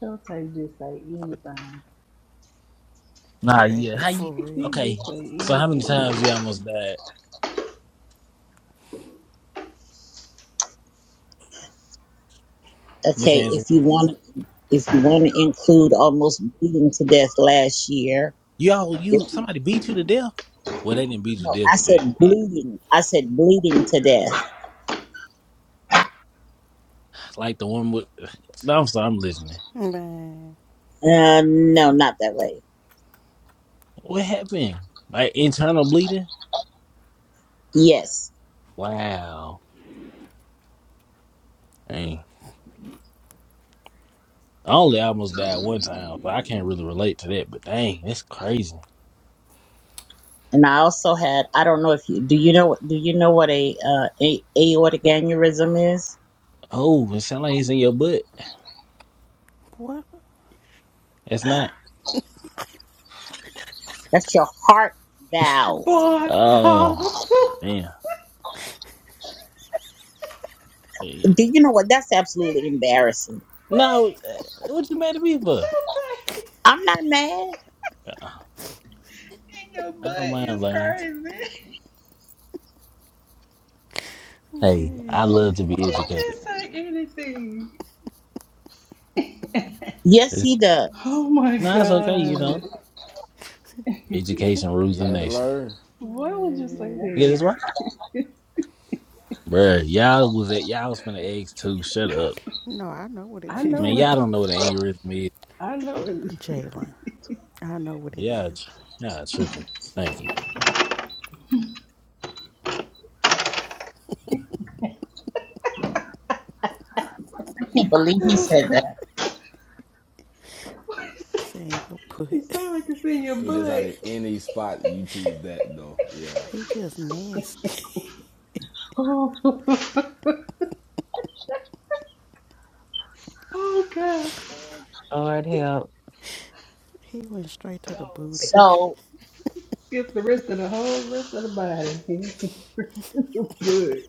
Showtime just say anything. Nah, Eh, yeah. How For you real. He okay. just say So how many anything. times you almost died, Miss okay, Angela? if you want if you want to include almost bleeding to death last year. Yo, If, you somebody beat you to death? Well they didn't beat you to no, death, I but they said did. bleeding. I said bleeding to death. Like the one with No, I'm sorry, I'm listening. Man, Uh, no, not that way. What happened? Like internal bleeding? Yes. Wow. Dang. I only almost died one time, so I can't really relate to that, but dang, that's crazy. and I also had I don't know if you do you know what do you know what a, uh, a aortic aneurysm is? Oh, it sounds like it's in your butt. what? It's not. That's your heart valve. Boy, Hollis, Oh, what? man. Yeah. Do you know what? That's absolutely embarrassing. No, uh, what you mad at me for? Showtime I'm not mad. Uh-uh. in your I don't butt mind is learning. crazy. Hey, I love Yeah, to be He educated. just say anything. Yes, It's, he does. Oh my no, it's okay, you God. know. Education rules he the had to nation. learn. Why would you say yeah. Yeah, that? that's right. Bruh, y'all was at y'all was finna eggs too. Shut up. No, I know what I it is. Man, know y'all it. don't know what an aneurysm is. I know it. Jalen, I know what it Y'all, is. tr- y'all tripping. Thank you. I can't believe he said that. you Saying your put. sound like it's in your It was just out butt. of any spot you choose that though. Yeah. He just nasty. Oh, oh God. help. He went straight to the booty. So, Skip the rest of the whole rest of the body. good.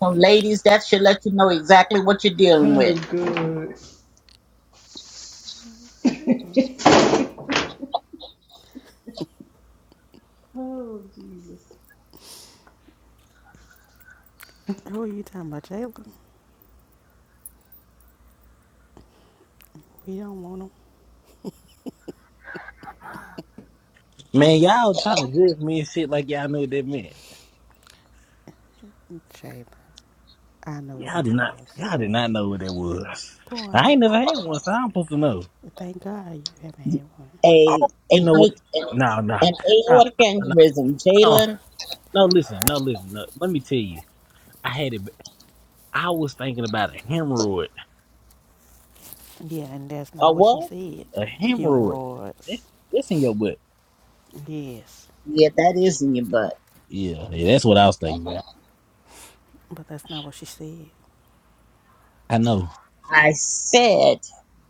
so ladies, that should let you know exactly what you're dealing Oh, with. good. oh, Jesus. Who are you talking about, Jalen? We don't want him. Man, y'all trying to judge me and shit like y'all knew what that meant. Jalen, I know what Y'all it did not is. y'all did not know what that was. I Boy, ain't never had one, so I'm supposed to know. thank God you haven't had one. A Oh, a you know what? an, Nah, nah, an nah, aortic nah, aneurysm, nah. Jalen. No, listen, no, listen. No, let me tell you, I had it. I was thinking about a hemorrhoid. Yeah, and that's not A what she what? said. A hemorrhoid. That, Hemorrhoids. that's in your butt. Yes, Yeah, that is in your butt. Yeah, yeah, that's what I was thinking about. but that's not what she said. You I know. I said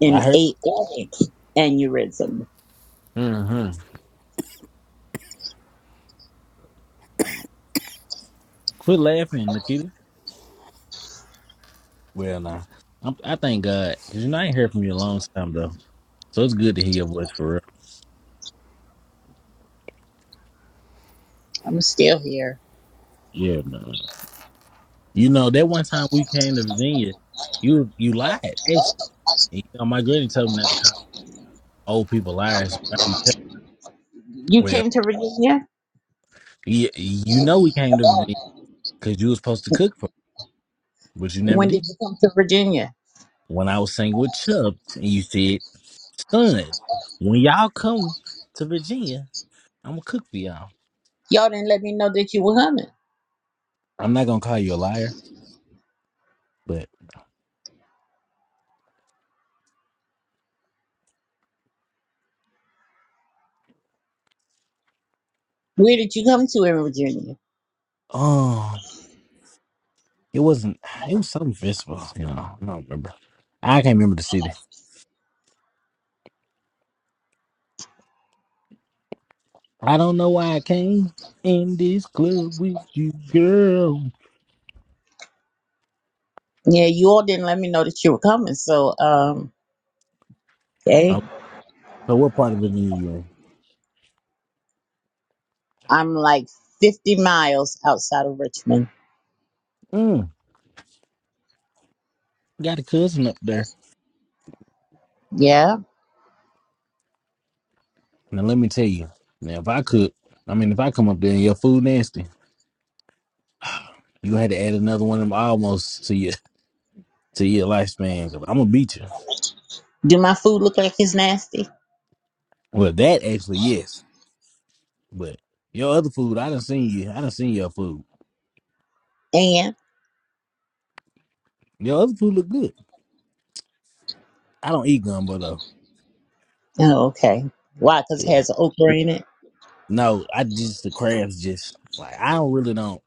an I heard. aortic aneurysm. hmm Quit laughing, Nikita. Well, nah. I'm, I thank God because you know I ain't heard from you a long time though, so it's good to hear your voice for real. I'm still here. Yeah, man. You know that one time we came to Virginia, you you lied actually. And, you know, my granny told me not to call old people liars. I be tell- You Well, came to Virginia? yeah, you know we came to Virginia. because you was supposed to cook for me, but you never When did. did you come to Virginia? When I was singing with Chubbs, and you said, son, when y'all come to Virginia, I'm gonna cook for y'all. Y'all didn't let me know that you were coming. I'm not gonna call you a liar, but Where did you come to in Virginia? um, it wasn't. It was something festival, you know. I don't remember. I can't remember the city. I don't know why I came in this club with you, girl. Yeah, you all didn't let me know that you were coming. So, um, hey, Um, so what part of Virginia you I'm like 50 miles outside of Richmond. in? Mm, got a cousin up there. Yeah. Now let me tell you. Now if I cook, I mean if I come up there and your food nasty. You had to add another one of them almost to your to your lifespan. 'Cause I'm gonna beat you. Do my food look like it's nasty? Well, that actually yes, but your other food, I done seen you. I done seen your food. And, Your other food look good. I don't eat gumbo though. oh, okay. Why? Because it Yeah. has okra in it? No, I just the crabs. Just like I don't really don't.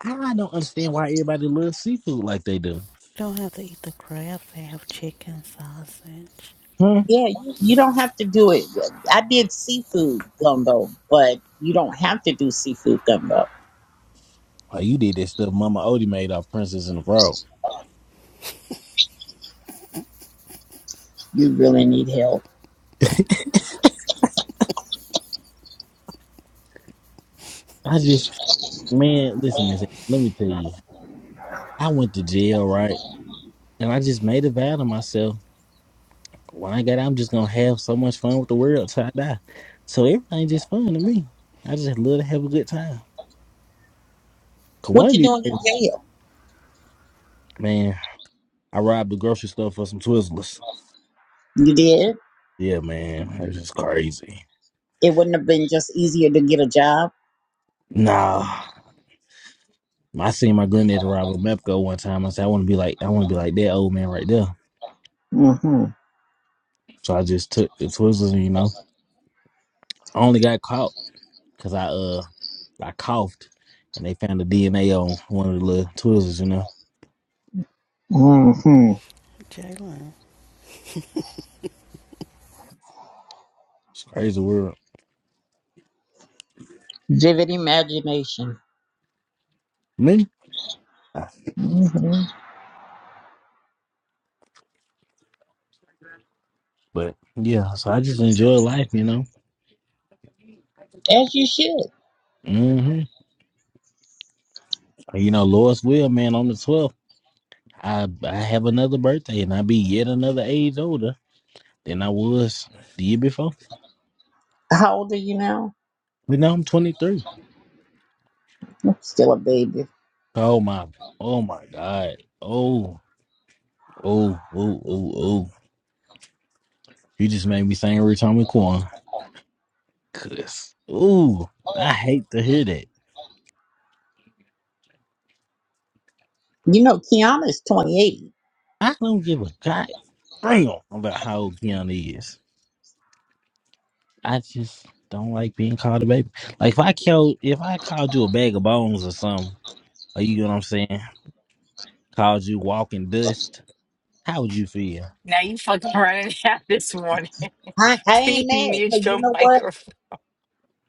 I don't understand why everybody loves seafood like they do. don't have to eat the crabs. They have chicken sausage. Huh? Yeah, you, you don't have to do it. I did seafood gumbo, but you don't have to do seafood gumbo. Like you did that stuff Mama Odie made off Princess and the Frog. You really need help. I just man, listen, man. Let me tell you. I went to jail, right? And I just made a vow to myself. When I get out, I'm just gonna have so much fun with the world till I die. So everything just fun to me. I just love to have a good time. Cause one What of you these doing days, in jail? man, I robbed the grocery store for some Twizzlers. You did. Yeah, man, it just crazy. It wouldn't have been just easier to get a job. Nah, I seen my granddad rob a Mepco one time. I said I want to be like I want to be like that old man right there. Mm-hmm. So I just took the Twizzlers, and you know, I only got caught because I uh I coughed, and they found the DNA on one of the little Twizzlers. You know, Mm-hmm. Jalen, it's a crazy world. Vivid imagination. Me? Mm-hmm. But yeah, so I just enjoy life, you know. As you should. hmm You know, Lois will, man, on the twelfth, I I have another birthday and I be yet another age older than I was the year before. How old are you now? But now I'm twenty three. I'm still a baby. Oh my oh my God. Oh, oh, oh, oh, oh. You just made me sing every time we Quan. Cause ooh, I hate to hear that. You know, Kiana's 28. I don't give a god damn about how old Keanu is. I just don't like being called a baby. Like if I killed, if I called you a bag of bones or something, are you get what I'm saying? Called you walking dust, how would you feel? Now you fucking running out this morning. I, I ain't Please mad mute because you your know what? microphone.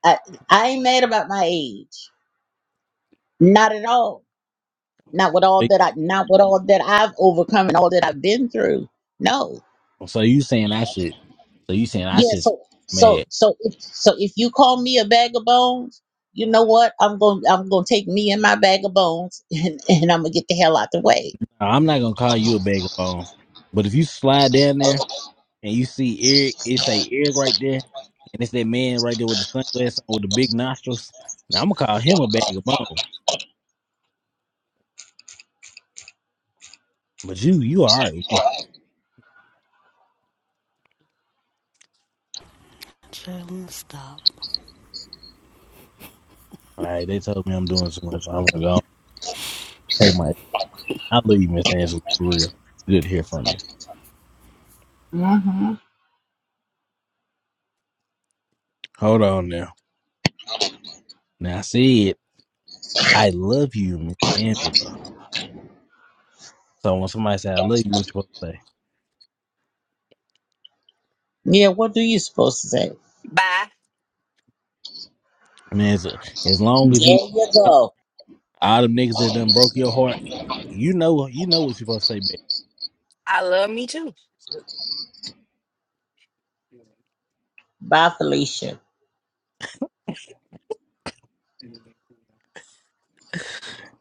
I, I ain't mad about my age. Not at all. Not with all Like, that I not with all that I've overcome and all that I've been through. No. So you saying I should? So you saying I Yeah, should? so so Mad? so if so if you call me a bag of bones, you know what? I'm going I'm going to take me and my bag of bones and, and I'm going to get the hell out the way. Now, I'm not gonna call you a bag of bones, but if you slide down there and you see Eric, it's a Eric right there, and it's that man right there with the sunglasses on with the big nostrils. Now I'm gonna call him a bag of bones, but you, you all right with me? Jalen, stop. All right, they told me I'm doing too much. so I'm gonna go. take my I leave Miss Angela for real. It's good to hear from you. Mm-hmm. Hold on now. Now I said I love you, Miss Angela. So when somebody say I love you, what you supposed to say? Yeah, what do you supposed to say? Bye. Man, as, as There long as you you love go. all them niggas that done broke your heart, you know you know what you supposed to say back. I love me too. Bye, Felicia.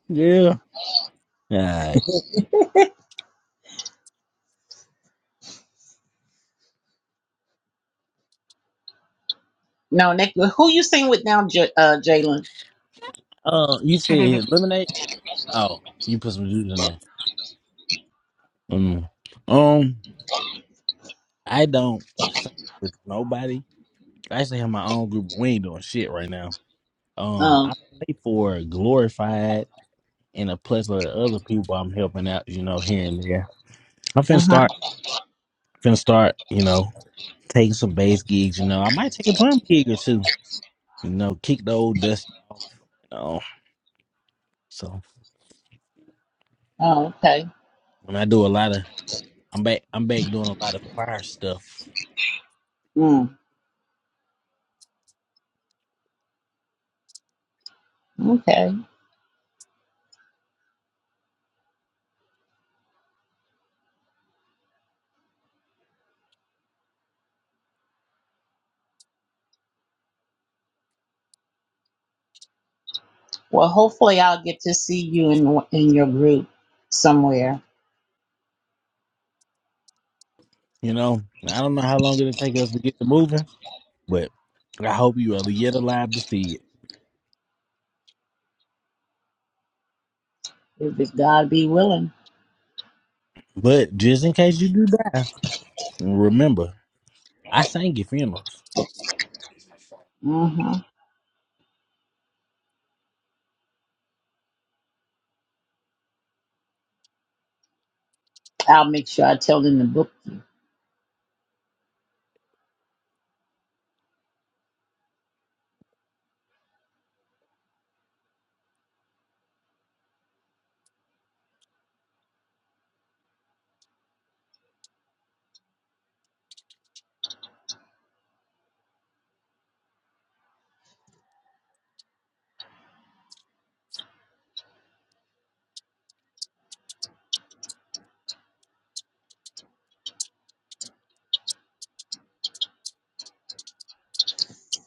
Yeah. Alright. No, Nick, who you sing with now, J- uh, Jalen? Uh you said Jalen, lemonade? Oh, you put some juice in there. Mm. Um, I don't sing with nobody. I actually have my own group. We ain't doing shit right now. Um, Um, I pay for Glorified and a plethora of other people I'm helping out, you know, here and there. I'm finna Uh-huh. start, finna start, you know, taking some bass gigs, you know. I might take a drum gig or two, you know, kick the old dust off, you know. So oh, okay. and I do a lot of I'm back I'm back doing a lot of choir stuff, Mm, okay. Well, hopefully I'll get to see you in in your group somewhere. you know. I don't know how long it'll take us to get to moving, but I hope you are yet alive to see it. If it- God be willing, But just in case you do die, remember, I sang your funerals. Mm-hmm. I'll make sure I tell them to book.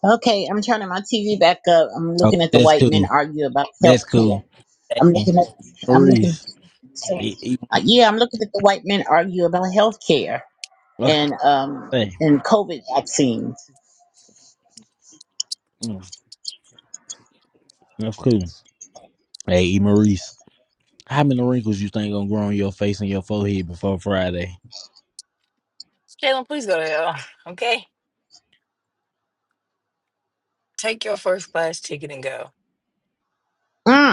Okay, I'm turning my TV back up. I'm looking Okay, at the that's white cool. men argue about health That's cool. care. Hey, I'm E. looking at, I'm looking, Maurice. E- e- okay, uh, yeah, I'm looking at the white men argue about health care what and um they say. and COVID vaccines. Mm, that's cool. Hey, E. Maurice. How many wrinkles you think gonna grow on your face and your forehead before Friday? please go to hell. Okay. Take your first class ticket and go. Mm.